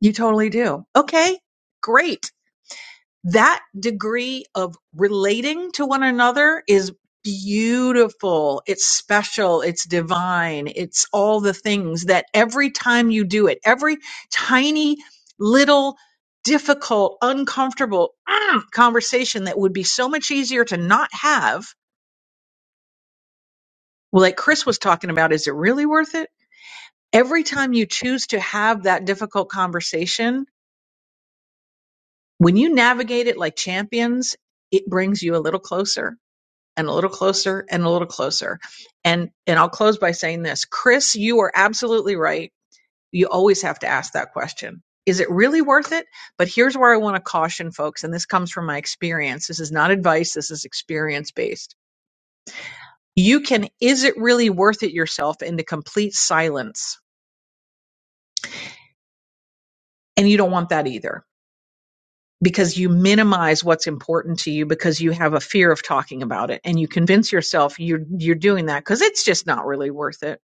O: you totally do. Okay, great. That degree of relating to one another is beautiful. It's special. It's divine. It's all the things that every time you do it, every tiny little difficult, uncomfortable mm, conversation that would be so much easier to not have. Well, like Chris was talking about, is it really worth it? every time you choose to have that difficult conversation, when you navigate it like champions, it brings you a little closer and a little closer and a little closer. And and I'll close by saying this, Chris, you are absolutely right. You always have to ask that question. Is it really worth it? But here's where I want to caution folks, and this comes from my experience. This is not advice, this is experience based. You can is it really worth it yourself into complete silence. And you don't want that either because you minimize what's important to you because you have a fear of talking about it and you convince yourself you're you're doing that because it's just not really worth it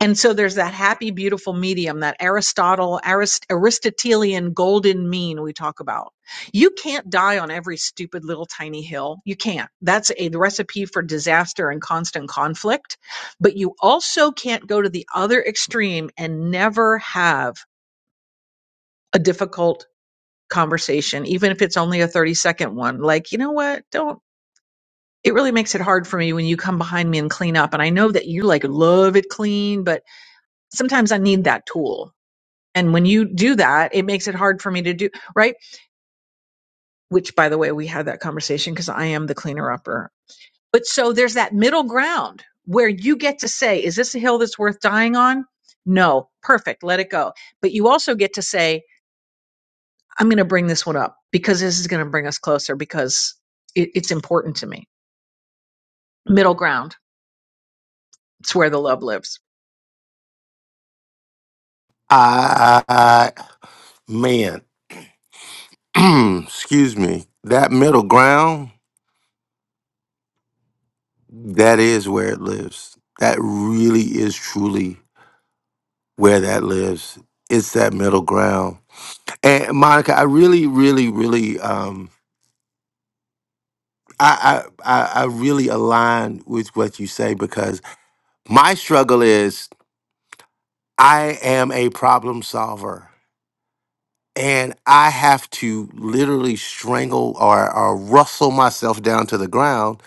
O: and so there's that happy beautiful medium that aristotle Arist- aristotelian golden mean we talk about you can't die on every stupid little tiny hill you can't that's a recipe for disaster and constant conflict but you also can't go to the other extreme and never have a difficult conversation, even if it's only a 30 second one. Like, you know what? Don't, it really makes it hard for me when you come behind me and clean up. And I know that you like love it clean, but sometimes I need that tool. And when you do that, it makes it hard for me to do, right? Which, by the way, we had that conversation because I am the cleaner upper. But so there's that middle ground where you get to say, is this a hill that's worth dying on? No, perfect, let it go. But you also get to say, I'm going to bring this one up because this is going to bring us closer because it, it's important to me. Middle ground. It's where the love lives.
F: I, I I- man, excuse me, that middle ground. That is where it lives. That really is truly where that lives. It's that middle ground. And Monica, I really, really, really, um, I, I, I I really align with what you say because my struggle is I am a problem solver and I have to literally strangle or, or rustle myself down to the ground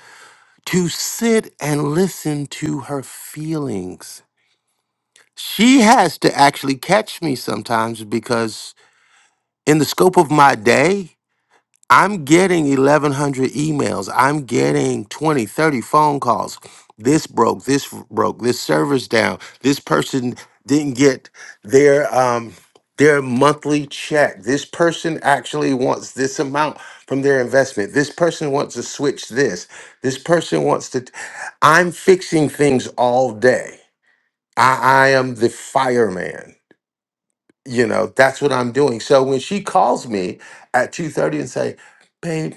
F: to sit and listen to her feelings she has to actually catch me sometimes because in the scope of my day i'm getting 1100 emails i'm getting 20, 30 phone calls this broke this broke this server's down this person didn't get their um their monthly check this person actually wants this amount from their investment this person wants to switch this this person wants to i'm fixing things all day i, I am the fireman you know that's what i'm doing so when she calls me at 2.30 and say babe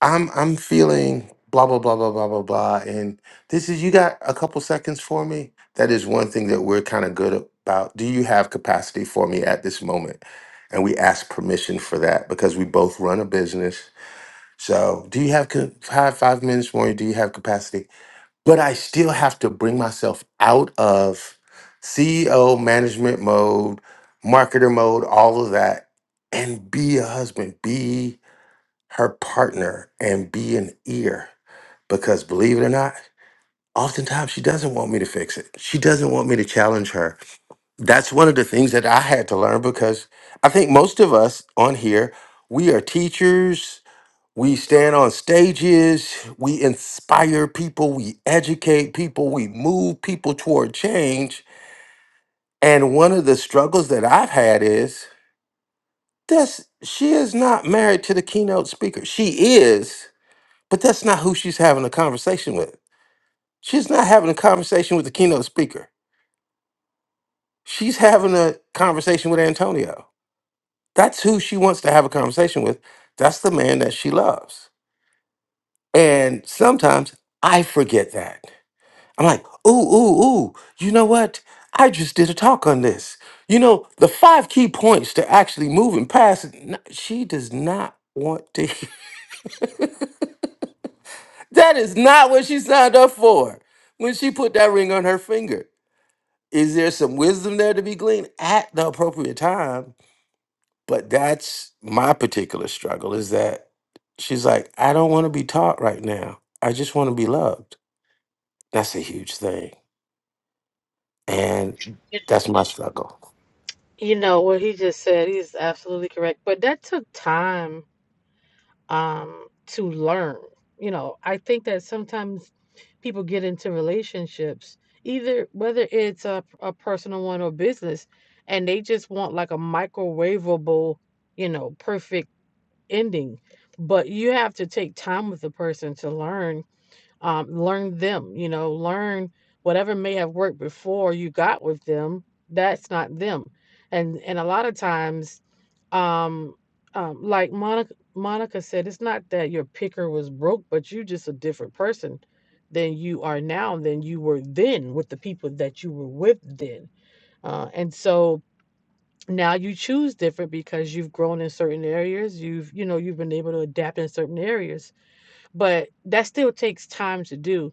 F: i'm i'm feeling blah blah blah blah blah blah blah and this is you got a couple seconds for me that is one thing that we're kind of good about do you have capacity for me at this moment and we ask permission for that because we both run a business so do you have co- have five minutes more do you have capacity but I still have to bring myself out of CEO management mode, marketer mode, all of that, and be a husband, be her partner, and be an ear. Because believe it or not, oftentimes she doesn't want me to fix it. She doesn't want me to challenge her. That's one of the things that I had to learn because I think most of us on here, we are teachers, we stand on stages, we inspire people, we educate people, we move people toward change. And one of the struggles that I've had is that's she is not married to the keynote speaker. She is, but that's not who she's having a conversation with. She's not having a conversation with the keynote speaker. She's having a conversation with Antonio. That's who she wants to have a conversation with. That's the man that she loves. And sometimes I forget that. I'm like, ooh, ooh, ooh, you know what? I just did a talk on this. You know, the five key points to actually moving past, n- she does not want to. that is not what she signed up for when she put that ring on her finger. Is there some wisdom there to be gleaned at the appropriate time? But that's my particular struggle is that she's like, I don't want to be taught right now. I just want to be loved. That's a huge thing And that's my struggle.
R: you know what he just said he's absolutely correct but that took time um, to learn. You know, I think that sometimes people get into relationships, either whether it's a, a personal one or business, and they just want like a microwavable, you know, perfect ending. But you have to take time with the person to learn um, learn them you know learn whatever may have worked before you got with them that's not them and and a lot of times um, um like monica monica said it's not that your picker was broke but you're just a different person than you are now than you were then with the people that you were with then uh, and so now you choose different because you've grown in certain areas you've you know you've been able to adapt in certain areas but that still takes time to do.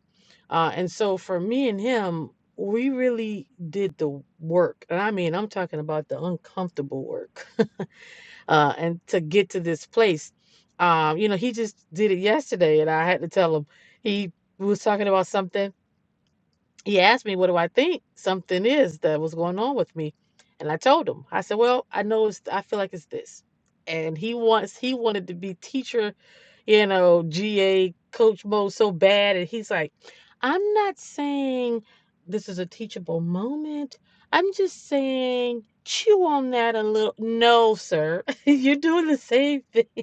R: Uh, and so for me and him, we really did the work. And I mean, I'm talking about the uncomfortable work. Uh, and to get to this place, um, you know, he just did it yesterday, and I had to tell him he was talking about something he asked me, What do I think something is that was going on with me? And I told him, I said, Well, I know it's, I feel like it's this. And he wants, he wanted to be teacher, you know, GA, coach mode so bad. And he's like, I'm not saying this is a teachable moment. I'm just saying, chew on that a little. No, sir, you're doing the same thing.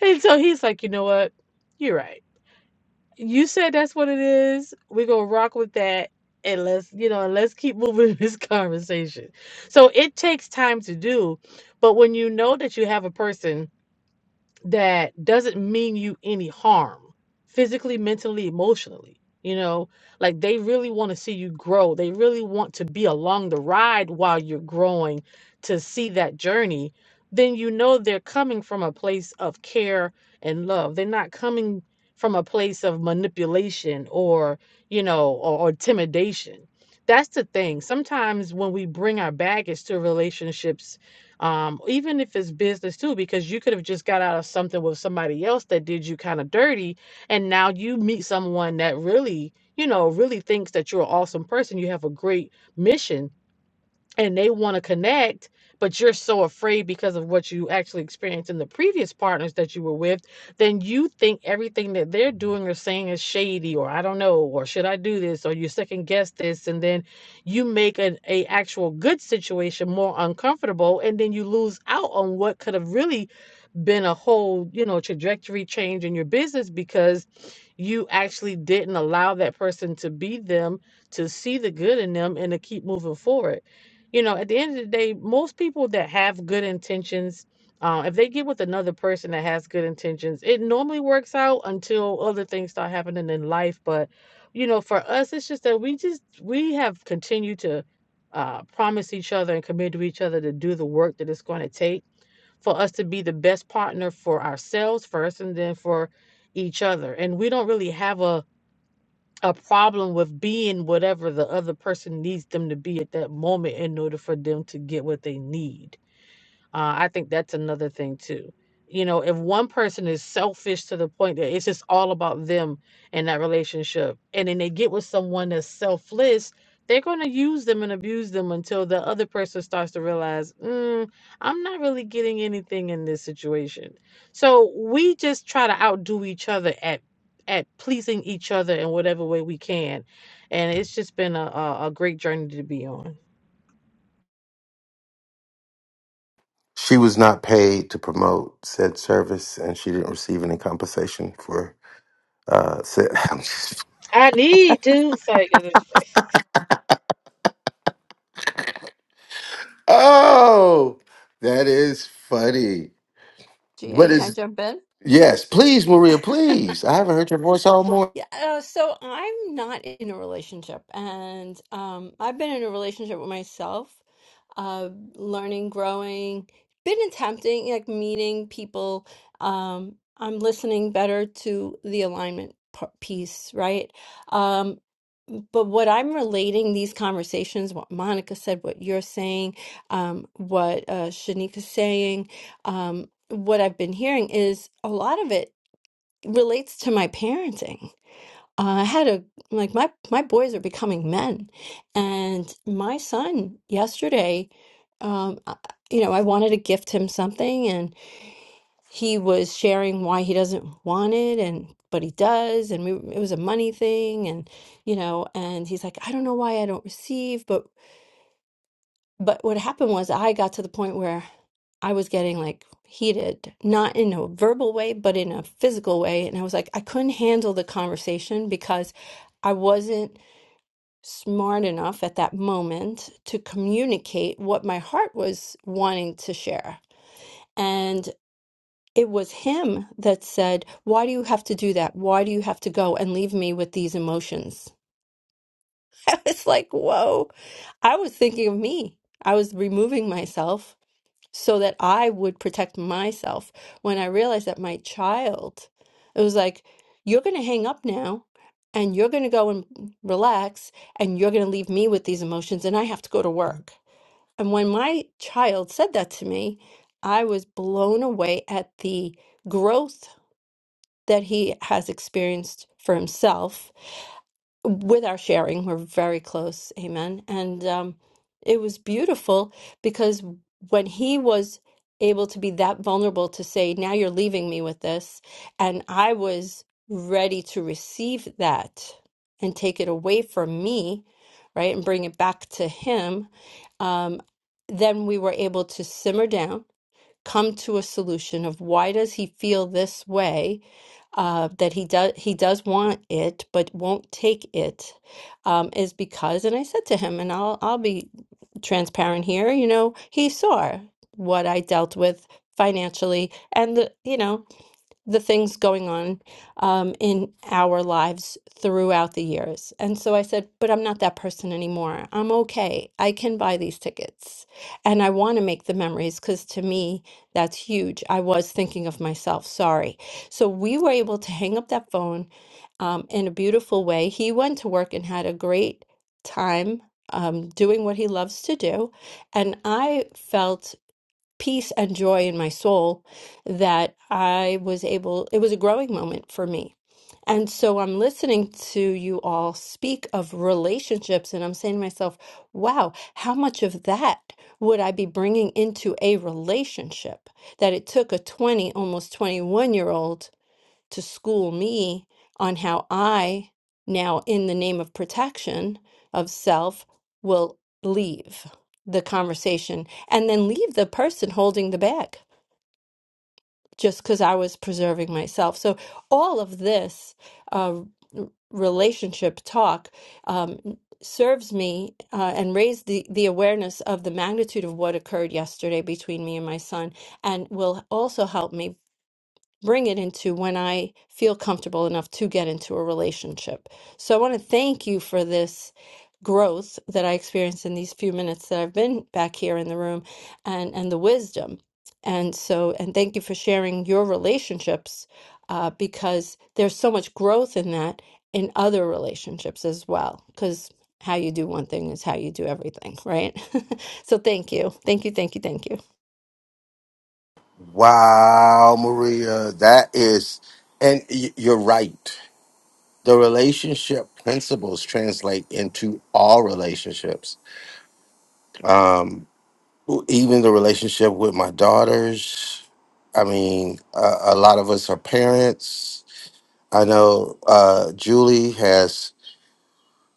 R: And so he's like, You know what? You're right. You said that's what it is. We're gonna rock with that and let's, you know, and let's keep moving this conversation. So it takes time to do, but when you know that you have a person that doesn't mean you any harm physically, mentally, emotionally. You know, like they really want to see you grow. They really want to be along the ride while you're growing to see that journey. Then you know they're coming from a place of care and love. They're not coming from a place of manipulation or, you know, or, or intimidation. That's the thing. Sometimes when we bring our baggage to relationships, um, even if it's business too, because you could have just got out of something with somebody else that did you kind of dirty, and now you meet someone that really, you know, really thinks that you're an awesome person. You have a great mission, and they want to connect, but you're so afraid because of what you actually experienced in the previous partners that you were with, then you think everything that they're doing or saying is shady, or I don't know, or should I do this, or you second guess this, and then you make an a actual good situation more uncomfortable, and then you lose out on what could have really been a whole you know trajectory change in your business because you actually didn't allow that person to be them to see the good in them and to keep moving forward you know, at the end of the day, most people that have good intentions, uh, if they get with another person that has good intentions, it normally works out until other things start happening in life. But, you know, for us, it's just that we just we have continued to uh, promise each other and commit to each other to do the work that it's going to take for us to be the best partner for ourselves first, and then for each other. And we don't really have a a problem with being whatever the other person needs them to be at that moment in order for them to get what they need uh, I think that's another thing too. You know, if one person is selfish to the point that it's just all about them in that relationship, and then they get with someone that's selfless, they're going to use them and abuse them until the other person starts to realize, mm, I'm not really getting anything in this situation. So we just try to outdo each other at at pleasing each other in whatever way we can, and it's just been a a, a great journey to be on.
F: She was not paid to promote said service, and she didn't receive any compensation for uh, said. I'm just-
R: I need to. Sorry,
F: oh, that is funny.
U: GA,
F: But
U: can I
F: it's
U: jump in?
F: yes, please, Maria, please. I haven't heard your voice all morning.
U: Yeah, uh, so I'm not in a relationship, and um, I've been in a relationship with myself, uh, learning, growing, been attempting, like meeting people. Um, I'm listening better to the alignment p- piece, right? Um, but what I'm relating these conversations, what Monica said, what you're saying, um, what uh, Shanika's saying, um, what I've been hearing is a lot of it. relates to my parenting. Uh, I had a like my my boys are becoming men, and my son yesterday, um, I- you know, I wanted to gift him something, and he was sharing why he doesn't want it, and but he does, and we, it was a money thing, and you know, and he's like, I don't know why I don't receive, but but what happened was I got to the point where I was getting like heated, not in a verbal way, but in a physical way. And I was like, I couldn't handle the conversation because I wasn't smart enough at that moment to communicate what my heart was wanting to share. And it was him that said, Why do you have to do that? Why do you have to go and leave me with these emotions? I was like, Whoa, I was thinking of me. I was removing myself so that I would protect myself. When I realized that my child, it was like, you're going to hang up now and you're going to go and relax and you're going to leave me with these emotions and I have to go to work. And when my child said that to me, I was blown away at the growth that he has experienced for himself with our sharing. We're very close. Amen. And um, it was beautiful because when he was able to be that vulnerable to say, Now you're leaving me with this, and I was ready to receive that and take it away from me, right, and bring it back to him, um, then we were able to simmer down. Come to a solution of why does he feel this way, uh, that he does he does want it but won't take it um, is because and I said to him and I'll I'll be transparent here you know he saw what I dealt with financially and the, you know the things going on um, in our lives throughout the years. And so I said, but I'm not that person anymore. I'm okay. I can buy these tickets. And I want to make the memories because to me, that's huge. I was thinking of myself. Sorry. So we were able to hang up that phone um, in a beautiful way. He went to work and had a great time. Um, doing what he loves to do. And I felt peace and joy in my soul that I was able, it was a growing moment for me. And so I'm listening to you all speak of relationships, and I'm saying to myself, wow, how much of that would I be bringing into a relationship that it took a 20, almost 21 year old? to school me on how I, now in the name of protection of self, will leave the conversation and then leave the person holding the bag just because I was preserving myself. So, all of this uh, r- relationship talk um, serves me uh, and raised the, the awareness of the magnitude of what occurred yesterday between me and my son and will also help me bring it into when I feel comfortable enough to get into a relationship. So I want to thank you for this growth that I experienced in these few minutes that I've been back here in the room and and the wisdom. And so and thank you for sharing your relationships uh, because there's so much growth in that in other relationships as well because how you do one thing is how you do everything, right? so thank you. Thank you, thank you, thank you.
F: Wow, Maria, that is, and y- you're right. The relationship principles translate into all relationships. Um, even the relationship with my daughters. I mean, uh, a lot of us are parents. I know uh, Julie has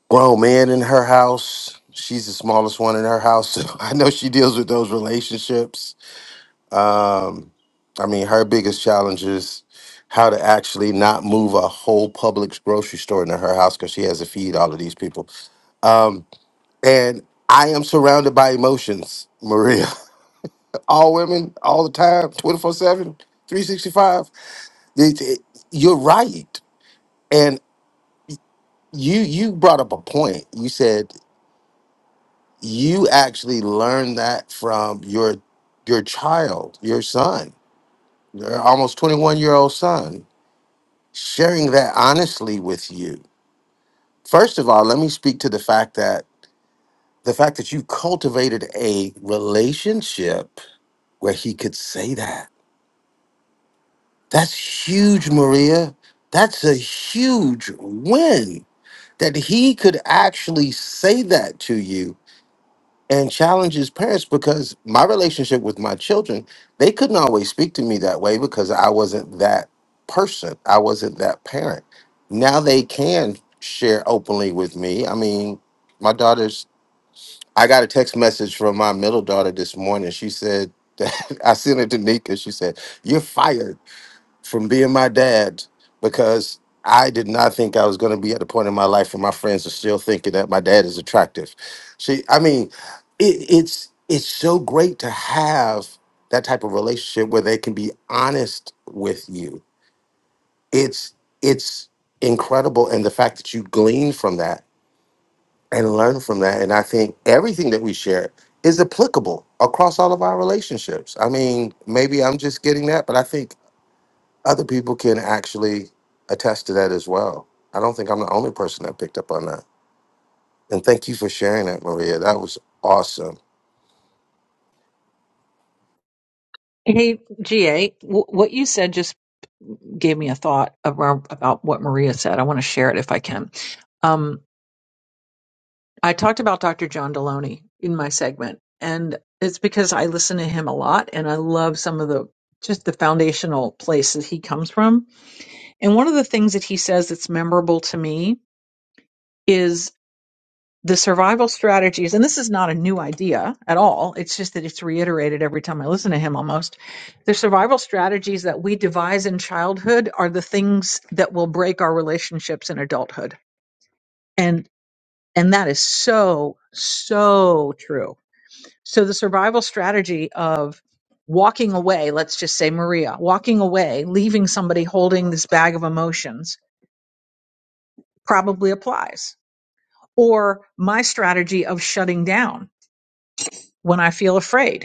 F: grown men in her house. She's the smallest one in her house, so I know she deals with those relationships. Um, I mean, her biggest challenge is how to actually not move a whole Publix grocery store into her house because she has to feed all of these people. Um, and I am surrounded by emotions, Maria. all women, all the time, 24 7, 365. You're right. And you you brought up a point. You said you actually learned that from your your child, your son, your almost 21 year old son, sharing that honestly with you. First of all, let me speak to the fact that the fact that you cultivated a relationship where he could say that. That's huge, Maria. That's a huge win that he could actually say that to you and challenge his parents because my relationship with my children, they couldn't always speak to me that way because I wasn't that person. I wasn't that parent. Now they can share openly with me. I mean, my daughter's, I got a text message from my middle daughter this morning. She said, that, I sent it to Nika. She said, You're fired from being my dad because I did not think I was going to be at the point in my life where my friends are still thinking that my dad is attractive. See, I mean, it, it's it's so great to have that type of relationship where they can be honest with you. It's it's incredible, and the fact that you glean from that and learn from that, and I think everything that we share is applicable across all of our relationships. I mean, maybe I'm just getting that, but I think other people can actually attest to that as well. I don't think I'm the only person that picked up on that. And thank you for sharing that, Maria. That was awesome.
O: Hey, GA, what you said just gave me a thought around, about what Maria said. I want to share it if I can. Um, I talked about Dr. John Deloney in my segment, and it's because I listen to him a lot and I love some of the just the foundational places he comes from. And one of the things that he says that's memorable to me is. the survival strategies, and this is not a new idea at all. It's just that it's reiterated every time I listen to him almost. The survival strategies that we devise in childhood are the things that will break our relationships in adulthood. And and that is so, so true. So the survival strategy of walking away, let's just say Maria, walking away, leaving somebody holding this bag of emotions probably applies. Or my strategy of shutting down when I feel afraid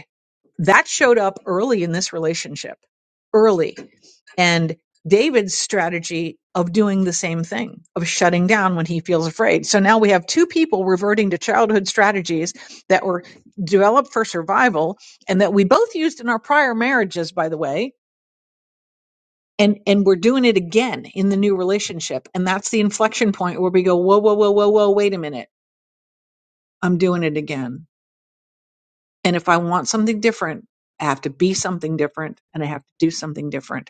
O: that showed up early in this relationship, early. And David's strategy of doing the same thing, of shutting down when he feels afraid. So now we have two people reverting to childhood strategies that were developed for survival and that we both used in our prior marriages, by the way. And, and we're doing it again in the new relationship. And that's the inflection point where we go, whoa, whoa, whoa, whoa, whoa, wait a minute. I'm doing it again. And if I want something different, I have to be something different and I have to do something different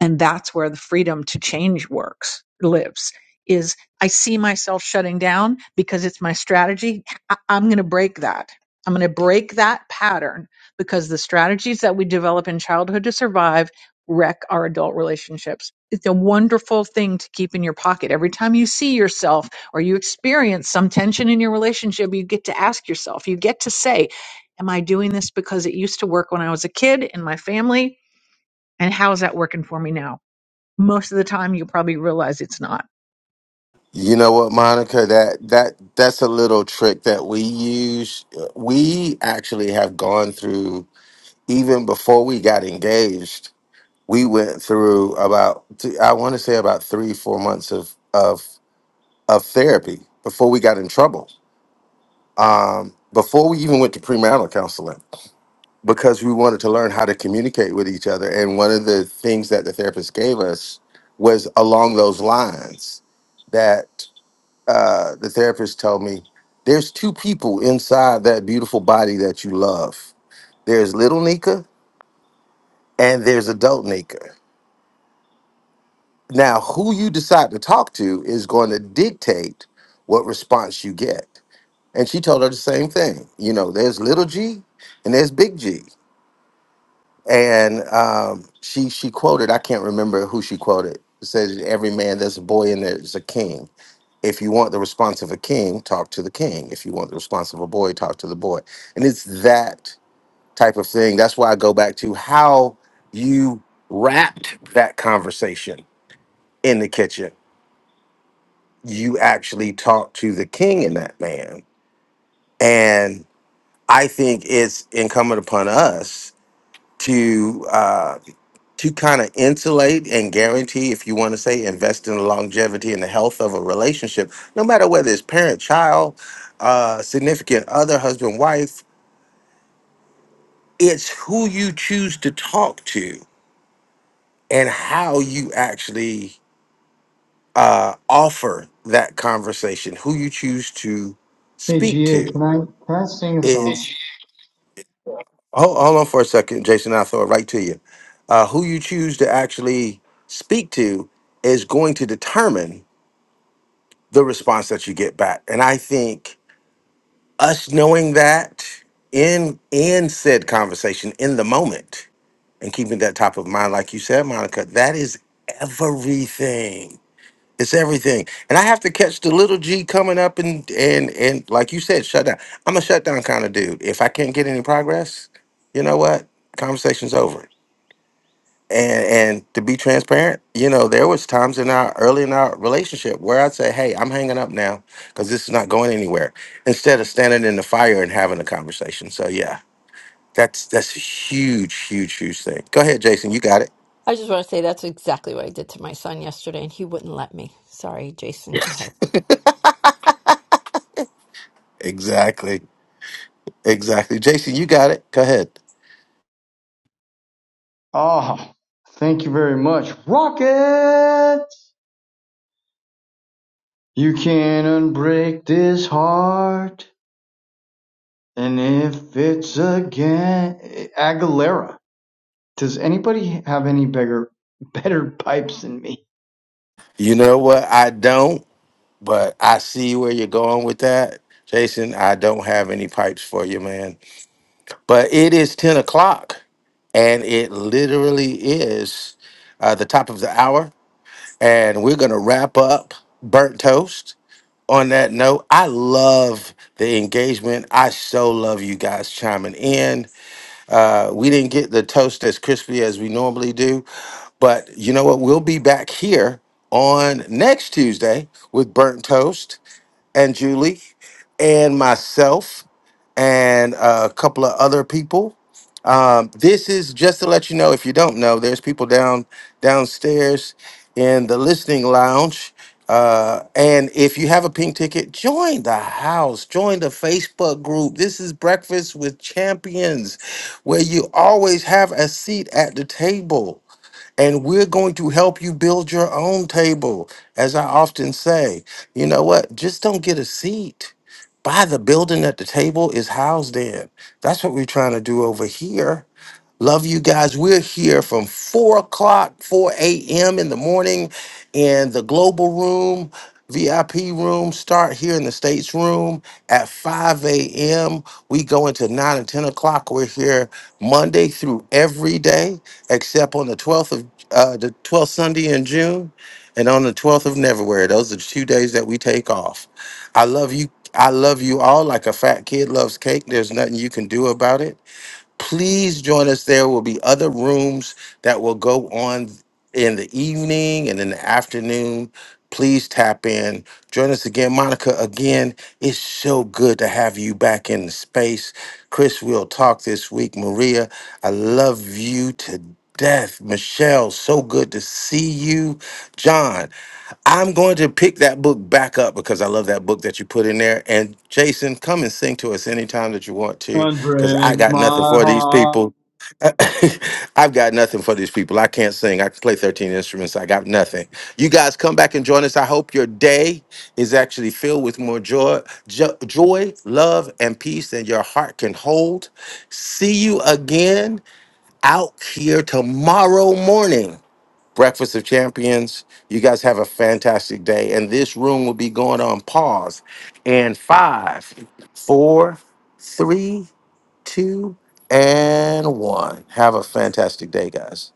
O: and that's where the freedom to change works lives is i see myself shutting down because it's my strategy I- i'm going to break that i'm going to break that pattern because the strategies that we develop in childhood to survive wreck our adult relationships it's a wonderful thing to keep in your pocket every time you see yourself or you experience some tension in your relationship you get to ask yourself you get to say am i doing this because it used to work when i was a kid in my family and how is that working for me now most of the time, you'll probably realize it's not.
F: You know what, Monica? That that that's a little trick that we use. We actually have gone through even before we got engaged. We went through about th- I want to say about three four months of of of therapy before we got in trouble. Um, before we even went to premarital counseling because we wanted to learn how to communicate with each other. And one of the things that the therapist gave us was along those lines that uh, the therapist told me there's two people inside that beautiful body that you love there's little Nika and there's adult Nika. Now, who you decide to talk to is going to dictate what response you get. And she told her the same thing. You know, there's little G and there's big G and um, she she quoted I can't remember who she quoted. It says every man there's a boy and there's a king. If you want the response of a king, talk to the king. If you want the response of a boy, talk to the boy. And it's that type of thing. That's why I go back to how you wrapped that conversation in the kitchen. You actually talked to the king in that man, and I think it's incumbent upon us to. Uh, to kind of insulate and guarantee, if you want to say, invest in the longevity and the health of a relationship, no matter whether it's parent, child, uh, significant other, husband, wife, it's who you choose to talk to and how you actually uh, offer that conversation, who you choose to
T: Hey,
F: speak
T: Gia,
F: to.
T: can I can I sing a song?
F: Is hold, hold on for a second, Jason. I'll throw it right to you. Uh, who you choose to actually speak to is going to determine the response that you get back. And I think us knowing that in in said conversation in the moment and keeping that top of mind, like you said, Monica, that is everything. It's everything. And I have to catch the little G coming up and and and like you said, shut down. I'm a shutdown kind of dude. If I can't get any progress, you know what? Conversation's over and and to be transparent you know there was times in our early in our relationship where i'd say hey i'm hanging up now because this is not going anywhere instead of standing in the fire and having a conversation so yeah that's that's a huge huge huge thing go ahead jason you got it
U: I just want to say that's exactly what I did to my son yesterday, and he wouldn't let me. Sorry, Jason. Go ahead.
F: exactly exactly jason you got it go ahead
T: Ah, thank you very much, Rocket. You can not unbreak this heart, and if it's again Aguilera. Does anybody have any bigger, better pipes than me?
F: you know what i don't but i see where you're going with that jason i don't have any pipes for you man but it is 10 o'clock and it literally is uh, the top of the hour. And we're going to wrap up Burnt Toast. On that note, I love the engagement. I so love you guys chiming in. Uh, we didn't get the toast as crispy as we normally do, but you know what? We'll be back here on next Tuesday with Burnt Toast and Julie and myself and a couple of other people um, this is just to let you know if you don't know, there's people down downstairs in the listening lounge. Uh, and if you have a pink ticket, join the house, join the Facebook group. This is Breakfast with Champions, where you always have a seat at the table. And we're going to help you build your own table. As I often say, you know what? Just don't get a seat. Buy the building that the table is housed in. That's what we're trying to do over here Love you guys. We're here from 4 o'clock, 4 a.m. in the morning in the global room, VIP room. Start here in the States room at 5 a.m. We go into 9 and 10 o'clock. We're here Monday through every day, except on the 12th of uh, the 12th Sunday in June and on the 12th of February. Those are the two days that we take off. I love you. I love you all like a fat kid loves cake. There's nothing you can do about it please join us there will be other rooms that will go on in the evening and in the afternoon please tap in join us again monica again it's so good to have you back in the space chris we'll talk this week maria i love you to death michelle so good to see you john I'm going to pick that book back up because I love that book that you put in there. And Jason, come and sing to us anytime that you want to, because I
T: Unbreak
F: got nothing
T: my
F: for these
T: heart.
F: people. I've got nothing for these people. I can't sing. I can play 13 instruments. I got nothing. You guys come back and join us. I hope your day is actually filled with more joy, jo- joy, love, and peace than your heart can hold. See you again out here tomorrow morning. Breakfast of Champions. You guys have a fantastic day. And this room will be going on pause in five, four, three, two, and one. Have a fantastic day, guys.